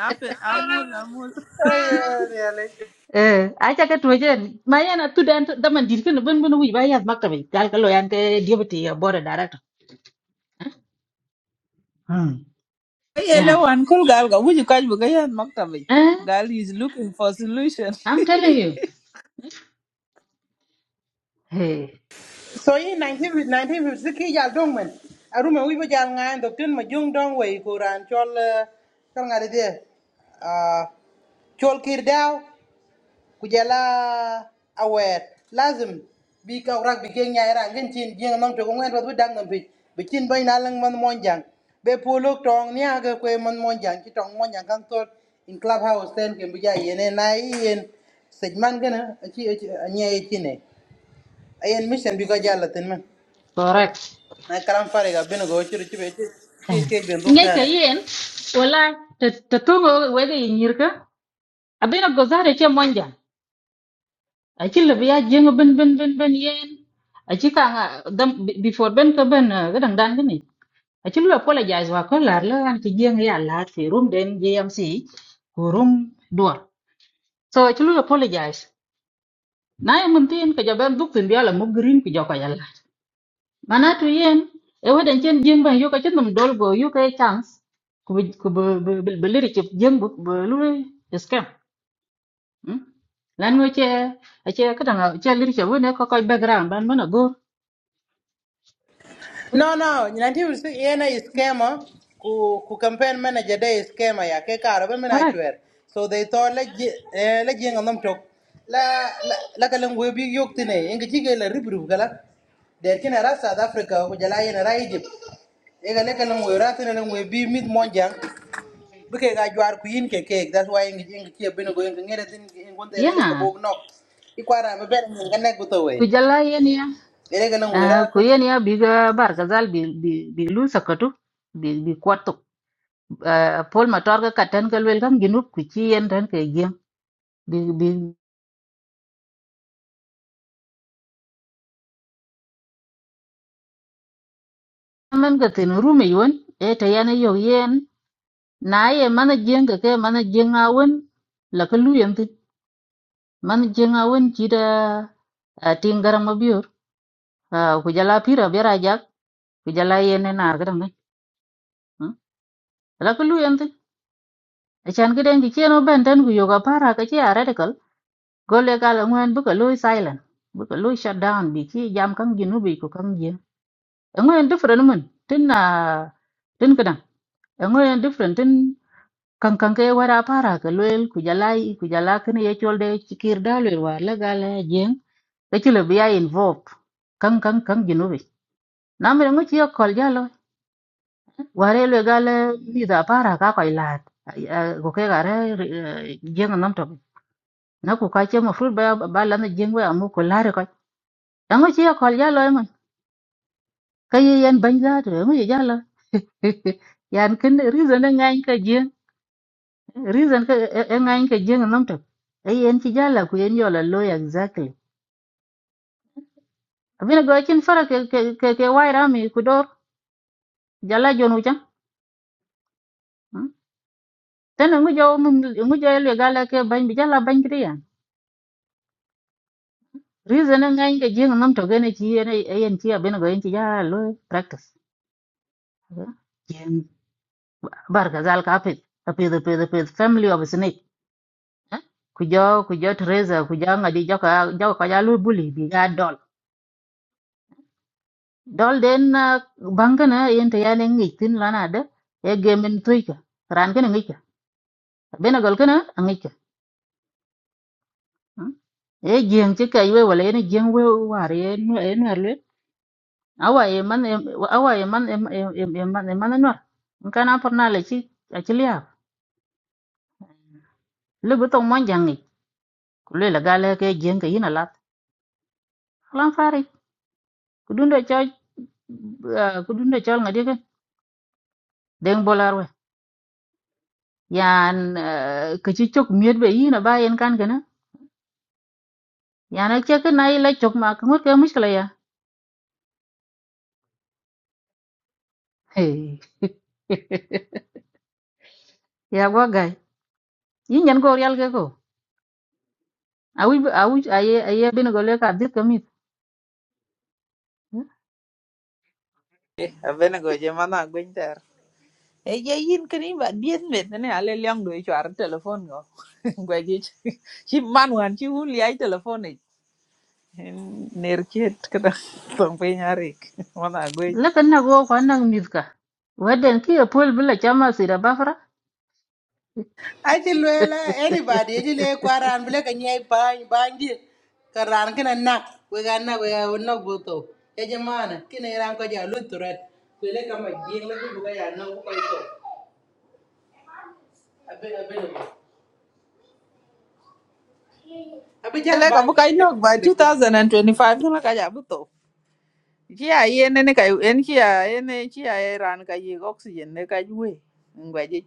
I'm all, I'm all.
Oh, yeah, really.
Eh, acha ka tuwajen. Ma yana tu dan da man dirkin na bin bin wi ba ya makka bi. Kal kalo yan ke deputy ya board director. Hmm.
Hey,
Yeah.
Hello, Uncle Gal. Go with you catch Bugayan Maktavi.
Eh,
Gal is looking for solution.
I'm telling you. Hey,
So in 1950 1956 yal dong men. Aruma wibo jal ngan dokten ma jung dong wei kuran chol eh, chol ngade de. Ah chol kir daw kujala aware lazim bi ka rak bi geng nya era ngin chin jing nam to ngwen wat dang nam bi bi chin bay na lang man mon jang be puluk tong nya ga kwe man mon jang chi tong mon jang kang tol in club house ten kem bi ja yene na yen sejman gana a chi a nye chi ne ayen mission bi ka jala ten men
correct.
na kalam fariga binigo chiri chibe chi
Eh.
chi binduk
Ngai ka
tane
yen wala ta ta tungo wega yinyirka. Abina gozare che monja. Achi labi ya jengo bin bin bin bin yen. Achi ka nga dam be- before ben ka ben eh, gadang dan gini. Achi lu apologize wa ko lar la an ki jengo ya lar fi room den JMC. Ku room door. so ci lu apologize na e mun tin ka jaban duk tin biala mo green ku joko yalla mana to yen e wadan chen jeng ban yo ka chen dum dol go yo ka chance ku bi- ku belir ci jeng bu bu lu scam mm? lan mo che a che ka dang che lir che wone ko ko background ban mana go
no no nanti usik yena is scammer ku ku campaign manager day is scammer ya ke karo ben mena
correct
chwer so they thought la ji eh, la jinga nam tok la la la kalam we bi yok tine inga chige la ribru gala der kina ra south africa ku jala yena ra egypt ega le kalam we ra tine lang we bi mit monjang bike ga jwar ku yin ke ke that's why inga inga chi binigo inga ngere tin inga wonte ne le ka
yeah
bob nok ikwara be ben inga ne
ku
gutowe
jalla yen ya
Ele kana
Ah,
ngwera
ku
tu.
yen ya biga barkazal bi bi bi lu sakatu bi bi kwato uh, Paul Matar ka katan ka lwel kan ginup ku ci yen tan ke gem bi bi man ka tin rumi yon e ta yana yo yen na ye mana jeng ka ke mana jeng awon la ka lu yen tin mana jeng awon ci da a tin garam biur a ku jala pira bera jak ku jala yen e na garam ne la ka lu yen tin a chan ka den ki cheno ben tan ku yo ka para ka ci a gole ka la ngwen bu ka lu silent bu ka lu shut down bi ci jam kan ginubi ku kan jeng ngoyen different mun tin na tin kadan ngoyen different tin kan kan ke wara para ka loel ku jalai ku jala kin ye cholde chikir dalwe war la gala jeng ke chulo biya involved kan kan kan ginubi namre ngo chiyo kol jalo ware le gala mi da para ka ko ilat ko ke gare jeng nam to na ku ka che mo fru ba ba la na jeng wa amu ko lare ko ngo chiyo kol jalo e man ka ye yan banja to ngo ye jalo <laughs> yan kin reason na ngai ka jeng <laughs> reason ka e ngai ka jeng nam tok ai en ci jala ku en yola lo ya exactly abina go chin fara ke ke ke ke wai rami ku dor jala jonu jam tan ngu jo mum ngu jo le gala ke ban bi jala ban kriya reason e ngai ka jeng nam tok ne ci en ai en ci abina go en ci jala lo practice jeng bar ka zal ka pet pe de pe de pe family of snake eh? ku jo ku jo treza ku jo ngadi jo ka jo ka jalo buli bi ga dol den banka na bangana yente yale ngi tin lana de e gemen tuika ran kana ngi ka bena gol kana ngi ka e jeng ci kay we wala ene jeng we war ye no e no le awa e man em- awa e man em em em em man e man no kana porna le ci a ci liya le bu tong mon jangi ku le la gale ke jeng ke yina lat lan fari ku dundo cho ku dundo cho ngadi ke deng bolar we yan ah, ke ci cok miet be yina ba yen kan kana yana che ke na ile chok ma ko ke mushkila ya Hey. <laughs> ya go gai yin yan go real ke ko awi awi aye aye bin go le ka dit ka mit
Avenago Jemana Gwinter. Hey, yeah, yin can even be admit, and I'll let young do it. You are a telephone go. <laughs> Gwagich. She man one, she will lie telephonic. Near kid, something Eric. One I go.
le kan na go kwa nang mit ka waden ki e pol bila chama sira bafra
Aci luela
<laughs>
anybody aci le kwaran bile ka nyai bany banji karan kina nak we ga nak we ga nak buto ya jamana kina iran ko ja lu turet bile ka ma jing la ku ga ya na ko to abe abe le abe jar
Like a
ban
book I
kina ga
know <laughs>
lu
by
bile
2025, like I have to. Yeah, yen and a guy, and here, and here, I ran a oxygen, like I do.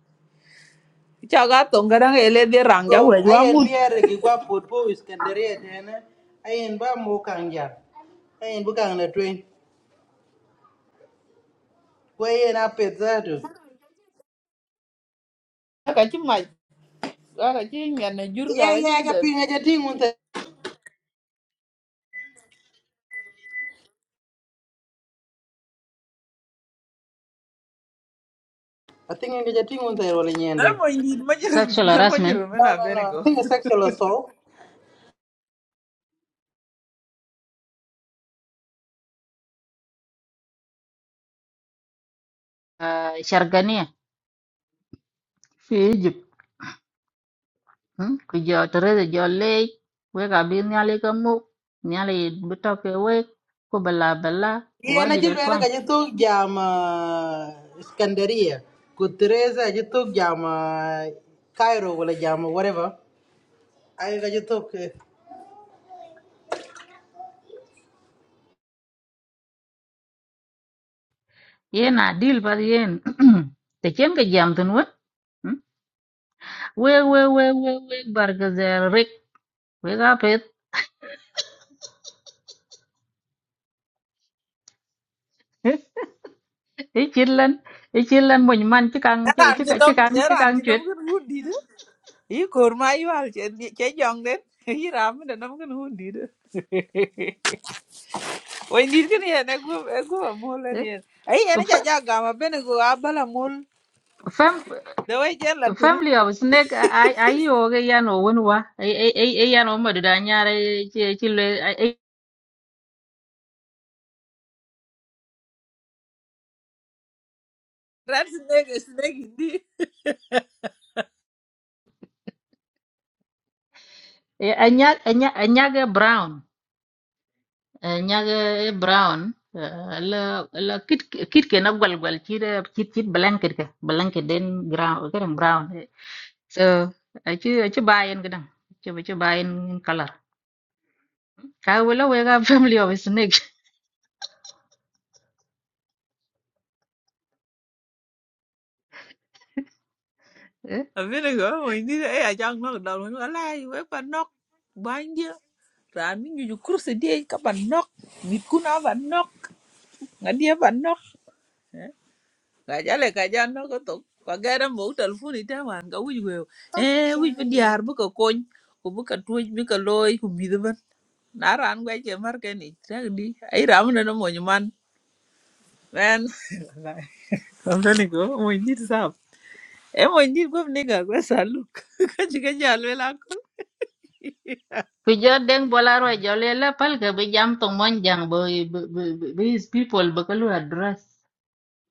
caga tonga dang ele de ranga
go
we wa
ayen
mut
biere gi gwa pot po iskandaria dena ayen ba mo kanja ayen bu kang na twen we ayen apet zato
ka chi ma ka chi nyan na jur
ya
ga chi
ya
de
ja
den
pinga ja tingun ta atinga ja tingun ta role nyende
na mo ndi ma jiro
sexual
na mo
harassment
jiro me
No,
na
no,
be
no. I
go
think it's sexual assault.
uh, shargania fi Egypt hmm? ku jo tere jo le we ka bi nyale ka mu nyale buto ke we ko bala bala
Yeah, na
wadi
jilu
da
ela gaji tuk jam uh, Skandaria. Good Teresa gaji tuk jam uh, Cairo wala jam whatever. Ay gaji tuk. eh.
yen adil par yen <clears throat> te chen ke jam tun wet Hmm? we we we we we bar ke zer rek we ga pet <laughs> e chillan e chillan mon man chi kang chi
ran
chi
chi
chi
dom
kang chi
ran
kang
chi dom
chwet
kun hun di de i kor ma i wal che che jong de i ram de nam kun hun di de we ndi kin ye na go e go mo le
Eh?
ni ai ye na cha
Fa-
ja ga ma be go a bala mol
fam
de we je la tru
family of snake <clears throat> ai ai yo ge yan o won wa ai ai ai yan o ma da nyare chi chi le ai
ran snake snake ndi
ai anya anya anya brown Eh, nyage brown eh, la la kit kit ke na gwal gwal kit eh, kit kit blanket ke blanket den brown garang brown eh. so achi achi bayen gadang achi achi bayen color ka wala we ga <laughs> family of snake eh.
a be go mo ndi e a jang no da no ala we pa no Raan mi nyuju kursi diej ka ba nok. Mit kuna ba nok. Nga dia ba nok. Eh, Ga jale ka ja nok ko tok. Kwa gara mo telefoni ta wan ga wij weo. Eh wij bi diar bu ka kony. Ko bu ka tuoj bi ka loy ko midho ban. Na raan gwa ke mar ke ni. Tak di. Ai ramu na no mo nyuman. Man. I'm trying to go. Mo nyit sap. Eh mo nyit go nigga go saluk. Ka jiga jalwe la
ku jo den bolaro jole la pal ke be jam tong mon jang bo be be- be- be his people be kalu address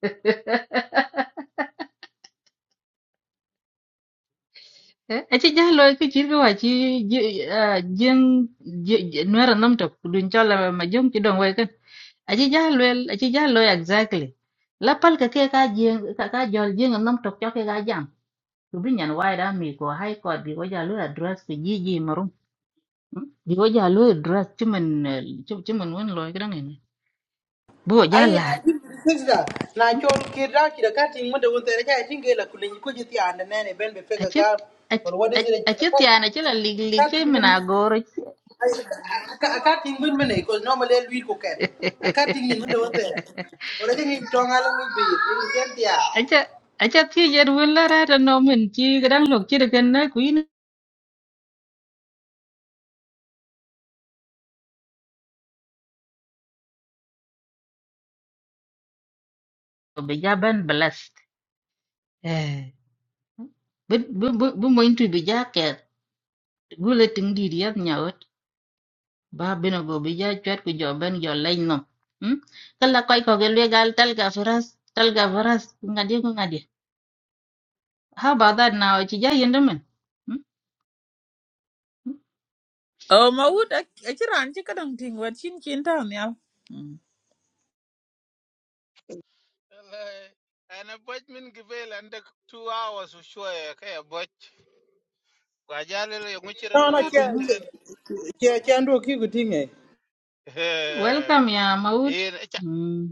<laughs> Eche jah lo ke chir ke wachi jeng nuera nom tok dun chola ma jong ki dong wai kan. Eche jah lo eche jah lo exactly. La pal ka cái ka jeng cái ka jol jeng nom tok cho ke ka jam. Tu bin yan wai da mi ko hai ko bi ko ja lo address ki ji ji marum. Bi ko ja lo address chimen chimen wen lo ki dong ene. Bo ja
Ay
la.
na jilu sexta. Na chol kira kira kati ngunda wunta ela jaya jinga ela kulenji kuji tia anda nene ben be fega
Eche
gal.
eche
Or what is it?
eche tiana chela lig lig che
Kati kati
mina
ngunda.
goro.
I I- I can't think good money because normally we cook it. I can't think in the water.
<laughs>
Or I think it's strong along with it?
acha acha thi jer wala ra ra no min chi gran lok chi de na ku yin be ja ban blast eh bu bu bu bu mo intu be ja ke gule ting di ri yak nyaot ba bino go be ja chat ku jo ben jo lein no hm kala koy ko gel we gal tal ga faras tal ga faras ngadi ko ngadi how about that now chi ja yendo men Hmm?
Oh, Maud, I can't think what chin chin town, yeah.
Wallahi, ana boj min gibel ande two hours ushuaye kaya boj kwajali le nguchire
No, no,
loy
chair,
menten
chair, chair, do kiku tinge.
Eh,
welcome ya maud.
in
hmm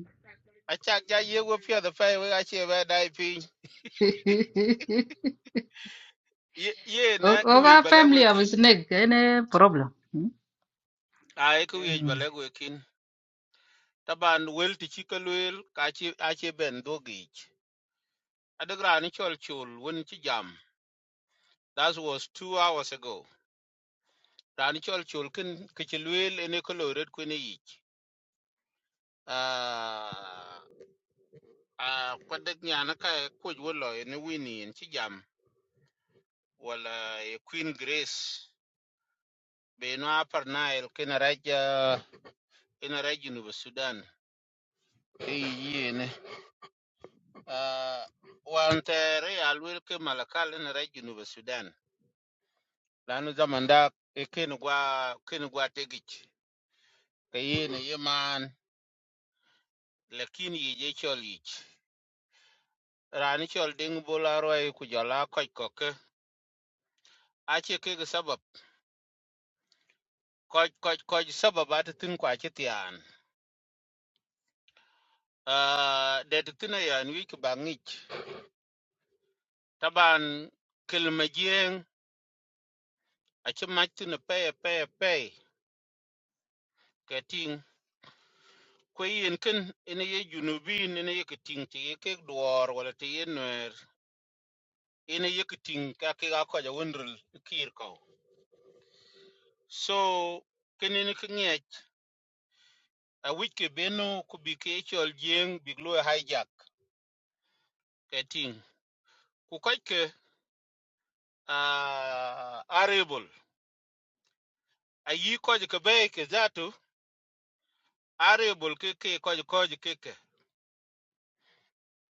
achak <laughs> ja ye wo pia the fire. we achi ba dai pi
<laughs>
ye ye
o
na ku ye bala
family of
kin
snake ene problem
ai ku ye
hmm
bala kin taban wel ti chi kalwel ka chi achi ben dogi adagra ni chol chul won chi jam that was two hours ago rani chol chol kin kichilwel ene koloret kwene yich Ah. a kwadak nyana ka kuj wo lo ne wini en ci jam wala e queen grace be no apar nail kena raja kena raja nu sudan e yene a wan tere alwel ke malakal na raja nu sudan lanu zaman da e ken gwa ken gwa tegich ke yene yeman lakin ye je chol yich rani chol ding bola roi ku jala koj koke ache ke sabab koj koj koj sababat tin kwa chitian Ah, det tina yan wiki ba ngich taban kilmajieng achi machtina pe pe pe keting kweyin kin ina ye junubin ina ye keting ti ye kek duor wala ti ye nwer ina ye keting ka ke ga ko ja wonrul kir ko so kinin ki ngech a wiki beno ku bi ke chol jeng bi glo hijack keting ku koike a arable ayi ko ke be ke zatu arable ke ke ko ko ke ke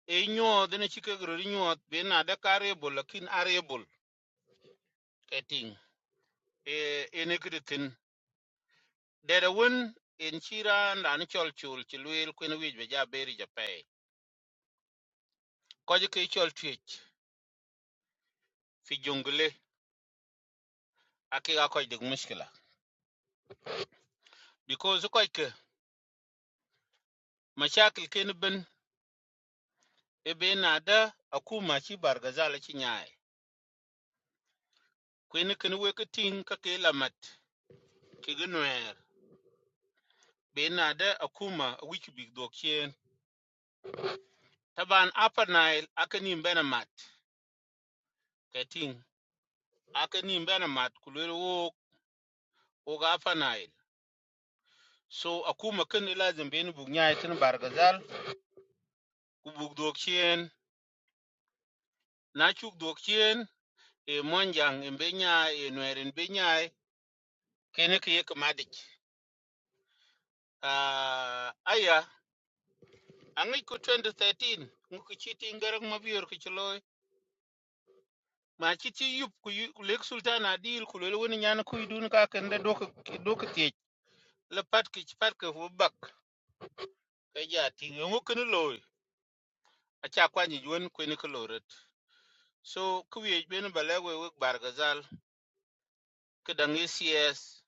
e nyo de ne chike gro ri nyo be na de ka arable lakin arable keting e e ne kritin de de won en chira na ni chol chul chi luel ku ne wi be ja beri ja pe ko ke chol twich fi jungle ake ga ko de mushkila because ko ke mashakil ke ne ben e be na da akuma chi bargazala chi nyaai ku ne ken we ke ting ka ke lamat ke gnuer be na da akuma wiki big dok Taban Upper Nile akanim bena mat keting akanim bena mat kulero wo oga Upper Nile. So akuma kan lazim beni bugnya itin bargazal ku bug dokien na chuk dokien e monjang embenya e nweren benya kene ke yek madik. Ah aya angi ku 2013 ngu chiti ngarak mabiyor ke chloy ma chiti yup ku yu- ku lek sultan adil kulelo woni nyana ku idun ka kende dok dok tie le pat ke pat ke bak ke ja ting yongu kene loy acha kwa ni yuen kwene ke loret so kuye ben balewe we bargazal ke dang cs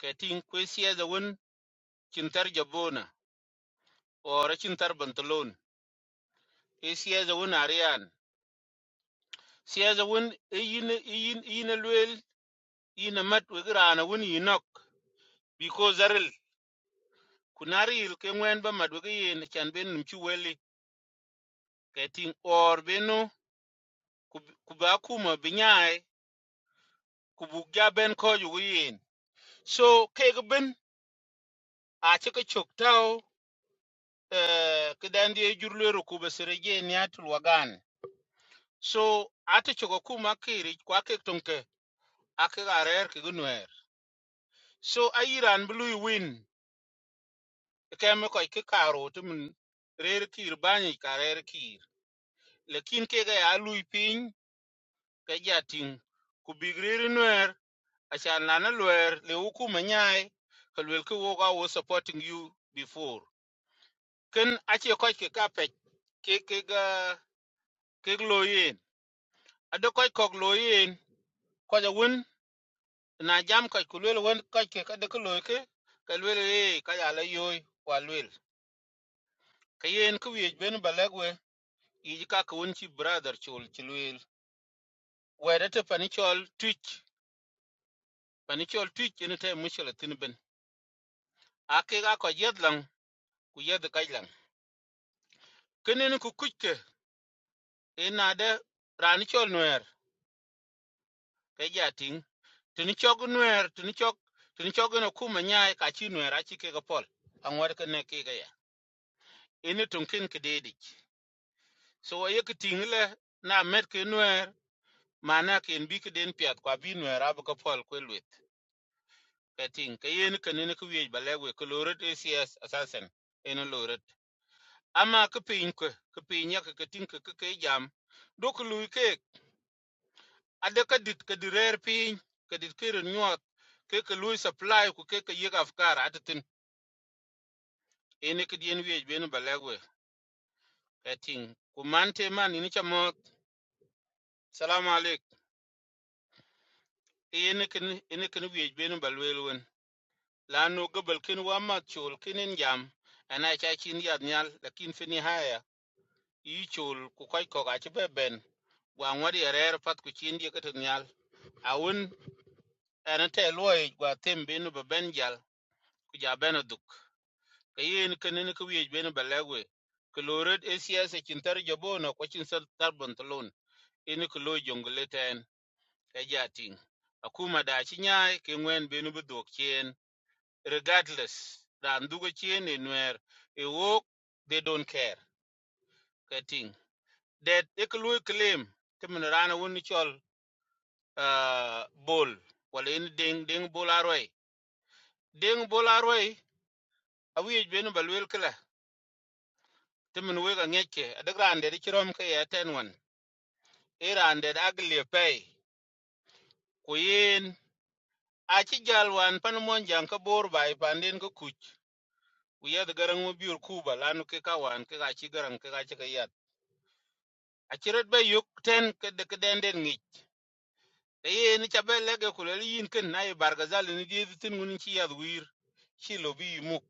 ke ting kwe cs awun chintar jabona or chintar bantalon e cs awun arian cs awun e yin e yin e yin lwel yin mat we grana wun because zaril kunari il ke ba mat we ke yin chan ben nimchu weli ke ting or beno kuba binyai kubuk ja ben ko yin so kek a ci chok tau eh, ka dan di jur le ni atul wagan so ata choko kuma kiri kwa ke tonke ake ga ke gunwer so a iran blue win ke me ko ke karo tumun rer kir bani ka rer kir lekin ke ga ya lui pin ke ja tin ku big nwer a cha na na lwer le hukuma nyai ka ke wo ga supporting you before ken a ce ko ke ka ke ke ga ke ade koy kok lo yen ko ja won na jam koy ku lwel won koy ke ka de ko lo ke ka lwel e ka ya la yoy wa lwel ka yen ku wej ben balagwe yi ka ka won chi brother chol chi lwel wede te pani chol twitch pani chol twitch ene te mushel tin ben ake ga ko yed lang ku yed ka lang kenen ku kuchke ina de rani chol nwer ke ja ting tini chog nwer tini chog tini chog no kuma nyaay ka chi nwer a chi ke ga pol angwar ka ne ke ga ini tonkin kidedi so ye kitingile na met ke nuer mana ke en bi ke den piat kwa bi nuer ab ka pol ko luet ka ting ke yen ke ne ke wiej bale we ko loret acs assassin eno loret ama ke pin ko ke pin ya ke ting ke ke jam do ko lu ke ade ka dit ke direr pin ke dit ke nyot ke ke lu supply ku ke ke ye afkar atetin ene ke den wiej beno bale we ka ting ku man te man ni chamo salamu alaikum ene ken ene ken wiec ben ba luel wen la no gobel ken wa ma chol ken en jam ana cha chin yad nyal lakin fini haya i chol ku koy ko ga che ben wa ngwadi erer pat ku chin die ket nyal awun ana te loy wa tem ben ba ben jal ku ja ben duk ka yen ken ene ku wiec ben ba lewe ku lored acs chin tar jabona ko chin sal tar bantalon ene ku lo jongle ten ka ja ting akuma da chi nyaai ke ngwen benu bu dok regardless ran dugo chiene nuer e wok they don't care kating that eklui claim timin rana woni chol uh, bol wala in ding ding bol arway ding bol arway awi ben balwel kala timin wega ngeke adagran de chirom ke yaten wan iran de agle pay kuyin achi jalwan pan monjang ka bor bai panden ko kuch uyad garang mo biur kuba lanu ke kawan ke achi garang ke achi kaya. Achiret be yuk ten kede kedenden ngich. Kaye ni chabe lege kuleli yin ken na i bargazal ni di editin ngun chi yad wir. Chi lobi yimuk.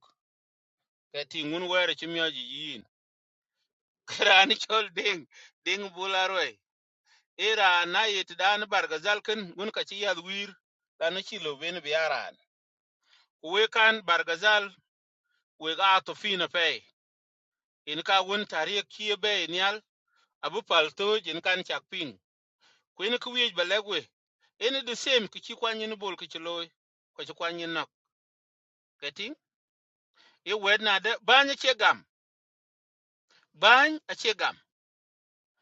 Kati ngun were chimioji yin. <laughs> Kerani chol ding. Ding bularwe. Ira na yit dan bargazal ken ngun ka chi yad wir. Lana chi lobi ni biyaran. Uwe kan bargazal wega ato fina pay. Inka wun tariek chie be nial. Abu paltoj inkan chakping. ku yin ku wiec ba lɛk we ini the same ki ci kwan yin bol ki ci looi ko ci kwan yin nok keti ye wɛt naade baany acie gam baany acie gam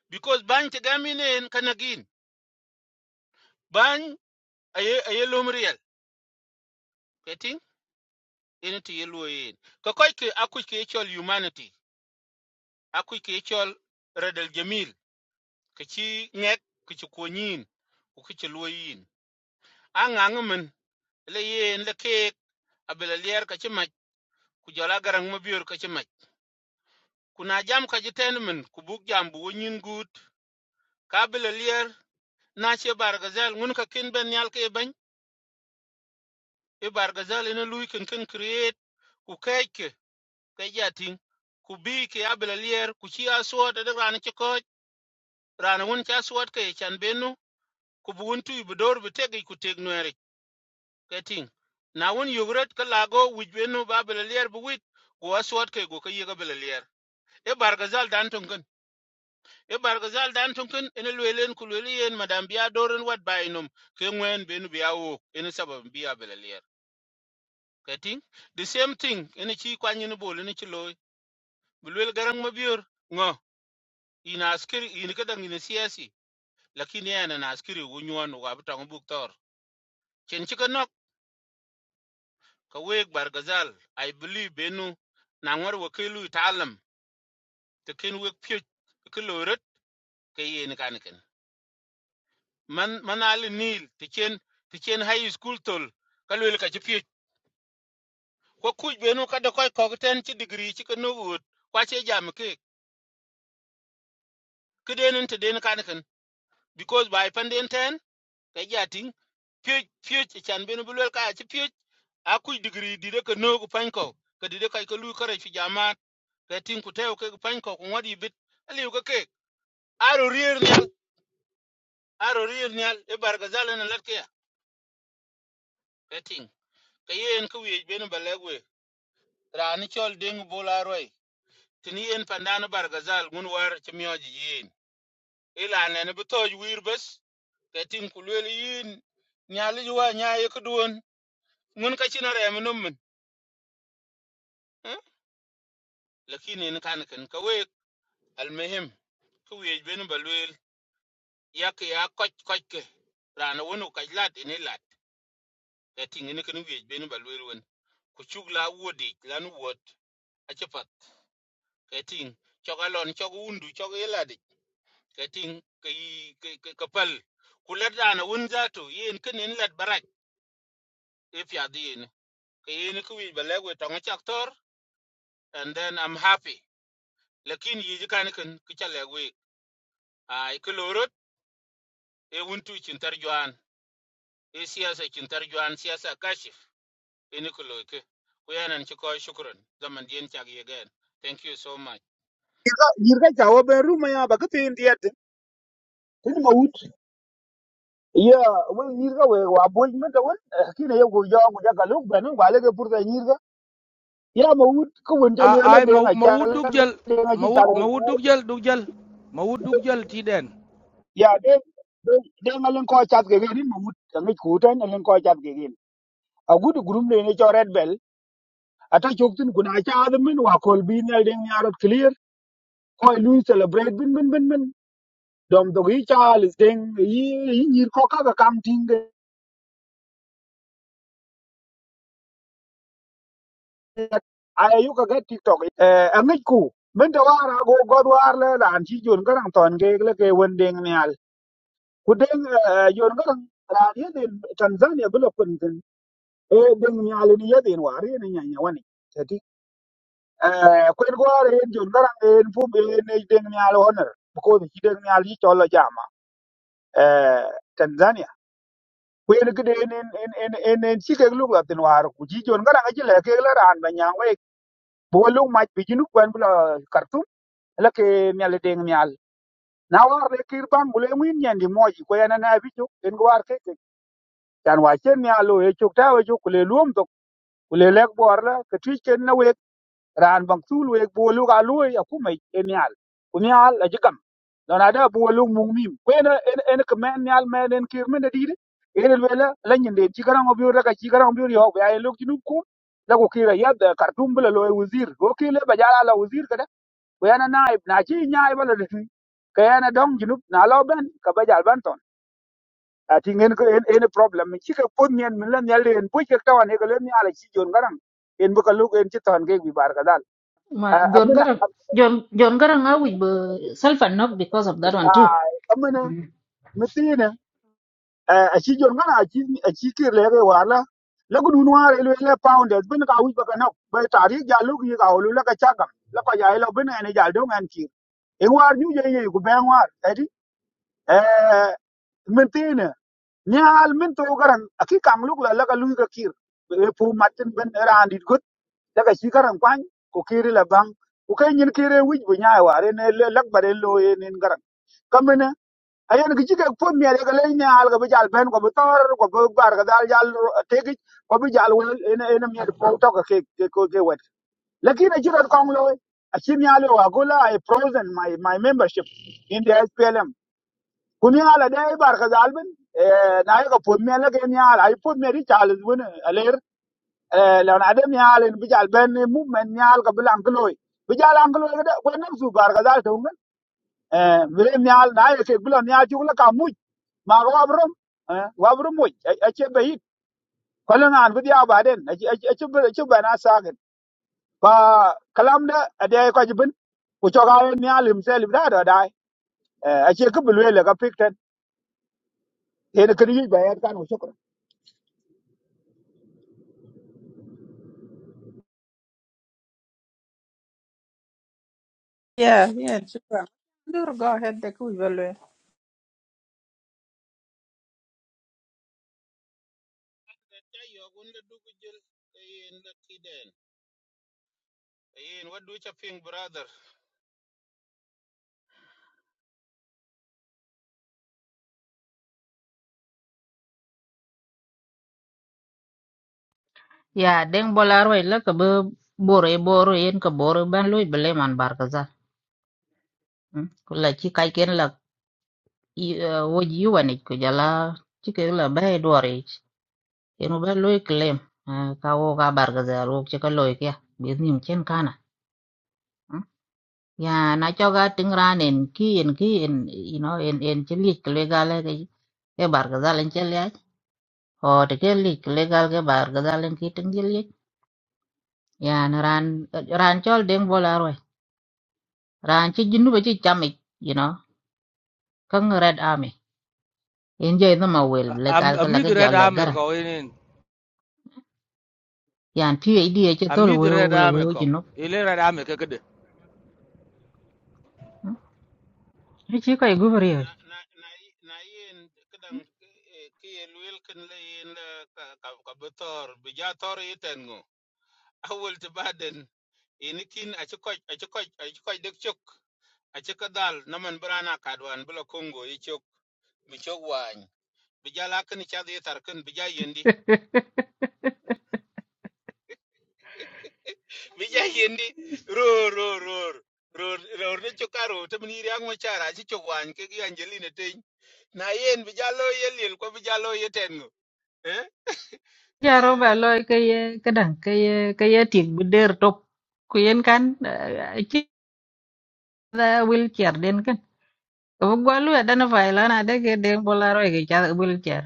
because baany ti gam yin en kanagin baany aye aye lom riel keti ini ti ye luo yen ko koc ke akuc ke ye cɔl humanity akuc ke ye cɔl redel jamil ke ci ŋɛk ke ci kuony yin ku ke ci luo yin a ŋaŋi min le yen le keek abel aliɛr ka ci mac ku jɔl agaraŋ mabior ka ci mac kuna jam ka jiten min ku buk jam bu nyin gut ka bile lier na che bargazel ngun ka kin ben nyal ke ben e bargazel ina lui kin kin create ku keke ke jatin ku bi ke abile lier ku chi aswat de ran che ko ran ngun cha aswat ke e chan benu ku bu un tu bu dor bu tegi ku teg nueri ke ting na un yugret ka lago wij benu ba bile lier bu wit ku aswat ke go ke ye ka bile lier e bargazel dan ton e bargazal dan tunkin ina lwelen ku lweli yen madam biya dorin wat bainum ke ngwen benu biya wo ina sabab biya belalier kating the same thing ina chi kwany ina bol ina chi loy bulwel garang mabiyor ngo ina askiri ina kadang ina siyasi lakini yana na askiri wo nyuan wa butang buktor chen chi kanok ka weg bargazal i believe benu na ngor wa kelu talam te ken weg pyo ke loret ke yen kaniken man manal nil tichen tichen high school tol kalwel ka chipi ko kuj beno kada koy ko ten chi degree chi kano gut kwa che jam ke kiden te den kan kan because by panden ten ka jating pi pi chan beno bulwel ka chi pi a kuj degree dire ka no panko ka dire ka ko lu kare fi jama ka tin ku tew ke panko ko ngodi bit ali ko ke aro rier nyal aro rier nyal e barga zalen latke ka ting ka yen ku wej beno balagwe rani chol ding bula roi tini yen pandana bargazal ngun war chimioji yin ila ne bi toj wir bes ketin kulwel yin nyali juwa nyaye kudun ngun ka china rem nummin eh? lakini ni kan kan ka we almuhim ku we ben balwel yak ya koch koch ke rana wonu kaj lat ini lat ketin ni kan we ben balwel won ku chugla wodi lan wot achapat ketin chogalon chogundu chogilad ka ting ka yi ka ka- ka pal ku yen kin lat barak if ya di yen ka yen ku wi balag tonga chak and then i'm happy lakin yi ji kan kin ki ai ku e wun tu juan e siyasa chin juan siyasa kashif ini ku loike ku yanan ci ko shukran zaman dien chak ye thank you so much
nyir ka jawo ben ru ma ya ba ka tin diet tin ma wut ya we nyir ka we wa bol me da won kine yo go yo go ja ka lu ben wa le ke pur ta yir ya ma wut ko won ta le
I I
de
ma
nga
ma
cha
wud
le
dugjal
de nga
ma
chi cha
wud ma wud dugjal dugjal ma wud dugjal tiden.
ya de de nga len ko cha ke ni ma wut ta ngi ku tan len ko cha ke ni a gut gurum le ne cho red bell ata chok tin kuna cha de min wa kol bi ne de nga rot clear ko lu celebrate bin bin bin bin dom do gi cha le ding yi yi ni ko ka ka kam ting de aya yu ka ga tiktok eh ngi ku min ta wara go god war le dan chi jun garang ton ke le ke won de ngal kudin yorgaran ran yadin tanzania bila kuntin e din nyalini yadin wari ne nyanya wani tati kudin gwara yin yorgaran yin fub ne din nyal honor ko da kidin nyal yi tolo jama eh, tanzania kwen gide en en en en en en chike lugla tin war ku ji jon gara ngaji le ke la ran ba nyang we bo lu ma bi jinu kwen bla kartum la ke nyal ding nyal na war le kir bang bule ngin nyandi moji ko yana na bi ju en war ke chan wa chen nya lo e chuk ta we chuk le luom to le lek bor la ke twi chen na we ran bang tu we bo lu ga lu ya ku mai e nyal ku nyal a jikam don ada bo lu mung mim ku en en en ke men nyal men en kir men de di en le la la nyen de ti garang obi ra ka ti garang obi yo ya e lu ki nu ku la ku kira ya da kartum bla lo e wazir go ki le ba jala la wazir kada ku ya na naib na chi nyaai bala de twi ka ya na dong junub na lo ben ka ba jal ban to ati ngen ko en en problem ci ka pon nyen min lan yalde en bu ka tawan e ko len yala ci jon garang en bu ka lu en ci tan ge bi bar ka dal
Ma John
amina
Garang John John Garang a wich be self and not because of that one too.
amina
Mhm.
mitina a ci jon gana a ci a ci kir le ge wala la gudu nuar ele le pounders bin ka wi ba ka na ba tari ja lu ki ka lu la ka chagam la ka ya lo bin ene ja do ngan ki e war nyu je ye ku ben war edi eh nyaal min to garan aki kam luk la laka lui ka kir e pu matin ben era andit gut daga shi garan kwan ko kiri la bang ko kai nyin kire wij bu nyaay ware ne le lak bare lo e nin garan kamene ayen ki jike po mi ale gale ne al ga bijal ben ko tor ko bu bar ga dal jal tegi ko bijal won ene ene mi po to ka ke ke- ko ke wet lakini a jiran kong lo a shi mi ale wa gola i frozen my my membership in the SPLM kuni ala de bar ka zalbin eh, na yi ka pod me la ke mi ala ai pod me ri chalis wona aler la na de mi ala bi jal ben movement mi ala ka bilang gloi bi jal ang gloi da ko nem su bar ka zal to ngan eh vre mi ala na ye ke bilang mi ala ju la ka mu ma wa brom eh wa brom mu a che be hit ko la nan bi ya ba den a che a che ba na sa gen ba kalam da a de ko jibin ku cho ga mi ala mi sel da da dai eh a che ke bilwe la ka pikten he ne kri ba ya kan
Yeah, yeah, sure. Nur, go ahead, the cool value.
ya yo wun la du ku jil yen la den yen wadu cha brother
Ya deng bolar wai la ka be bore bore yen ka bore ban loy bele man bar ka za. Mm. Ku la chi kai ken la i- eh, wo ji wan ik ku jala chi ke la ba dore ich. Yen u ban loy claim eh, ka wo ka bar ka za ro chi ka loy kya. Bi nim chen kana. Mm. Ya na cho ga ting ran en ki en ki en you know en en chi lik le ga le ke e bar ka za len o tike lik legal ke bar ga dalen ki tengil ye yan ran ran chol deng bola roi ran chi jinu ba chi chami you know kang red army in je no ma wel
Am
legal ke la
amid
ke
red
jol le
ame
gar
ko inin
yan pi e di che tol
amid
we
red
we
ame
we
ko
jinu
ile red ame kekede.
ri chi ko e gubri ye
na na na na yen kedang ki ye luel ken le yen le ka ka ka betor bi ja tor yiten go awol te baden ini kin aci koc aci koc aci koc dek cok aci kedal naman berana kadwan bila kongo i cok bi cok wany bi ja lakin ca di tar ken bi ja yendi bi <laughs> ja yendi ror ror ror ror ror ne cok karo te meniri ang macara aci cok wany ke gi angelina teny na yen bi ja lo yelil ko bi ja lo yiten go Eh?
ya ro ba
eh
loy ke ye ke dang ke ye ke ye tik bu der top ku yen kan chi da wil kier den Ko gwalu ya dana fai lana dege de bola roi ke cha bul cher.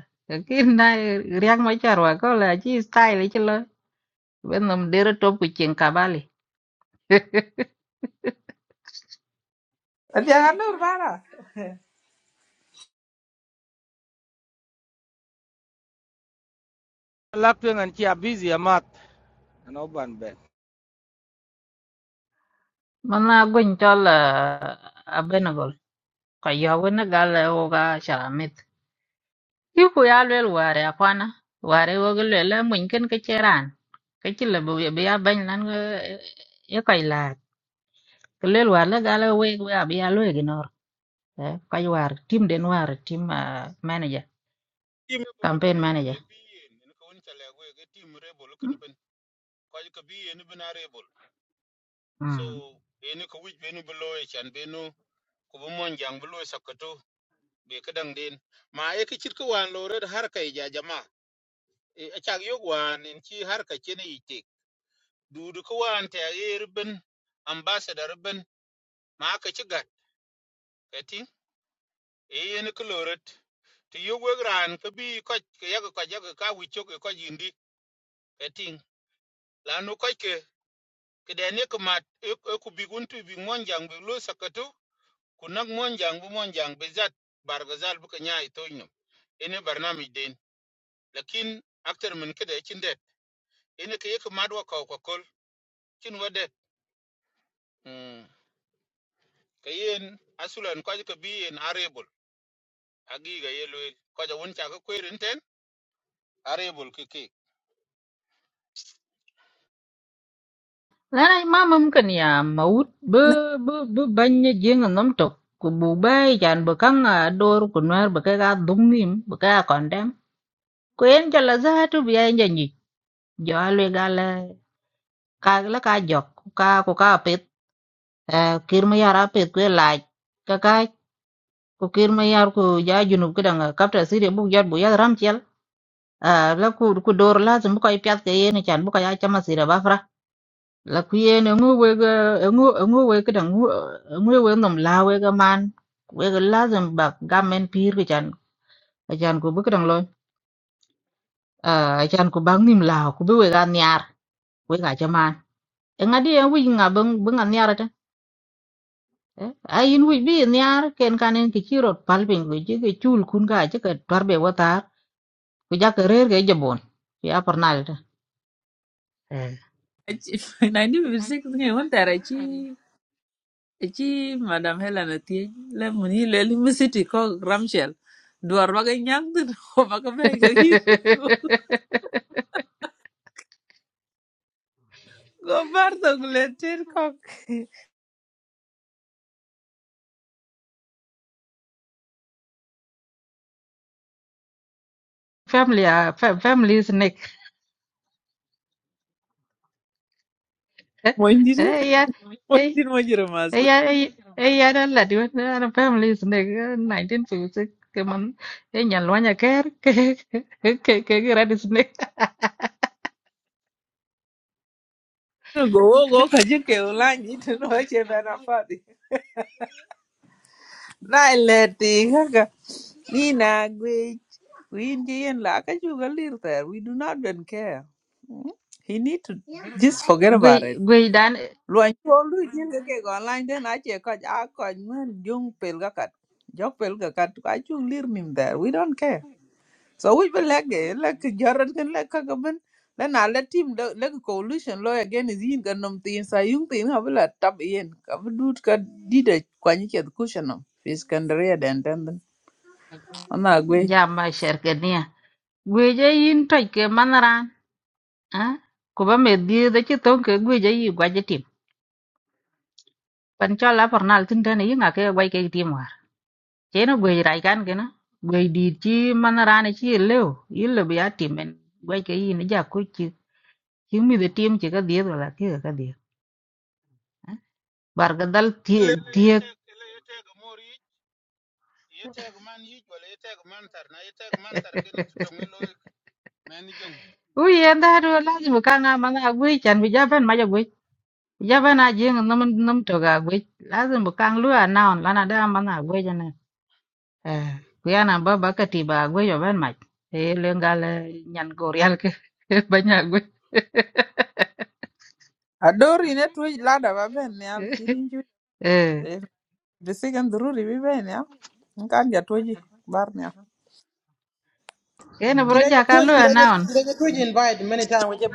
Kin na riak ma char wa ko la chi style chi lo. Ben nam dere top ku chen kabali. <laughs>
Adiaga Nur Vara.
Lakten an chia busy amat. No ban
Mana gun chol <laughs> a benagol. Ka ya wona gal o ga sharamit. Ki ku ya lel ware apana. Ware wo gel le mun ken ke cheran. Ke chi le bu be ya ban nan ye kai la. Lel war la gal we ya be ya lo ignor. Kai war tim den war tim
tim e bol ken
campaign
ne ne
manager
bi yen ne ko won chale go e tim re bol
Mm,
ken ben ko ko bi yen ben are bol so
mm.
e ne ko wij be no bolo e chan be no ko bo mon jang bolo e sakato be ka dang den ma e ke chit ko wan lo red har kai ja jama e e chak yo wan en chi har ka chene ite du du ko wan te e ben ambassador ben ma ka chi gat ka ti e yen ko lo red ti yo we ran ka bi ko ke ya ko ka ja ka wi chok ko jindi ka ting lanu ko kideni kumat ekubik untu bi monjang bi lu sakatu kunak monjang bu monjang bi zat bargazal bu kanya itoyno ene barnamij den lakin aktar min kida chindet ene kaye kumat wa kaw kakol chin wade mm. kayen asulan kwaji ka bi en arable agi ga yelwel kwaja won cha ka kwerin ten arable kike
lana ma mumkin ya maut bu bu bu banya jeng nom tok ku bu bay jan bu kang a dor ku nwer bu ka dung nim bu ka kondem ku en jala za tu bi en janyi jo alwe gale ka la ka jok ku ka ku ka pet kir ma yara pet ku la ka ka ku kir ma yar ku ja junub ku dang kapta sire bu jot bu ya ram chel la ku ku dor lazim bu ko pyat ke yen chan bu ko ya chama sire bafra là khuyên ở ngô quê cái ở ngô ở ngô quê cái đằng ngô ở ngô quê nằm lao quê cái man quê cái lá dầm bạc gam men pier cái chan cái chan của bức cái đằng lôi à cái chan của băng nim lao của bê quê cái niar quê cái chăm man em ngay đi ở quê ngà bưng bưng ăn niar đó ai in quê bi niar ken kan cái chi rồi palping quê chứ cái chul kun cái chứ cái tar bê vợ tar quê giá cái rere cái jabon cái apar nal đó
nineteen fifty six ŋe ŋun tɛr chi chi <laughs> madam Helen Otieno la mun yi lwel City có Ramshel duwar ba ka nyaŋ tin <laughs> ko ba ka bɛ
<laughs>
ka yi ko bar to gulen tin ko
family à, fa- family snack <laughs>
mondit
ấy ya ấy
mondit mo jiro mas
ấy Ê, ya đó là đứa nó nó phải làm lý sinh này nãy đến phụ sự cái món cái nhà loa nhà cái cái cái cái cái ra đi sinh này
go wo go ka gì ke ulan yi <laughs> tin o che bɛ na fadi Na ileti kaka. Nina We Indian like I you a little there. We do not even care. Mm. He need to Yeah, just forget
<laughs>
about
quỳ
it.
quỳ đàn
Luan cho lu jin ga ke online then I che ko a ko man jung pel ga kat. Jo pel ga kat ka chu lir nim there. We don't care. So we be like eh, like jaran kan like ka ban la na la team la la coalition lo again is yin kan nom tin sa yung tin ha bla tab yin ka bu dut ka dida kwa ni che cushion no. Fiskandria den den. Ona gwe
giảm mà sẽ cái nè quỳ cho yên trời cái món ra à cô bà mẹ đi đó chứ tôi cái quỳ cho yên quay cho tìm bạn cho lá phần nào tin thế này ngã cái quay cái tìm mà chế nó quỳ ra cái cái nó quỳ đi chứ món ra này chứ lâu yên là bị ăn tìm mình quay cái gì nó giả cô chứ chứ mình tìm chỉ có đi rồi là cái cái đi barka dal
ele
thiek
yete ele yete ga mori yete ga man yij wala yete ga man tar na yete ga man tar kene tutongelo meni jong
u yen da
mm?
do lazim ka nga ma nga gwe chan bi jaban ma jagwe jaban a jing num num to ga gwe lazim bu kang lu a naon lana da ma nga gwe jana eh ku yana ba ba ka ti ba gwe yo ban ma e le ngal nyan go real ke <laughs> ba nya gwe
Adori ne tuj lada ba ben nial fidin ju
<laughs> eh
bisigan dururi bi ben ya nkan ja tuji bar nial
kene bro
Kira je
ja
tu,
ka lu a
kira je,
naon
kira je tu je invite many time. Wache.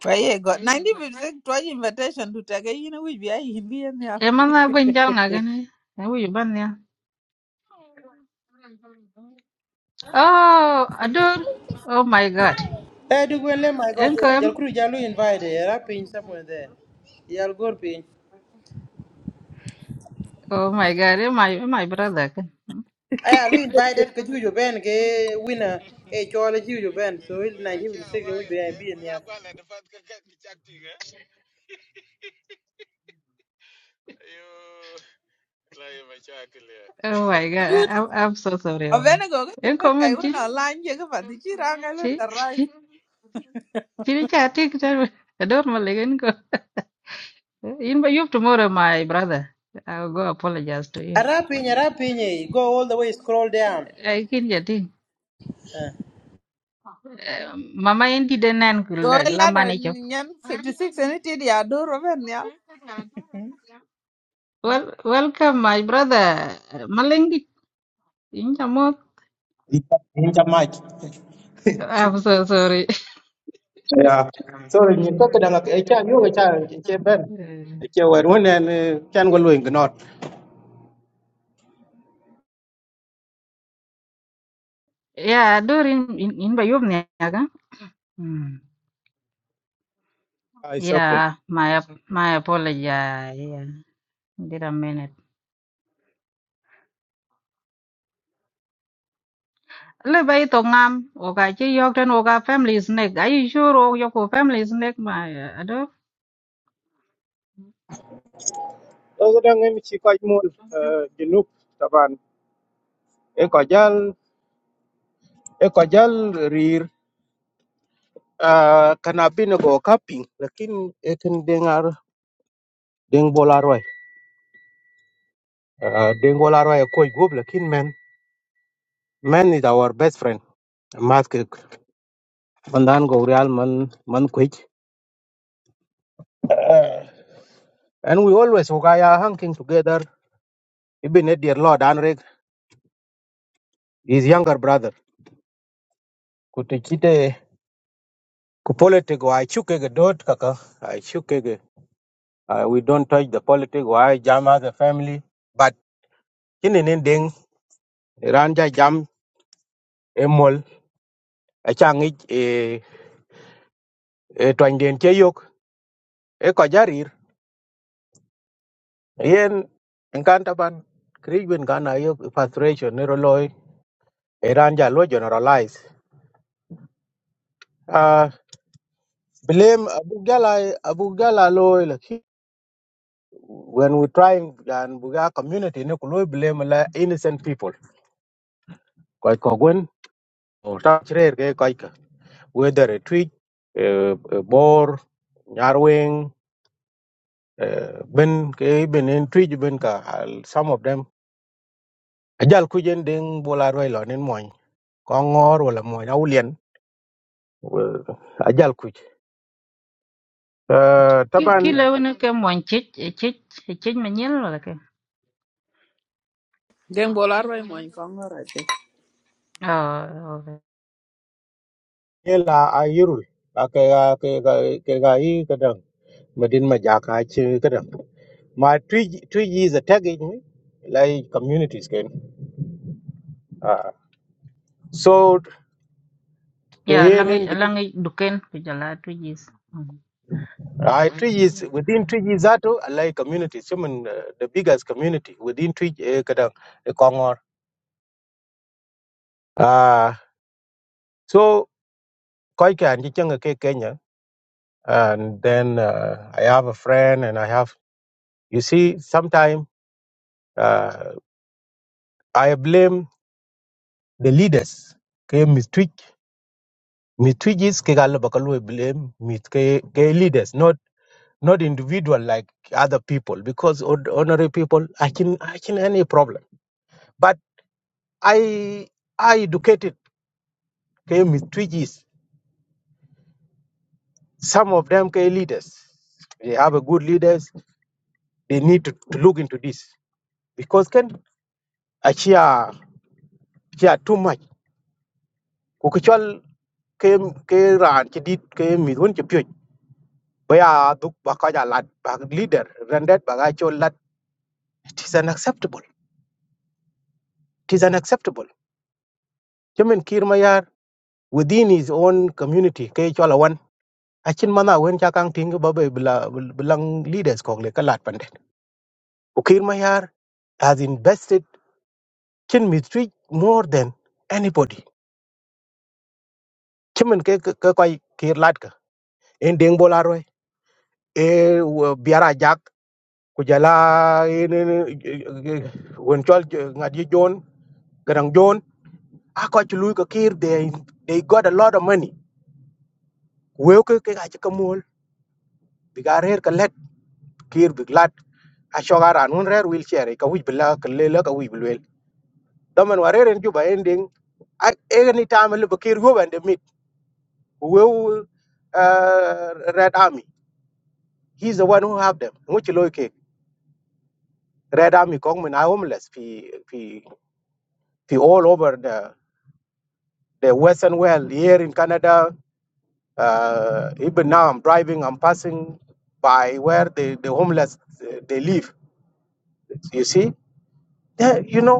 kwa ye go 90 bisig tuji invitation to take you know we be ai hindi ya nial
e ma nga gwe jal nga gane e wi yo ya oh ador oh my god
Eh, do gwele my God,
en
jal
em-
kuru jalu invite. Era pin somewhere there. Jal gur pin.
oh my god em my em my brother
Aya lu invited kaju jo ben ke winner.
<laughs>
Eh, chole ju jo
we
ben.
we
So il
we ga che
1956 we
awal
be
ke
be in
we ga
here.
gwala de fat ka ka chak tinga yo la yo ma cha kle <laughs>
Oh my God, I,
good
I'm I'm so sorry, Ola.
avene go ke
In
tuj
common,
kai wona online je ga pati chi ranga lo da rise
chini chati kitambo. Ador malagan ko. <laughs> In by you tomorrow, my brother. I'll go apologize to you.
Ara pin, ara pin. eh, Go all the way, scroll down.
I can get it. Mama indi denan
so
kula
e
la
lada
manicho.
nyen 56 ene ti di adoro ben nial
Well, welcome, my brother. Malengi. In chamot.
Incha mach. <laughs>
I'm so sorry. <laughs>
Yeah. So ni to ke danga e cha yo cha che ben.
Eh,
E che wer won en chan go luin gnot.
Yeah, ador in in in by you niaga. Hmm.
Ah it's okay.
Yeah, my ap- my apology. Yeah, did a minute. le bay to ngam o ga chi yok ten o ga family snake ai shuro yo ko family snake ma ado
To ke danga mi chi ko mul ginup taban. E ko jal e ko jal rir ah kana bin go kaping lakin e ken dengar deng bola Ah deng bola roy ko gob lakin men men is our best friend. Mask mandan go real man man kwich. Ah, And we always hugaya hanging together ibine dear lord anrek his younger brother kutichite ku politic wa chuke ge dot kaka i chuke ge uh, we don't touch the politic wa jam as a family but kini nin ding ran ja jam emol a changi e e twanden che yok e ko jarir yen enkanta ban kriwen gana yok E frustration ne roloy e ran ja lo generalize uh, blame abu gala abu gala loy when we trying and buga community ne kuloy blame la innocent people koy ko gwen o ta chrer ke koy ka whether a twitch eh, eh, bor nyarweng eh, ben ke ben en twitch ben ka al- some of them ajal ku jen ding bola roy lo nen moy ko ngor wala moy awlien ajal ku uh,
ki
taban
le wona ke mon chich chich chich ma nyel wala ke
den bol arwai mo in kongo ra ti
oh okay
yela ayirul ka ke ga ke ga ke ga yi kadang medin ma jaka chi kadang My three three years attacking me, like communities can. Uh, so
ya
KNN,
lang duken ku jala tu jis
I Twitch is within three years that too, like communities. I mean, uh, the biggest community within three uh, Kadang, uh, Kongor. Uh, so Koike and Jichanga ke Kenya, and then uh, I have a friend, and I have. You see, sometimes uh, I blame the leaders. Okay, Miss Twitch. Mitwigis ke galo bakalu blame mit ke ke leaders not. not individual like other people because ord- ordinary people I can I can any problem. But I I educated came with twiggies. Some of them came leaders. They have a good leaders. They need to, to look into this because can actually are too much. Kukuchal came came and she did came with one champion. Baya duk bakaja lad bag leader rendered bagacho lad. It is unacceptable. It is unacceptable. Jamin Kirmayar within his own community ke chola wan achin mana wen cha kang ting ba be bla blang leaders ko le kalat pande ukir mayar has invested chin mitri more than anybody chimen ke ke koi kir lat ka en deng bola roi e biara jak ku jala en wen chol ngadi jon garang jon a ko chulu ka kir they they got a lot of money we ke ke ga chikamol bigarer ka kir bi glat a shoga ran un rer wheel chair ka wij bla ka le la ka wij blel da man ware ren ju ending a any time le kir go and meet we uh, red army he's the one who have them which loike red army kong men are homeless fi fi fi all over the the western world here in canada uh, even now i'm driving i'm passing by where the the homeless uh, they live you see Yeah, you know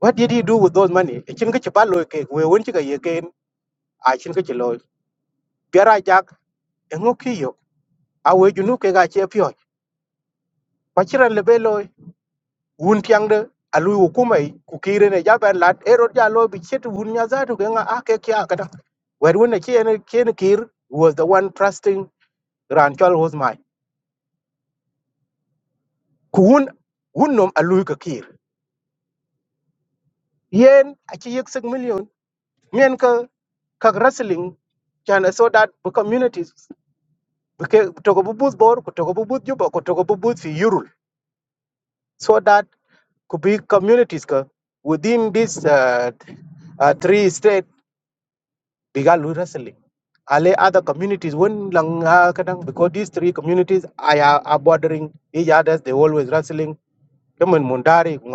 What did he do with those money? E chin kichi palo ke we won chika ye ke a chin kichi loy. Biara jak engo kiyo. A we junu ke ga che pyo. Pachiran lebe loy. Wun tiang de alui hukumai kukire ne jaban lat erod ja loy bi chet wun nya zatu ke nga a ke kya kada. Wer wun ne chene chene kir was the one trusting ran chol was my. Ku wun wun nom alui ka kir. Yen a chi yek sig million. Mien ka kag wrestling can so that the communities Because kutoka bubus bor, kutoka bubus juba, kutoka bubus fi yurul. So that could be communities ka within this uh, uh, three state bigal wrestling. Ale other communities when lang ah, kadang because these three communities are, are bordering each other, they always wrestling. Come on, Mundari, kung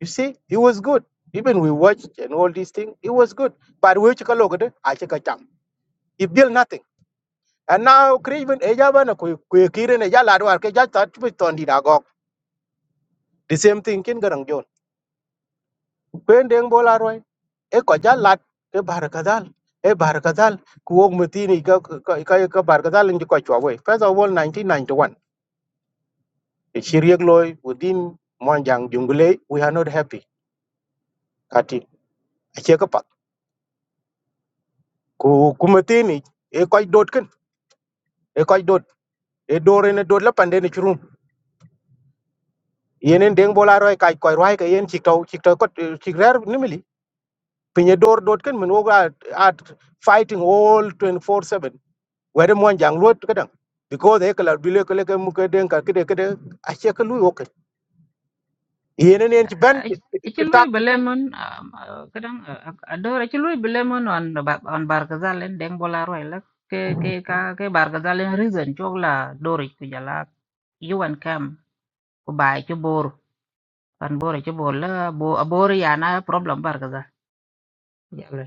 You see, it was good. Even we watched and all these things, it was good. But we chika logade, I chika cham. It built nothing. And now Craven Ejabana Kuikirin Ejaladwar Keja the same thing kin garang jon kwen deng bola roi e ko ja lat e bar kadal e bar kadal ku wog mutini ka ka ka ka bar kadal ngi ko chwa we first of all 1991 e chiriek loy within monjang jungle we are not happy kati a che ka pat ku ku mutini e ko dot kin e ko dot e dore ne dot la pande ne churum yenen deng bola roi kai ko roi ka yen chikto chikto ko chikrer nimili pinye dor dot kin min woga at fighting all 24/7 wede mon jang luot kadang because e kala bile kala ke mu ke den ka kede kede a che ka lu ok yene ne ci ben ci
ci
ci
lui
tak
belemen kadang ado ci lui belemen on ba- on bargazal en deng bola roi la ke ke ka ke bargazal en reason chok la dori ku jala yuan kam ku bai chu Pan bore ci bol la bo abore yana problem bar kaza jalo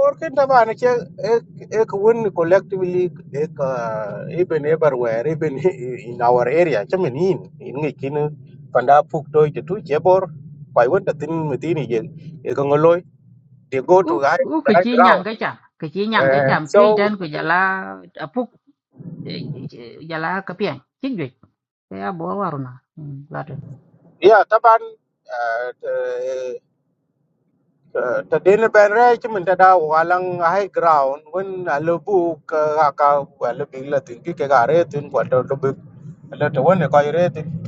or ke da ba ne che e ko won collectively e ka even everywhere even <laughs> in our area che men in in ngi kin panda puk toy je tu che bor pai won da tin mi tin ye e ko ngoloy they go
u
to high,
u ke
high
ci nyang
ground
ke cham ke ci nyang ke
uh,
cham
so
tui tan ku jala apuk eh, eh, jala kapian ci ya bo waruna lato
yeah taban uh, eh, Uh, ta dena ban rai ci min ta đào hoa walang high ground wen a lebu ka ka wa le big la tin ki ke ga re tin ko to to big la to wen ko re tin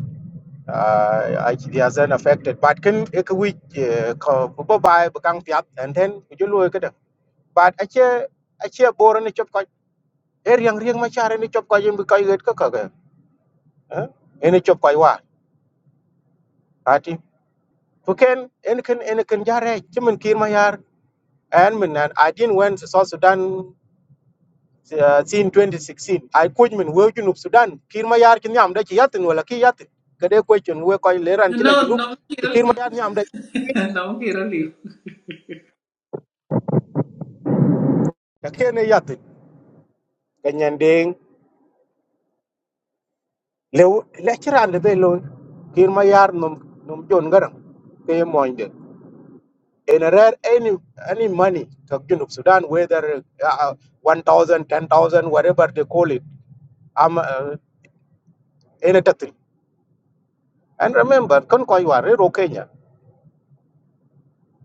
a ci dia zen affected but ken e ko wi ko bo bai bu kang piat and then ku ju lu ke da but a che a che bor ni chop ko e riang riang ma chare ni chop ko yim ko yet ko ka ga e ni chop ko wa ati fu ken en ken en ken jare ci min kir ma yar and min an i didn't went to south sudan uh, sin 2016 ay kuj min wew junub sudan kir ma yar ci ñam da ci yatin wala ki yatin ka de ko ci we koy leran ci
No,
la junub
no me
ci
quiero
kir ma
ir.
yar ñam da
<laughs> No me quiero ir.
ka kene yatin ka ñande lew le ci rande be lo kir ma yar num num jon ngaram ke moñde in a rare any any money to junub sudan whether uh, 1000 whatever they call it am uh, in a tatri and remember kon koy war ro kenya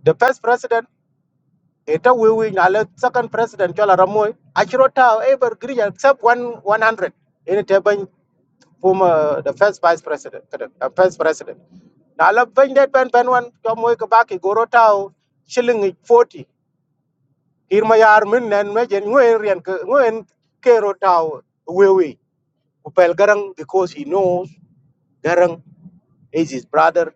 the first president Ita wiwi nyale second president chola Ramoy. Achiro tao ever green except one one hundred. Ini tebany former the first vice president, kada- uh, first president. Nala bany that ben ben one chomoy kabaki goro tao shilling forty. Irma yar min nen mejen nguen rian ke nguen kero tao wiwi. Upel garang because he knows garang is his brother.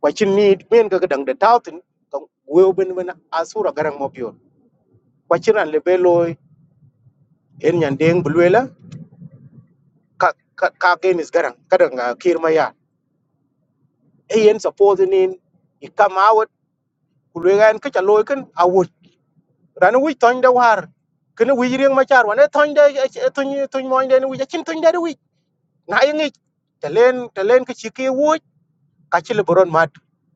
Wachin need men ka kadang de tao tin kang wiwi ben ben asura garang mo pure. Wachiran lebeloi en nyan deng bulwela ka ka ka gen is garang kadang uh, kir maya e yen suppose nin i come out kulwega en ka chalo ken awut rana wi ton da war kene wi rieng ma char wan e ton da ton ton mo inde wi chin ton da wi na yin ik telen telen ka chike wo ka chile boron mat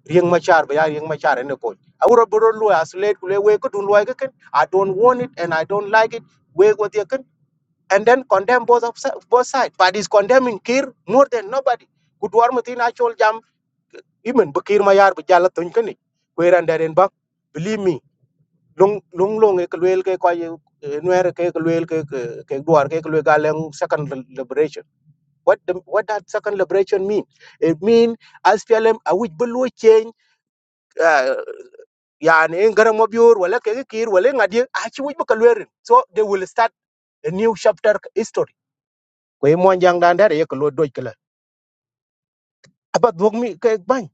rieng ma char ba ya rieng ma char en ko awro boron lu aslet kulwe we ko dun wa ken i don't want it and i don't like it we go and then condemn both of si- both sides. But he's condemning Kir more than nobody. Kudwar mutin actual jam imen bukir mayar bujala tunkani. Kweran daren bak. Believe me, long long long ek luel ke kwa nuer ke luel ke ke duar ke luel galeng second li- liberation. What the, what that second liberation mean? It mean as PLM a which bulu change uh, yani ngarang mobiur wala ke kir wala ngadi achi which bukaluerin. So they will start a new chapter history. Kwe mo jang dandare ye About dog me ke bang.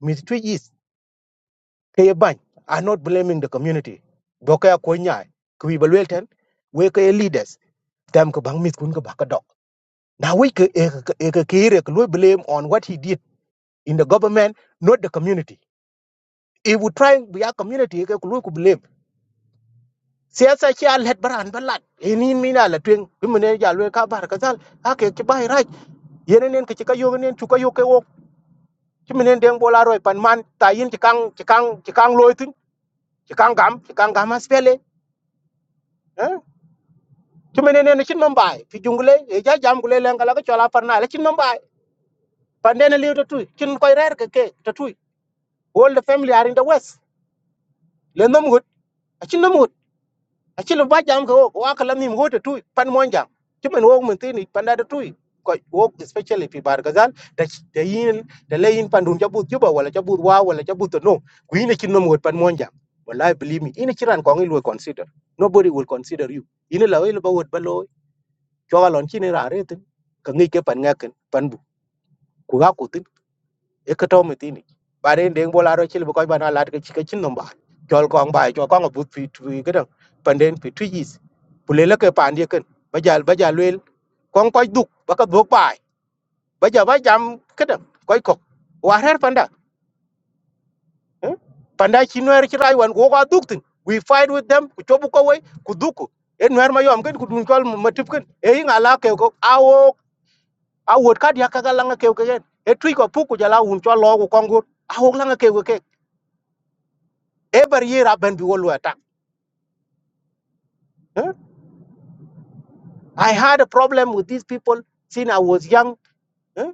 Me twi is ke bang. I'm not blaming the community. Doka ya ko nyai. Kwi balwel ten. We ke leaders. Them ke bang mit kun ke baka dog. Now we ke e ke e ke kere ke we blame on what he did in the government, not the community. If we try be a community ke ku ku blame. Siyasa ci a let baran balat. Ini mina la twing. Bimene ja lwe ka bar ka zal. Ake ci bay raj. Yenenen ke ci ka yogen nen ci ka yoke wo. Ci menen deng bola roy pan man ta yin ci kang ci kang ci kang ci kangam ci kangam aspele hein ci menene ne cin mambay fi jungule, e ja jam gule len kala ko chola parna le cin mambay pandene liu to tuy cin koy rer ke ke to tuy all the family are in the west le nom gut a cin nom gut a cin ba jam ko wa kala nim ho to tuy pan mon jam ci men wo men tini panda to tuy ko wo especially fi bar gazal da da yin da le yin pandun jabut juba wala jabut wa wala jabut no kuine cin nom gut pan mon jam wallahi believe me in ina kiran ko will consider nobody will consider you in ina lawe ba wot choga lon chini ra re tin ka ngi ke pan nga ken pan bu ku ga ku tin e ka to me tin ba re ndeng bola ro chil bu ko ba na lat ke chi ke chin nom ba chol kong ba cho kong bu fi tu ke dang pan den fi tu yis bu le le ke pan ye ken ba jal ba jal wel kong ko duk ba ka duk ba ba ja ba jam ke dang ko ko wa her panda eh? panda chi no er chi rai wan ko ga duk tin we fight with them ku chobu ko wai ku duku en wer ma yom ken ku dun kol ma tip ken e nga la ke ko awo a wot ka dia kaga langa keu kegen e tui ko puku jala un cho lo ko kongo a hok langa keu ke e bar yera ben bi wolu attack eh? i had a problem with these people since i was young eh?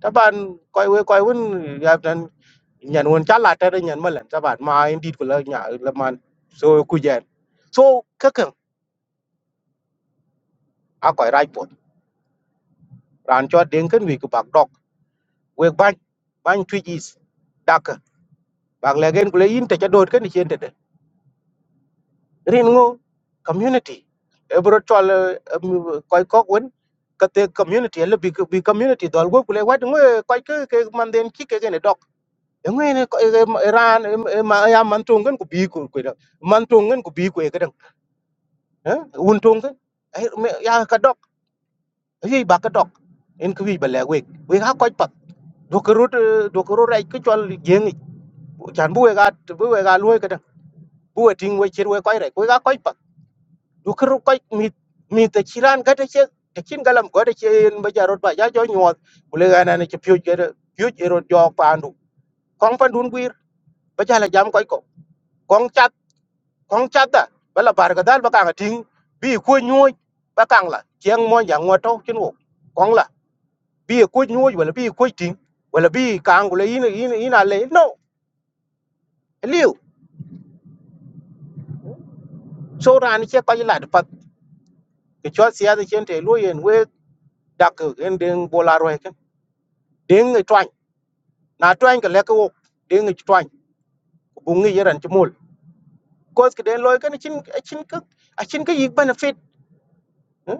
taban koy we koy won ya tan nyan won chala ta de nyan malen taban ma indit ko la nya la man so ku jen so kakan a koy right pot ran cho den ken wi ku bak dok we ban ban tui is dak bak legen ko le yin te cha dot ken chen rin ngo community ebro chol koy kok wen kate community le big big community dol go kule wat ngo koy ke ke manden ki ke ne dok ngo ne ran ma ya man tungen ku bi ku ku da man tungen ku bi ku ke dang un tungen ya ka dok yi ba ka dok en ku bi ba le we we ha koy pat do ko rut do ko rai ku chol jeng chan bu we ga bu we ga lu ke dang bu we ting we chir we koy rai ku ga koy du kir ko mi mi te chiran ga te che te kin galam go te chen ba jarot ba ja jo nyot kule ga na ne che pyu ge pyu e ro jo pa ndu kong pa dun gwir ba ja la jam ko ko kong chat kong chat da ba la bar ga dal ba ka ga ting bi ko nyoy ba kang la chiang mo ja ngo to chin wo kong la bi ko nyoy wala bi ko ting wala bi kang kule yin yin yin a le no liu so ran che ko la pat ke cho sia de chen te lo yen we dak en ding bola ro he ken ding twa na twain ka leka wok ding ich twain ku bungi yeran chmul cause ke den loy kan chin chin ka a chin ka yik benefit eh?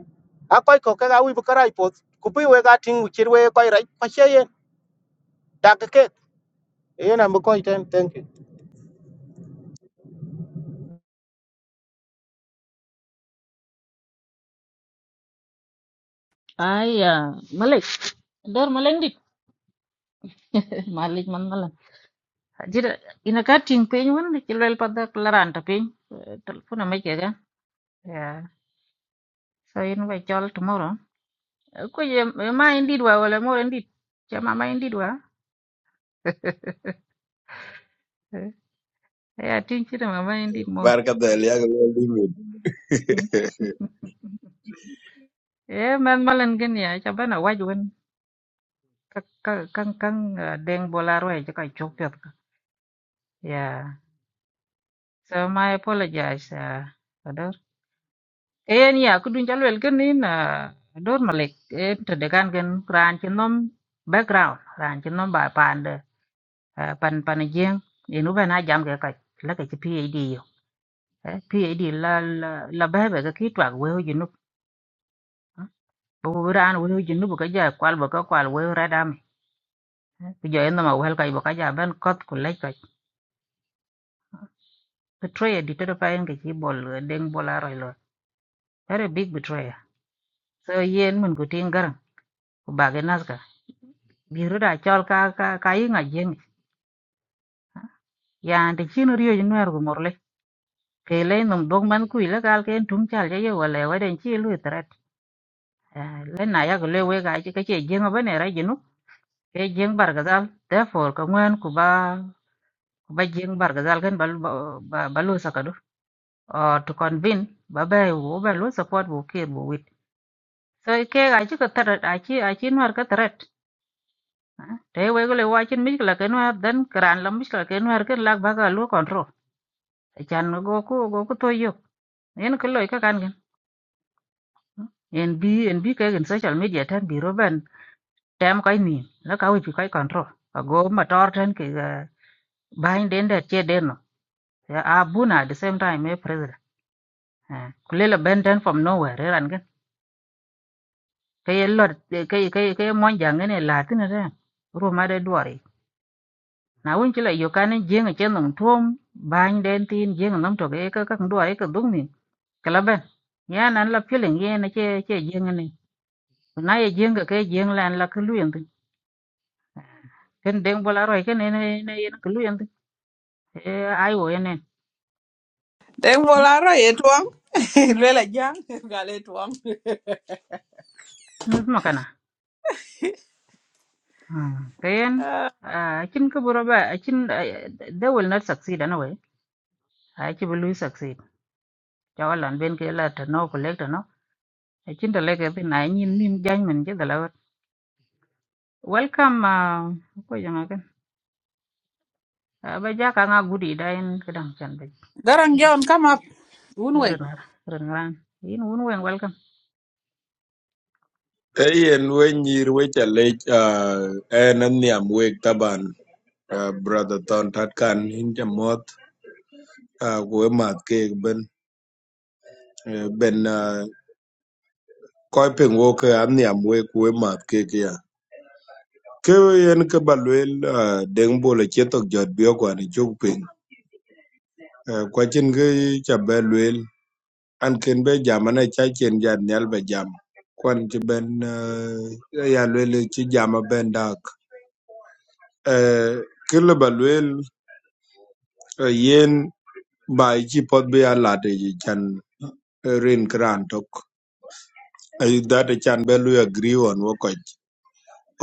a koy ko ka wi bakarai pot ku pi we ga ting chir we koy rai pa che yen da ka ke E yen am koy ten thank you
ay malek dor maleng dik <laughs> malik man malan jira ina ka ting pe nyun ci lel pada klaran ta pe telepon ma ke ga ya so in by chol tomorrow Eh, ko ye ma indi dwa wala mo indi chama ma indi dwa ya tin kira ma ba indi mo
barkadha eliaga David.
e man malan gen ya cha bana wajwen kan kan kan deng bola roe cha ka chopet ya so my apologize uh, ador en ya kudun cha lwel gen in uh, ador malek en to de kan gen ran chinom background ran chinom ba pande uh, pan pan jeng inu bana jam ga ka la ka PhD yo Eh, PhD la la la ba ba ka kitwa we ho jinu bu ran we ho jinu bu ka ja kwal bu ka kwal we ra ku jo yenda ma wel kai boka ja ben koth ku lech kai betrayer đi tere pa en ke chi bol eh, deng bol aroi lo very big betrayer so yen mun ku ting garang của bà cái bage naska biru da chol ka ka ka yi nga jeng ya de chin riyo jin wer ku morle ke le num dog man ku ile cái ken tum chal ye wala wa den chi lu tret le na ya ku le we ga cái ke che jeng ba ne ra jinu ke jeng bar gazal therefore ka ngwen ku ba ku ba jeng bar gazal ken bal ba ba đó uh, to convince ba be wo be lo support wo ke bo wit so ke ga chi ka tarat a chi a chi nwar ka tarat ah, te we go le wa chin mi la ken war dan kran la mi la ken war ken lak ba ga lo control e chan go ku go ku to yo en ko loy ka kan gen en bi en bi ke gen social media tan bi ro ben tem kai ni la ka wi kai control ka go ma tor tan ke ga bain den da che den no ya abuna at the same time e president kulela ben tan from nowhere ran cái ye cái cái cái ye ka ye ka ye mon jang ne la tin re ru ma de duari na won này yo kan jeng che nong thom ban den tin jeng nam to ke ka ka duari ka dung ni kala ben ya nan la piling ye na che che jeng ne na ye jeng ka ke jeng lan la ka lu yen tin ken deng cái roi ke ne ne ne ye na ka lu yen tin e ai wo ye ne
den bol arwai e tuang <laughs> lela jang gale tuang
nu ma kana ken
Uh,
akin ka bura ba akin they will not succeed anyway a ki bu lu succeed jawalan ben ke la ta no collect thằng nó Echinda leke bi na nyin nhìn jany men je dala wat. Welcome uh, ko janga kan. Uh, ba ja ka nga gudi đây, cái kedang chân ba.
Garang John, come up.
Ren
Unweng.
ren ren ran. In un wen welcome.
eyen we nyir weche lec uh, en aniam weg taban uh, <laughs> brother thon tatkan in jamoth uh, kuwe math kek ben uh, ben uh, koi ping wo ke aniam weg kuwe math kek ya ke yen ke ba luel uh, deng bol achie thok jot bio kwan ichuk piny uh, kwacin ke ca be luel an ken be jam ane ca chen jat nial be jam kwan ci ben uh, ya luel ci jam ben dak. Eh, Ki lëba lwel eh, yen ba ïcï pot bï ya lat ï can eh, rin kïran tök that can bë lwio agree on wö köc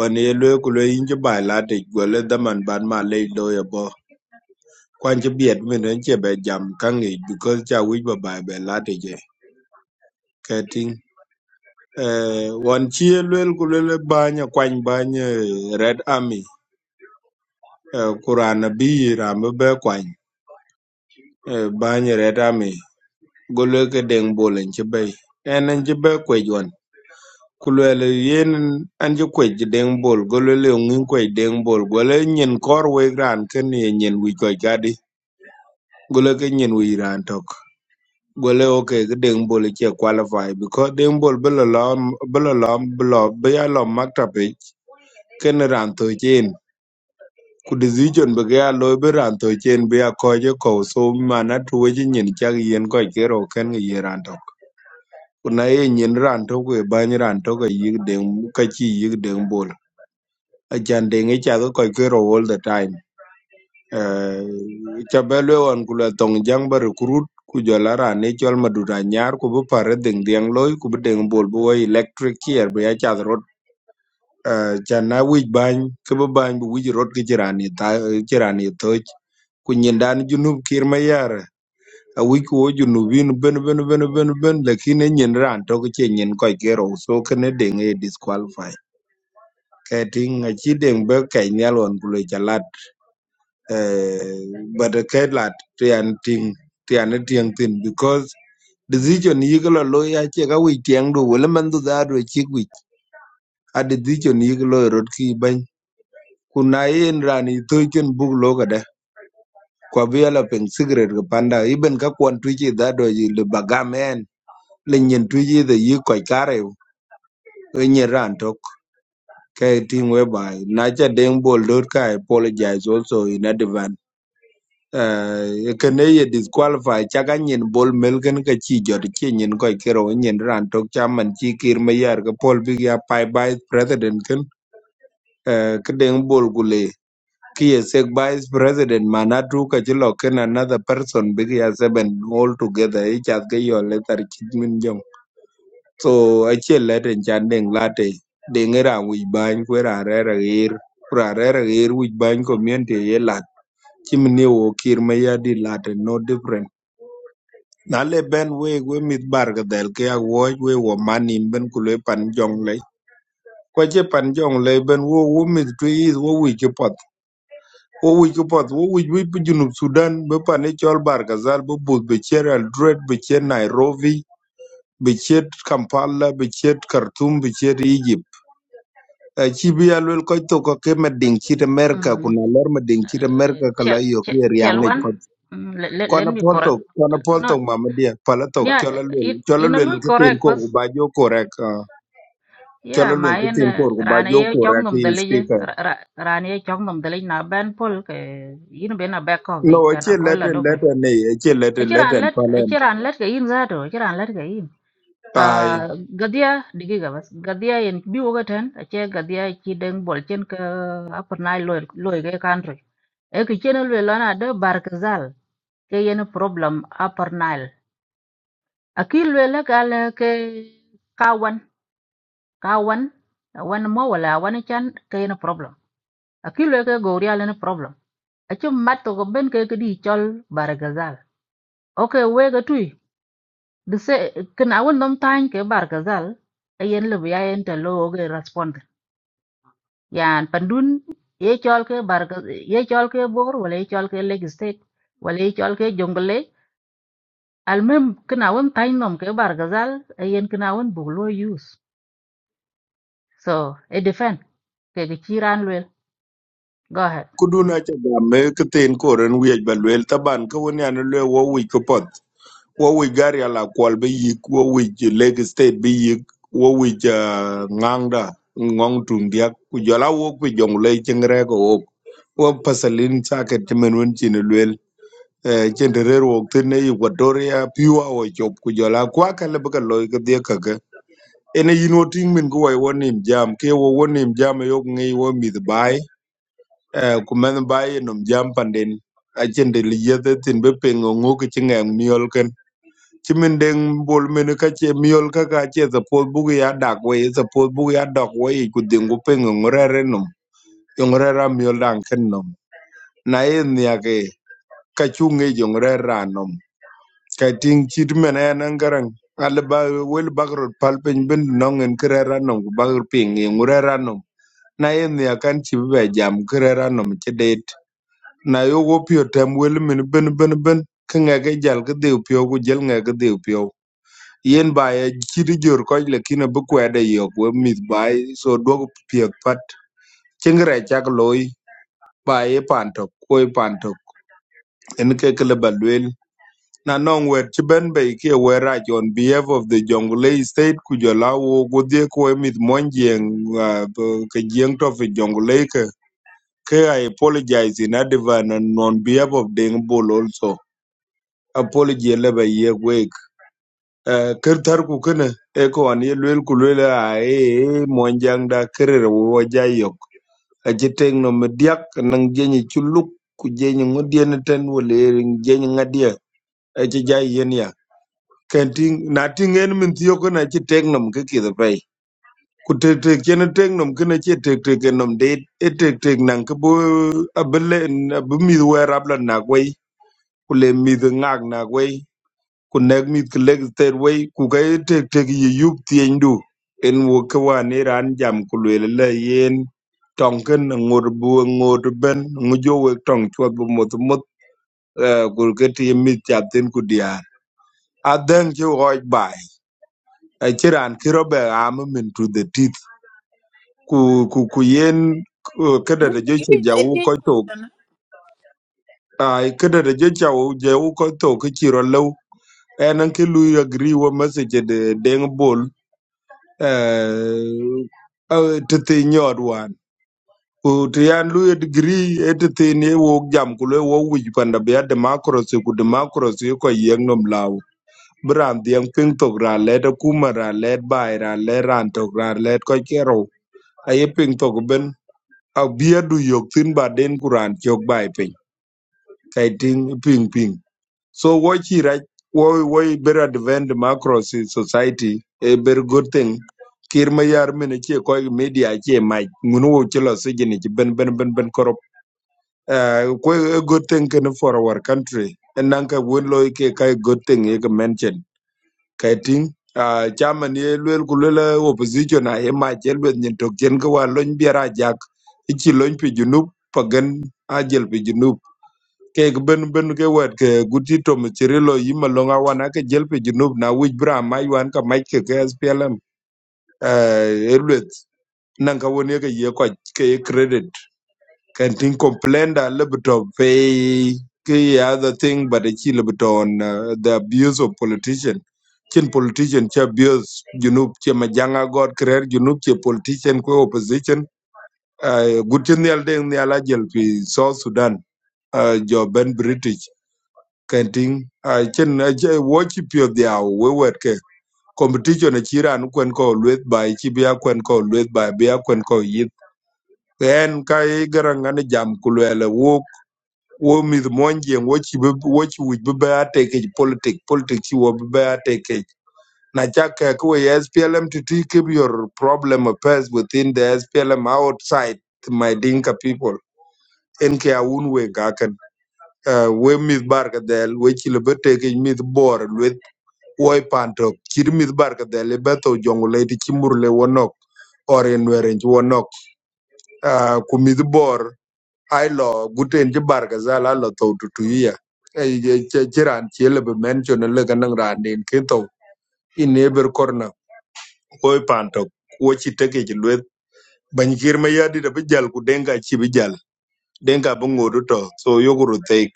on ye lwel ku lwel in cï ba ïlat tic gwëlë dhaman ban ma lëc do ëbö kwan cï byët mene cë ba jam ka ngec bicos cë awic ba ba ba lat ïcë k'ëtïn won cï ye lwel ku lwel ëbany ökwany bany eh, Red Army eh, ku raan abir raan bë bër kwany eh, Red Army goloi deŋ bol n chi bɛi. ɛn n chi bɛ kwɛjɔn. Kulɔli yen an chi kwɛj deŋ bol goloi leŋ ŋin kwɛj deŋ bol goloi nyin kɔr wei raan kən ye nyin wi kwɛj gadi goloi kə nyin wi raan tɔk. Goloi ok kə deŋ bol chi qualify because deŋ bol bə lɔ lɔ bə lɔ lɔ bə lɔ bə ya lɔ makta pej kən raan tɔ chen. Ku decision bə kə ya lɔ bə raan tɔ chen bə ya kɔj kɔw so mana tuwe chi nyin chak yen kwɛj kero kən ye raan tɔ. Kuna ye nyin ran to kwe bany ran to ka yik deng ka chi yik deng bol. Achan deng e cha ka koi kero all the time. Eh, Cha be lwe wan kula tong jang ba recruit ku jola ran e chol madura nyar ku bu pare deng deng loy ku bu deng bol bu wai electric chair bu ya cha rot. Eh, Chan na wij bany ka bu bany bu wij rot ki chiran i thach. Ku nyin dan junub kir ma yare. awic ku wo junubin ben ben ben ben ben lakin e nyen ran tök ce nyen kɔc ke rou so kene deŋ e disqualify kɛtiŋ aci deŋ bɛ kɛc nial ɣɔn ku loi ca lat bɛt kɛc lat tian tiŋ tian e tieŋ thin because decision yik lɔ loi acek awic tiɛŋ du wele mɛn thu dhaadu acik wic a decision yik loi rot ki bɛny ku na yen ran i thöc cön buk lo ködë kua bi yala piŋ sikiret ki panda iben ka kuɔn twic i dhaadu aci li bagam en le nyin tu yi the yi ko kare e nyi ran tok ke ting we bai na cha deng bol dot ka I apologize also in advance uh kene ye disqualify cha ga nyin bol mel ken ka chi jot chi nyin ko kero nyin ran tok cha man chi kir me yar ka pol big ya pai vice president ken uh ke deng bol gule ki ye sek vice president mana tu ka chi lo ken another person big ya seven all together e cha ke yo le tar chi min jong so achiel lete chan deng late deng era wich bany kwera arera gir kwera arera gir wich bany community ye lat chimni wo kir ma yadi late no different na le ben we we mit bar ga del ke awo we wo mani ben kule pan jong le kwa che pan jong le ben wo wo mit tu is wo wich ke pot wo wich ke pot wo wich we junub sudan be pan e chol bar ga zal be bud be cher al dred be cher nairobi be cher kampala be cher khartoum be cher egypt ci bi ya lwel ko to ko ke ma ding ci america
Mm.
ku na lor ma ding ci
Uh,
america ka la
chel
yo
chel
ki riang
chel
ngi
wan.
pat
Mm, let, let,
ko
let
na
me
pol to
correct.
ko na pol to
No,
ma ma dia pala to
yeah,
chola lwel
in
chola
in a
lwel
lui
ke tin
correct
ko
bas.
ku ba jo ko rek ah, chola
Yeah,
lwel
ma
ke
en
tin ko ku ba
ran
jo
ye
ko
chong
rek
nom
in
dali je.
speaker
Ran ye chong nom dali na ban pol cái in bên na back off cái,
no
ge chan
ci
ko la
leten
do kre.
leten ne ci leten
Echiran
leten
let
palen
echiran let cái in za do, echiran let ke in.
ai
à, gadia digiga bas gadia yen bi woga tan ache gadia chi deng bol chen ka upper nile loy loy ge country e ke chen le lana de barkazal ke yen e problem upper nile akil le la gal ke kawan kawan wan mo wala wan chan ke yen e problem akil le ke goria le problem ache mat to go ben ke ke di chol barkazal okay we ga tui de se kana won nom tan ke barkazal e yen le bi ya yen te lo ge respond يعني بندون يشال كي بارك يشال كي بور ولا يشال كي ليج ستيت ولا يشال كي جونجل ليج المهم كناون تاينوم كي بارغزال اين كناون بولو يوز so it defend. كي كيران لويل go ahead
ku du na ci ga me ke tin ko ren wi ba lwel taban ko woni an lwel wo wi ko pot wo wic gari alakuɔl bï yïk wo wic lake state bï yïk wo wic ŋaŋda ŋöŋ tum diak ku jɔl awok pi jöŋ lɔi cïŋ rɛɛk owok wo pasalin caket cïmɛn wen cin lueel cin te reer wok thïn equatoria piua wo cop ku jɔl akuaka lëbï ka lɔi këdhiëk këkä ënë yïn wo tïŋ mïn ku wɔi wo nim jam ke wo wo nim jam eyok ŋïi wo mïth baai ku mëth baai enom jam panden acin te liyiëth ëthïn bï pïŋ ongu kï cï ŋëŋ niöl ที่มันเด้งบอกเมนุกั๊จี่มียลคากั๊จี่สปอร์ตบุกยาดักไว้สปอร์ตบุกยาดักไว้กุดดึงกูเพ่งงูเร่เร้นนองงูเร่เรามียลดังขึ้นนองนายืนยันเกย์กั๊จุงเงี้ยงูเร่เรานองกัติงคิดมันนายังงารังอัลบั้วเวล์บักรุดพัลเป็นบินนองเงินกระเร่เรานองกูบักรเพ่งงูเร่เรานองนายืนยันกั้นชีวิตประจำงูเร่เรานองมิดเจดิตนายูโกพี่อดัมเวลเมนุบินบินบินกัเงย์เกย์เจลกัเดิบพี่กูเจลเงย์เกย์เดิบพี่ yen ba ya chidi jor ko le kina bu kwede yo ko mit ba e, so dogo piek pat chingre chak loy ba ye panto ko e panto en ke kle balwel na non wer chi ben be ke wera on behalf of the jonglei state ku jola wo go de ko e mit monjeng ah, bo- ke jeng to fi jonglei ke ke i apologize in advance and on behalf of deng bol also apology le ba ye kirtar ku kene e ko an ye luel ku luel a e monjang da kerer wo jayok a jiteng no mediak nang jenyi chuluk ku jenyi ngodien ten wole jenyi ngadia e ci jay yen ya kenting na tingen min tiyo ko na ci tek nom ke ki da pay ku tek tek chen tek nom ke na ci tek tek ke nom de e tek tek nang ke bo abele abumi wer abla na gwei ku le mi de ngak na gwai ku nɛk mith kä lek thɛt wei ku ka ye tektek ye yup thieny du en wök kä wan ye raan jam ku lueel lɛ yen tɔŋkän ŋot bu ŋot bɛn ŋo jo wek tɔŋ cuɔt bi muthumuth ku kä tïi mith cap thïn ku diaar adhɛŋ cï ɣɔc baai aci raan ki rɔ bɛ aam min to the teeth ku ku ku yen kädɛdɛ
Give
joca
me the
jau
basic
kɔc thok
question.
ai kädɛdä joca jau kɔc thok kä ci rɔ lɛu ɛn ŋ kä lui agri wɔ mesec de deŋ bol ti thïn nyöt wan ku tï yan luyo digiri ëtï thïn ewok jam ku lwe wok wic panda bï a democracy ku democracy ëkö yëŋ nom law bï raan dhiëŋ pïny thok raan lëd akuma raan lëd bai raan lëd raan tök raan lëd köc kë rou aye pïny thok bën abia du yok tin ba den ku raan cök ba ï piny ka ï So what he right what what better advent democracy society a very good thing. Kir ma yar mene che koi media che mai ngunu chelo che lo chi ben ben ben ben korop. Uh, a good thing can for our country. And nanka win loy ke kai good thing ye ka mention. Kai ting uh, chairman ye luel kulela opposition a ema ma chel bet chen ka wa lony biara jak. Ichi lony pi junub pagan a jel pi junub ke ben ben ke wet ke guti to mchirilo yima longa wana ke jelpe junub na wij bra ma yuan ka mai ke ke SPLM eh elwet nan ka woni ke ye ko ke credit can tin complain da lebto pay ke other thing but the chi lebto on uh, the abuse of politician chin politician che abuse junub che majanga god creer junub che politician ko opposition uh, guti nyal deng nyala jelpi South Sudan uh, jo ben British kenting a chen a che wo chi pio dia we wet ke competition a chiran kwen ko luet bai chi bia kwen ko luet bai bia kwen ko yit en ka i garang an jam kulwele wo wo mi monje wo chi be wo chi wi be ba te ke politic politic chi wo be ba take ke na cha ke ko we SPLM to to keep your problem affairs within the SPLM outside my dinka people en ke a un we ga ken Eh, we mi bar ka del we chi le be te ke mi bor woi pantok kit mith barka dhali betho jongule ti chimurle wonok ori nweren ci wonok Ah, ku mith bor ai lo guten ci barka zal a lo thou tutuyiya ci raan ci elebe men con eleka naŋ raan den ke thou i neber korna woi pantok wo ci teke ci lueth bany kir ma yadit abi jal ku denka ci bi jal denka abi ŋodu to so yoguru take theik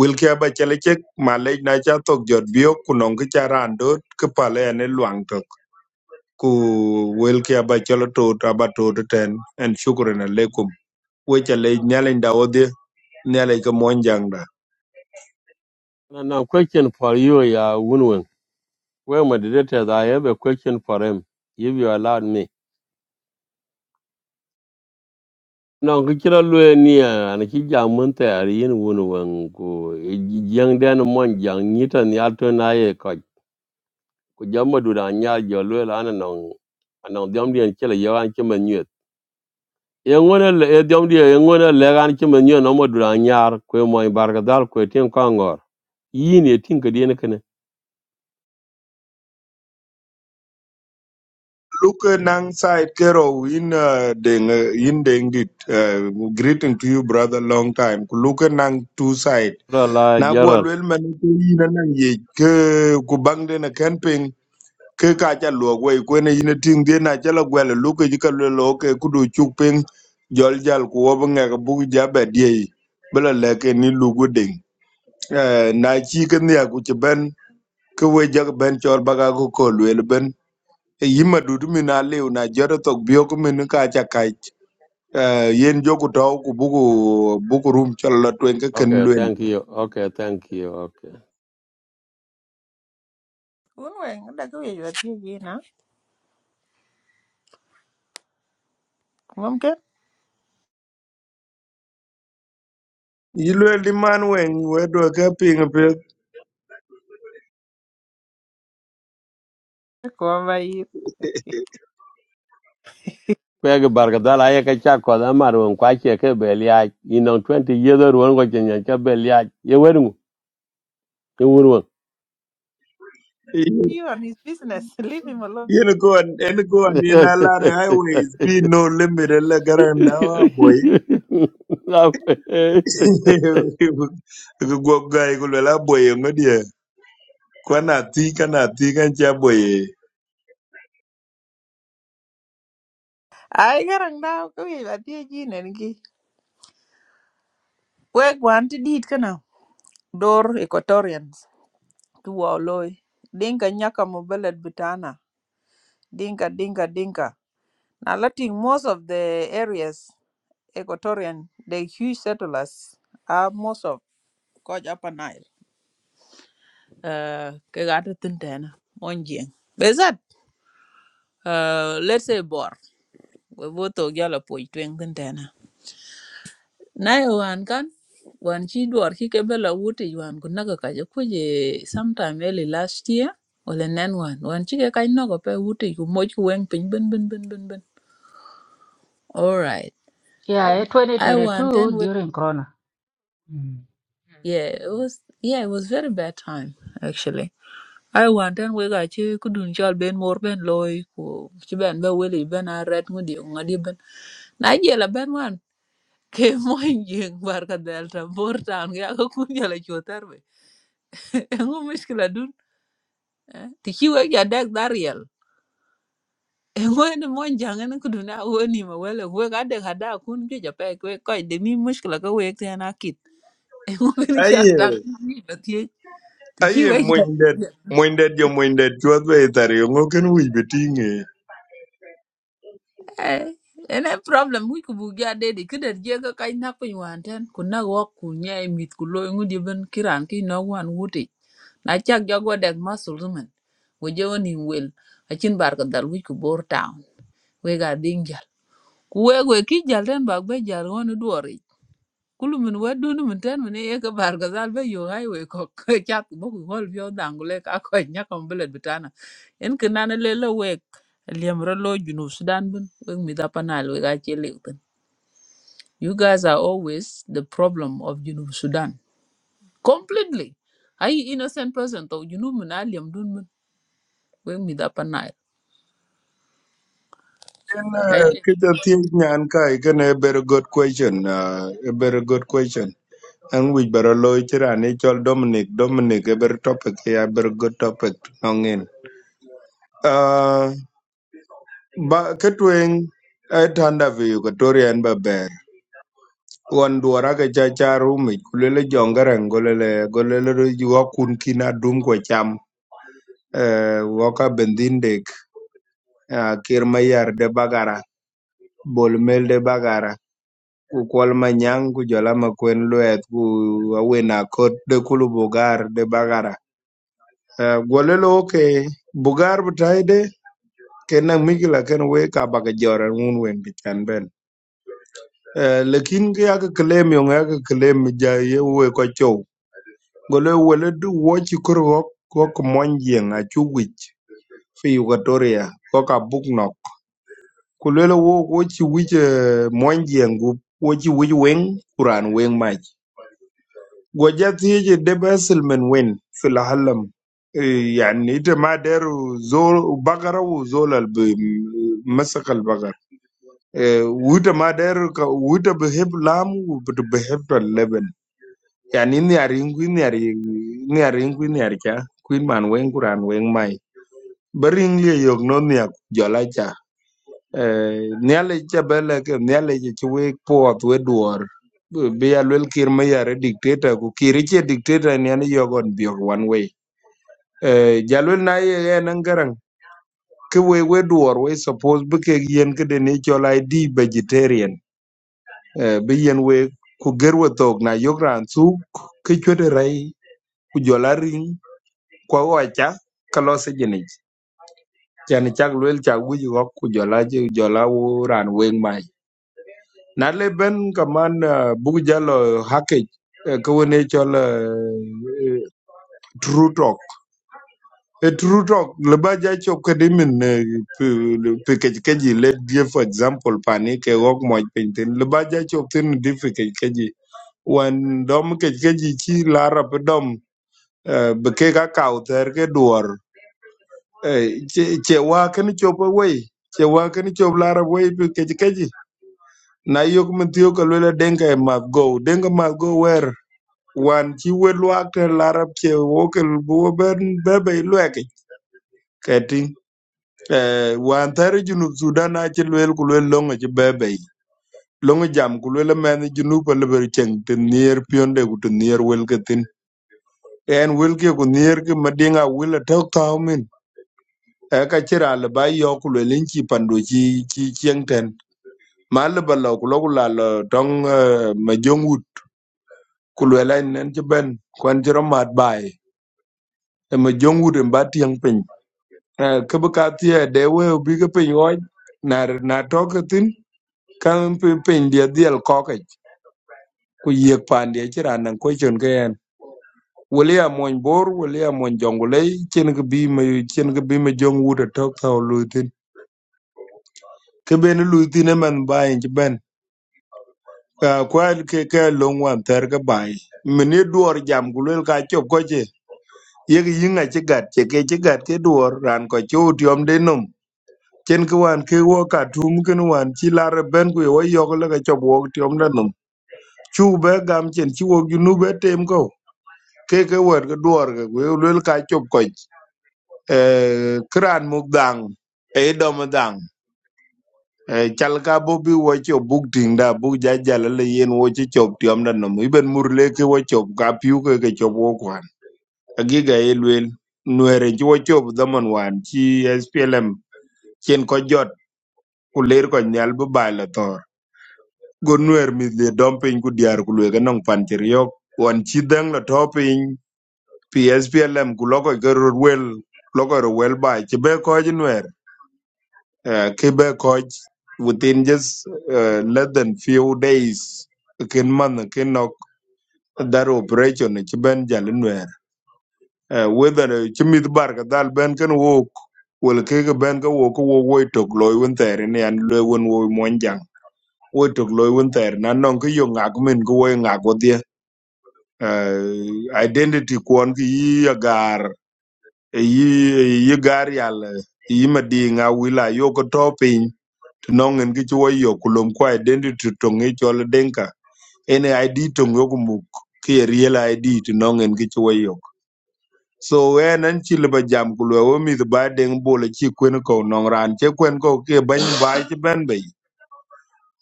wilki aba calecek ma lec na ca thok jot biyok ku nɔŋ ki ca raan dot ki pale ene luaŋ tok ku welki aba cholo tot aba tot ten and shukran alaikum wecha le nyalen da odhi nyale ka monjang da
And a question for you, Ya Wunwin. Well, my director, I have a question for him, if you allow me. Non ko chira lue ni an ki jang mun te ari yin wun wen ku jang den mon jang ni tan ya to na ye ko ku jam ma du da nya jo lue la an non an non diam dien chela yo an ki men yet ye ngone le ye diam die ye ngone le an ki men yet no ma du da nya ku mo bar ga dal ku tin ko ngor yin ye tin ka dien kene
look eh, nang side kero in uh, deng eh, in deng dit uh, greeting to you brother long time ku look eh, nang two side
ra la
na gwa
jaral
lwel man ke ina nang ye ke ku bang de na camping ke ka cha luo we ku ne ina ting de na cha la gwa le look uh, ji ka lwe lo ke ku du chuk ping jol jal ku wo ba nga ka bu ja ba die bela leke ni lugu deng Eh, na ci kin ya ku ci ben ke we jag ben chor baga ku ko lwel ben e yima dudu mi na lew na jero tok bio ku min ka cha kai eh yen joku taw ku buku buku rum chol la twen ke ken
okay
lwel
thank you okay thank you okay
Who when that way you are you know? Mumkin,
yi lwel di man wen we do ke ping pe
come by you.
kwegi barkadal aye ke chak kɔth amarwen kwa cie ke be liaac twenty yieth oruon ko ci nyen ke be liaac ye wer ye wur
You and his business, <laughs> leave him alone.
yen ko an en ko an ni na la highways be no limit la garanda wa boy
<laughs> <laughs>
ku go <laughs> gai ku la boy ngodi kwana ti kana ti kan cha boy
I garang now go you are you and gi. Work one to deed kana. Door Equatorians. To our loy. Dinka nyaka mobelet butana. Dinka dinka dinka. Now letting most of the areas Equatorian, the huge settlers are most of Koch Upper Nile. uh, ke ga ta tin tena mon jeng bezat uh, let's say bor we bo to ga la poi twen tin tena na yo wan kan wan chi dor ki ke bela wuti wan ku naga ka je kuje sometime early last year wala nen wan wan chi ke kai nogo pe wuti ku moj ku weng pin bin bin bin bin bin all right
yeah
i want
2022
ten
during corona mm.
Yeah, it was yeah, it was very bad time actually. I want and we got you could do child ben more ben loy ku chi ben be willy ben a red ngudi ngadi ben. Na jela ben wan ke moy jeng barka <laughs> delta bor town ya ko kun jela chotar be. <laughs> Engo mishkila dun. eh, Ti chi we ya dak dariel. Engo ne mon jang ne kudu na woni ma wele we ga de hada kun ju ja pe we ko de mi mishkila ka we te na kit. <laughs> Engo ni chak
aye
tak ni ba ti. Ti chi
Aye,
we
Mwindet, Mwindet jo Mwindet chuodh be ithar yongo ken wich be ting'e.
Eh, ene problem wic kubuk ja dedi kidet je ka kany nak piny wan ten ku nak wok ku nye i mith ku lo ŋudi ben kiran ki nok wan wutic na cak jog wadek masul zumen weje woni wel acin bar ko dal wic ku bor town wek ading jal ku wek we ki jal ten bak be jal woni duwar kulu min wet duni min ten min ye ke bar ga zal be yo ai we ko <laughs> chat bo ku hol bio dangule ka ko nya kom belet bitana en ke nana le le we liam ro lo junu sudan bun we mi da panal we ga che le bun you guys are always the problem of junu sudan completely ai innocent person to junu min a liam dun min we mi da panal
En
ai
eh, ka jathieth nyan kai, iken a very good question, uh, a very good question. An wich bara loyo ci rani chol Dominic, Dominic a very topic, a very good topic nong'in. Uh, ba ketweng e tanda vi Equatoria en baber. Wan duara ke cha cha rumi kulele jongarang golele golele ro yuwa kun kina dum kwa cham eh, waka bendinde ah, Kir Mayar de Bagara, Bolmel de Bagara, ku kwal ma nyang ku jola ma kwen luet ku awina kot de kulu Bugar de Bagara. Ah, Gwale lo ke Bugar butaide kena migila ken we ka baga joran un wen bitan ben. Ah, Lakin ki aka claim yung aka claim ja ye we ko chow. Gwale wale du wochi kuru wok wok monjeng a chuwich fi Equatoria ko ka buk no. ku lele wo wo ci wic mon jengu wo ci wic weng kuran weng mac go jati je debe silmen wen fil halam eh, yani ite ma deru zol bagara Ee, wu zol al bi masak al bagar eh, wuta ma deru ka wuta bi heb lam wu bi bi heb to leben yani ni ari ngu ni ari ni ari ngu ni ari cha kuin man weng kuran weng mai bering liye yok no ni ak jola niale cha bele ke niale cha chwe po atwe duor be alwel kir me yare dictator ku kir che dictator ni ani yogon biok one way Eh, jalwel na ye ye nangarang ke we we duor we suppose be ke yen ke de ni chol id vegetarian Eh, be yen we ku gerwe tok na yogran su ke chwede rai ku jola ring kwa wacha kalose jenich chan chak lwel chak wuji wak ku jola je jola wo ran weng na le ben kaman bugjalo hake kawone chol eh, eh, true talk e true talk le ba ja cho kedimin pe ke ke ji let give for example pani ke wok mo pinten le ba ja cho tin di pe ke ke ji wan dom ke ke ji chi la rap dom eh, be ke ka kaw ter ke duor eh, che che wa ken cho pe wei che wa ken cho la rap wei pe ke ke ji na yok min tiyo ka lwela denga must go denga must go where wan ci we luak te larab ce wokel bu ben bebe lueki keti eh wan tare junub sudan a ci luel ku luel longa ci bebe longa jam ku luel men junub e le ber ceng te nier pionde ku te nier wel ketin en wel ke ku nier ke madinga wel te taw min e ka ci ra le ba yo ku luel ci pando ci ci ceng ten ma le ba lo ku lo ku la lo dong eh, ma jong wut ku luel en ci ben kwan ci ro mat bai e E ma jong wut en ba tiang pe kabu ka tia de we bi ga pin yoy na na to ka tin kan pin pin dia dial ko ka ku ye pan dia ti ran nan ko chon ga yan William mon bor William mon jongule chen ga bi ma chen ga bi ma jong wu da to ka lu tin ke ben lu tin e man ba in ji ben ka kwa ke ke long wan ter ga bai mini duor jam gulel ka chop ko che ye ga yinga che gat che ke che gat ke duor ran ko chu tiom de chen ki wan ke wo ka tum kin wan chi lar ben ku wo yok le ka chop wo tiom da num chu be gam chen chi wo ju nu be tem ko ke ke wer ke duor ke we lul ka chop ko eh kran muk dang e dom dang e chal ka bo bi wo cho buk ting da buk ja ja le le yen wo chi chop tiom da num i ben mur le ke wo chop ka piu ke ke chop wo kwan agi ga e lul nuere chi wo chop da man wan chi SPLM chen ko jot ku ler ko nyal bu ba la tor go nwer mith liet dumping piny ku dyar ku lueke nong pan ci riok wan ci dheŋ lo to piny PSPLM ku lokoj ke ror wel lokoj ro wel ba ci be koj nwer eh, ki be koj within just uh, less than few days kin man kin nok dar operation ci ben jal nwer Eh, whether ci mith bar ka dal ben ken wok wel ke ke ben ka wok ko wo woi tok loi wen theri ni an loi wen woi monjang woi tok loi wen theri na nong ki yo ngak min ko woi ngak wo uh, identity kuon ki yi agar yi e yi gar yal e yi madinga wila yo ko topin nongen ki chuo yo kulom ko identity to ngi chol denka ene id to yo kumuk ki a real id to nongen ki chuo yo so wen an chi liba jam ku lo mi the ba deng bol e chi kwen ko nong ran che kwen ko ke ban bai chi ban bai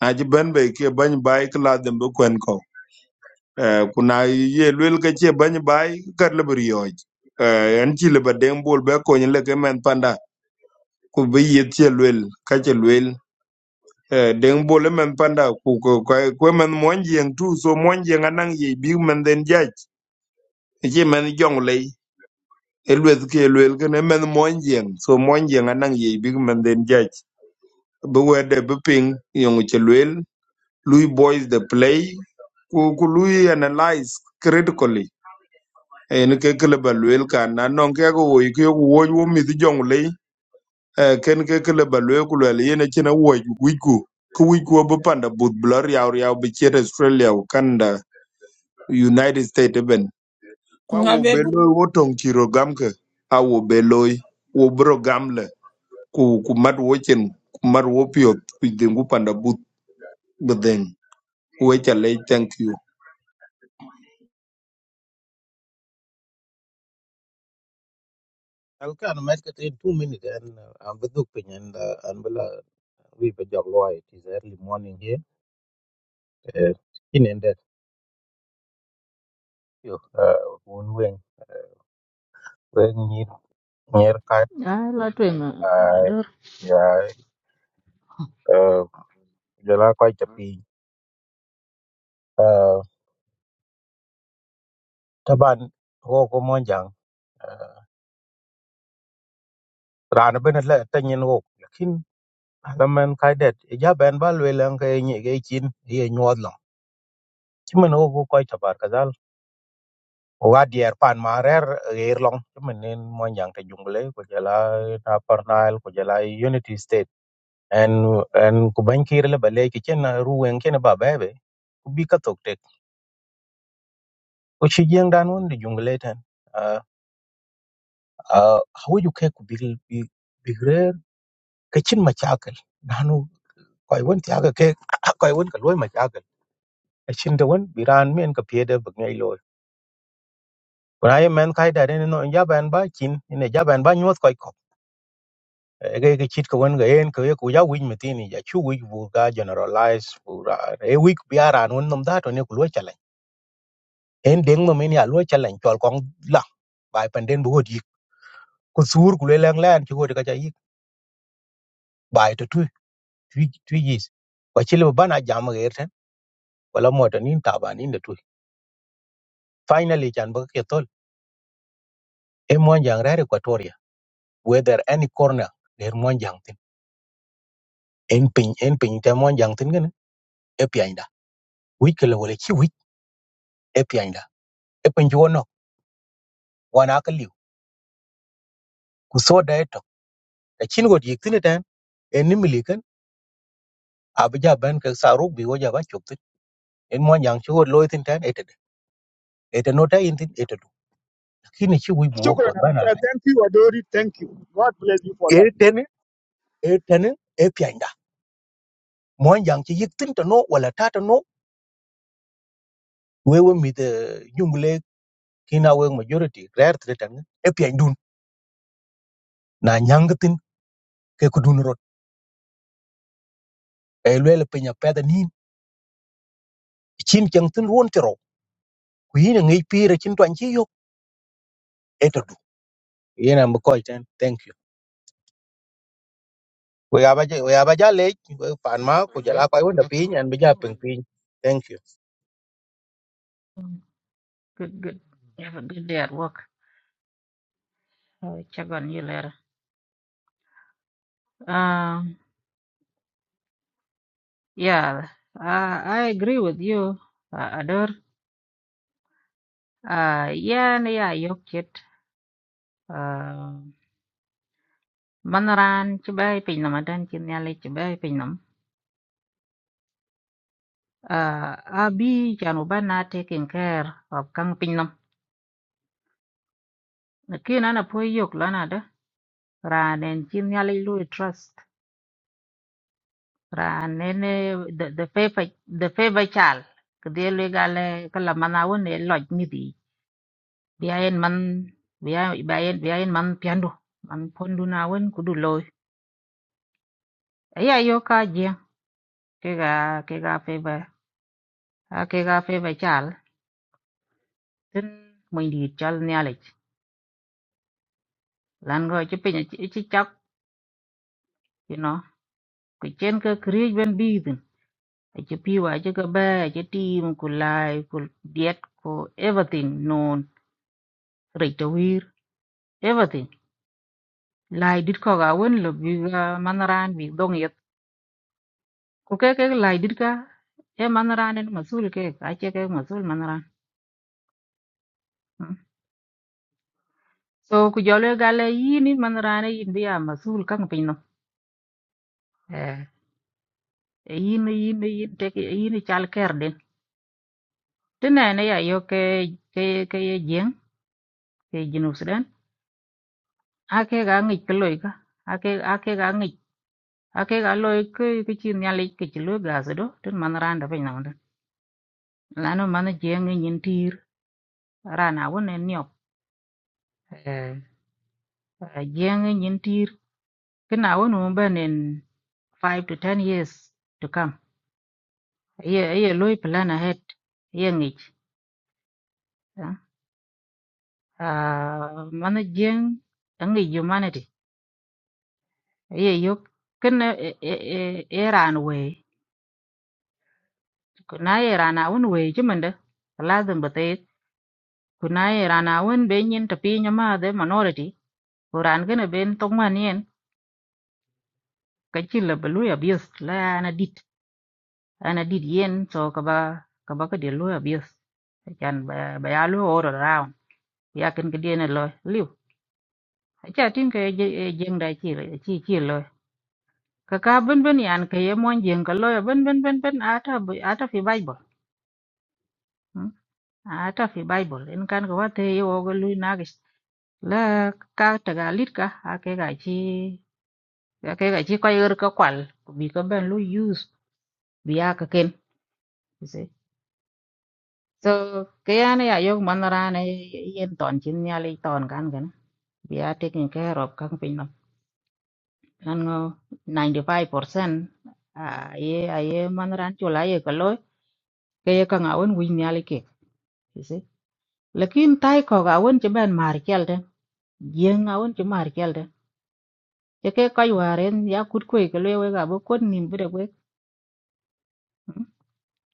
a chi ban bai ke ban bai kla dem kwen ko Eh, kuna ye luel ke che bany bai kar le brioj eh en chi le badeng bol be ko le ke men panda ku be ye che luel ka che luel eh deng bol e men panda ku ko ko men mon jeng tu so mon jeng anang ye bi men den jaj E che men jong le e luel ke luel ke ne men mon jeng so mon jeng anang ye bi men den jaj be wede be ping yong che luel lui boys the play ku ku lui analyze critically en ke kele ba luel kan na non ke ko wo ke ko wo wo mi di jong le ken ke kele ba luel ku le yene chena wo wi ku ku wi ku bo panda but blur ya ya bi chere australia u canada united states ben kwa
Nga
wo
be
be
bu
lo wo tong chiro gam ke a wo be lo wo bro gam le ku ku mat wo chen ku mat wo pio ku dingu panda but beden we chale thank you
I'll kind of make it in two minutes and uh, I'm with Dupin and uh, and we'll uh, we be job law. It is early morning here. Uh, in and that you uh one wing wing near near cut
I lot to
uh
door
yeah uh jala quite a pin Taban wo ko monjang rana bene le tanyin wo lakin alaman kaidet ja ben ba lwe lan ka nyi ge chin ye nyod long chimen wo ko koy tabar kazal o ga dier pan ma rer eh, ger long chimen nen monjang te jungle ko jala na parnal ko jala unity state en en ku ban kir le bale ki chen eh, ru wen ken ba bebe ku bi ka tok tek ko chi jeng dan won de jungle ten a a hawu ju ke ku bi bi bi rer ka chin ma chakal koy won ti aga ke koy won ka loy ma jagal a chin de won biran men ka pie de bgnai loy kuna ye men kai da ne no ja ban <coughs> ba kin ne ja ban ba nyot koy ko ege ge chit ka won ga en ka ye ku ja win metini ja chu wi bu ga generalize bu ra e wi biaran won nom da to ne ku loy chalen en deng mo men ya loy chalen chol kong la bai panden bu hodi ku sur ku le lang lan chi hodi ka ja yik bai to tu tu yis ko chile ba na jam ga erten wala mo to nin ta ba nin de tu finally chan ba ke tol e mo jang ra re ko whether any corner der mon jangtin en pin en pin te mon jangtin gane e pianda wi kele wala chi wi e pianda e pin jono wana ka liu ku so da eto da chin god yiktin tan en ni milikan abja ban ka saru bi woja ba choktin en mon jang chi god loitin tan etede ete no ta intin etedu lakini chi wi buo
Shukran.
po bana
Uh, thank you, Adori. Thank you. God bless you for that.
eten eten e pianda mon jang chi yiktin to no wala ta to no wewe mi de jungle kina we majority rare tretan e piandun na nyangtin ke kudun e lwel piny apedha nin chin cheng tin ruon ti ro ku yin e ngej pire chin twan chi yok e to du yin am ko ten thank you we aba je we aba ja le pan ma ku jala ko wonda piny an bi ja ping piny thank you
good good have a good day at work I'll check on you later um yeah I, I agree with you uh, Ador uh yeah yeah yok uh, man ran ci bay pin nam dan ci bay pin uh, abi janu bana taking care of kang pin nam kina na po yok lana da ranen ci nyale lu trust ranen the the favor the favor chal kede le gale kala mana won e loj mi di biayen man biya biayen biayen man piando man pondu na won kudu loy aya yo ka je kega kega favor kega favor chal tin mình đi chal nyalik lan go ci penya ci ci chak you know ku chen ka create ben bidin a ci piwa ci ka ba a ci tim ku lai ku diet ku everything non rita wir everything lai dit ko ga won lo bi ga manaran bi dong yet ku ke ke lai dit ka e manaran en masul ke a ci ke masul manaran mm. so ku jole gale yini manaran yin bi a masul kan pinno eh yin e yin e yin te yin e chal ker den Thế này này à yo ke ke ke giếng ke Junub Sudan. A ke ga ngi ke loy ka. A ke a ke ga ngi. A ke ga loy ke ke chi nya le ke chi lo ga se do. Tin man ran da pe na wan. La no man giếng ngi nyin tir. Ra na won en nyop. Eh giếng ngi nyin tir. Ke na won mo ben en 5 to ten years to come. Ye ye loy plan ahead. Ye ngi. Ah man giếng ngi humanity. ye yo kin eh, eh, eh, iran we kuna iran awun we chimende lazim bate kuna iran awun be nyin tapi nyama de minority kuran gene ben tongman yen kachil la belu abuse la ana dit ana dit yen so kaba kaba ka de lu abuse chan ba ba ya lu all around ya kin ke dien lo liu acha tin ke jeng da chi chi chi lo kaka ben ben yan ke ye mon jeng ka lo ben ben ben ben ata ata fi bible hata fi Bible in kan ga wate ye wo ga lui nagis la ka taga lit ka ake ga chi ake ga chi ko yer ka kwal bi ka ben lu use bi ya ka ken you see so ke ya ne ya yo man ra ne yen ton chin ya le ton kan gan bi ya taking care of kan pin no nan ngo 95% a ye a ye man ran chula ye ka loy ke ye ka ngawen wi nya le ke you see lakin tai ko ga wen che ben mar kel den yen ngawen che mar ye ke koy waren ya kut cái ke le cả ga bo kon nim được we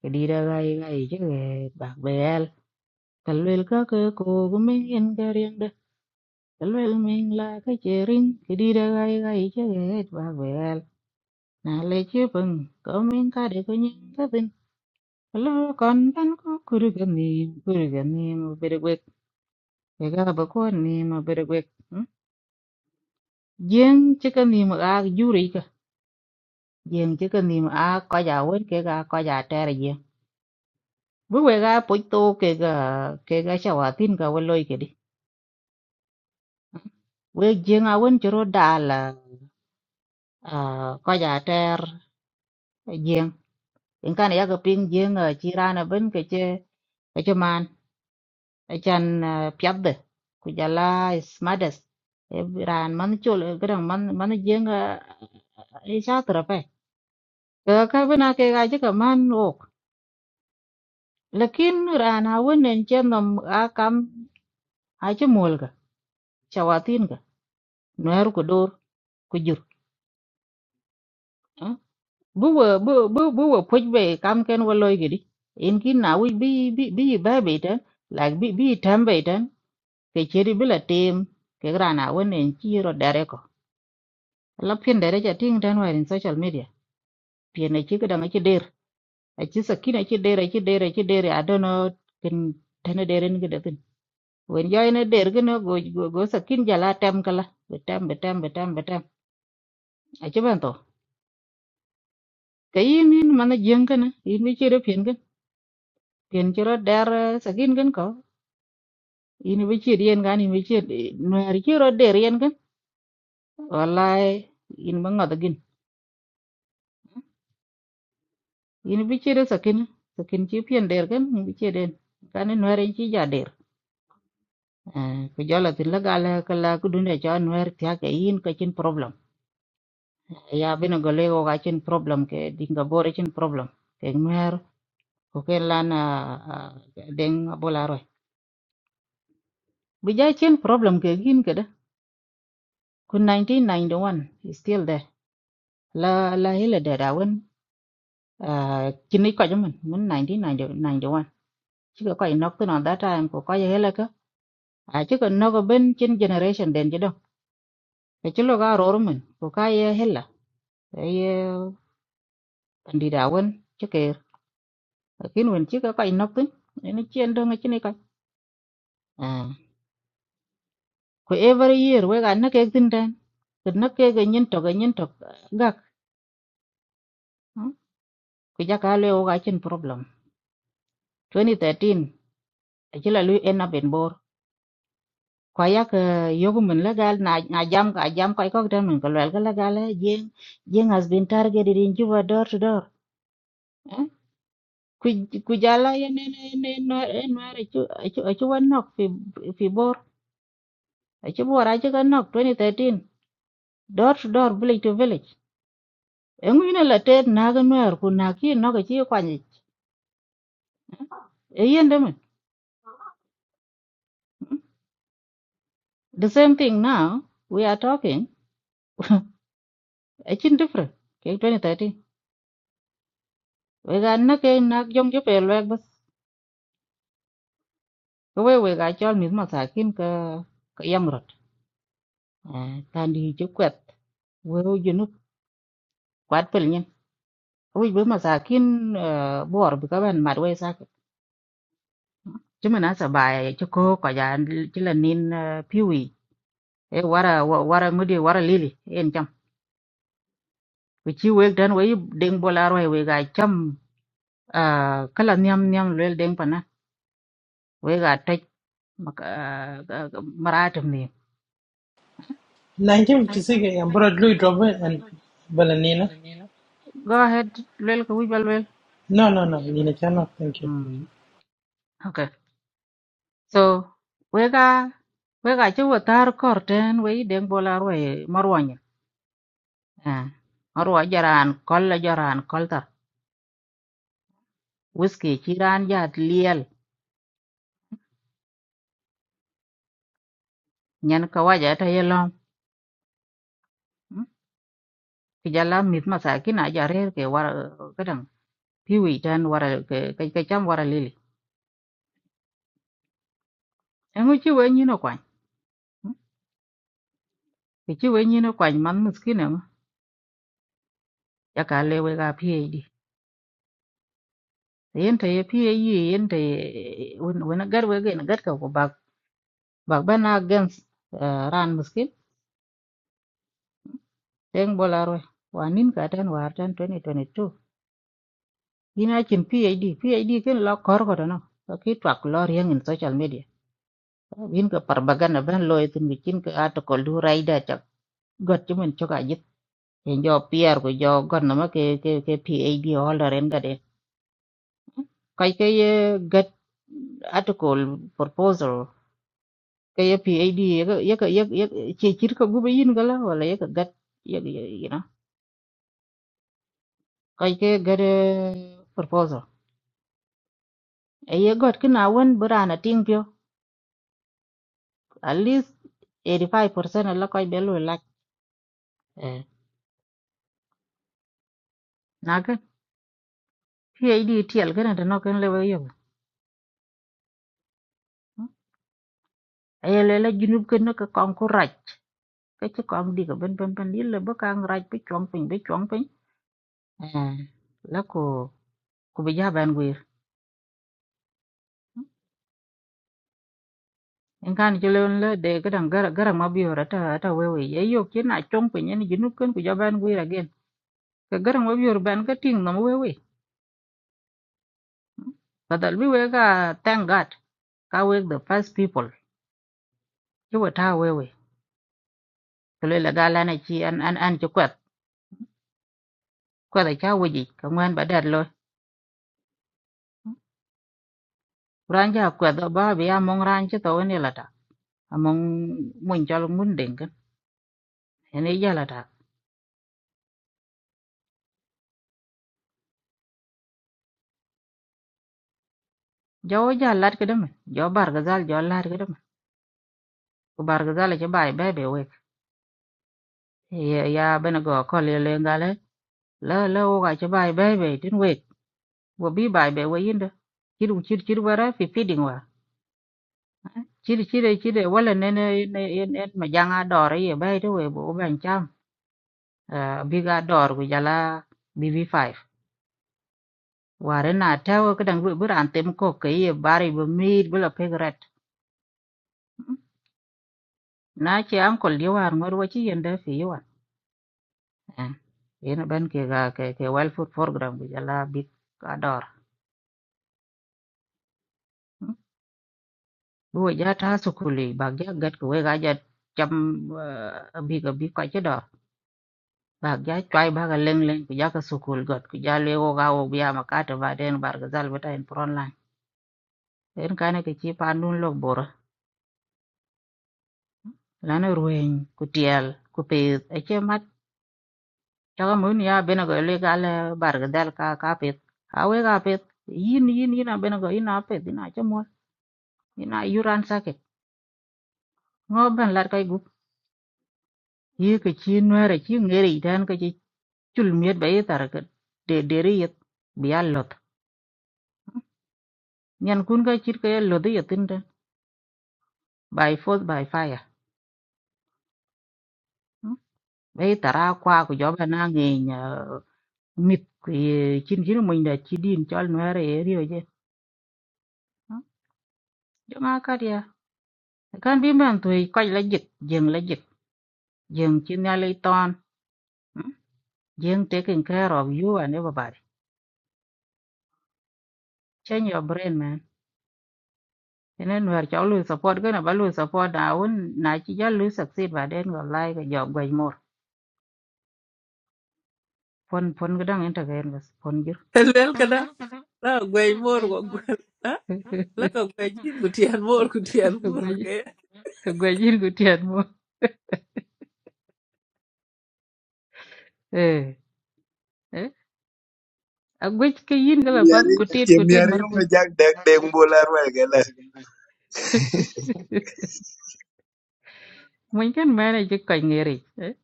cái đi ra ga ga i cái bạc ba bel kal wel ka ke ko gu me en ga rien de kal wel me la ke che rin ke di ra ga ga i cái bạc ba bel na le chứ pun có me ka de ko nyin ka tin lo kon tan ko cái ga ni kuru ga ni mo bre we ke ga bo kon ni mo bre we jeng che ka ni mo ga ju ri ka jeng che ka ni mo a ko ja wen ke ga ko ja ter Guwega poito kega kega shawatin ka waloi kedi. Weg jeng awen churo dala ko ja ter jeng. Inkan ya ping jeng chirana ben keche keche man echan piadde. Kujala smades. Ran man chul gerang man man jeng isha trape. Kega ka bena kega jeka man ok. Lakin ran awen en chen nom akam ache mulga shawatin ka. Nuer kudur kujur. buwa buwa buwa poj be kam ken wa loy gidi in kin na wi bi bi bi ba be tan like bi bi tam be tan ke cheri bila tem ke grana won en chiro dare ko la pin dare ja ting tan wa in social media pin ne chi ga ma chi der a chi sakin a chi der a chi der a chi der i don't know kin tan der ni gidi tin wen yo ne der gi no go go go sakin jala tem kala be tem be tem be tem be tem a chi ban to kayin in mana jeng kana in bi chiro pin gan pin chiro der sakin gan ko in bi ci rien gan in bi ci no ri ci ro de rien gan wallahi in ba ngada gin in bi ci de sakin sakin ci pien der gan in bi ci den kan no ri ci ja der Eh, ku jala tin la gala kala ku dun ja no ri ta ke in ka cin problem ya bi no gole go ga cin problem ke dinga bore cin problem ke no ko ke lana den abola ro bi ja cin problem ke gin ke da ku 1991 is still there la la hila da da uh, chính lý coi cho mình muốn nành tí nàng chỗ nàng chỗ anh chứ có coi nó cứ nó đã ra em của coi hết là cơ à chứ còn nó có bên trên generation đến chứ đâu cái chứ lo cái rồi mình của coi hết là cái ờ, anh đi đào quên chứ kì kiến quên chứ có coi nó tính nó chuyên đâu ngay trên này coi à của every year với cái nó cái tin đen cái nó cái cái nhân trọc cái nhân trọc gạc cái giá cả leo cái trên problem 2013 chỉ là lui end up in bore kwa yak yogu min legal na na jam ka jam ko ko tan min ko lel gala gala jeng jeng has been targeted in juba door to door eh? ku ku jala ya ne ne ne no e no re chu chu chu wan nok fi fi bor Eh, chu bor a chu kan nok 2013 door to door village to village e ngi na la tet na ga no ku na ki no ga chi kwa ni e yen de min the same thing now we are talking <laughs> a chin different ke 2013 we ga na ke na jom ju pe lek we we ga chol mit masakin ka ka yamrot tan di ci kwet we junu kwat pel nyen we be masakin bor bi ka ban mat we sak ci mena sa ba ci ko ko ja ci la nin piwi e wara wa- wara ngudi wara lili en jam we ci we dan we deng bolar we we ga cham ah, kala nyam nyam lel deng pana we ga tej mak- ah, ah, maratim ni go ahead lel ko we bal lel Mm, okay So wega wega ci watar korten we den bola roye marwanya. Ah. Marwa jaran kol la jaran kol tar. Whisky ci ran jat liel nyen ka waja ta yelom. Ki jala mit masakin a jarer ke war kadang piwi tan war ke ke ke cham war lili. Engu ci we nyino kwany. mm. Ki ci we nyino kwany man miskin engu. Ya ka le wega PhD. Yen ta ye PhD yen ta ye wena gar wega na gar ka ko bak bak bana gens eh, ran miskin Deng Bolarwe, wanin katan wartan 2022. D, P PhD, D ken lo kor ko no. Ki twak lo riang in social media. Bin ke parbagan ban lo itin bikin ke article du raida chak. Got chimen choka jit. En jo PR ko jo gon nama ke ke ke PhD holder en gade. Kai ke ye gat article proposal ke ye PhD ye ke ye ke ye ke- ye ke- che chir ko gube yin gala wala ye ke gat ye ke- ye- you know. Kai ke gade proposal e ye got ki na wen bu rana ting pyo at least 85% la koy be lu lak eh na ka ye di tiel ka na no ken le we yo e le la junub ken no ka kon ku raj ka ci kon di ka ben ben ben yil le bu ka raj bi chong pin bi chong pin eh la ko ku bi ja ban wir en kan ci le le de ka dang gar gar ma bi ora ta ta we we ye yo ki na chong pin ni junub ken ku ja ban wir again ka gar ma bi ora ban ka ting no we we badal bi we ka thank god ka we the first people chứ wa ta we we ko là la gala này chi an an an chu kwat ko da cháu we gì, ka ngwan ba dat rồi, ran ja kwat do ba bi a mong ran chi to này là ta mong mong cho luôn muốn den cái, ne ja là ta gió giờ ja lat ka dam jo bar ga zal jo lat ka dam ko bar ga zal chi bai be be we ya ya be na go ko le le gala la la o ga chi bai be be tin we wo bi bai be we yin da chi du chi chi wa ra fi fi ding wa chỉ chi chi wala ne ne ne en mà giang ở đó ye bai to we bố ban cham uh, biga dor ku jala BB5 ware na tawo kadang bu buran tem ko kay bari bu mid bu la pegret na ci am ko li war ngor wati yende fi yawan ina ben ke ga ke ke well food program ku jala big dor bu ja ta su kuli ba ga gat ko ga ja cham bi ga bi ko ci dor ba ga chwai ba ga leng leng ku ja ka su kul gat ku ja le wo ga wo biya makata ba den bar ga zal bata en pron line en kane ke ci pandun lok bor lana ruweny ku tyɛl ku piith ace mac caka mun ya bene ko ilwe kale barki dhɛl ka ka pith a we ka pith yin yin yin a bene ko yin a pith yin a ce muɔl yin a yuran sakit ŋo bɛn lat kai gup yi ke ci nuɛɛr chi ŋeri tɛn ke ci cul miet ba yi tar ke de deri yet bi a loth nyen kun ka cit ke ye loth yetin tɛn by force by fire mm. ba yi tar a kwa ku joba bɛ na ŋeny mit ku ye cin cin muny da ci din cɔl nuɛɛr ye riyo je jɔŋa kat Kan bi ben to quite legit, jeng legit, jeng chinali ton, jeng taking care of you and everybody. Change your brain, man. And then we're all lose support, gonna ba lose support now. When na chi ja lose succeed, but then your life and your way phun Pon pon gadang entertain was pon jir.
<laughs> lel kada la gwey mor go gwel. <laughs> La ka gwey jin ku tiyan mor ku tiyan mor.
Gwajir gutian <laughs> cái Eh, eh. Agwaj ke yin gala pat
Yemiari
kutit kutit.
yemiari yome jak dek dek mbola rwel
Mungkin manage koi ngeri. Eh.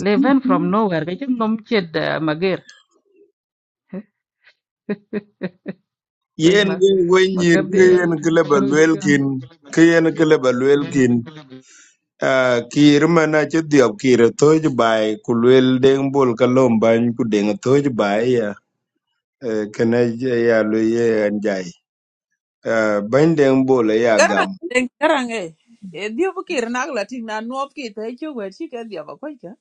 Leven from nowhere, cái kacang nom ched mà Koi
yen wen wen nyir
ma.
ke yen kele ba lwel kin ke yen kele ba lwel kin ah, kir mana ci dhiop kir thoj bai ku lwel deng bol ka lom bany ku deng thoj bai e ya Eh, kena j- ya lo ye an jai Ah, bany deng bol e ya
Garang
gam
eh, garang eh. Eh, Diyo bu kir nak la ting na nuop ki te chu wer chi ke diyo ba koi ka.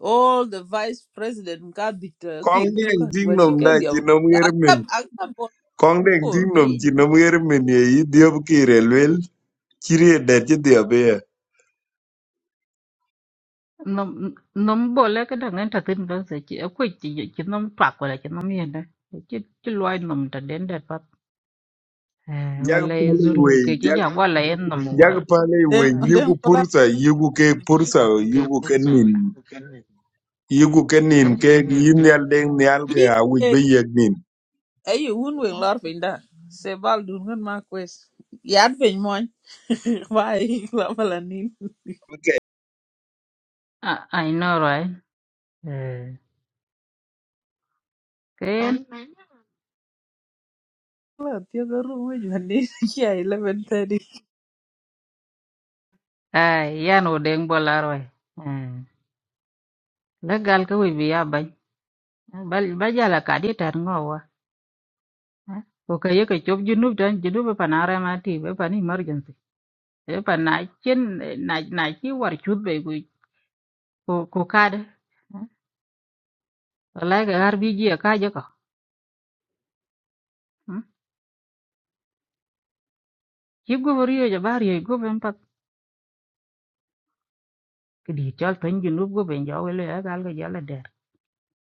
All the vice president ka bit eh,
kong
kir chu
deng
kan
ting
wer chi
nom
ke
da
diyo
ci
ba.
nom yer min
Accept accept bol
kong deng
kur
ting
ke
nom
yi
ci
ba.
nom yer min ye yi dhiop kir e lwel chiri e det ci dhiop ye
nó nó bỏ lỡ cái thằng anh thật tin đó sẽ chỉ quay chỉ chỉ nó toạc qua lại chỉ nó miền đó chứ chứ loài nó đã đến đẹp phát à và
jak
lại dù cái chỉ
wei
dòng qua lại em nó mua
Jak pale
Den
we
den
yiku
kola
pursa yiku ke pursa yiku ke nin yiku ke nin ke yim nial deng nial ke
yi
awich
eh
be yek nin
eh yi un wen lar fin da. Se bal dun gan ma kwes. Yad fin moan. Why <laughs> la bala nin.
à ai nó rồi à cái
La tiyo ga ru mo jwan ni chi ai 11:30.
à ya nó đen bỏ lỡ rồi à lá gal cái quý vị à bây bây bây giờ là cả đi tan ngô à ok cái cái chụp junub dan junub pa na mà ma ti pa ni emergency pa na chen na na chi war chut be cô ku ka wallahi ga RPG ka je ko ki gobe riyo je bari ye gobe mpak ki di chol pen ji nub gobe njo wele ya gal ga jala der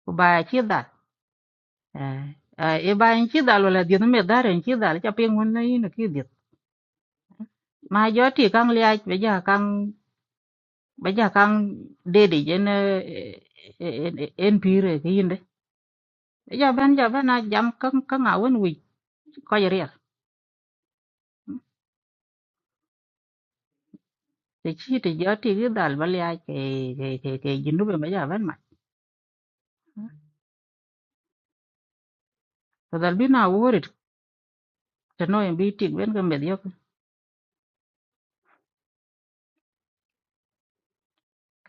ku ba ki dal eh eh, e ba en ki dal wala di no me dar en ki dal cha pe ngun na yin ki di ma jo ti kang lia be ja kang be ja kang de de je ne en pire ki yinde Be ja ben ja ben a jam kang kang a wen wi ko je riel te chi ti jo ti ki dal ba lia ke ke ke ke ji nub be ja ben ma to dal bi na wore cho tano en bi tik ben cái medio ka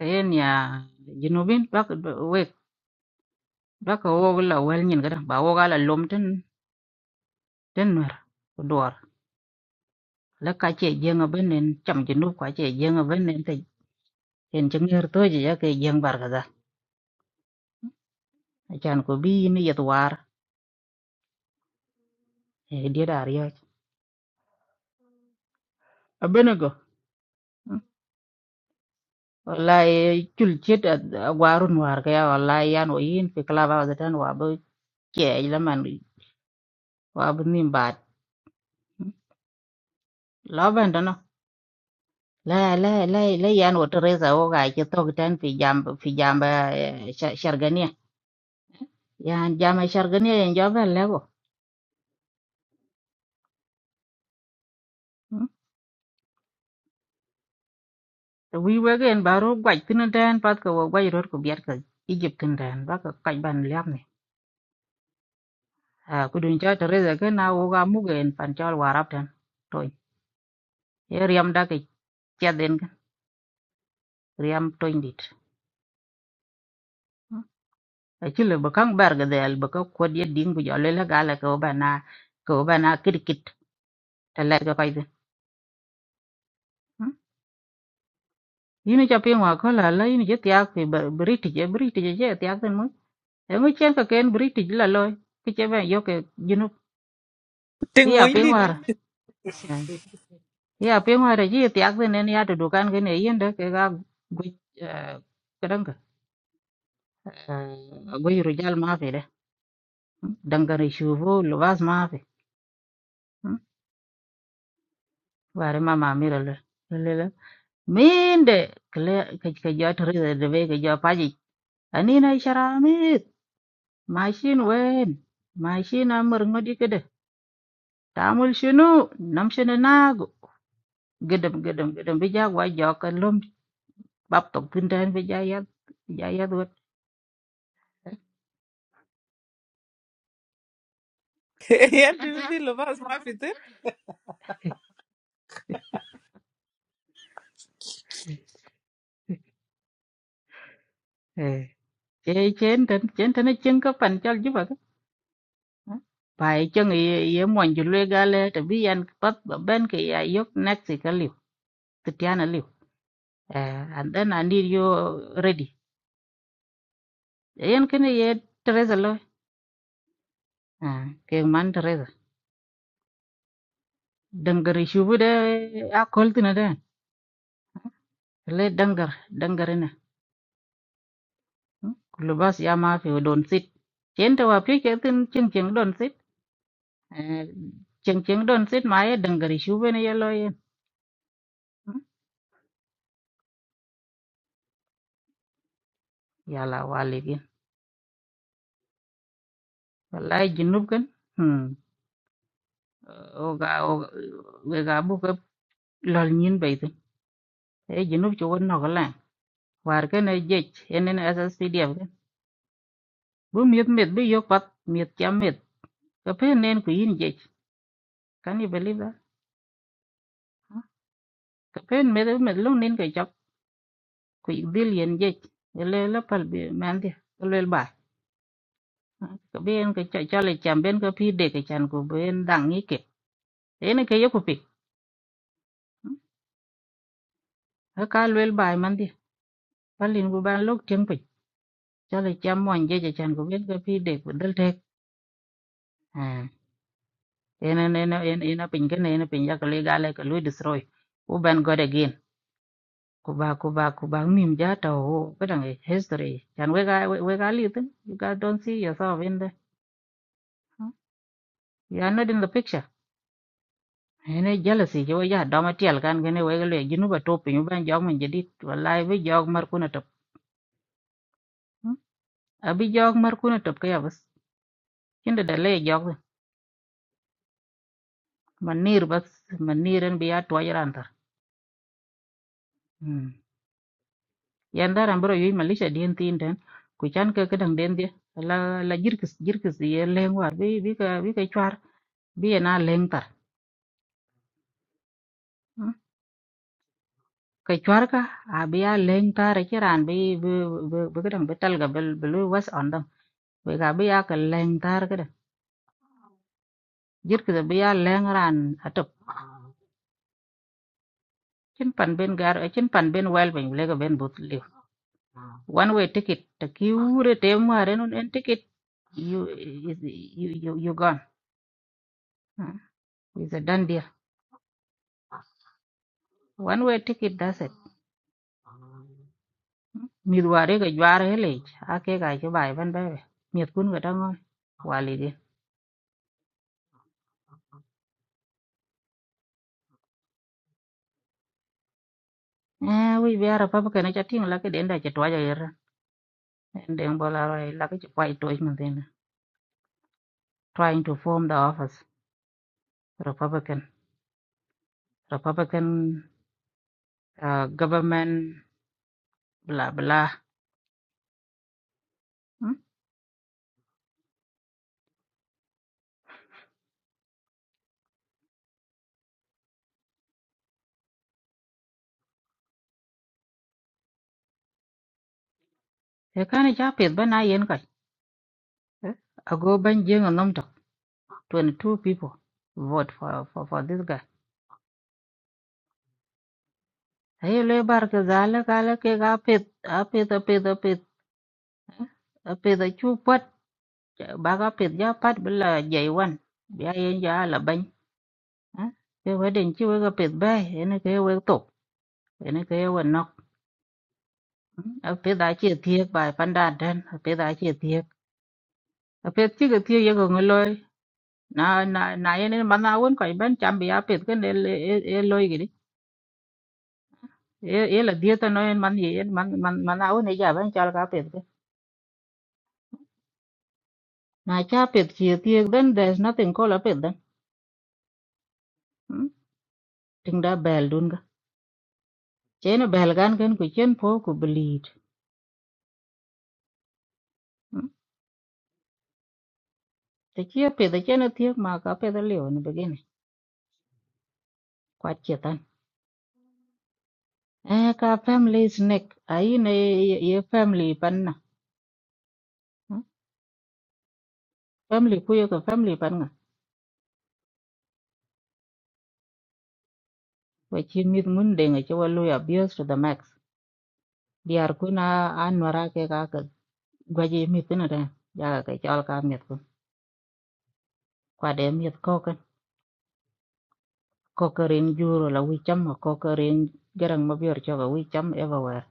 en ya jinubin bak wek bak wo là wel nyin cái đó wo ga là lom trên ten ten mer dor la ka che jenga ben en cham jinub ka che jenga ben en te en chnger to je ya ke jeng bar ga da chan có bi ni yet war e dia dar ya a benego wallahi chul chet warun war ga ya wallahi yan o yin fi klaba wa tan wa bo che la man wa bu nim bat la ben lại lại lại lại ăn ở trên sao cái chỗ tôi đang phi giamb phi giamba s sargenia, ăn giamba sargenia ăn joben là co, tôi quên cái ăn baro quay trên đó ăn part của người đó có biêt cái Egypt trên đó ăn bác cái bàn làm này, à, tôi muốn cho tôi ra cái nào của mua cái ăn phan châu arab ăn, rồi, rồi làm đa cái chơi trên cái, rồi làm toin đi, à, cái này bắc khang barga đây, bắc khang khu diệt dinh bây giờ lấy ra là cái bữa ban nào cái bữa ban nào kí kít, trả lại cho cái gì, à yini cha ping wa ko la la yini je tiak fi ba- british je british je je tiak ten mu e ngi chen ka ken british la loy ki che ben yo ke jinu
<laughs> Ting
hi ya
moin
ping
dit.
eh, hi ya ping wa re je tiak ten ne ya to dukan ke ne yin de ke ga gu kadang ka gu ru jal ma fe de dangare shuvu lubas ma fe ware ma ma mi le le le min de kle ke ke jo to de be ke jo pa ji ani na shara mi machine wen machine amur ngodi ke Ta'amul shunu nam shini na gedem gedem gedem bija gwa jokan lum bab tok tinten bija yat bija yat wet
Ya <laughs> dun fi lo bas ma fitir.
eh che chen ten chen ten chen ka pan chal juba ka pai chân ye ye mon ju le gale to bi yan pat ba ben ke ya yok next ka liu titiana liu eh and then i need you ready yen kene ye teresa lo ah ke man teresa dangar shubu de a kol tina de le dangar dangar Kulo bas ya ma fi don sit. Chen to wa pi che tin ching ching don sit. Eh, Ching ching don sit ma ye dangari shu bene ye lo ye. Ya la wali gin. Wallahi jinub kan. Hmm. Oga oga wega bu ka lol nyin bay tin. E jinub cho won no la. War ken e jej enen SSPDF kan. Bu miet miet bu yok pat miet cha miet. Ka pen nen ku yin jej. Can you believe that? Huh? Ka pen miet miet lu nen ka chap ku dil yen jej. Ele la pal bi man dia. Ele ba. ka ben ka cha cha le cham ben ka phi de ka chan ko ben dang ni ke en ke yo ko pi ka lwel bai man di palin bu ban lok tieng pi cha le cham mon je cha chan ko ben ka phi de ko dal tek à en en en en en pin ke ne en pin ya ka le ga le ka lu destroy u ban god again ku ba ku ba ku ba mim ja ta o ka dang history chan we ga we ga li tin you guys don't see yourself in the you are not in the picture ene jealousy ci wo ya do ma tiel kan gene we le ginu ba top nyu ban jog men jadit wallahi bi jog mar kuna top hmm? abi jog mar kuna top ka ya bas kinde da le jog man nir bas man niren bi ya to yaran tar hmm. yan daran bro yoy malisha den tin den ku chan ka ka dang den dia la la jirkis jirkis ye leng war bi bi ka bi ka chwar bi ya na leng tar hmm? ka chwar ka abi ya leng tar ci ran bi bi bi bi ka dang betal ga bel bel was on dam we ga bi ya ka leng tar ka jit ki bi ya leng ran atop chin pan ben gar eh, chin pan ben wel ben le ben but le one way ticket the cure te mare non en ticket you is you you, you gone Hmm. is a done deal one way ticket does it mid ware ga jwar hele ake ga ke bai ban bai miet kun ga dangon wali ge eh wi biara papa kana chatting la ke denda chatwa ja yer en den bola roi la ke chwa ito man den trying to form the office republican republican uh, government bla bla hmm? e kana cha pet bana yen kai eh? ago ban jeng nom tok 22 people vote for for for this guy hey le bar ke zale kale ke ga pet a pet a pet a pet a pet a chu pat ba ga pet ja pat bla jai wan ya yen ja la ban eh? ke waden chi we ga pet bai ene ke we tok ene ke we nok Hmm? a pet a chi thiek bai pandan den a pet a chi thiek a pet chi ke thiek ye ko na na na yen en man awen ko ben cham bi apet ken el el el loy gidi el el dia ta no en man ye en man man man awen ja ben chal ka apet ke na cha apet chi ti ben there's nothing call apet then Hmm? ting da bel dun ga chen bel gan ken ku chen po ku bleed Hmm? te chi apet te chen ti ma ka apet le on begin kwa chetan eh ka family snack ai ne ye family pan na Hmm? family ku ye ka family pan nga wa chi mit mun de nga che wa lo abuse to the max biar ku na an wara ke ka ka gwaje mi tin da ya ka chal ka mi ku kwa de mi ko ka ko ka rin juro la wi cham ko ka rin garang ma bior cho ka wi cham everywhere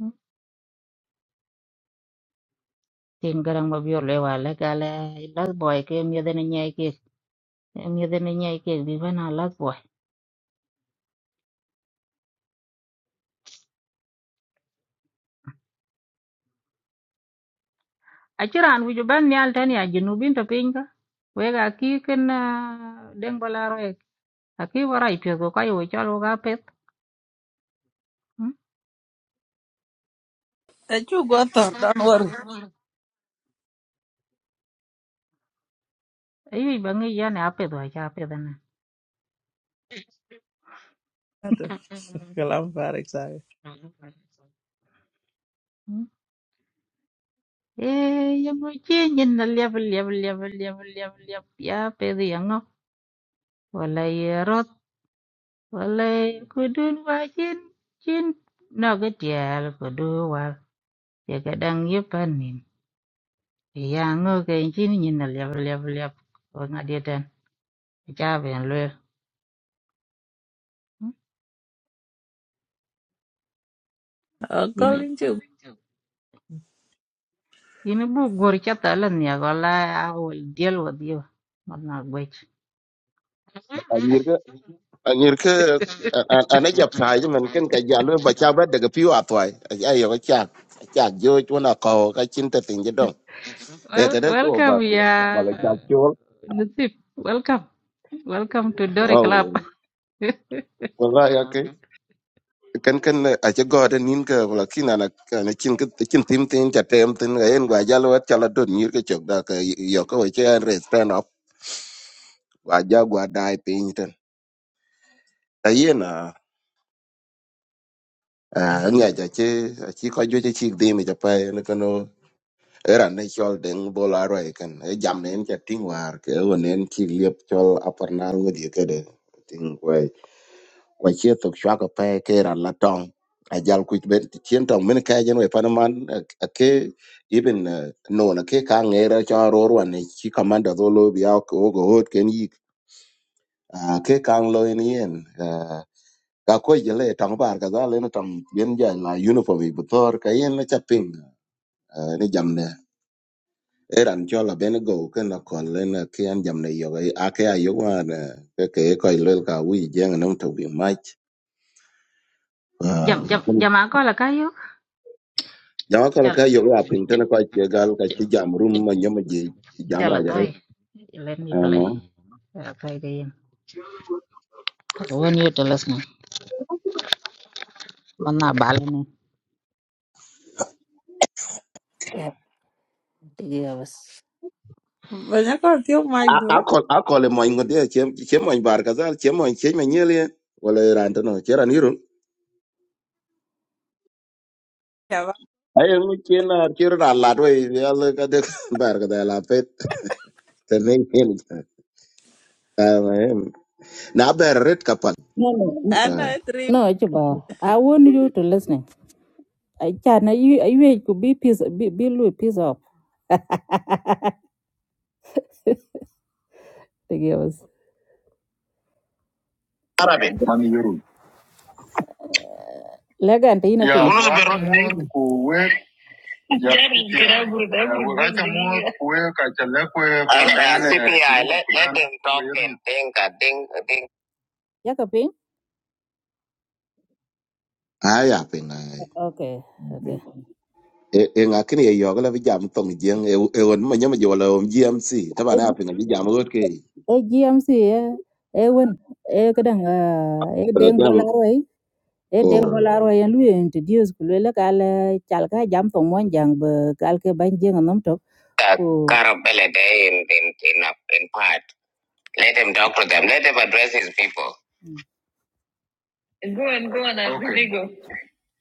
Mm. tin garang ma bior le wa la ka la la boy ke mi de ne ke mi de ne ke bi bana la boy a chiran wi ju ban ni al tan ya jinu bin to pin ka we ga ki ken ah, deng bala ro ek a ki wara i pye ko ka yo chal ka pet
Eh chu go tor don worry.
ayi ba ngi ya ne a pet wa cha pet na
Aduh, <laughs> terlempar saya.
Eh, ya muche nyen na liab liab liab liab liab liab ya pedi ango wala yerot wala kudun wa chin chin no ke tiel kudu wa ya kadang ye panin ya ango ke chin nyen na liab liab liab wa ngadietan cha ben lwe
Oh, <laughs> Colin juga.
ini bu gor chata lan ya gola I will deal with you not not wait
anyir ke anyir ke ana jap sai men ken ka jalo ba cha ba de ga piwa toy ayo ga cha cha jo chuna ko ka chin ta tin je dong e ka
well
da jo ba
welcome ya
wala cha chol
Nasib welcome welcome to Dori
oh
Club <laughs>
wala ya ke ken ken a che go de nin ka wala kin ana ana chin ke chin tim tin cha tem tin ga en ga jalo wa cha la don nyir ke chok da ka yo ko che re stand up wa ja gwa dai pin ten ta yena a nya ja che chi ko jo che chi de mi ja pa era ne chol deng bola roi kan e jam ne en cha ting war ke o ne en chi liep chol apar na ngo di ke de ting kwai kwa che to chwa ka pe ke ran la tong a jal ku ben ti chen tong men ka jen we pan man a ke even eh, no na ke ka nge ra cha ro ro ne chi commander do lo bi ao ko go hot ken yi a ke ka lo ni en yen eh, ka ko je le tong par ka da le na tong bien ja la uniform i bu tor ka yen na cha ping eh, ni jam eran cho la ben go ken la kol len ke an jam ne yo a ke a yo wan ke ke ko le ka wi jeng nam to bi mach
jam jam jama ko la kayo
jama ko ka yo a pin tan ko ke gal ka chi jam rum ma nyam je jam ra
jala
jare
let me
a
play uh, play the game when you tell us na manna balani Yeah, yeah, was.
Banyak orang tiup mic
a
dua.
ko a ko le mo ngode che che mo bar ka zal che mo che me nyele wala ran tan no che ran yuru
Ya,
ay ngi chen na che ra la do ya le ka de bar ka da la pet tan ne ken na ber ret ka pat
No, no, no.
Pak.
No, Juba, I want you to listen. I can you you could be piece be be Louis piece up the girls. Mami Yoru. Lega and Tina Ya, pin. wani zubar da ne ko we ya kira gurda gurda. Ka mu we ka talla Let let them talk in thing ka ding Yaka pin?
ay a pin
Okay,
<laughs> e ngakini e yoga la vijam tong jeng e e won ma nyama jola om GMC taba
okay.
na pinga vijam ot ke
e GMC e e won e kadang e deng
tang
bolaro e e deng
o
bolaro e lu introduce ku le kal chal ka jam to mon jang be kal ke ban jeng nom tok ku Carabella in, in, in, in part. Let him talk to them. Let him address his people. Go and go on, okay. Really go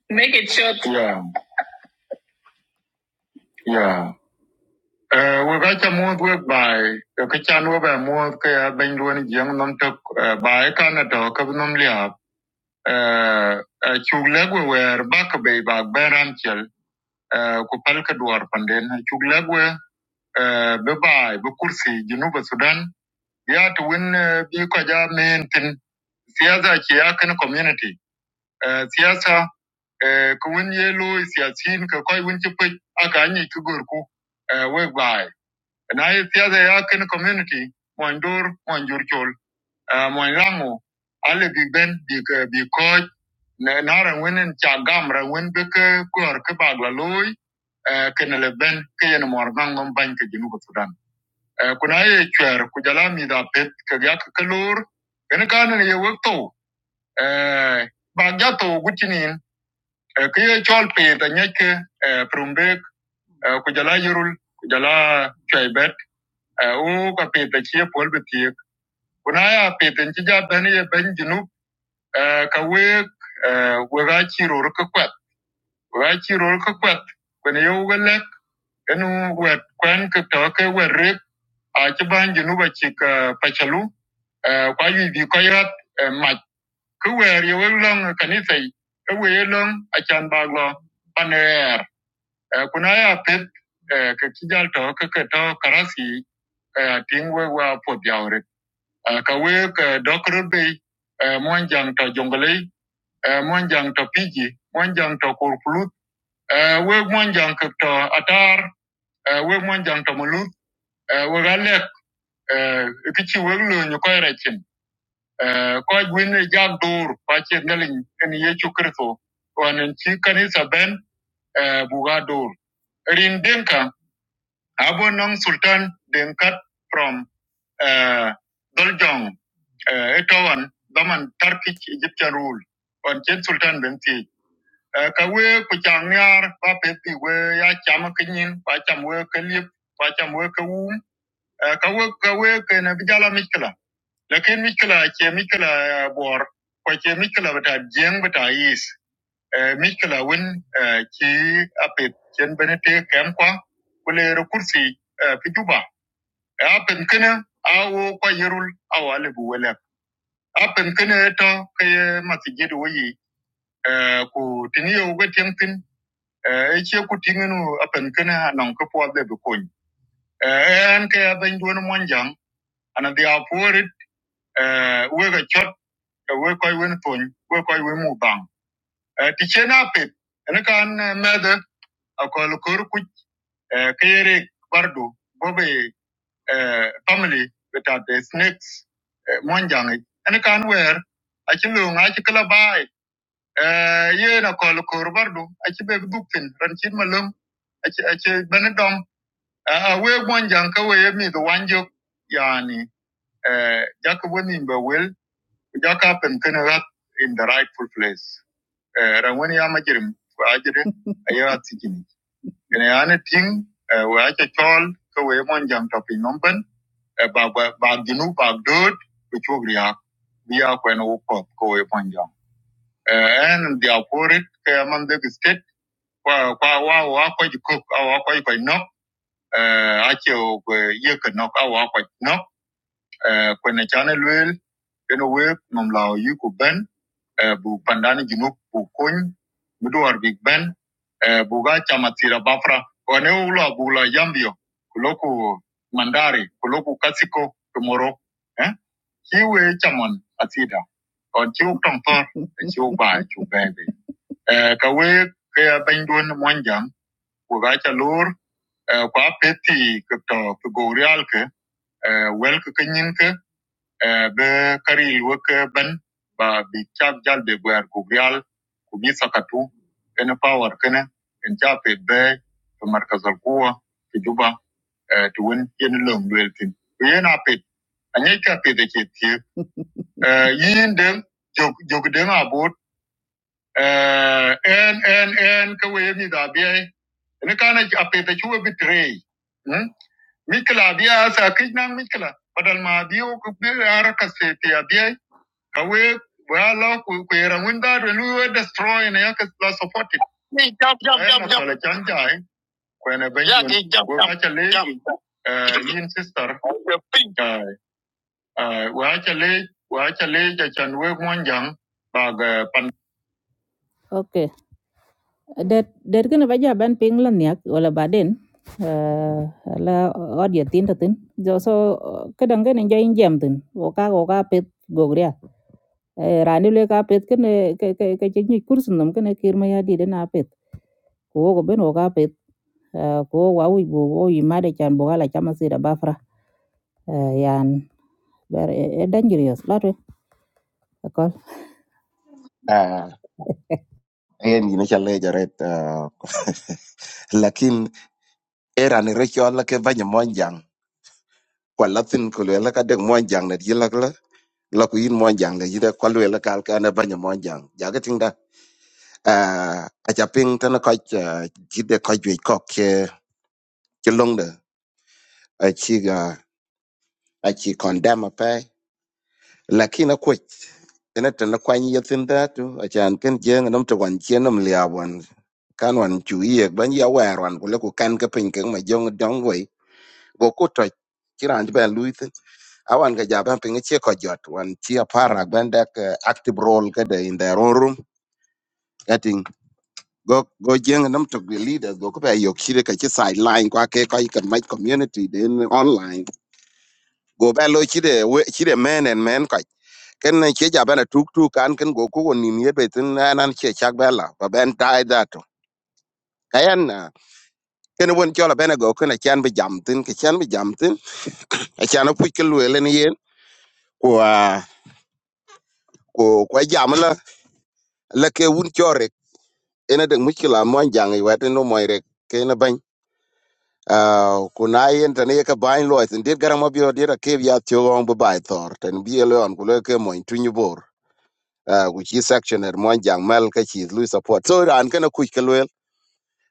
Make it short. Yeah, yeah. Uh, we got a move work by the kitchen over a move by Ben Luan Young Nam took by Canada, Kabinum Lia, uh, chuk legwe wer baka be bak beran chel uh, ku palka duwar panden chuk legwe uh, be bai be kursi jinuba sudan ya ta win uh, bi ko ja men tin siyasa ke ya kan community uh, siyasa uh, ku win ye lo siyasin ka koi win ci pek aka anyi ki gorku uh, we bai na ye siyasa ya kan community mon dur mon jur chol uh, mo rango ale big ben big uh, big coach na na ran wen cha gam ran wen be ke kor ke bag la loy uh, ke ne le ben ke yen mo ran ngom ban ke jinu ko sudan uh, kuna ye chwer ku jala mi da pet ke ga ke lor ken ka ne ye wek to uh, ba ja to gutinin uh, ke ye chol pe ta nye ke uh, prumbe uh, ku jala yurul ku jala chwer bet uh, u ka pe ta chi pol be tie kuna ya pe ten chi ja ben ye ben jinu Ah, ka weg ah, wega chiro ka kwat wega chiro ka kwat kwene yo welek enu wet kwen ka to ka werrek a ci ban jinu ba ci ka pachalu ah, kwa yu bi ko yat ma ku wer yo long paner kuna ya pet ah, ka to ka karasi ah, wa po diawre ka we ka dokro be mon to jongle eh, monjang to piji monjang to kurkulut eh, we monjang to atar eh, we monjang to mulut eh, we galek eh, kichi we lo nyu ko rechin eh, ko gwine jag dur pa che ngalin en yechu kristo wanen chi kanisa ben eh, buga dur rin denka abo nong sultan denkat from uh, Doljong, uh, Etowan, Daman, Turkic Egyptian rule, on Chen Sultan Benti. Eh, ka we ku chang nyar ba pe pi we ya cham ke nyin ba cham we ke lip ba cham we ke wum Eh, ka we ka we ke na bi jala mikla lakin mikla che mikla bor ko che mikla bata jeng bata is mikla win chi apet chen benete kem kwa kule ro kursi eh, fi juba Eh, apen kene awo kwa yerul awale bu wele apen kene to ke masjid wo yi eh, ku tiniyo ga tin Eh, e che ku tingenu apen kana anan ko po de ko en ke ben don mon jang ana dia porit e we ga chot e we ko wen ton we ko we mu bang e ti che na pet en kan mede akol kor ku e ke yere bardu bobe e family betat de snakes eh, mon jang en kan wer a che lu nga che kala bai e ye na kol kor bardu a che be dupin ran chin malum a che a che a we mon jang ka we mi do wanjo yani eh jak woni be wel jak happen kana rat in the rightful place eh ran woni ya majirim ko ajire ayo atijini ene ane eh we acha chol ka we mon jang to pin nomben eh ba ba ba ginu ba dod ko chogri ya biya ko en we mon jang eh en dia porit ka man de state wa wa wa wa ko ko wa ko uh, ache o kwe ye ke nok awa kwa nok uh, kwenye chane lwel keno we nom lao yu ku ben uh, bu pandani junuk bu kony mudu war big ben uh, bu ga chamatira bafra wane ula bu la yambio kuloku mandari kuloku kasiko kumoro eh? chiwe chaman atida còn chiu trong thơ chiu bài chiu bè bì ka we ke ben duon mon jam ku ga cha Eh, kwa peti ke to ke gorial ke eh, wel ke ke nyin ke eh, be karil wo ke ben ba bi chak jal be gwer gorial ku bi sakatu ene power kene en cha pe be to markaz al quwa ti juba eh, ti won yen lom wel tin ku yen a pet anye cha pe de che ti yin dem jog jog dem abot eh, en en en ke we mi da bi ene kana a pe de chu bi trei Mikila biya sa kijnan mikila. Badal ma biyu ku bi haraka seti a biya. kasete abiya Kawe wala ku ku yara wunda da luwe destroy ne yaka la support it. Jam jam jam. Kala janja ai. Ku ne ben. Ya ki jam jam. Wa ka le. Jam. Eh yin sister. Eh eh wa ka le wa ka le ja chan we monjang ba ga pan Okay. det det gëna ba jaban ping la niak wala baden uh, la audio tin tin jo so kadang gëna joy jam tin oka-oka pet gogria rani le ka pet kene ke ke ke ci ñu kursu nom kene ya di dana pet ko wo ko ben wo pet uh, ko wa wi bo wo yi made chan bo gala chama sira bafra uh, yan ber e dangerous lotwe ko
ah e ni na chale jaret ah, lakin era ni recho la ke vanya monjang kwa latin ko le la ka de monjang na yila la la ku yin monjang na yida kwa le la kal ka na vanya monjang jaga tinga ah a japing tana ka jide ka jwe kok ke ke longda a chi ga a chi condemn lakin akwec ëna tël ökwany ye thïn dhatu acan kën jëng ënöm tï wan cien nöm lïa wan kan wan cu yek ba ya wër wan kule ku lëku kan ka piny kek ma jöŋ Dong wei go ku töc cï raan cïbën luy thïn a wan ka ja bën pïŋ ëcë kö jöt wan ci aparak bën dëk active role këdë in their own room ëtïŋ go go jëng ënöm tök the leaders go ku bë yok cïdë ka cï sideline kwa ke köc kën mac community den online go bë lo cïdë cïdë men and men köc ken na che ja bana tuk tuk kan ken go ko ni mi be tin na nan che chak bela ba ben tai da to kayan na ken won cho la bana go ken a chan be jam tin ke chan be jam tin a chan a pu ke lu ele ni yen ko a ko ko jam la la ke un cho re ena de mukila mo jang i wat no mo re ke na ban a ko na yen tan ye ka ban lo tin dit garam obio dit a ke ya tyo on bu bai tor tan bi ele on ku le ke mo tu ni bor a ku chi sectioner mo jang mal ka chi lu support so ran ken a ku ke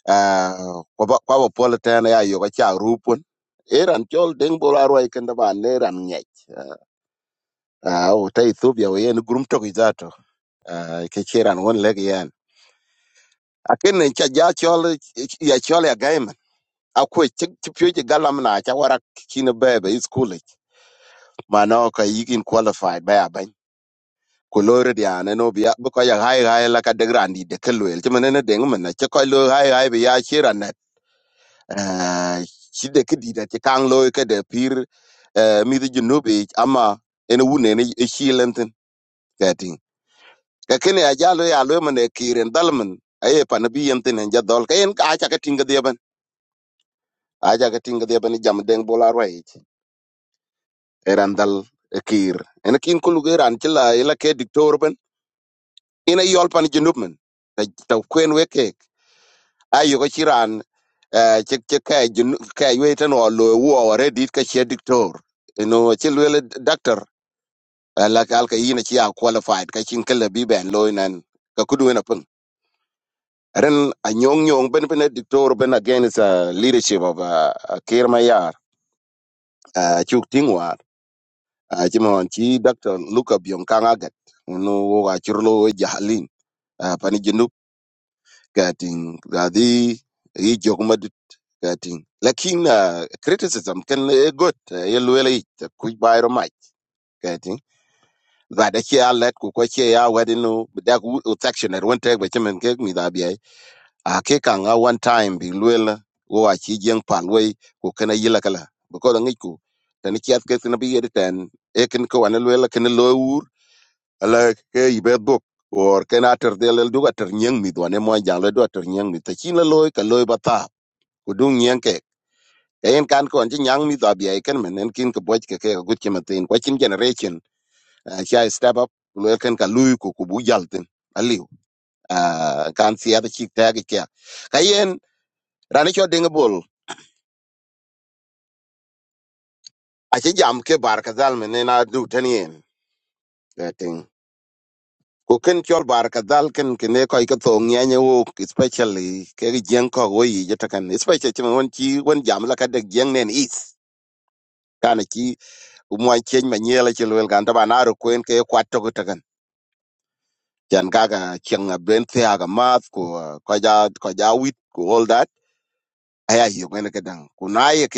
Ah, kwa ba- kwa pol tena ya yo cha rupun eran chol deng bora roi kenda ba ne ran nyech Ah, o ta ethiopia we en grum to gizato uh, ke chiran won leg yan akin ne cha ja chol ya chol ya gaiman akwe chipyo ji galam na cha wara kine bebe is cool mano ka yikin qualified ba ya ban ko lore dia ne no bia bu ko ya hai hai la ka de grandi de kelwel chimene ne deng men na che ko lo hai hai bi ya chiran Ah, shida ke dida ti kang loy ke de pir eh, mithi junubi ama ene wune ne shilentin kating ka kene a jalo ya lo mane kiren dalman aye pan bi yentin en jadol ka en ka acha ka tinga deben acha ka tinga deben jam deng bola rwai eran dal eh, kir en kin kulu geran chila ila ke diktor ben ina yol pan junub men ta ta kwen weke ayo ko chiran eh che che ka jun ka yete no lo wo re dit ka che diktor no che le doctor la kal ka yina chi a qualified ka chin kala bi ben lo nan ka kudu na pun ren a nyong nyong ben ben diktor ben again is a leadership of a care mayar, yar chuk tingwa uh, chi mon chi doctor luka bion kanga gat no wo ga chirlo jahalin uh, pani junub ka ting ga di i ka ting lakin uh, criticism ken e got uh, ye luele yi ku bayro mai ka ting ba da ke alat ku ko ke ya wadin no da ku section er won tek ba chemen ke mi da bi ai a ke kan a one time bi luele wo a chi jeng pal wei ku kana yila kala ko da ngi ku tan ki at ke tin bi yede tan e ken ko an luele ken lo wur ala ke ibe dok or ken ater del du ater nyang mi do ne mo jang le do ater nyang mi ta chi la loy ka loy ba ta ku dung nyang kayen kan kon ci nyang mi dwa biya ken men en kin ko boj ke ke gut ke matin ko chin generation cha step up lo ken ka lui ko ku bu jalten aliu kan sia da chik ta ke kayen rani cho ding bol a ci jam ke bar ka dal men na du tan yen eh, ting ko ken chol bar ka dal ken ke ne ko ka to nya ne wo especially ke gen ko wo yi ta kan especially chi won chi won jam la ka de gen nen is kana chi mo chen ma nyela chi lo gan ta ba na ro ken ke kwat to ko ta chan kaka chiang a brain the aga math ko ah, ko ja ko ja wit ko all that aya yo ngene ke dang ko na ye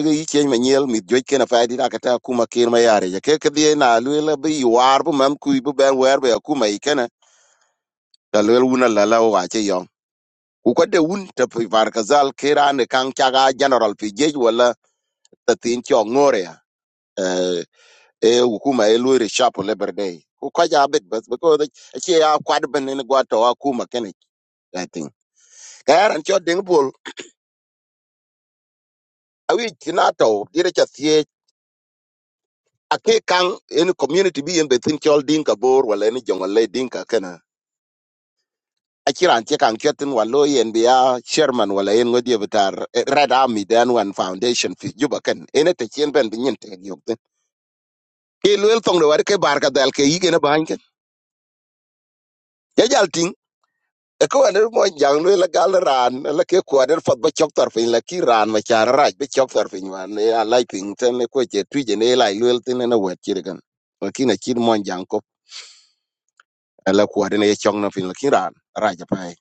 yi chen ma mit joj ke na fa di kuma kir ma ya ke ke na lu bi war bu mam ku bu ben wer be kuma i da lu wuna la wa che yo ku ko de un ta var ka zal ke ra general pi jej wala ta tin cho ngore ya eh e hukuma e lu re sharp labor day ku ko ja bet bas because eh, che ya kwad ben ne gwa to wa kuma kene kayaran cho ding bul awi kinato dire cha thie ake kang in community bi in betin chol ding ka bor wala ni jongol le ding ka kana akiran che kang chetin walo yen bia chairman wala yen ngodi betar red army dan one foundation fi juba ken ene te chen ben bin yin te yok ten ke luel tong de war ke bar ka dal ke yige na ban ken ya e ko ane mo jang le la gal ran la ke ko ane fot ba chok tar fin la ki ran ma char raj ba chok tar fin wan ne a lai pin ten ne ko che tu je ne lai lwel tin ne wet chir gan ko ki na chir mo jang ko la ko ane ye chok na fin la ki ran raj pa ai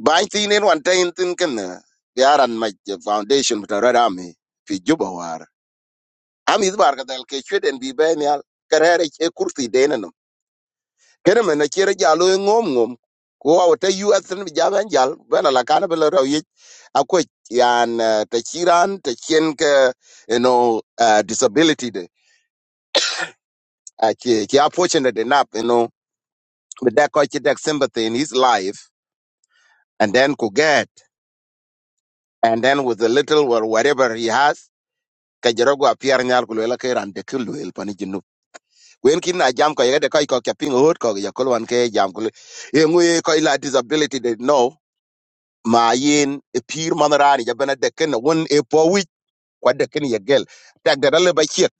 ba tin ne wan tin tin ken ne ya ran ma je foundation ta ra da mi fi juba war am iz bar ga dal ke chwe den bi be ne al karere che kurti de kene men acir jal oi ŋom ŋom ku wau te yu ethin bi jam en jal bena lakana bi lo rau yic akuec yan eh, te ci te cien ke you know, uh, disability de Eh, ki, ki, unfortunate enough you know, bi dek kɔc ci dek sympathy in his life and then ku get and then with the little or whatever he has ka jero go apiar nyal ku lela ke ran de ku luel pani jinu wen kin na jam ko yede ko ko ka ping hot ko ya kolwan ke jam ku e ngwe ko ila disability de no ma yin e pir man rani ja bena de ken won e po wi kwa de ken ye gel ta gadal ba chek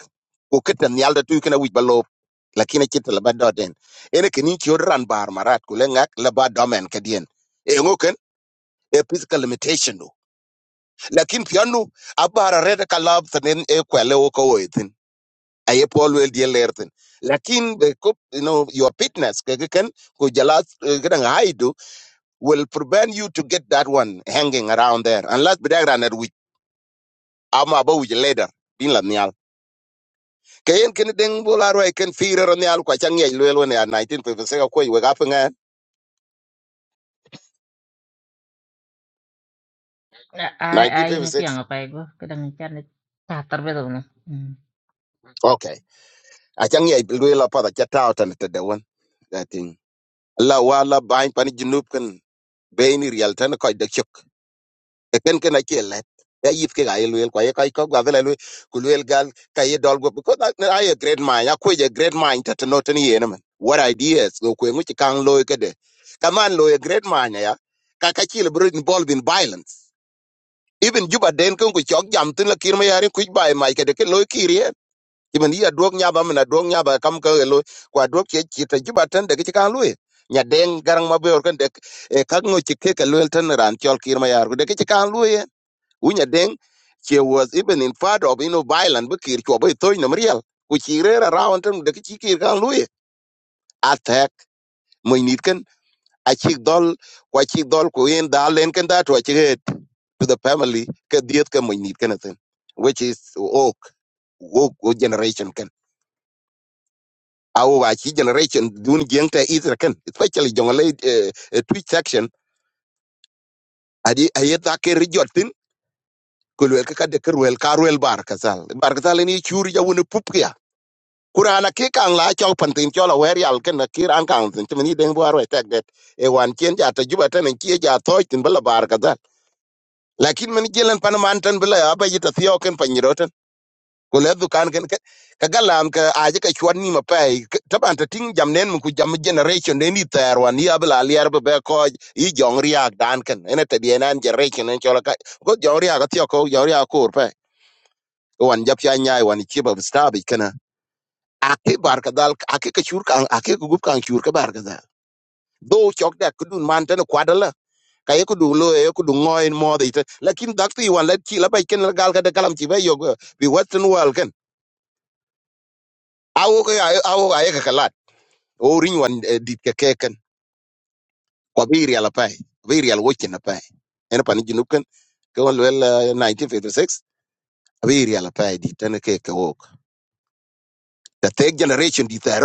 ko ketan yal da tu ken wi balo lakini chita la ba doden ene ken ki ran bar marat ku lenga la ba domen ke dien e ngoken e physical limitation do lakin piano abara red ka lab tenen e kwele o ko wetin aye pol wel die lerten lakin be ko you know your fitness ke ke ken ku jala gadan will prevent you to get that one hanging around there unless bidagran at which am about which later bin la nyal kayen ken ding bola roi ken fira ro nyal kwa chang yai lwelo ne 1956 ko we gap nga
yang
1956
<laughs> hmm.
okay a chang yai lwelo pa da chata out and de one that thing la wala bain pan junub kan bain real tan ko de chuk. e ken ken a che let ya yip ke ga i luel kwa ye kai ko ga vela luel ku luel gal ka ye dol go because I I a great mind ya ko ye great mind ta no ten ye man what ideas go ku ngi kan lo ke de kaman lo ye great mind ya ka ka chi le bro involved in violence even juba den ko ku chok jam tin la kir ma yari ku bai mai ke de ke lo kir ye kimen ya dog nya ba mena dog nya ba kam ka ye lo kwa dog che chi ta juba ten de ke kan lo ye nya den garang ma be or kan de e kak ngo chike ke luel ten ran chol kir ma yar ku de ke kan lo Unya Deng, she was even in part of you know violent Bukir Chobo Toy Namriel, which he read around him the Kichiki Kan Louis. Attack my Moinitkan, a chick doll, kwa chick doll Kuin Dalen can that watch it to the family, ke diet ke my Kadiatka Moinitkanathan, which is oak, oak generation can. Our Wachi generation dun jengta either can, especially Jongalay uh, tweet section, adi ayet ake rijotin kulwel ka kade kerwel karwel bar kasal bar kasal ni churi ja woni pup kurana ki kang la chol pantin chol awer yal ken na ki ran kang tin chimni den bo arwe tek det e wan chen ja ta juba tan ki ja toy tin bala bar ka dal lakin men jelen pan man tan bala ya ba yita thio ken pan yiroten ko le du kan ken ke- ka galam ka aje ka chwan ni ma pai ta ban ta ting jam nen mun ku jam generation ne ni ter wan ya bala liar be be ko i jong riak dan ken ene te bien an generation en chol ka ko jong riak ka thio ko jong riak ko pe wan jap ya nyai wan chi ba stabi ake bar ka dal ake ka chur kan ake ku gup kan chur ka bar dal do chok da ku dun man tan kwa dal ka ye ku du lo ye ku du ngoy mo de ita lakin dak ti wan la ti la bay ken la gal ka da kalam ti bay yo bi western world ken awo ka ya- awo ka ya ka kalat o rin wan eh, dit ka ke ken ko bi ri ala pay bi ri al wo ken pay en pa ni ken ko wel eh, 1956 bi ri ala pay di tan ke ka wok the third generation di ta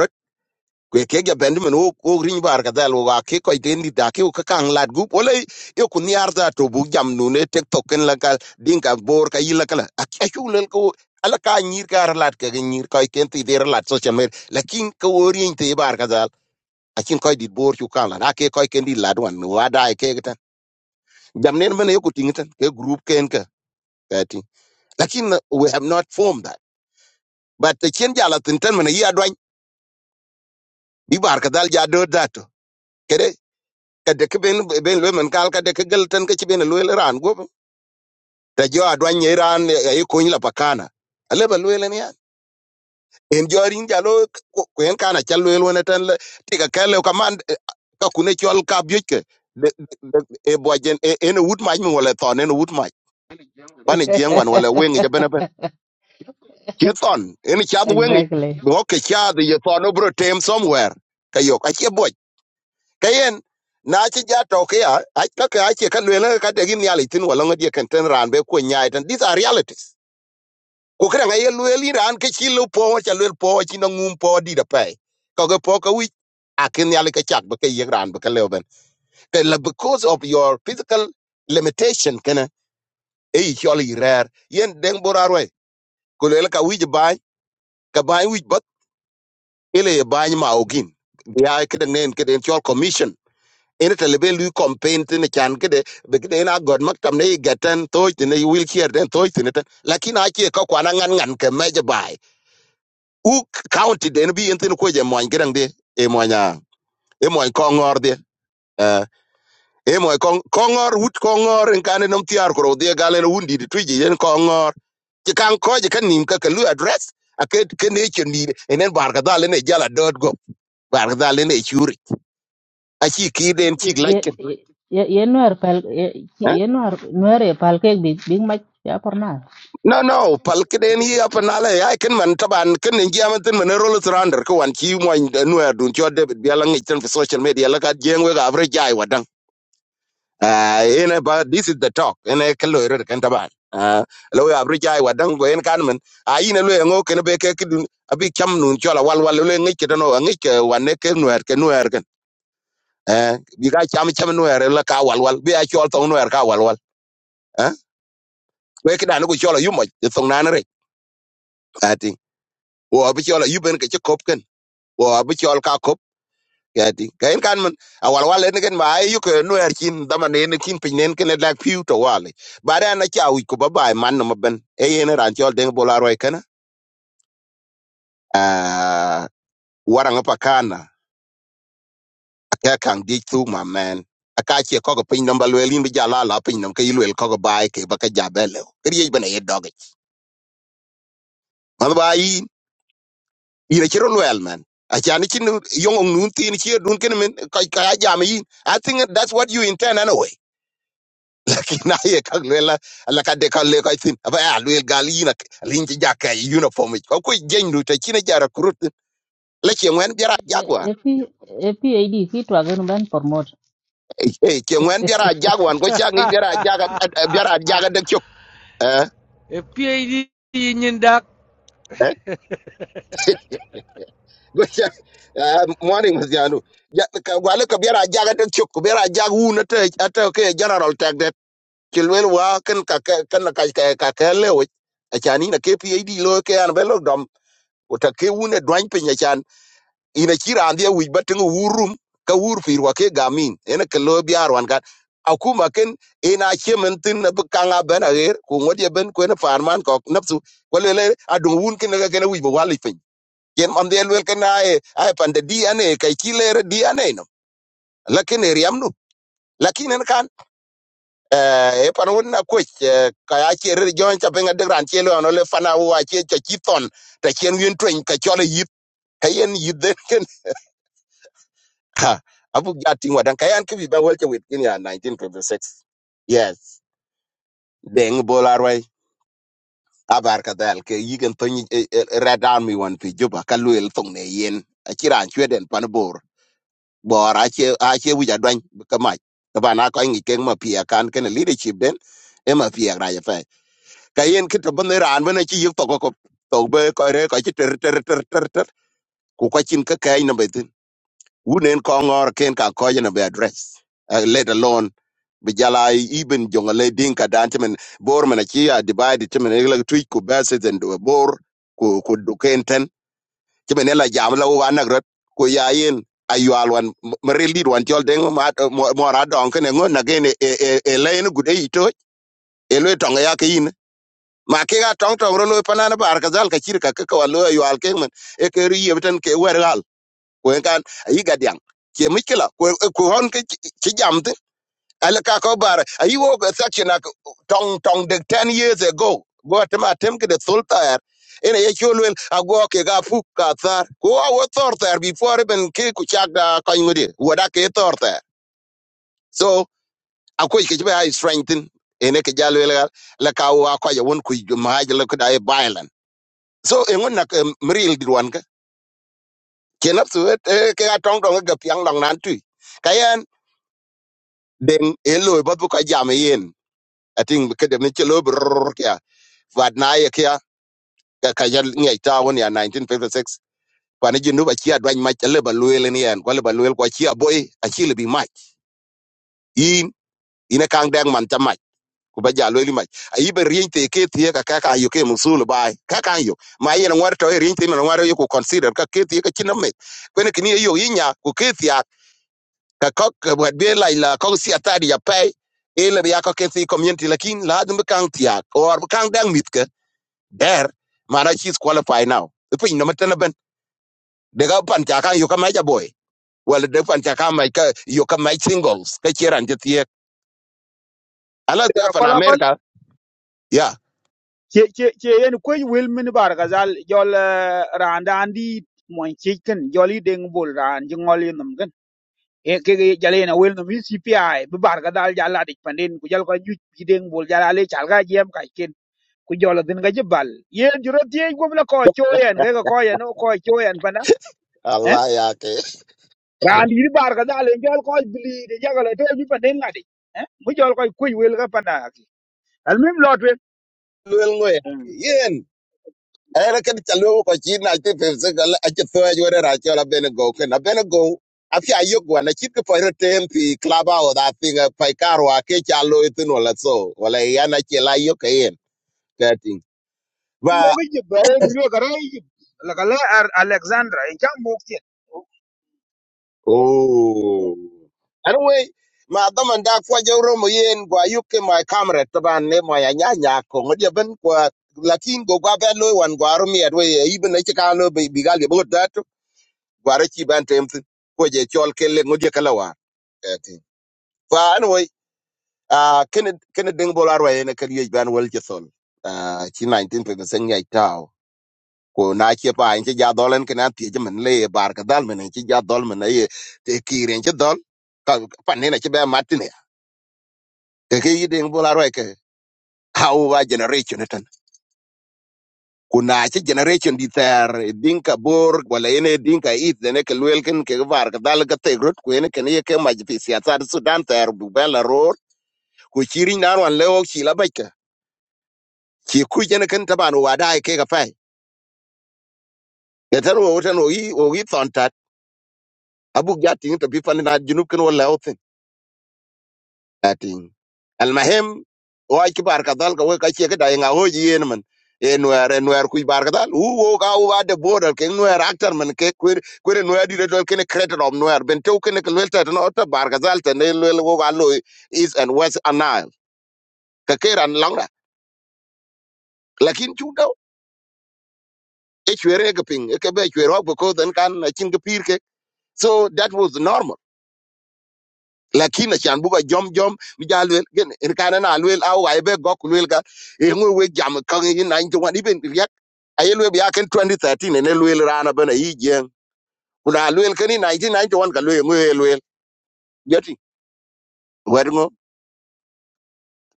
kwe ke ga benjamin wo wo rin bar ka dal wa ke ko den di da ke ka kan lat gu ole yo ku ni arda to bu jam nu ne tek to ken la ka din ka bor ka yila kala a ke chu len ko ala ka nyir ka ar lat ka nyir ka ken ti der lat so chamer lakin ko orin te bar ka dal a kin ko di bor chu kan la na ke ko ken di lat wan wa da e ke tan jam ne men yo ku tin tan ke group ken ka ka ti lakin uh, we have not formed that but the chen jala tin tan men ya dwan bi bar ka dal ja do da to kade ke ben ben lo men kal kade ke gel tan ke ci ben lo ran go ta jo adwan ye ran e ko ni la pakana ale ba lo le ne ya en jo rin ja lo ko en kana cha lo le ne tan le ti ka kale ka man eh, ka kune chol ka bi ke de- de- de- e bo jen e en wut ma mi wala ton en wut ma bane jen wan wala wen ja ben ben ke ton en cha wen
exactly
bo ke cha de ye ton obro tem somewhere ka yo ka che bo kayen na ci ja to ke ya a ka ka ce ka lwela ka de gin yali tin wala ngadi kan ten ran be ko nyaay tan these are realities ko kra ngai lweli ran ke ci lu po cha lwel po ci na ngum po di da pe ko ge po ka wi a kin yali ka chak be ke yeg ran be ka leben ke la because of your physical limitation kana e yoli rare yen deng borarwe ko lwela ka wi ba ka ba wi bat ele ba ma ogin ya ke den nen ke den chol commission ina talibe lui campaign tini chan kide be kide ina god maktam ne gatan toy tini wheelchair den toy tini tan lakin achi ka kwana ngan ngan ke meje bai u county den bi entin ko je moan gidan de e moanya e moan kongor de eh e moan kong kongor wut kongor en kane nom tiar kro de galen wundi de tuji en kongor ti kan ko je kan nim ka ka lu address ake kene chen ni enen bar ka dalen e jala dot go bar ka dalen e churi achi kiden
ye
chig
ye
lakin
ye ye nuer pal ye ki- ye nuer nuer e pal kek big big mac ya por na
No, no, palkiden yi apa nale ai ken man taban ken ngi amatin man rolo trander ko wan ki mo nuer dun cho de bi ala ngi tan fi social media la ka jeng we ga avre jai wadan ah ene ba this is the talk ene kello er ken taban ah lo ya avre jai wadan go en kan men a ine lo ngo ken be ke kidun abi cham nun cho la wal wal lo ngi ke no ngi ke wan ne ke nuer ke nuer ken eh bi ga cham cham nuer la ka wal wal bi a cho to nuer ka wal wal eh we ke dan go cho la yumo to nan re at wo abi chol ayuben ke chikop ken wo abi chol ka kop yati kain kan man awal wal ne ken ma ayu ke no er kin dama ne ne kin pin nen ken lak piu to wale bare na cha wi ko baba man no ben e yen ran chol den bola roy kana a waranga pakana ka kan di tu ma man aka che ko ko pin namba lwelin bi jala la pin nam ke lwel ko ko bai ke baka jabele kriye bana ye doge man bai ina ci loyal man achani chin yong ong nun tin chi dun ken men ka ka jam yin i think that's what you intend anyway <laughs> lakini aye ka lela la ka de ka le ka tin aba ya lwel gal yin ak lin ci jakka uniform ich. ko ko gen ru te chin jara kurut la che ngwen biara
e
jaguar
e pi e pi e di ki twa gen ban por mot
eh che ngwen biara jaguar ko cha ngi biara
<laughs>
jaga biara jaga de chok eh
if PhD in Dak,
eh go cha morning was yanu ya ka wale ka biara jaga de chok biara jagu na te ate ke general tag ci wa ken ka ka ken na ka ka ka ka le o a chan na ke pid lo ke an belo dom o ta ke une dwan pe nya chan ina ci ran dia wi batin wurum ka wur fir wa ke gamin ena ke lo biar wan kan akuma ken ina che men tin na bu ben a ku ngodi ben ko na farman ko napsu ko le le adun wun ken ga ken wi bo wali pe yen am de luel ken ai ai pande di ane kai ki le di ane no lakin eriam no lakin en eh e pan won na ku ka ya che re jo cha penga de ran che lo no le fana wa che cha chi ton ta chen yun twen ka cho le yip ka yen yip den <laughs> ken ha abu ga ting wa dan ka yan ki bi ba wel che wit kin ya 1956 yes deng bolar wai abar ka dal ke yigen to ni red army wan pi juba ka luel tong ne yen a chi ran chwe den pan bor bor a che a che wi ja dwan ka ma ka ba na ko ngi ken ma pi kan ken leadership den e ma pi ra ja ka yen ki to ban ne ran ban ci yek to ko ko- to be ko re ko ci ter ter ter ter ter ku ko cin ka kay na be tin wunen ko ngor ken ka ko na be address uh, let alone bi jala even jongale din ka dan timen bor mena ci ya divide timen e la tweet ku bases and bor ku ku du ken ten timen la jam la wa na rot ku ya yen ayual wan mare l e a wan jol den ma mo ra don ken ngo na gen e e e len gude ito e le tonga ya ke ma ke ga tong tong ro loy panana bar ka zal ka chir ka ka wa loy yo al ke men e ke ri yebten ke wer gal ko en kan yi ga diang ke mikila ko ko hon ke chi jamte ala ka ko bar ayi wo ga section ak tong tong de 10 years ago go atema tem ke de sulta er ene ye cholwel ago ke ga fu ka thar ko a wo thor thar before e ben ke ku chak da ko ngudi wo da ke thor thar so akoy ke be ai strengthen ene ke jalwel gal la ka wa ko ya won ku ma ja le ko dai so e ngon nak mril dirwan ka kenap su et eh, eh, ke ga tong dong ga piang dong nan tu kayan den e loy bot bu ka jam eh, yen ating ke dem che lo brr kya vad na ye kya ka ka yal ngai ta won ya 1956 kwana jinu ba chia dwan mach le ba luel ni en kwa le ba luel kwa chia boy a chi le bi mach in ina kang dang man ta mach ku ba ja luel mach a yi ba rien te ke tie ka ka ka yo ke musul bai ka ka yo ma yen ngwar to rien te no ngwar yo ku consider ka ke tie ka chinam me kwene kini yo yinya ku ke tie ka kok wet be la la kok si atari ya pay e le ya kok si community lakin la dum kan tia or kan dang mit ke der mana she qualified now the pin no meten ben de ga pan ta kan yo ka mai ja boy well de pan ta kan mai ka yo ka mai singles ka chiran je tie ala ya
Tara
fan
kola kol
america ya
che che che yen ko wil min bar gazal jol eh, randa andi mon chicken joli deng bol ran jingol yinum gan e ke ke jale na wil no mi CPI bi bar gadal jala dik pandin ku jal ko ju bi deng bol jala le chal ga jem ka ken ku jol din ga jibal yen juro tie gum la ko choyen ga ko yen o ko choyen pana eh
allah ya ke
randi bi bar gadal jol ko bili de jagala to bi pandin ngadi eh mu jol ko kuy wil ga pana I'm in London.
luel ngoy era ken chalu ko chi na ti pe se gal a che to yo ra che la bene go ken a bene go a fi ayo go na chi ko ro tem pi klaba o da thing a pai karo a ke chalu itu no la so wala ya na che la yo ke yen ka ting ba
Mogi, I'm going to go to Alexandria. In which Mogi?
oh anyway ma da man da kwa jo ro mo yen gwa yu ke my camera to ban ne mo ya nya nya ko ngod ya ben kwa lakin go gwa ben lo wan gwa ro mi adwe ibe ne che ka lo bi bi gal ye bo da to gwa ro chi ban tem ko je chol ke le ngod ye kala wa kati fa anyway uh, ken ken ding bolar wa ene kan yej ban wel chethon uh, chi 1957 yai tao ko na che pa en che ja dolen ken ati je men le bar ka dal men che ja dol men ye te kiren che dol ka pa ne na che ba matine e ke yi ding bolar wa ke how wa generation tan Ko na che generation di ter dinka bor wala ene dinka it ne ke wel ken ke bar ka dal ka te grot ko ene ken ye ke ma ji pi siasa Sudan ter bu bela ror ku chiri nan wan le ok chi la ci ku jene ken taban wada ke ga fai ya tan wo tan o yi o yi ton tat abu ga tin to bi fan na junub ken wala o tin atin al mahim o ay ki bar ka dal ka we ka ce ga dai nga ho ji yen man e nuer e nuer ku bar ka dal u wo ka u wa de border ken nuer actor man ke ku ku re nuer di de dol ken creator of nuer ben to ken ken welta no ta bar ka dal ta ne lel wo ga lo is and west anile ka ke ran long da lakin chu do e chwere ga ping e ke be chwere ko ko den kan na chin ga pir ke so that was normal lakini achan buka jom jom mi ja luel gen en kana na luel au ga ibe gok luel ga e ngwe we jam kan in 91 iben riak aye luel ya ken 2013 ene luel rana bana yi jen kuna luel ken in 1991 ka luel ngwe luel yati wedngo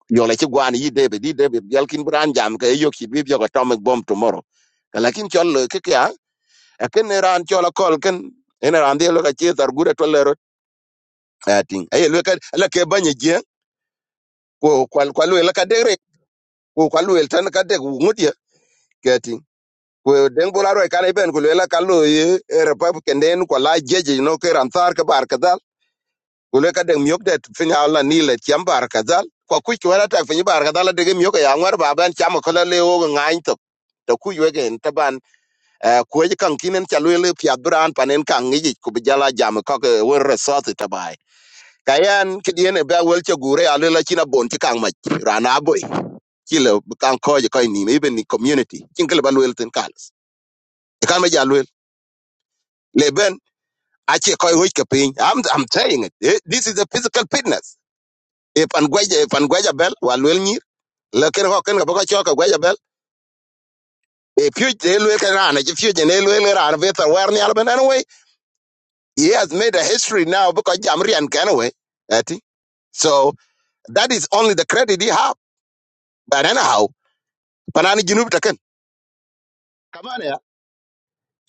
yola ci gwan yi debe di debe yalkin bran jam ka e yoki bi bi ko atomic bomb tomorrow Ka lakin chol le ke kya a ken ne ran chol kol ken en ran de lo ka che tar gura to lero ating aye luel ka la ke banye jen ko kwal kwal luel ka de ku kwa luel tan ka dek wu ŋutye keti ku den bula roi kan iben ku luela ka lo ye e republican den kwa la jeje no ke ran thar ka bar kadal ku le ka dek miok det fin ha la ni le tiam bar kadal kwa ku ku wala tak fin bar kadal de miok e ya ngwar ba ban cham e ko le o ngain to to ku ye gen taban ku ye kan kinen cha luel pya bran panen kan ngi ku bi jala jam e ko ke wor resort tabai kayan kidien ba wel che gure ale la china bon ti kan ma rana boy chile kan ko je ko ni me ben ni community chin kala balwel ten kalas e kan ma jalwel le ben a che ko hoy ke pin i'm i'm saying it Eh, this is a physical fitness if an gwaja if an gwaja bel walwel ni le ken ho ken ga boko choka gwaja bel if you de lwel kan ana if you de lwel ran vetan war ni Alban anyway he has made a history now because Jamrian and kanwe ati so that is only the credit he have but anyhow panani junub taken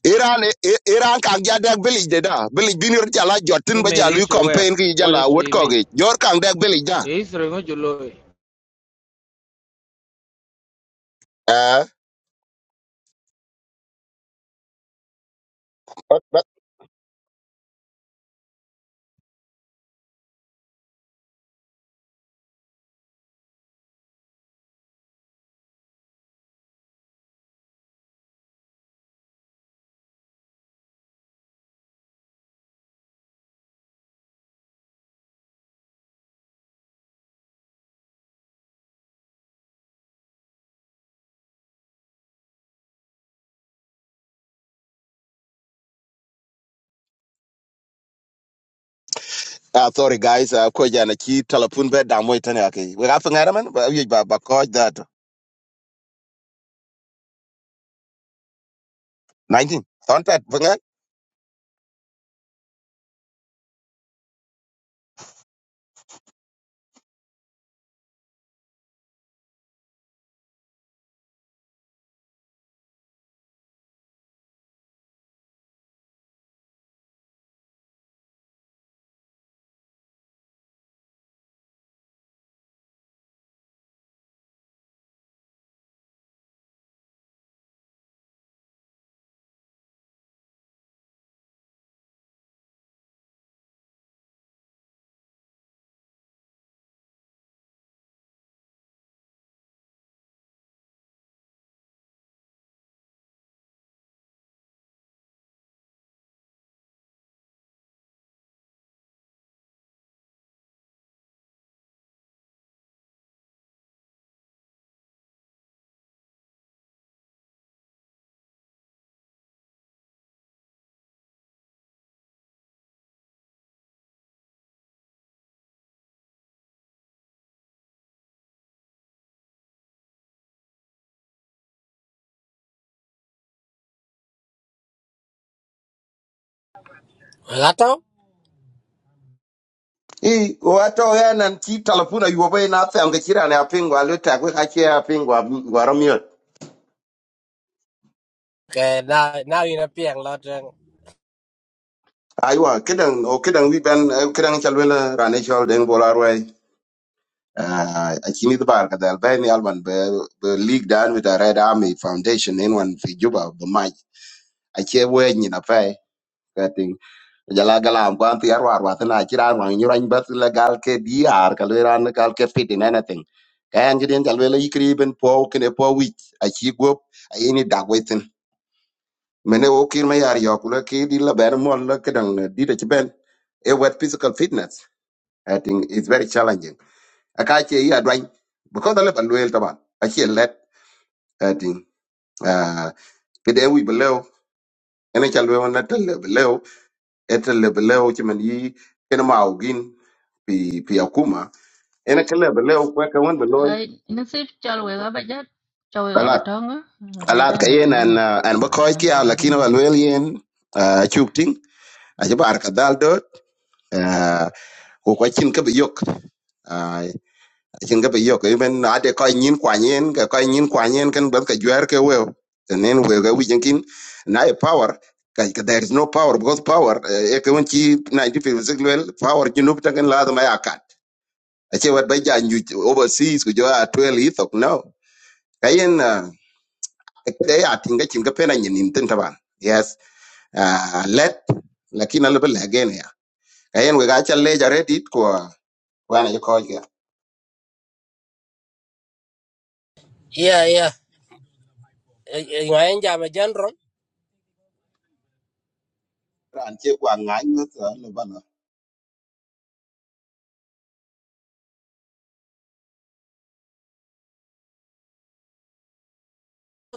Iran I- Iran kang ja dek village de da village binir jala
he
jotin ba
made
jalu
history where?
campaign ki
What
jala
history
wot
he
ko
made?
gi jor kang dek village da
History no jolo.
eh but- but- ah sorry guys uh, ko jana ki telepon be da moy tane ake we ga fingara man ba yu ba ba ko that 19 ton pet fingar
Lato?
i wato ya nan ki talafuna yuwa bai na tsayam ga kira ne a pingwa lota ko ka ke a pingwa gwaro miyot
Okay, now now you know piang lot. and-
aiwa kidan o kidan wi ban eh, kidan chalwela rane chol den bolarwai Ah, akini the bar kada albani Alban be be league down with the red army foundation in one fi juba the match ache we ni na pay kating jala gala am kwan ti arwa arwa tana kira arwa ni ran bat la gal ke diar kal we ran gal ke fit in anything kayan gidin jal we la yikri ben po kene po week achi gop ayini dagwetin mene o kir me yar yokula ke di la ber mon la kedang di de ben a wet physical fitness i think it's very challenging aka che ya dwan because ala ban wel taban a che let atin ah kede wi beleo ene chal we wona tel beleo etel beleo che man yi ene ma ogin pi pi akuma ene kele beleo kwa ka won beloy
ai nó xếp cho người ta bây giờ cho người ta bây
alat
giờ nó bây
alat ka yen
rum
an ah, an ba
bây giờ
koy
nhang
ki ala kino
green
al wel yen ah, chuk ting a che bar ka dal dot ah, ko ko chin ka bi yok chin ga yo ke ben na de ko nyin kwa nyin ga ko nyin kwa nyin kan ban ka jwer ke we tenen we ga wijin kin na e power ka ka- there is no power because power eh, e ke won chi 1956 lwel power ji nup tangen la ma yakat a che wat ba ja nyu overseas ko jo a 12 ithok no kayen e ya tinga chin ga pena nyin tin taban yes ah, let lakini albe lagene ya kayen we ga cha le ja redit ko wana ko ga
Yeah, yeah. Ngayon jam jan rom.
ran che kwa ngany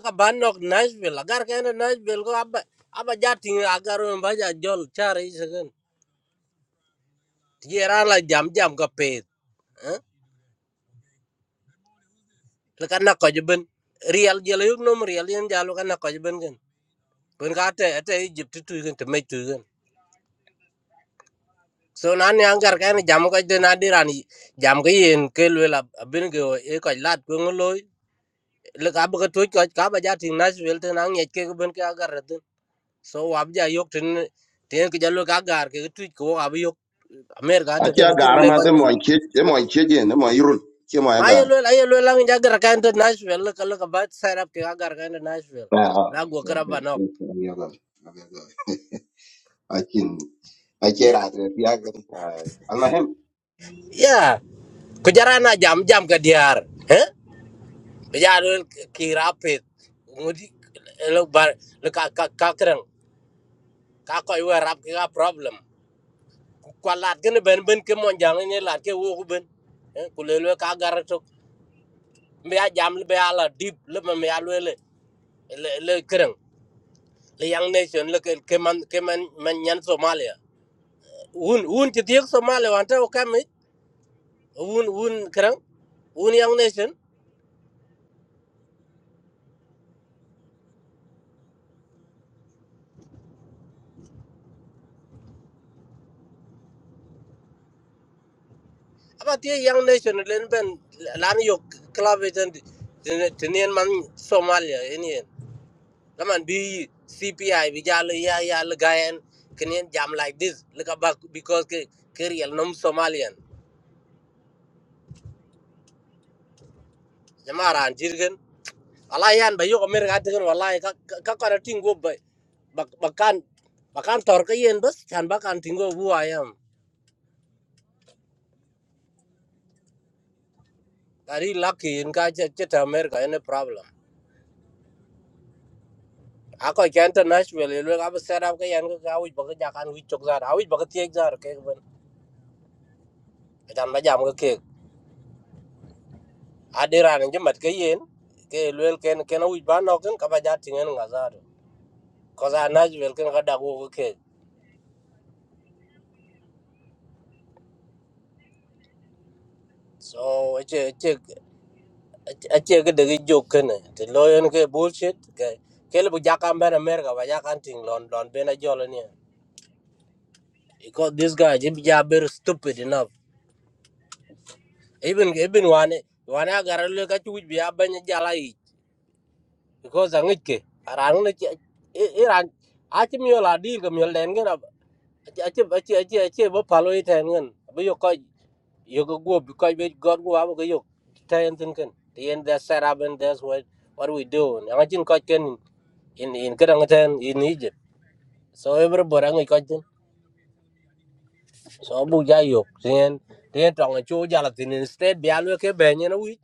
Ka banok Nashville. Agar ka na Nashville ko aba aba jating agar mo ba ja jol chari sagan. Tiyera la jam jam ka pet. Huh? Laka na ko jben. Real jelo yug nom real yan jalo ka na ko jben gan. Kun ka te ate Egypt tu gan te me tu gan. So nan yang gar ka na jam ko de na dirani jam ka yen ke lwela abin go e ko lat ko ngoloy. le ka ba ka to ka ka ba ja tin Nashville te nang ye ke ben ka gar tin so ab ja yok tin te ke jalo ka gar ke tu ko ab yok America te
Aci
ke
agar
tin le
ma
ka
de mo
tin
kie de mo kie je ne mo irul kie mo
ma ye
agar.
le la ye le la ja gar ka tin Nashville le ka le ka ba set up ke ka gar ka tin Nashville
Ah ah.
la go kra ba no
Akin aci
ya
ratre pia kan. Almahem.
ya ko jara na jam jam ke diar he be ja le ki ngudi le bar le ka ka ka krang ka ko rap ka problem kwa lat kin ben ben ke mon jang ne lat ke wo ben Eh, ku le le ka gar to me ya jam le be ala dip le me ya le le le kereng le yang nation le ke ke man ke man man nyan somalia un un ti tiek somalia wan ta o kam un un kereng un yang nation apa ti yang nation le ben lan yo klave ten ten man somalia ini Taman bi CPI bi jalo ya ya legayen kenyan jam like this leka bak because ke real nom Somalian. Jamara an jirgen. Wallahi yan ba yoko mer ga tegen wallahi ka ka ka kara tingo ba bak bakan bakan tor ka yen bas chan bakan tingo bu ayam. Tari lucky in ka che che ta mer ga ene problem. Ako ke international le ga ba set up ka yan ka ka wij ba ka jakan wij chok zar. Awij ba ka tiek zar ke ban. Jan ba jam ka kek. adiran nje mat ke yen ke luel ken ken wij ba no ken ka ba ja tingen nga za do ko za na ji wel ken ga da go ke so e che e che e che ke de jo ken te lo yen ke bullshit ke ke le bu ja kan ben america ba ja kan ting lon lon ben a jo lo ni because this guy ji ja ber stupid enough even even wane wane a gar le ka chu bi a ben ja la yi because a ngik ke arang le che iran a chi mi la di ke mi len gen ache ache ache ache bo palo i ten ngan bo yo ko yo go go bi ko be god go abo yo ten tin cần. the end that set up and that's what what we do and i think ko ken in in cái kan ten in egypt so everybody ngi ko tin so bu ja yo ten ten tong chu ja la tin instead bi alo ke be ni wi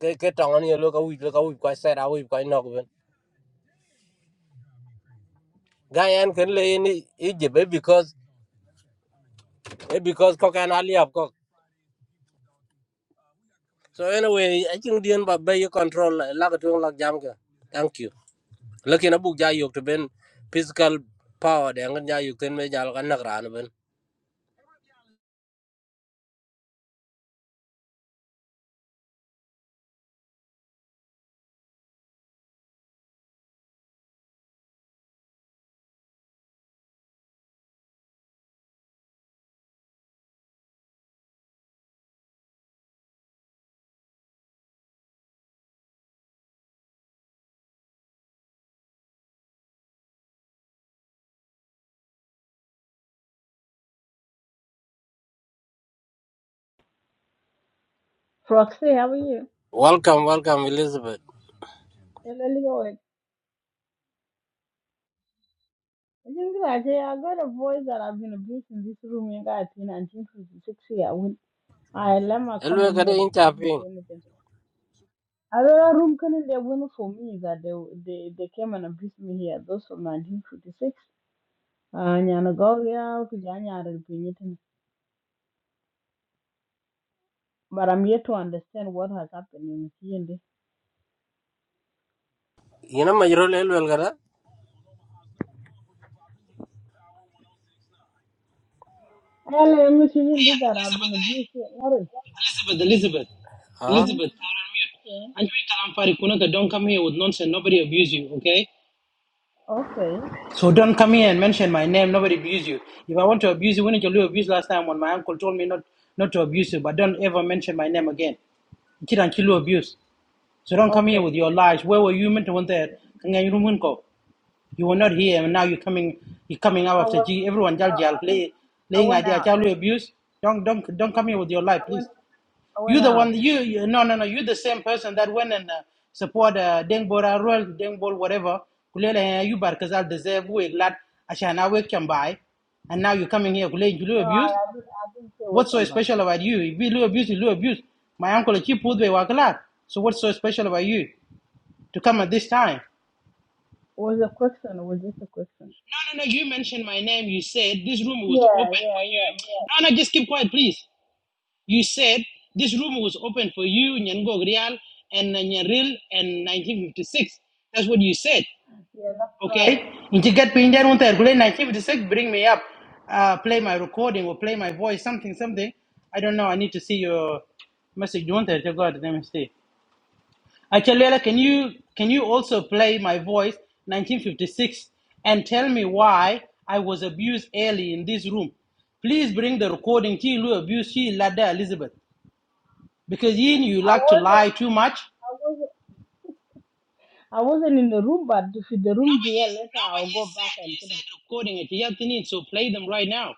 ke ke tong ni lo ka wi lo cái wi ko set up wi ko no ben ga yan kan le in egypt eh, because có because ko kan ali So anyway, I think the end by bay control laga tuong lak jam ka. Thank you. Lakin abu ja yok to ben physical power de ngan ja yok ten me jal kan nak ran ben.
Proxy, how are you?
Welcome, welcome Elizabeth.
Hello, Lloyd. I think that I I got a voice that I've been abused in this room in guy in 1956 here. When I let my
Elwe
comment
kada
here, but
in
she didn't say
chapin.
anything. Another room can they win for me that they they, they came and abused me here. Those from 1956. Uh, Nyanagovia, Kujanya, and Pinyitin. But I'm yet to understand what has happened in TND.
Ina majrol elwe kada.
Hello, I'm that I've been
Elizabeth,
abused here.
eh?
What is-
Elizabeth, Elizabeth,
Ha?
Hmm.
Elizabeth, I'm on mute.
yeah.
And you tell Ampari Kunaka, don't come here with nonsense. Nobody abuse you, okay?
Okay.
So don't come here and mention my name. Nobody abuse you. If I want to abuse you, when did you abuse last time when my uncle told me not, not to abuse you? But don't ever mention my name again. Kid and kill abuse. So don't come
Okay.
here with your lies. Where were you meant to want that? Kangan yuru mun ko. You were not here, and now you're coming. You're coming out
I
after
was,
G. Everyone jal
I,
jal
I went,
play,
I
playing
went
idea.
out. I
Chalu abuse. Don't don't don't come
went,
here with your lie,
I went,
please.
I went, I
You
went
the
out.
one you, you no no no you the same person that went and uh, support uh, Deng Bora Royal Deng Bol whatever kulela ya you bar kazal deserve we glad ashana we can buy and now you're coming here kulela you
No, I,
abuse
I didn't, I didn't say with
what's so
somebody. It
special about you if you abuse you abuse my uncle he put the wakala so what's so special about you to come at this time
was a question. It was just a question.
no no no you mentioned my name you said this room was
Yeah,
open for
yeah, yeah,
you no no just keep quiet please You said this room was open for you, Nyango Grial, and Nyaril, and 1956. That's what you said.
yeah. That's right.
Okay? You just get pinned down on there. 1956, bring me up. Uh, play my recording or play my voice, something, something. I don't know. I need to see your message. You want that? You got it. Let me see. Achalela, can you can you also play my voice, 1956, and tell me why I was abused early in this room? Please bring the recording. She Lu abuse Chi Lada Elizabeth. Because Yin, you
I
like to lie
wasn't,
too much.
I wasn't, I wasn't in the room. But if the room
Nobody,
there later, I'll
nobody
go back
said,
and.
you
you know,
said recording it. You have to need, so play them right now.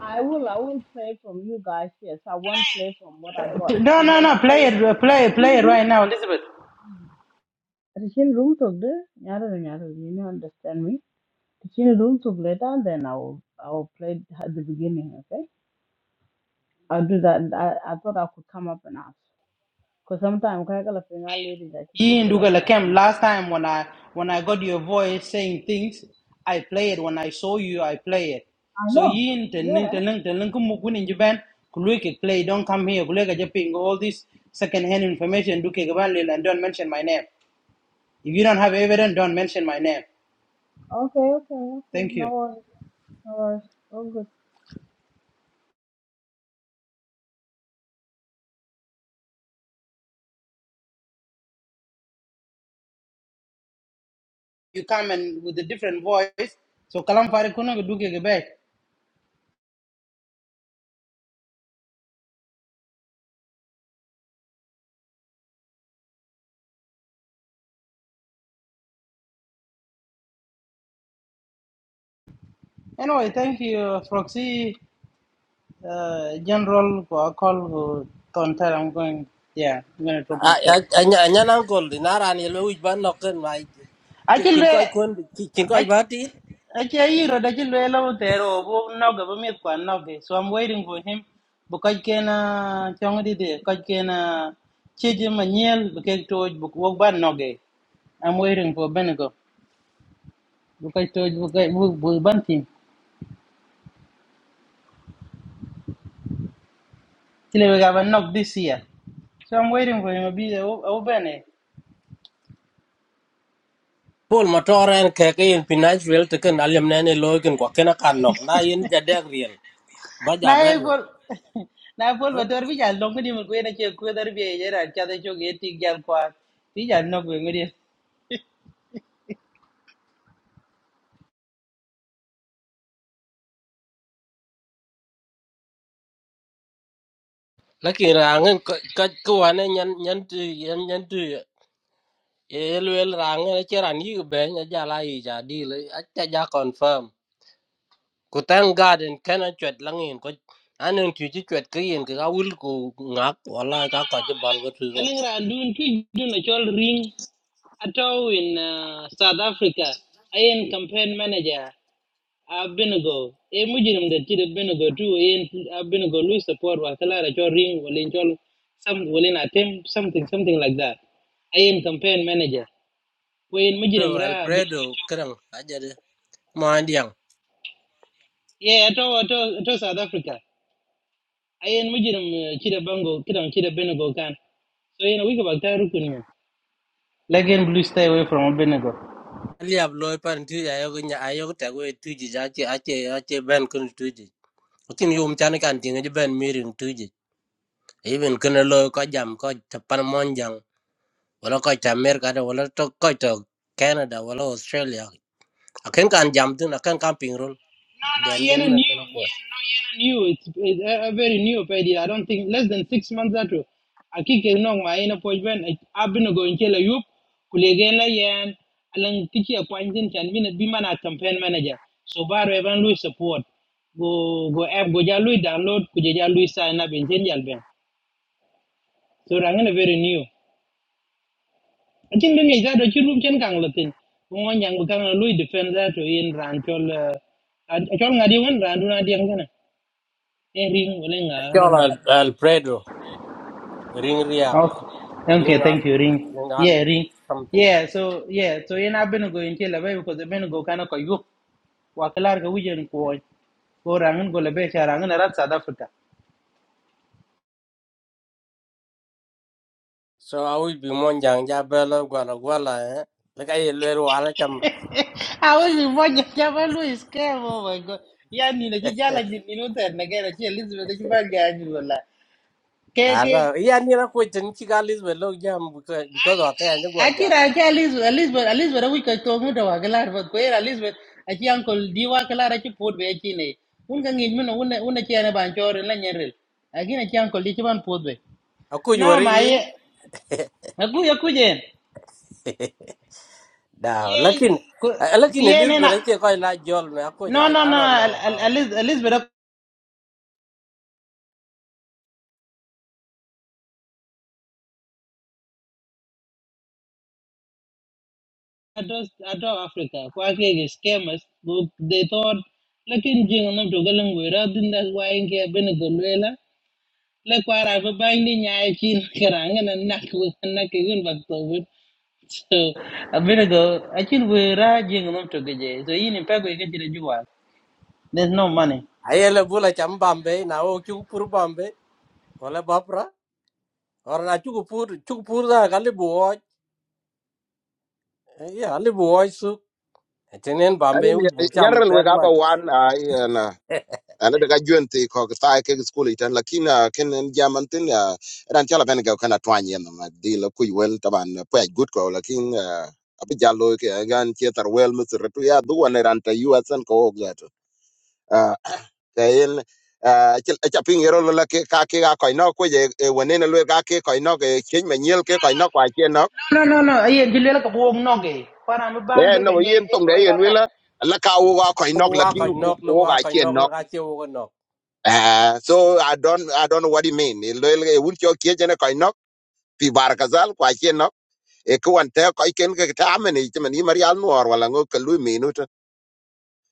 I will, I will play from you guys. Yes, I won't play from what I got.
No,
So
no,
whenever
no. Play it, uh, play
it's
it, play it
room
right now, Elizabeth.
talk, there, you don't understand me. Teaching room to later, then I will I will play it at the beginning. Okay, I'll do that. And I, I thought I could come up and ask because sometimes I can a finger lady that she plays
Yin
so that's why
Dugala
I
Kem,
come up.
last time when I when I got your voice saying things, I play it. When I saw you, I play it.
I
So
know.
Yin Tenung
Yeah.
Tenung Tenung Kumukun in Japan, Kuluik play, don't come here, Kuluik Japing, all this second hand information, Duke Gabanlil, and don't mention my name. If you don't have evidence, don't mention my name.
Okay. Okay. Okay.
Thank
No
you.
worries. No worries. All good.
you come and with a different voice. So kalam fari kuno duke ke Anyway, thank you, Proxy uh, General for a call who don't tell I'm going. Yeah, I'm going to drop myself.
Anya anya nang kol inara ni elwe uj ban nok ken mai. Chin
Actually,
koi kun chin koi ba ti.
actually, actually, I there or no government kwa nobe. So I'm waiting for him. Because can uh, chong di di, because can uh, chiji manyel, because toj buk wok ban noge. I'm waiting for Benigo. Because toj buk buk buk ban team. Chile we have a knock this year. So I'm waiting for him. I'll be open it.
Paul motor en ke ke in pinach wel te ken alyam ne ne loy ken ko ken kan nok na in ja dek riel. Ba
Now
ja ben
I'm Na
nok.
epol <laughs> na epol motor bi jal long ni mun kwena che kwena bi ye ra cha de cho ge ti jal kwa. Bi jal no kwe ngri.
lakin rangen kac ko wane nyan nyan tu yan nyan tu e luel rangen che ran yi be nya jala yi ja di le a cha ja confirm ku tang garden kana chwet langin ko anen tu chi chwet ke yin ka wul ku ngak wala ka ka je bal go tu
Aling ra dun ki dun a chol ring ato in uh, South Africa. I am campaign manager Abinago. E mujirim de ti de i tu ayen Abinago lu support wa kala ra chol ring walin chol some walin attempt something something like that. I am campaign manager. When
ro
Mujiram Ra been
alfredo
ago
krang a je de ma ndiang
Yeah, ato ato ato South Africa. Ayen mujirim kira bango kira kira Benego kan. So yen wika bakta rukun yen. Lakin blue stay away from Benego.
liab loy pan tu ya yo nya ayo ta go tu ji ja che a che a che ben kun tu ji kin yum chan kan tin je ben mirin tu ji even kana loy ka jam ka tapan mon wala ko ta america da wala to ko to canada wala australia akan kan jam tin akan kan ping rol
No, no,
den
yen
den
a
na
new,
tan ko
yen no yen a new. It's, it's a, a very new idea. I don't think less than six months ago. Aki ke nong ma yen a poj ben. A Benego inke la yup kulegen la yen. Alang tiki a pointin chan be man a campaign manager. So baro evan lui support. Go go app go ja lui download kuje ja lui sign up in jen jal ben. so Rangan a very new achin ga ngai za do chirum chen kang latin ngo nyang bu kang lui defend that to in ran chol eh, an- chol ngadi wan ran du na dieng kana e ring wala nga i don't
chola
know
alfredo ring riak
okay okay
ring ak
thank you ring
ring ak
yeah ring
something
yeah so yeah so in abin go in chela bai because abin go kana ko yu wa klar ga wujen ko ko rangen go labe cha rangen rat south africa
so i will be mon jang ja bela gwala gwala eh like i lero ala cham
awali moja chama Louis Kemo oh my god yani na
<laughs>
kijala ni minuta na gara ki Elizabeth ki banga yani
ara
wala
ya ni na ko tin chi galis belo jam because because of that and go jam
Akira aki Elizabeth Elizabeth Elizabeth awi ka to mu da wagalar ba ko era Elizabeth aki uncle diwa kala ra ki pod be aki ne un ga ngi mun un un ki ana ban jor la nyerel aki na ki uncle di ki ban pod be
aku you
no ma
lin
ye aku ya ku jen
<laughs> da
yen
lakin
ku
uh, lakin
tiene na
elizabeth che ko la jol me aku
no
ja i
no no
don't know
El- El-
how
Eliz- Elizabeth ados ato Africa ko aki ge scammers bu- they thought lakin jing nam to galang we ra din da wa inge ben le kwara ba bandi nyai chin karanga na nak we na ke gun bak to we so a bit ago a chin we ra jing nom to ge je. so yin pa ge ke jira juwa there's no money
ayele bula cham bambe na o chuku pur bambe wala bapra or na chuku pur chuku pur da gali buo ya gali buo su tenen
Ani
bambe u bu cham
nyarrel we
der
gaba
man
wan ai na ana daga juente ko ta ke school itan lakina ken en jamantin ya ran chala ben ga kana twanye na ma di la ku wel taban pa good ko lakin abi jallo ke eh, gan tietar wel mutu retu ya duwa ne ran ta yuatsan ko gato. cái à kayen acha ping yero cái cái cái ka ke ga ko no ko je wone na cái cái ke ko no ke chen me cái ke ko no kwa chen no
no no no no aye jile ka bo no ge kwara ba bandi
e
le ka
no
nyai
yen
chin
tong
ka we
de
ka
yen
nak
wela là ka wo ga
<laughs>
nó là
wa
lakin
ka nok lu
wo
wa
cái
ka
chuyện
nok lu
nó
ka che wo no
à so i don't i don't know what you mean lo le un cho ke je ne ko no pi bar ka zal kwa chen no e ko an te ko ken ke ta me ni te me ni mari al no wala ngo ka lu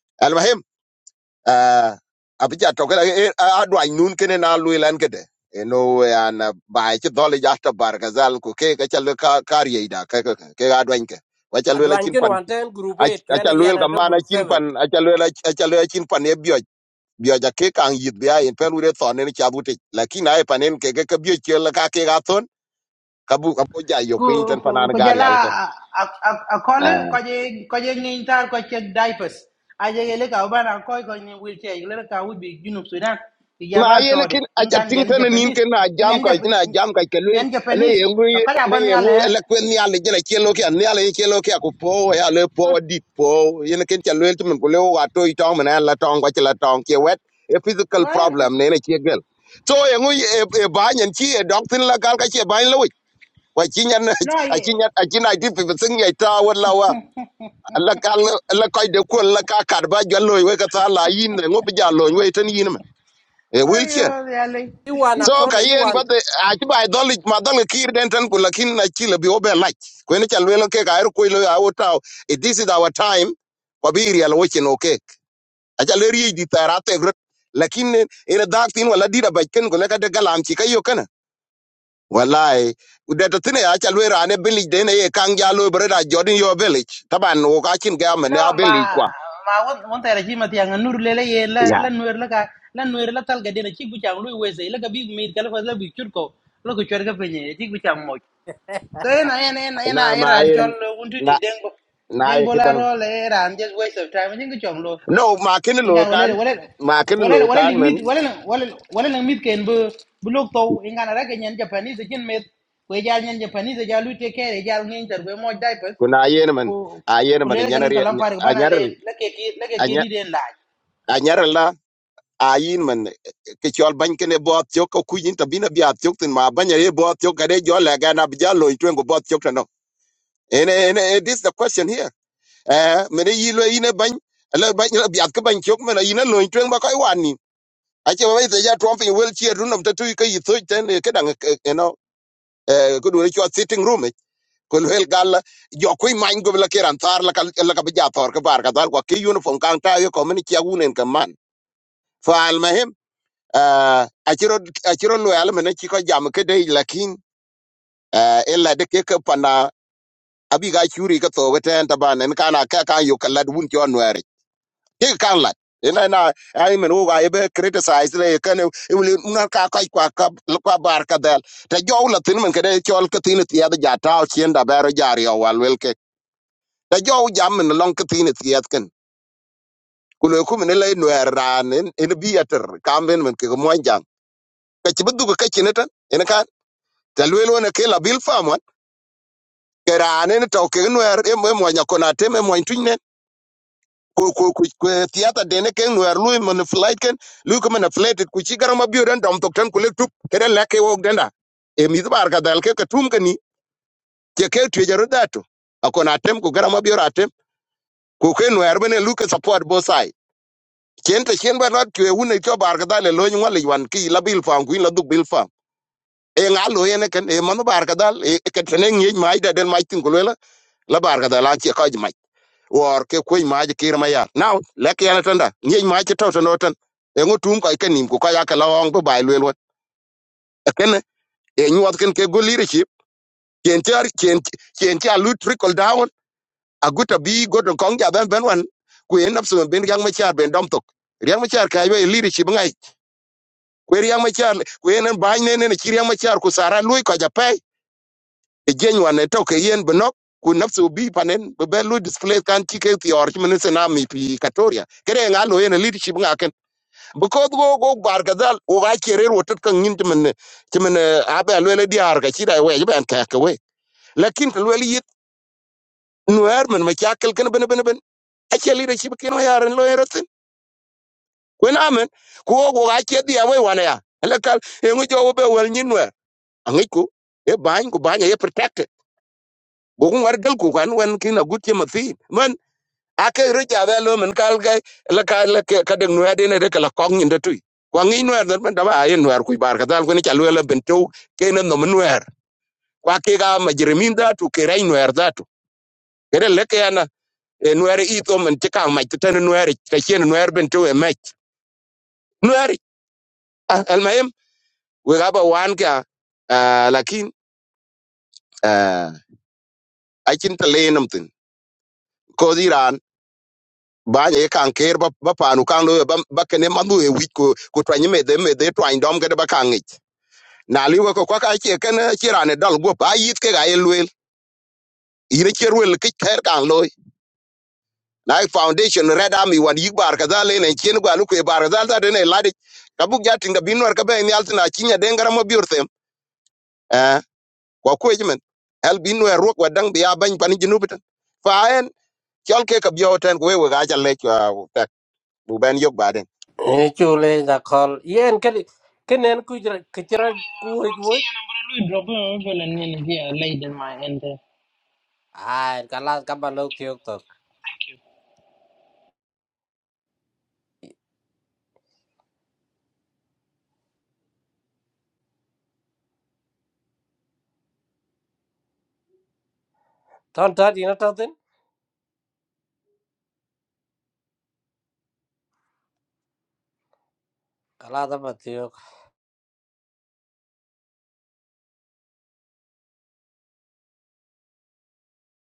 no uh, abija toke la eh, adwa nun kene na lui lan kede eno an bai che dole ja ta bar gazal ku ke ka chal ka karye da ka ka ke adwa nke wa chal la
adwan
chin
kin
pan
wan ten group 8
a
kwen
chal wel ka
yana to
mana
group
chin
7
pan a chal la a chal la chin pan e bio bio ja ke kan yit bia en pelu re ton en cha buti lakini ai panen ke ke bio che la ka ke ga ton kabu ka bu ka po ja yo
ku
pin tan
ku
panan
ku
gar
jala
yal tan
a a a kol ko je ko je ngin tar ko che diapers a je gele ka ba na ko ko ni wheelchair. che gele ka wi bi junub sudan ti
ma
jaban to
ayene
de
kin acha
ngan yen
tingtana nin
japanese
ken na
ngan
jam ko
jap
na jam ka kelwil
ngan
le
japanese
yengu
ka ka da
le
ban ya le
yengu le kwen ya le jela chelo kya ne ale chelo kya ko po ya le po dit po yene ken cha lwel tumen ko le wa to i tong mena la tong ko chela tong ke wet a physical
wa yen ka
problem ne ne che gel so yengu e e ba nyen chi e dok tin la gal ka che ba le wi wa chi nyan
no
a
ye
chi nyan a chi na di pe sing ya ta wa la wa la kal la ko de ko la ka kar ba jalo we ka ta la yin ne ngo bi jalo we tan yin me e wil
oyo ya le
you want a
so
call
ka
you want
but the de a ti ba dol ma dol kir den tan ku lakin na chi le bi obe la ko ne chal welo ke ka er ko lo a wota it this is our time ko bi ri al wo chi no ke a chal ri di tara te gro lakin ina dak tin wala di da ba ken ko ne ka de galam chi ka yo kana wallahi de to tine a chal wera ne bilich de ne ye kang ja lo bre da jodin yo bilich taban wo ka chin ga me ne
no
a bilich
ma
kwa
ma won won ta ji ma ti ngan nur le le ye la
ya
la nur la ka la nur la tal ga de na chi gu chang lu we ze la ka bi mi ka la fa la bi chur ko la ku chur ga pe ni chi gu chang So ena ena ena ena
na ma
era and
yen
chol untu di
na
dengo
na ye
dengo la
kidan
roll era and just waste of time. I think chong lo.
no ma ken lo
Inga
kan
wale wale
ma ken lo
wale wale ling
kan
meet wale wale wale ling meet ken bu bu lok to inga na rake nyan Japanese kin met kwe jal nyan Japanese jal lu take care jal ngin tar kwe mo diapers
kuna yen man
Ko
a yen
ko
man
le galan
nyanar
kalam far
a
bana le
nyaral
le ki le ki ri den la.
a nyaral la a yin man ke chol ban kene bot yo ko ku yin tabina bi at yo tin ma ban ye bot yo gade jo la ga na bi ja lo twen go bot yo tano and and and this is the question here eh mene yi lo yin ban la ban la bi at ka ban yo mena yin lo twen ba kai wan ni a che ba ite ja trump in wheelchair run of tatu ka yi so ten ke dang eh, you know eh ku do sitting room ko lel gal jo ku man go la kiran tar la kal la ka bija tor ka bar ka dal ko ki uniform kan ta yo ko min ki agunen ka man fa al mahim a chiro a chiro lo al men ki ko jam ke dei lakin eh, ella de ke ka pana abi ga churi ka to ten ta ban en kana ka ka yo ka lad wun jo nwere ki kan lad ina na ai men wo ga be criticize le kan e wul na ka ka kwa ka kwa bar ka dal ta jo la tin men ke de chol ka tin ti ya da ja ta o chien da ber ja ri o wal wel ke da jow jam en long ke tin tiet ken ku le ku ne le no ran en bi ater kamben men ke mo jam ke ti bu ke ti ne tan en kan ta le lo ne ke la bil fam wan ke ran en to ke no er e mo nya ko na te me mo tin ne ku ku ku tiata de ne ke no er lu men flight ken lu ko men flight ku ci garam bi ran dom tok tan ku le tup ke den la ke wo den da e mi bar ka dal ke ka tum ke ni ke ke ti jaru da to akona tem ku garam bi ratem ku ke no er bene lu ke support bo chen te chen ba lot kwe wune cho bar ka dal e lo nywa le wan ki la bil fam kuin la du bil fam e nga lo yene ken e manu bar ka dal e ke tene ngi mai da den mai tin ko le la bar ka dal a che ka ji mai wor ke kwe ma ji kir ma ya now le ke yana tanda ngi mai che to no tan e ngo tum ka ke nim ko ka ya ka la ong ba le lo e ken e nyu ken ke go leadership chen ti chen chen ti a lu trickle down a guta bi go to kong ja ben ben wan ku en nabsu ben yang ma char ben dom tok yang ma char ka yo e leadership ngai kwe riang machar kwe en bany ne ne chi riang machar ku sara lui ka ja pe e jeny wan to ke yen benok ku nafsu bi panen be be lui display kan chi ke ti or chi men se na mi pi katoria kere nga lo yen e leadership nga ken bu ko go go bar ga dal o ga chere ro tet kan nin men ti men a be le le diar ga chi dai we ben ka ke we lakin ke le yit nuer men machakel ken ben ben ben a che leadership ken o yaren lo yeratin kwen amen ku go ga che dia we wan ya ele kal e ngo jo be wel nyin angai ko e bany ko banya e protect go ngar gal ko kan wen kin a gutye ma thin man ake recha da lo men kal ga la ka la ke- ka de no ade ne de ka la kong ni de tu kwa ngi no er men da ba ye no er ku bar ka dal ko ni cha lo la bento ke ne no men wer kwa ke ga ma jeremin da tu ke rai no er da tu kere le ke ana no er i to men ti ka ma ti ten no er ka chen no er bento e me no er al mayem we ga ba wan ka lakin a kin ta le nam tin ko di ran ba ye kan ker ba ba panu kan lo ba ba kene manu e wit ko ko twanyi me de me de twany dom gede ba kan ngich na li wo ko kwa ka che ken chirane dal go ba yit ke ga elwel ire cherwel ke ker kan lo na foundation red army wan yik bar ka dale ne chen gwa lu ke bar dal da de ne ladi ka bu ja tinga binwar ka be ni altina chinya de ngara mo biurtem eh ko ko jimen el binwar ro kwa dang biya ban pan jinubitan fa en chol ke ka bioten ko we ga ja le kwa bu ben yok ba
e chule da call yen ken kenen ku kichra ku hoj wo
But drop a well and then here laid in my end.
ai kala ka ba lok thiok to ton ta di na to tin kala da ba